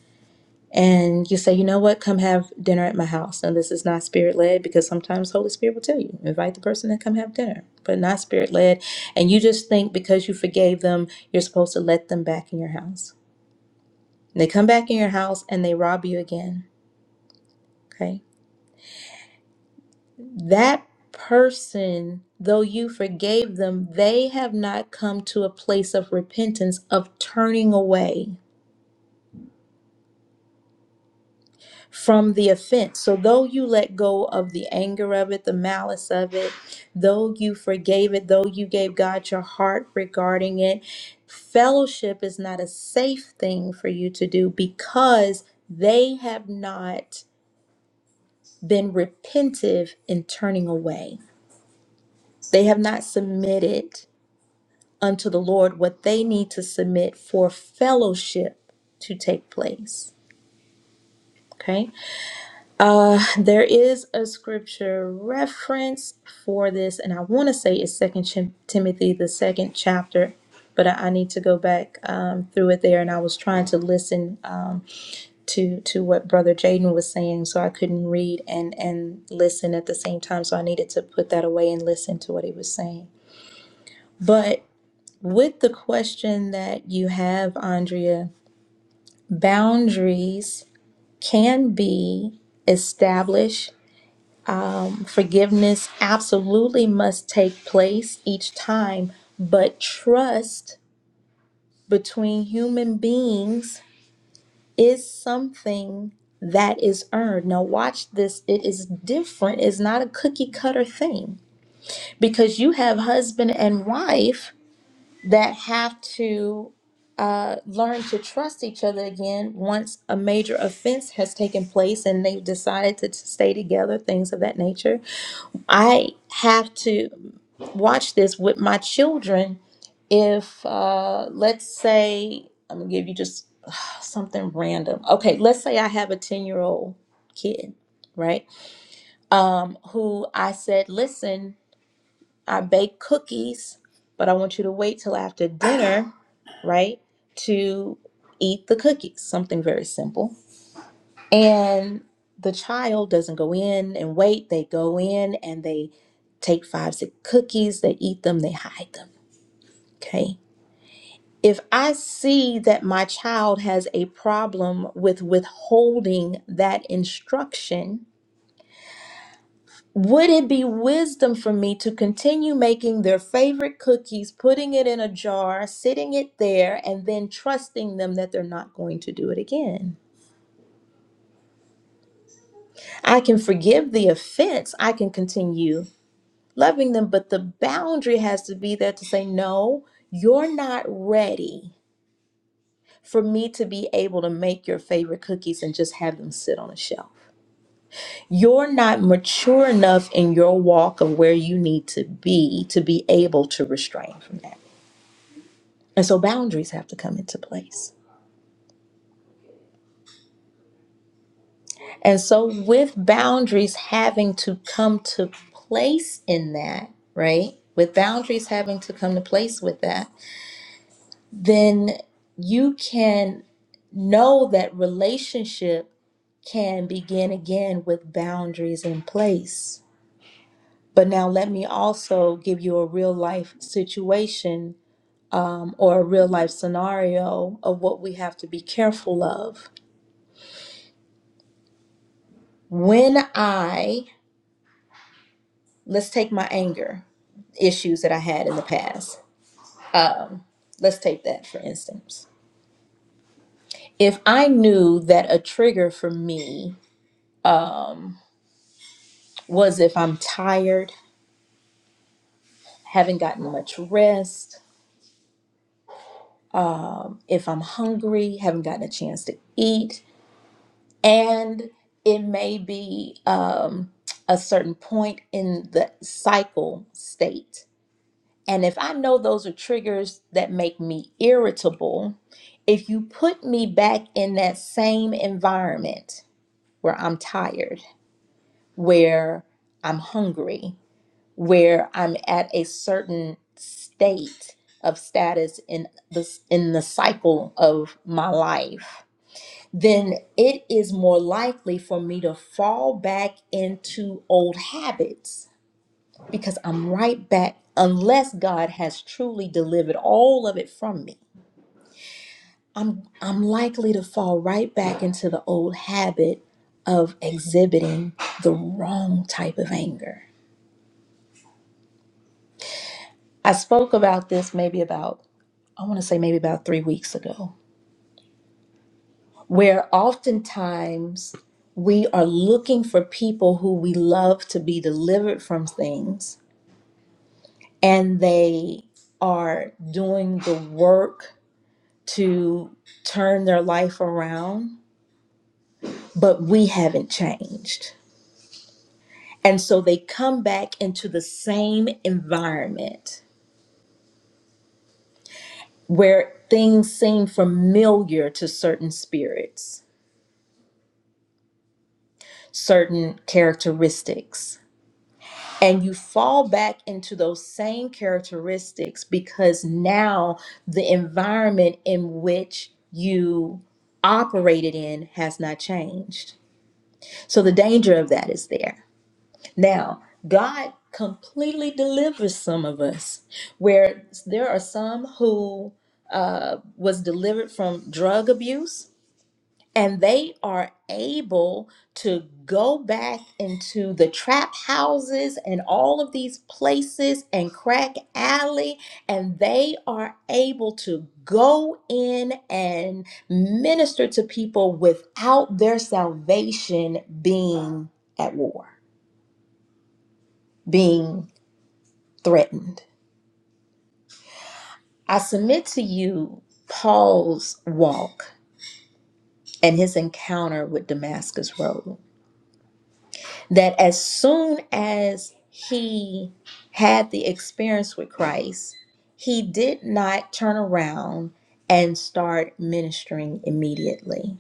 Speaker 1: and you say you know what come have dinner at my house Now this is not spirit led because sometimes holy spirit will tell you invite the person to come have dinner but not spirit led and you just think because you forgave them you're supposed to let them back in your house they come back in your house and they rob you again okay that person, though you forgave them, they have not come to a place of repentance, of turning away from the offense. So, though you let go of the anger of it, the malice of it, though you forgave it, though you gave God your heart regarding it, fellowship is not a safe thing for you to do because they have not been repentive in turning away. They have not submitted unto the Lord what they need to submit for fellowship to take place. Okay. Uh, there is a scripture reference for this, and I want to say it's Second Chim- Timothy, the second chapter, but I, I need to go back um, through it there. And I was trying to listen um, to to what Brother Jaden was saying, so I couldn't read and and listen at the same time. So I needed to put that away and listen to what he was saying. But With the question that you have, Andrea, boundaries can be established. Um, forgiveness absolutely must take place each time, but trust between human beings is something that is earned. Now, watch this. It is different. It's not a cookie cutter thing because you have husband and wife that have to uh, learn to trust each other again once a major offense has taken place and they've decided to stay together, things of that nature. I have to watch this with my children if, uh, let's say, I'm gonna give you just something random. Okay, let's say I have a 10 year old kid, right? Um, who I said, listen, I bake cookies, but I want you to wait till after dinner, right, to eat the cookies. Something very simple. And the child doesn't go in and wait. They go in and they take five, six cookies, they eat them, they hide them. Okay. If I see that my child has a problem with withholding that instruction, Would it be wisdom for me to continue making their favorite cookies, putting it in a jar, sitting it there, and then trusting them that they're not going to do it again? I can forgive the offense, I can continue loving them, but the boundary has to be there to say, no, you're not ready for me to be able to make your favorite cookies and just have them sit on a shelf. You're not mature enough in your walk of where you need to be to be able to restrain from that. And so boundaries have to come into place. And so, with boundaries having to come to place in that, right? With boundaries having to come to place with that, then you can know that relationship can begin again with boundaries in place. But now, let me also give you a real life situation um, or a real life scenario of what we have to be careful of. When I let's take my anger issues that I had in the past. Um, let's take that for instance. If I knew that a trigger for me was if I'm tired, haven't gotten much rest, if I'm hungry, haven't gotten a chance to eat, and it may be um, a certain point in the cycle state And if I know those are triggers that make me irritable, if you put me back in that same environment where I'm tired, where I'm hungry, where I'm at a certain state of status in the in the cycle of my life, then it is more likely for me to fall back into old habits because I'm right back unless God has truly delivered all of it from me. I'm I'm likely to fall right back into the old habit of exhibiting the wrong type of anger. I spoke about this maybe about I want to say maybe about 3 weeks ago where oftentimes we are looking for people who we love to be delivered from things and they are doing the work to turn their life around, but we haven't changed. And so they come back into the same environment where things seem familiar to certain spirits, certain characteristics. And you fall back into those same characteristics because now the environment in which you operated in has not changed. So the danger of that is there Now, God completely delivers some of us, where there are some who uh, was delivered from drug abuse, and they are able to go back into the trap houses and all of these places and crack alley, and they are able to go in and minister to people without their salvation being at war, being threatened. I submit to you Paul's walk and his encounter with Damascus Road. That as soon as he had the experience with Christ, he did not turn around and start ministering immediately.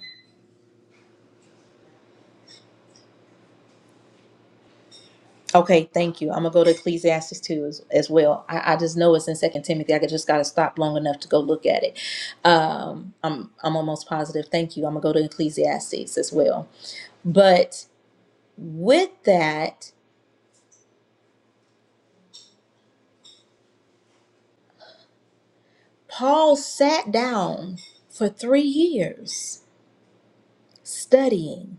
Speaker 1: Okay, thank you. I'm gonna go to Ecclesiastes 2 as, as well. I, I just know it's in Second Timothy. I could- just gotta stop long enough to go look at it. Um, I'm I'm almost positive. Thank you. I'm gonna go to Ecclesiastes as well. But with that, Paul sat down for three years studying.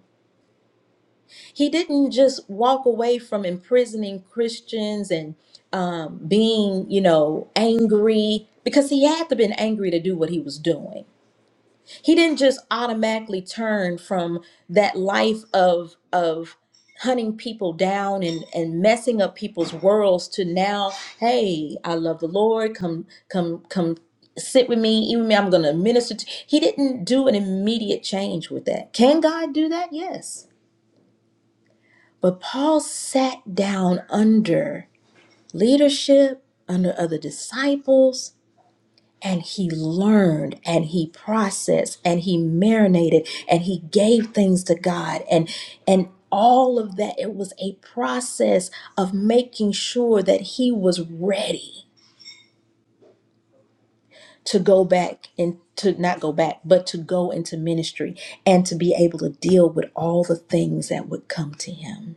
Speaker 1: He didn't just walk away from imprisoning Christians and um, being, you know, angry because he had to been angry to do what he was doing he didn't just automatically turn from that life of of hunting people down and and messing up people's worlds to now hey i love the lord come come come sit with me even me i'm gonna minister to he didn't do an immediate change with that can god do that yes but paul sat down under leadership under other disciples and he learned and he processed and he marinated and he gave things to God and and all of that it was a process of making sure that he was ready to go back and to not go back but to go into ministry and to be able to deal with all the things that would come to him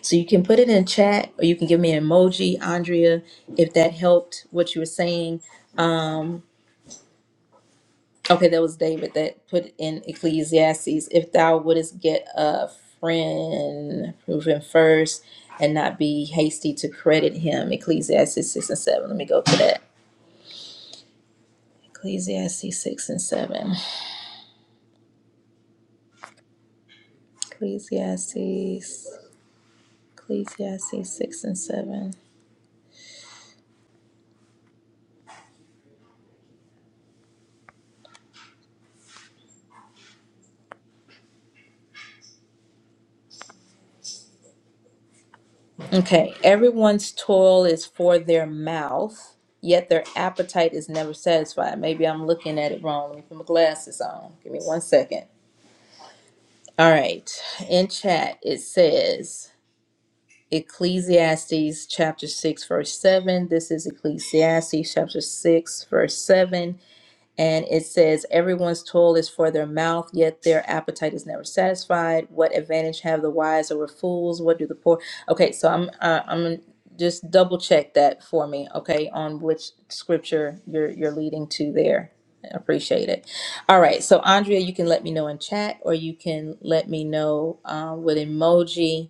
Speaker 1: so you can put it in chat or you can give me an emoji andrea if that helped what you were saying Okay, that was David that put in Ecclesiastes, if thou wouldest get a friend, prove him first and not be hasty to credit him. Ecclesiastes 6 and 7. Let me go to that. Ecclesiastes 6 and 7. Ecclesiastes. Ecclesiastes 6 and 7. Okay, everyone's toil is for their mouth, yet their appetite is never satisfied. Maybe I'm looking at it wrong. Let me put my glasses on. Give me one second. All right. In chat, it says Ecclesiastes chapter 6, verse 7. This is Ecclesiastes chapter 6, verse 7. And it says, Everyone's toil is for their mouth, yet their appetite is never satisfied. What advantage have the wise over fools? What do the poor? Okay, so I'm uh, I'm gonna just double check that for me, okay, on which scripture you're you're leading to there. Appreciate it. All right, so Andrea, you can let me know in chat, or you can let me know uh, with emoji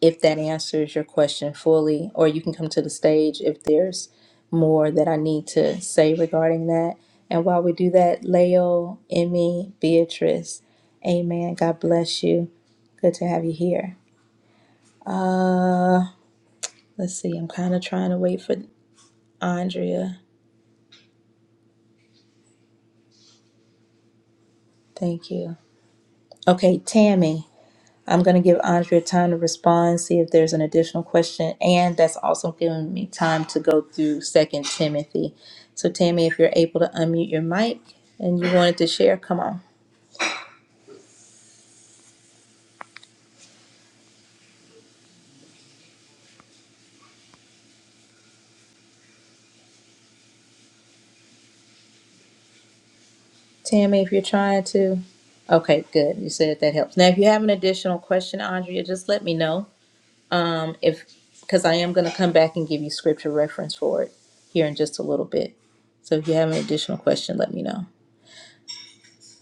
Speaker 1: if that answers your question fully, or you can come to the stage if there's more that I need to say regarding that. And while we do that, Leo, Emmy, Beatrice, amen. God bless you. Good to have you here. Uh, let's see. I'm kind of trying to wait for Andrea. Thank you. Okay, Tammy. I'm going to give Andrea time to respond, see if there's an additional question, and that's also giving me time to go through Second Timothy. So, Tammy, if you're able to unmute your mic and you wanted to share, come on. Tammy, if you're trying to, okay, good. You said that helps. Now, if you have an additional question, Andrea, just let me know. Um, if because I am going to come back and give you scripture reference for it here in just a little bit. So, if you have an additional question, let me know.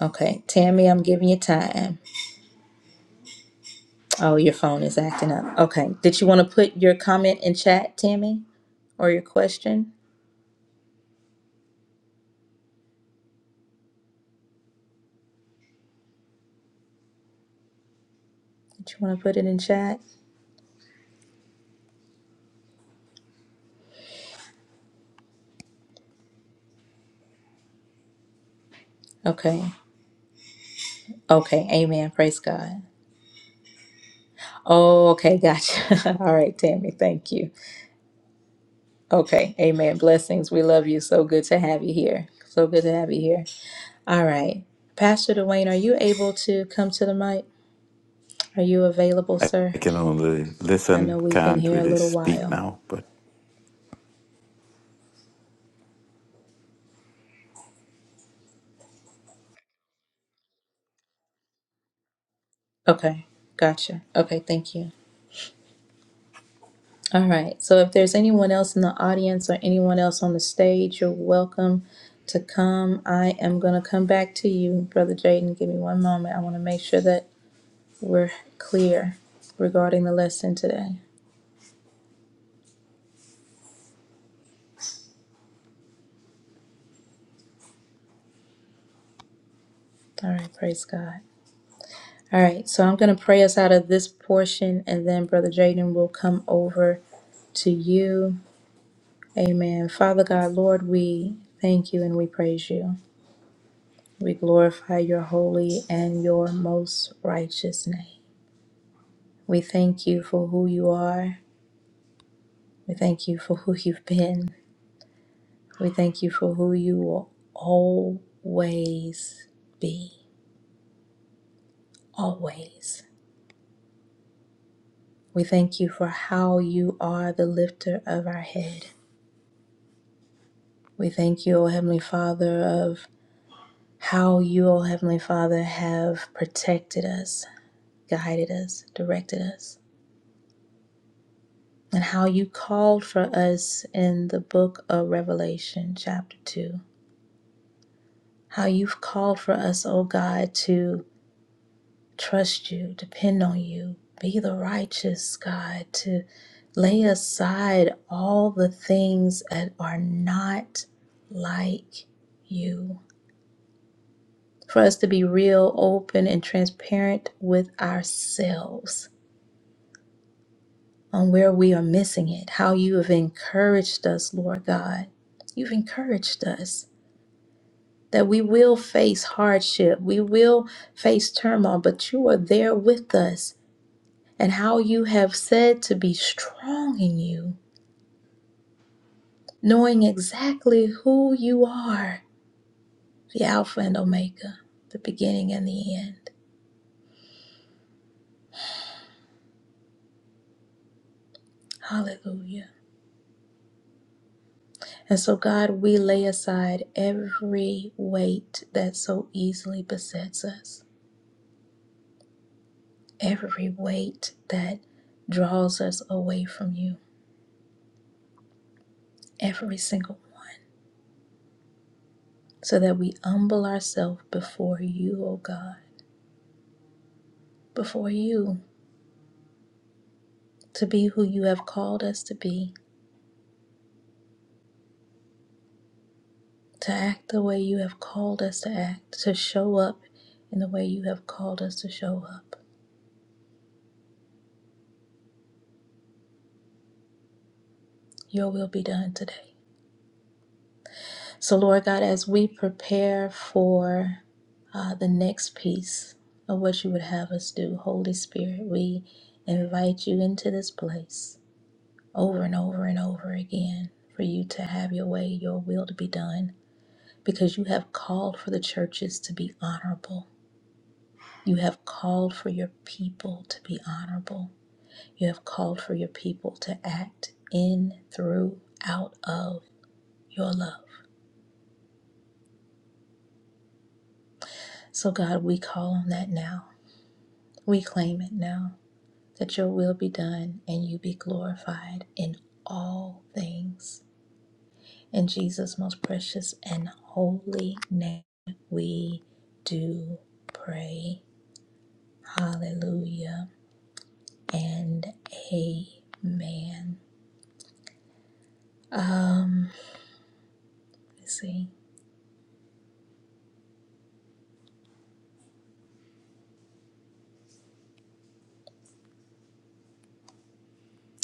Speaker 1: Okay, Tammy, I'm giving you time. Oh, your phone is acting up. Okay. Did you want to put your comment in chat, Tammy, or your question? Did you want to put it in chat? Okay. Okay. Amen. Praise God. Oh, okay. Gotcha. All right, Tammy. Thank you. Okay. Amen. Blessings. We love you. So good to have you here. So good to have you here. All right. Pastor Dwayne, are you able to come to the mic? Are you available,
Speaker 6: I
Speaker 1: sir?
Speaker 6: I can only
Speaker 1: I
Speaker 6: listen,
Speaker 1: know we've been
Speaker 6: can't
Speaker 1: here a
Speaker 6: really
Speaker 1: little
Speaker 6: speak
Speaker 1: while.
Speaker 6: now, but
Speaker 1: Okay. Gotcha. Okay. Thank you. All right. So if there's anyone else in the audience or anyone else on the stage, you're welcome to come. I am going to come back to you, Brother Jaden. Give me one moment. I want to make sure that we're clear regarding the lesson today. All right. Praise God. All right. So I'm going to pray us out of this portion, and then Brother Jaden will come over to you. Amen. Father God, Lord, we thank you and we praise you. We glorify your holy and your most righteous name. We thank you for who you are. We thank you for who you've been. We thank you for who you will always be. Always. We thank you for how you are the lifter of our head. We thank you, O Heavenly Father, of how you, O Heavenly Father, have protected us, guided us, directed us, and how you called for us in the book of Revelation, chapter 2. How you've called for us, O God, to trust you, depend on you, be the righteous God, to lay aside all the things that are not like you. For us to be real, open, and transparent with ourselves on where we are missing it, how you have encouraged us, Lord God. You've encouraged us that we will face hardship, we will face turmoil, but you are there with us and how you have said to be strong in you, knowing exactly who you are the Alpha and Omega, the beginning and the end. Hallelujah. And so, God, we lay aside every weight that so easily besets us, every weight that draws us away from you, every single one, so that we humble ourselves before you, O God, before you, to be who you have called us to be to act the way you have called us to act, to show up in the way you have called us to show up. Your will be done today. So, Lord God, as we prepare for uh, the next piece of what you would have us do, Holy Spirit, we invite you into this place over and over and over again for you to have your way, your will to be done, because you have called for the churches to be honorable. You have called for your people to be honorable. You have called for your people to act in, through, out of your love. So, God, we call on that now. We claim it now that your will be done and you be glorified in all things. In Jesus' most precious and holy name, we do pray. Hallelujah and amen. let see.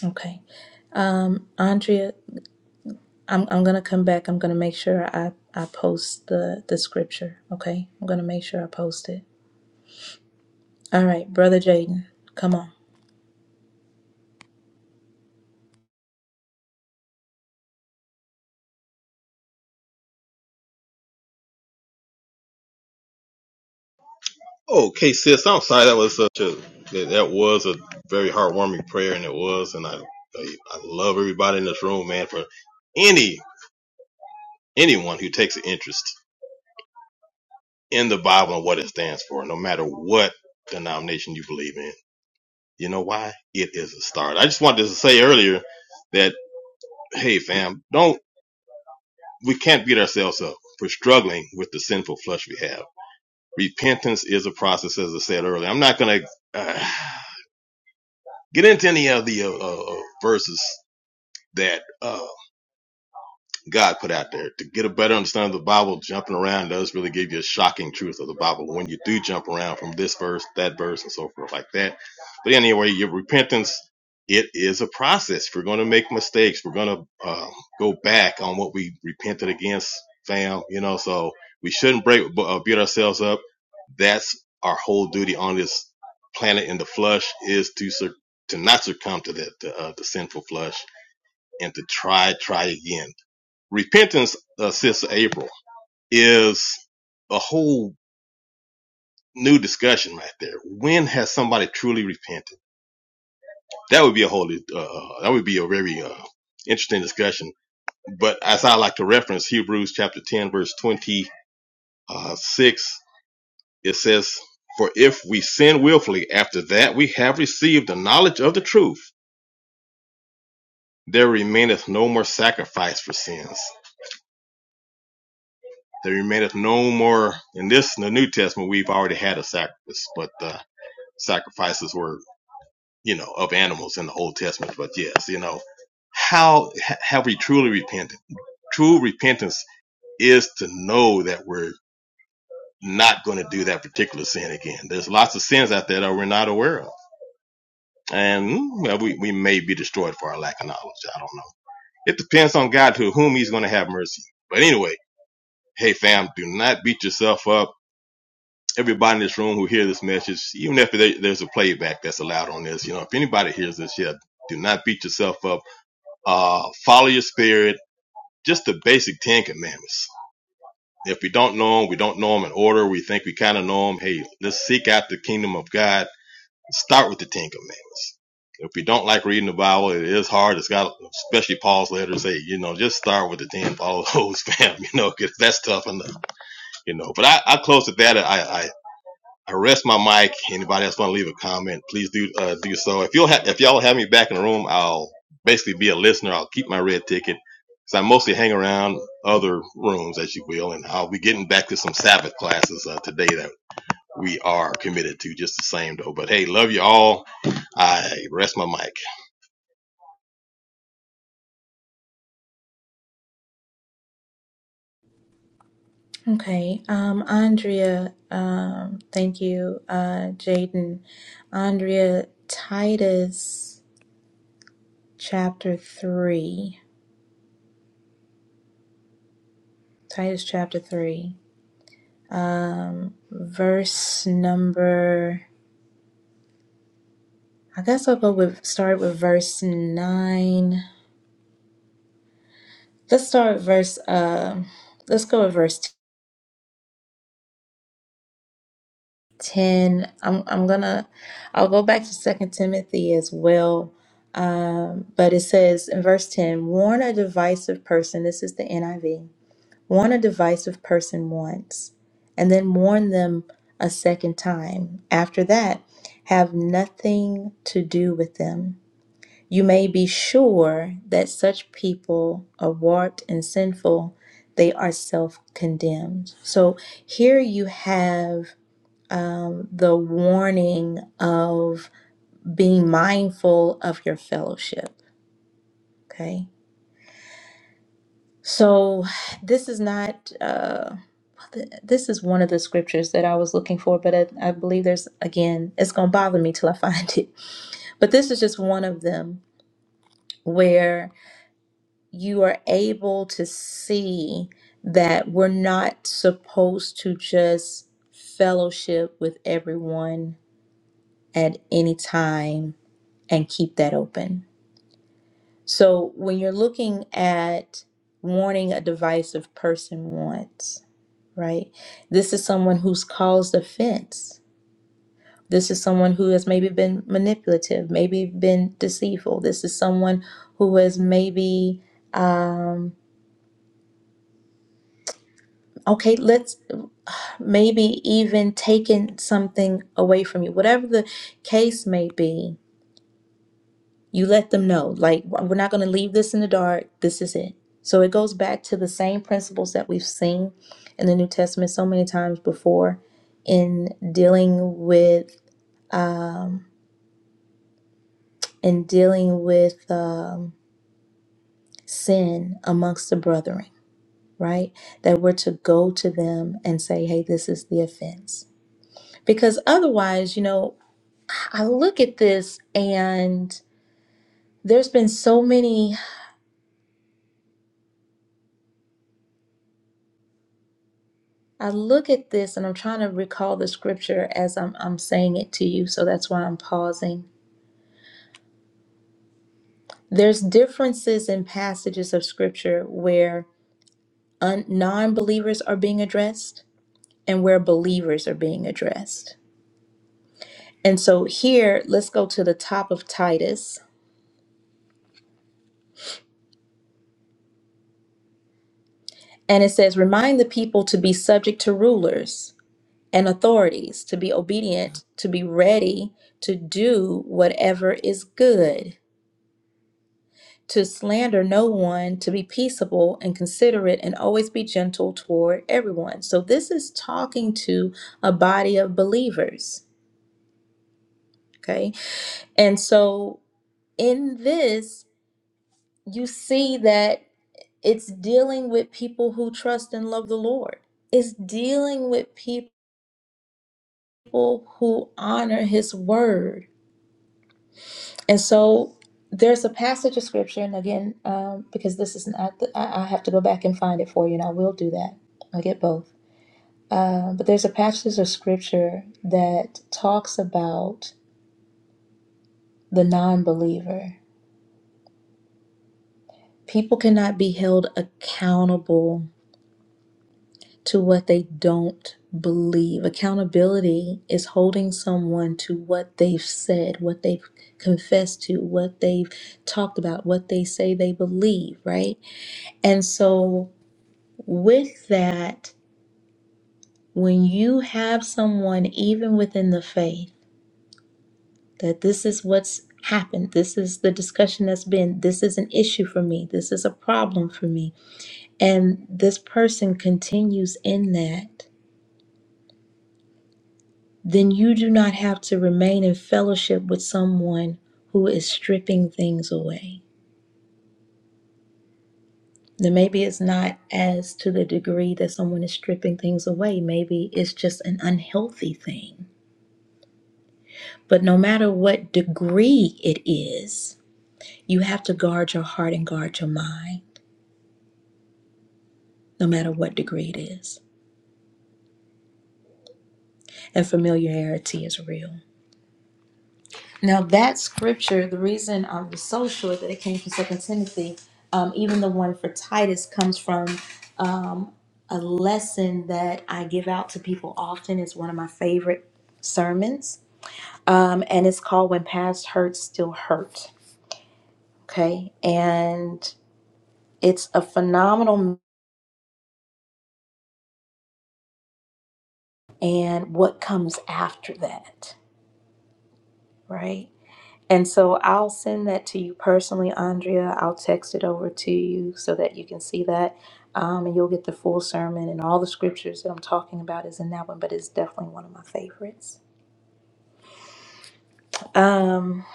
Speaker 1: Okay. Andrea I'm I'm gonna come back. I'm gonna make sure I I post the the scripture. Okay, I'm gonna make sure I post it. All right, brother Jaden, come on.
Speaker 11: Okay, sis, I'm sorry. That was such a that, that was a very heartwarming prayer, and it was, and I I I love everybody in this room, man. For any anyone who takes an interest in the Bible and what it stands for, no matter what denomination you believe in, you know why it is a start. I just wanted to say earlier that hey, fam, don't we can't beat ourselves up for struggling with the sinful flesh we have. Repentance is a process, as I said earlier. I'm not gonna. Get into any of the uh, uh, uh, verses that uh, God put out there. To get a better understanding of the Bible, jumping around does really give you a shocking truth of the Bible when you do jump around from this verse, that verse, and so forth like that. But anyway, your repentance, it is a process. We're going to make mistakes. We're going to uh, go back on what we repented against, fam. You know, so we shouldn't break, uh, beat ourselves up. That's our whole duty on this planet in the flesh is to sur- to not succumb to the, the, uh, the sinful flesh and to try, try again repentance, uh, Sister April, is a whole new discussion right there. When has somebody truly repented? That would be a whole, uh, uh, that would be a very uh, interesting discussion. But as I like to reference Hebrews chapter 10, verse 26, it says, For if we sin willfully after that we have received the knowledge of the truth, there remaineth no more sacrifice for sins. There remaineth no more. In this, in the New Testament, we've already had a sacrifice, but uh, sacrifices were, you know, of animals in the Old Testament. But yes, you know, how ha- have we truly repented? True repentance is to know that we're not going to do that particular sin again. There's lots of sins out there that we're not aware of. And well, we, we may be destroyed for our lack of knowledge. I don't know. It depends on God to whom he's going to have mercy. But anyway, hey fam, do not beat yourself up everybody in this room who hear this message, even if there- there's a playback that's allowed on this, you know, if anybody hears this, yeah, do not beat yourself up. Uh, follow your spirit. Just the basic Ten Commandments. If we don't know them, we don't know them in order. We think we kind of know them. Hey, let's seek out the kingdom of God. Start with the Ten Commandments. If you don't like reading the Bible, it is hard. It's got, especially Paul's letters say, you know, just start with the 10, follow those, fam, you know, 'cause that's tough enough, you know. But I, I close with that. I, I I rest my mic. Anybody else want to leave a comment, please do uh, do so. If you'll ha- if y'all have me back in the room, I'll basically be a listener. I'll keep my red ticket because I mostly hang around other rooms, as you will, and I'll be getting back to some Sabbath classes uh, today that we are committed to, just the same though. But hey, love you all. I rest my mic.
Speaker 1: Okay, um, Andrea, um, thank you, uh, Jaden, Andrea, Titus chapter three, Titus chapter three, verse number. I guess I'll go with start with verse nine. Let's start with verse. Um, let's go with verse. 10 i'm, I'm gonna i'll go back to second timothy as well um, but it says in verse 10 warn a divisive person this is the niv warn a divisive person once and then warn them a second time after that have nothing to do with them you may be sure that such people are warped and sinful they are self-condemned so here you have um, the warning of being mindful of your fellowship. Okay. So this is not, uh, th- this is one of the scriptures that I was looking for, but I, I believe there's, again, it's going to bother me till I find it. But this is just one of them where you are able to see that we're not supposed to just fellowship with everyone at any time and keep that open So when you're looking at warning a divisive person once, right? This is someone who's caused offense. This is someone who has maybe been manipulative, maybe been deceitful. This is someone who has maybe, um, okay, let's maybe even taken something away from you. Whatever the case may be, You let them know, like, we're not going to leave this in the dark. This is it. So it goes back to the same principles that we've seen in the New Testament so many times before in dealing with um, in dealing with um, sin amongst the brethren, right? That we're to go to them and say, hey, this is the offense. Because otherwise, you know, I look at this and there's been so many. I look at this and I'm trying to recall the scripture as I'm, I'm saying it to you, so that's why I'm pausing. There's differences in passages of scripture where un- non believers are being addressed and where believers are being addressed. And so here, let's go to the top of Titus. And it says, Remind the people to be subject to rulers and authorities, to be obedient, to be ready to do whatever is good to slander no one, to be peaceable and considerate, and always be gentle toward everyone. So, this is talking to a body of believers. Okay. And so, in this, you see that it's dealing with people who trust and love the Lord, it's dealing with people who honor his word. And so, there's a passage of scripture, and again, um, because this is not, the, I, I have to go back and find it for you, and I will do that. I get both. Uh, but there's a passage of scripture that talks about the non believer. People cannot be held accountable to what they don't believe. Accountability is holding someone to what they've said, what they've confessed to, what they've talked about, what they say they believe, right? And so, with that, when you have someone, even within the faith, that this is what's happened. This is the discussion that's been. This is an issue for me. This is a problem for me. And this person continues in that, then you do not have to remain in fellowship with someone who is stripping things away. Then maybe it's not as to the degree that someone is stripping things away. Maybe it's just an unhealthy thing. But no matter what degree it is, you have to guard your heart and guard your mind no matter what degree it is. And familiarity is real. Now, that scripture, the reason I was so sure that it came from Second Timothy, um, even the one for Titus, comes from um, a lesson that I give out to people often. It's one of my favorite sermons, um, and it's called When Past Hurts Still Hurt. Okay. And it's a phenomenal, and what comes after that, right? And so I'll send that to you personally, Andrea. I'll text it over to you so that you can see that. Um, and you'll get the full sermon and all the scriptures that I'm talking about is in that one, but it's definitely one of my favorites. Um,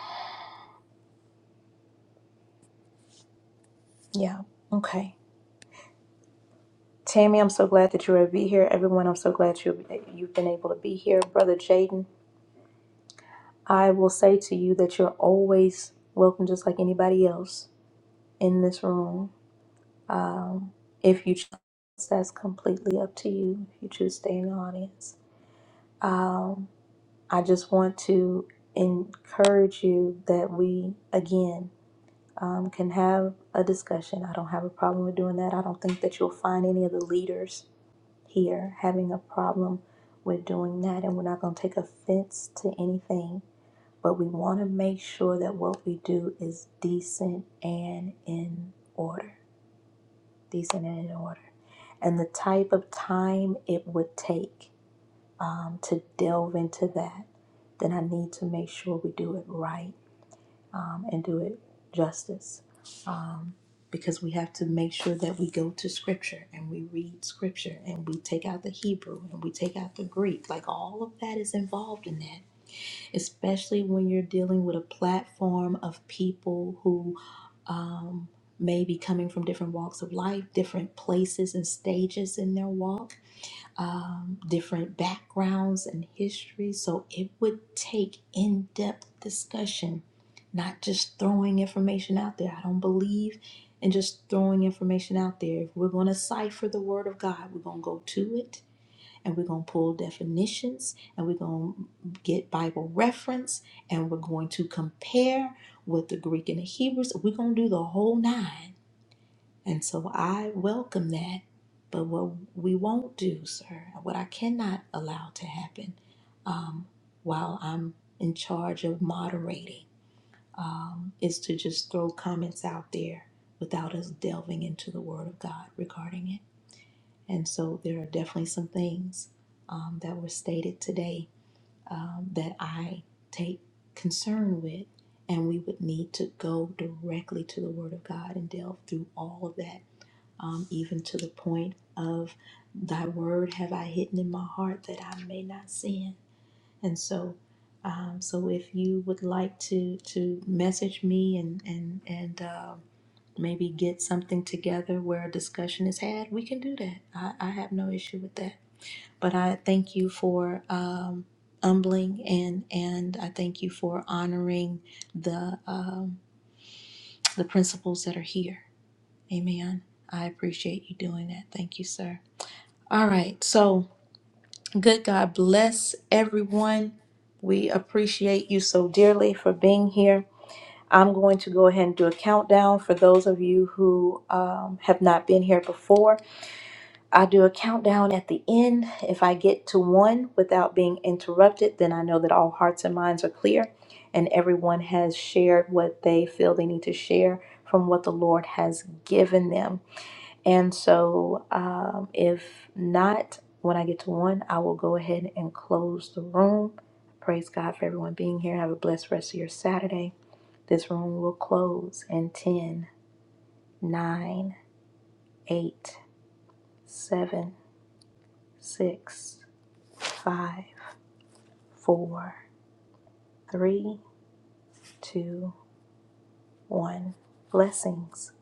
Speaker 1: yeah, okay. Tammy, I'm so glad that you're able to be here. Everyone, I'm so glad you you've been able to be here. Brother Jaden, I will say to you that you're always welcome, just like anybody else in this room. Um, if you choose, that's completely up to you. If you choose to stay in the audience, um, I just want to encourage you that we again um, can have a discussion. I don't have a problem with doing that. I don't think that you'll find any of the leaders here having a problem with doing that, and we're not going to take offense to anything. But we want to make sure that what we do is decent and in order these in any order, and the type of time it would take um, to delve into that, then I need to make sure we do it right um, and do it justice. Um, because we have to make sure that we go to scripture and we read scripture and we take out the Hebrew and we take out the Greek. Like all of that is involved in that, especially when you're dealing with a platform of people who um, maybe coming from different walks of life, different places and stages in their walk, um, different backgrounds and histories. So it would take in depth discussion, not just throwing information out there. I don't believe in just throwing information out there. If we're going to cipher the Word of God, we're going to go to it and we're going to pull definitions and we're going to get Bible reference and we're going to compare with the Greek and the Hebrews. We're going to do the whole nine. And so I welcome that. But what we won't do, sir, what I cannot allow to happen um, while I'm in charge of moderating um, is to just throw comments out there without us delving into the Word of God regarding it. And so there are definitely some things um, that were stated today um, that I take concern with, and we would need to go directly to the Word of God and delve through all of that, um, even to the point of Thy Word have I hidden in my heart that I may not sin. And so, um, so if you would like to to message me and and and um, maybe get something together where a discussion is had, we can do that. I, I have no issue with that. But I thank you for um, humbling and and I thank you for honoring the um, the principles that are here. Amen. I appreciate you doing that. Thank you, sir. All right. So good God bless everyone. We appreciate you so dearly for being here. I'm going to go ahead and do a countdown for those of you who um, have not been here before. I do a countdown at the end. If I get to one without being interrupted, then I know that all hearts and minds are clear and everyone has shared what they feel they need to share from what the Lord has given them. And so, um, if not, when I get to one, I will go ahead and close the room. Praise God for everyone being here. Have a blessed rest of your Saturday. This room will close in 10, 9, 8, 7, 6. five, four, three, two, one. Blessings.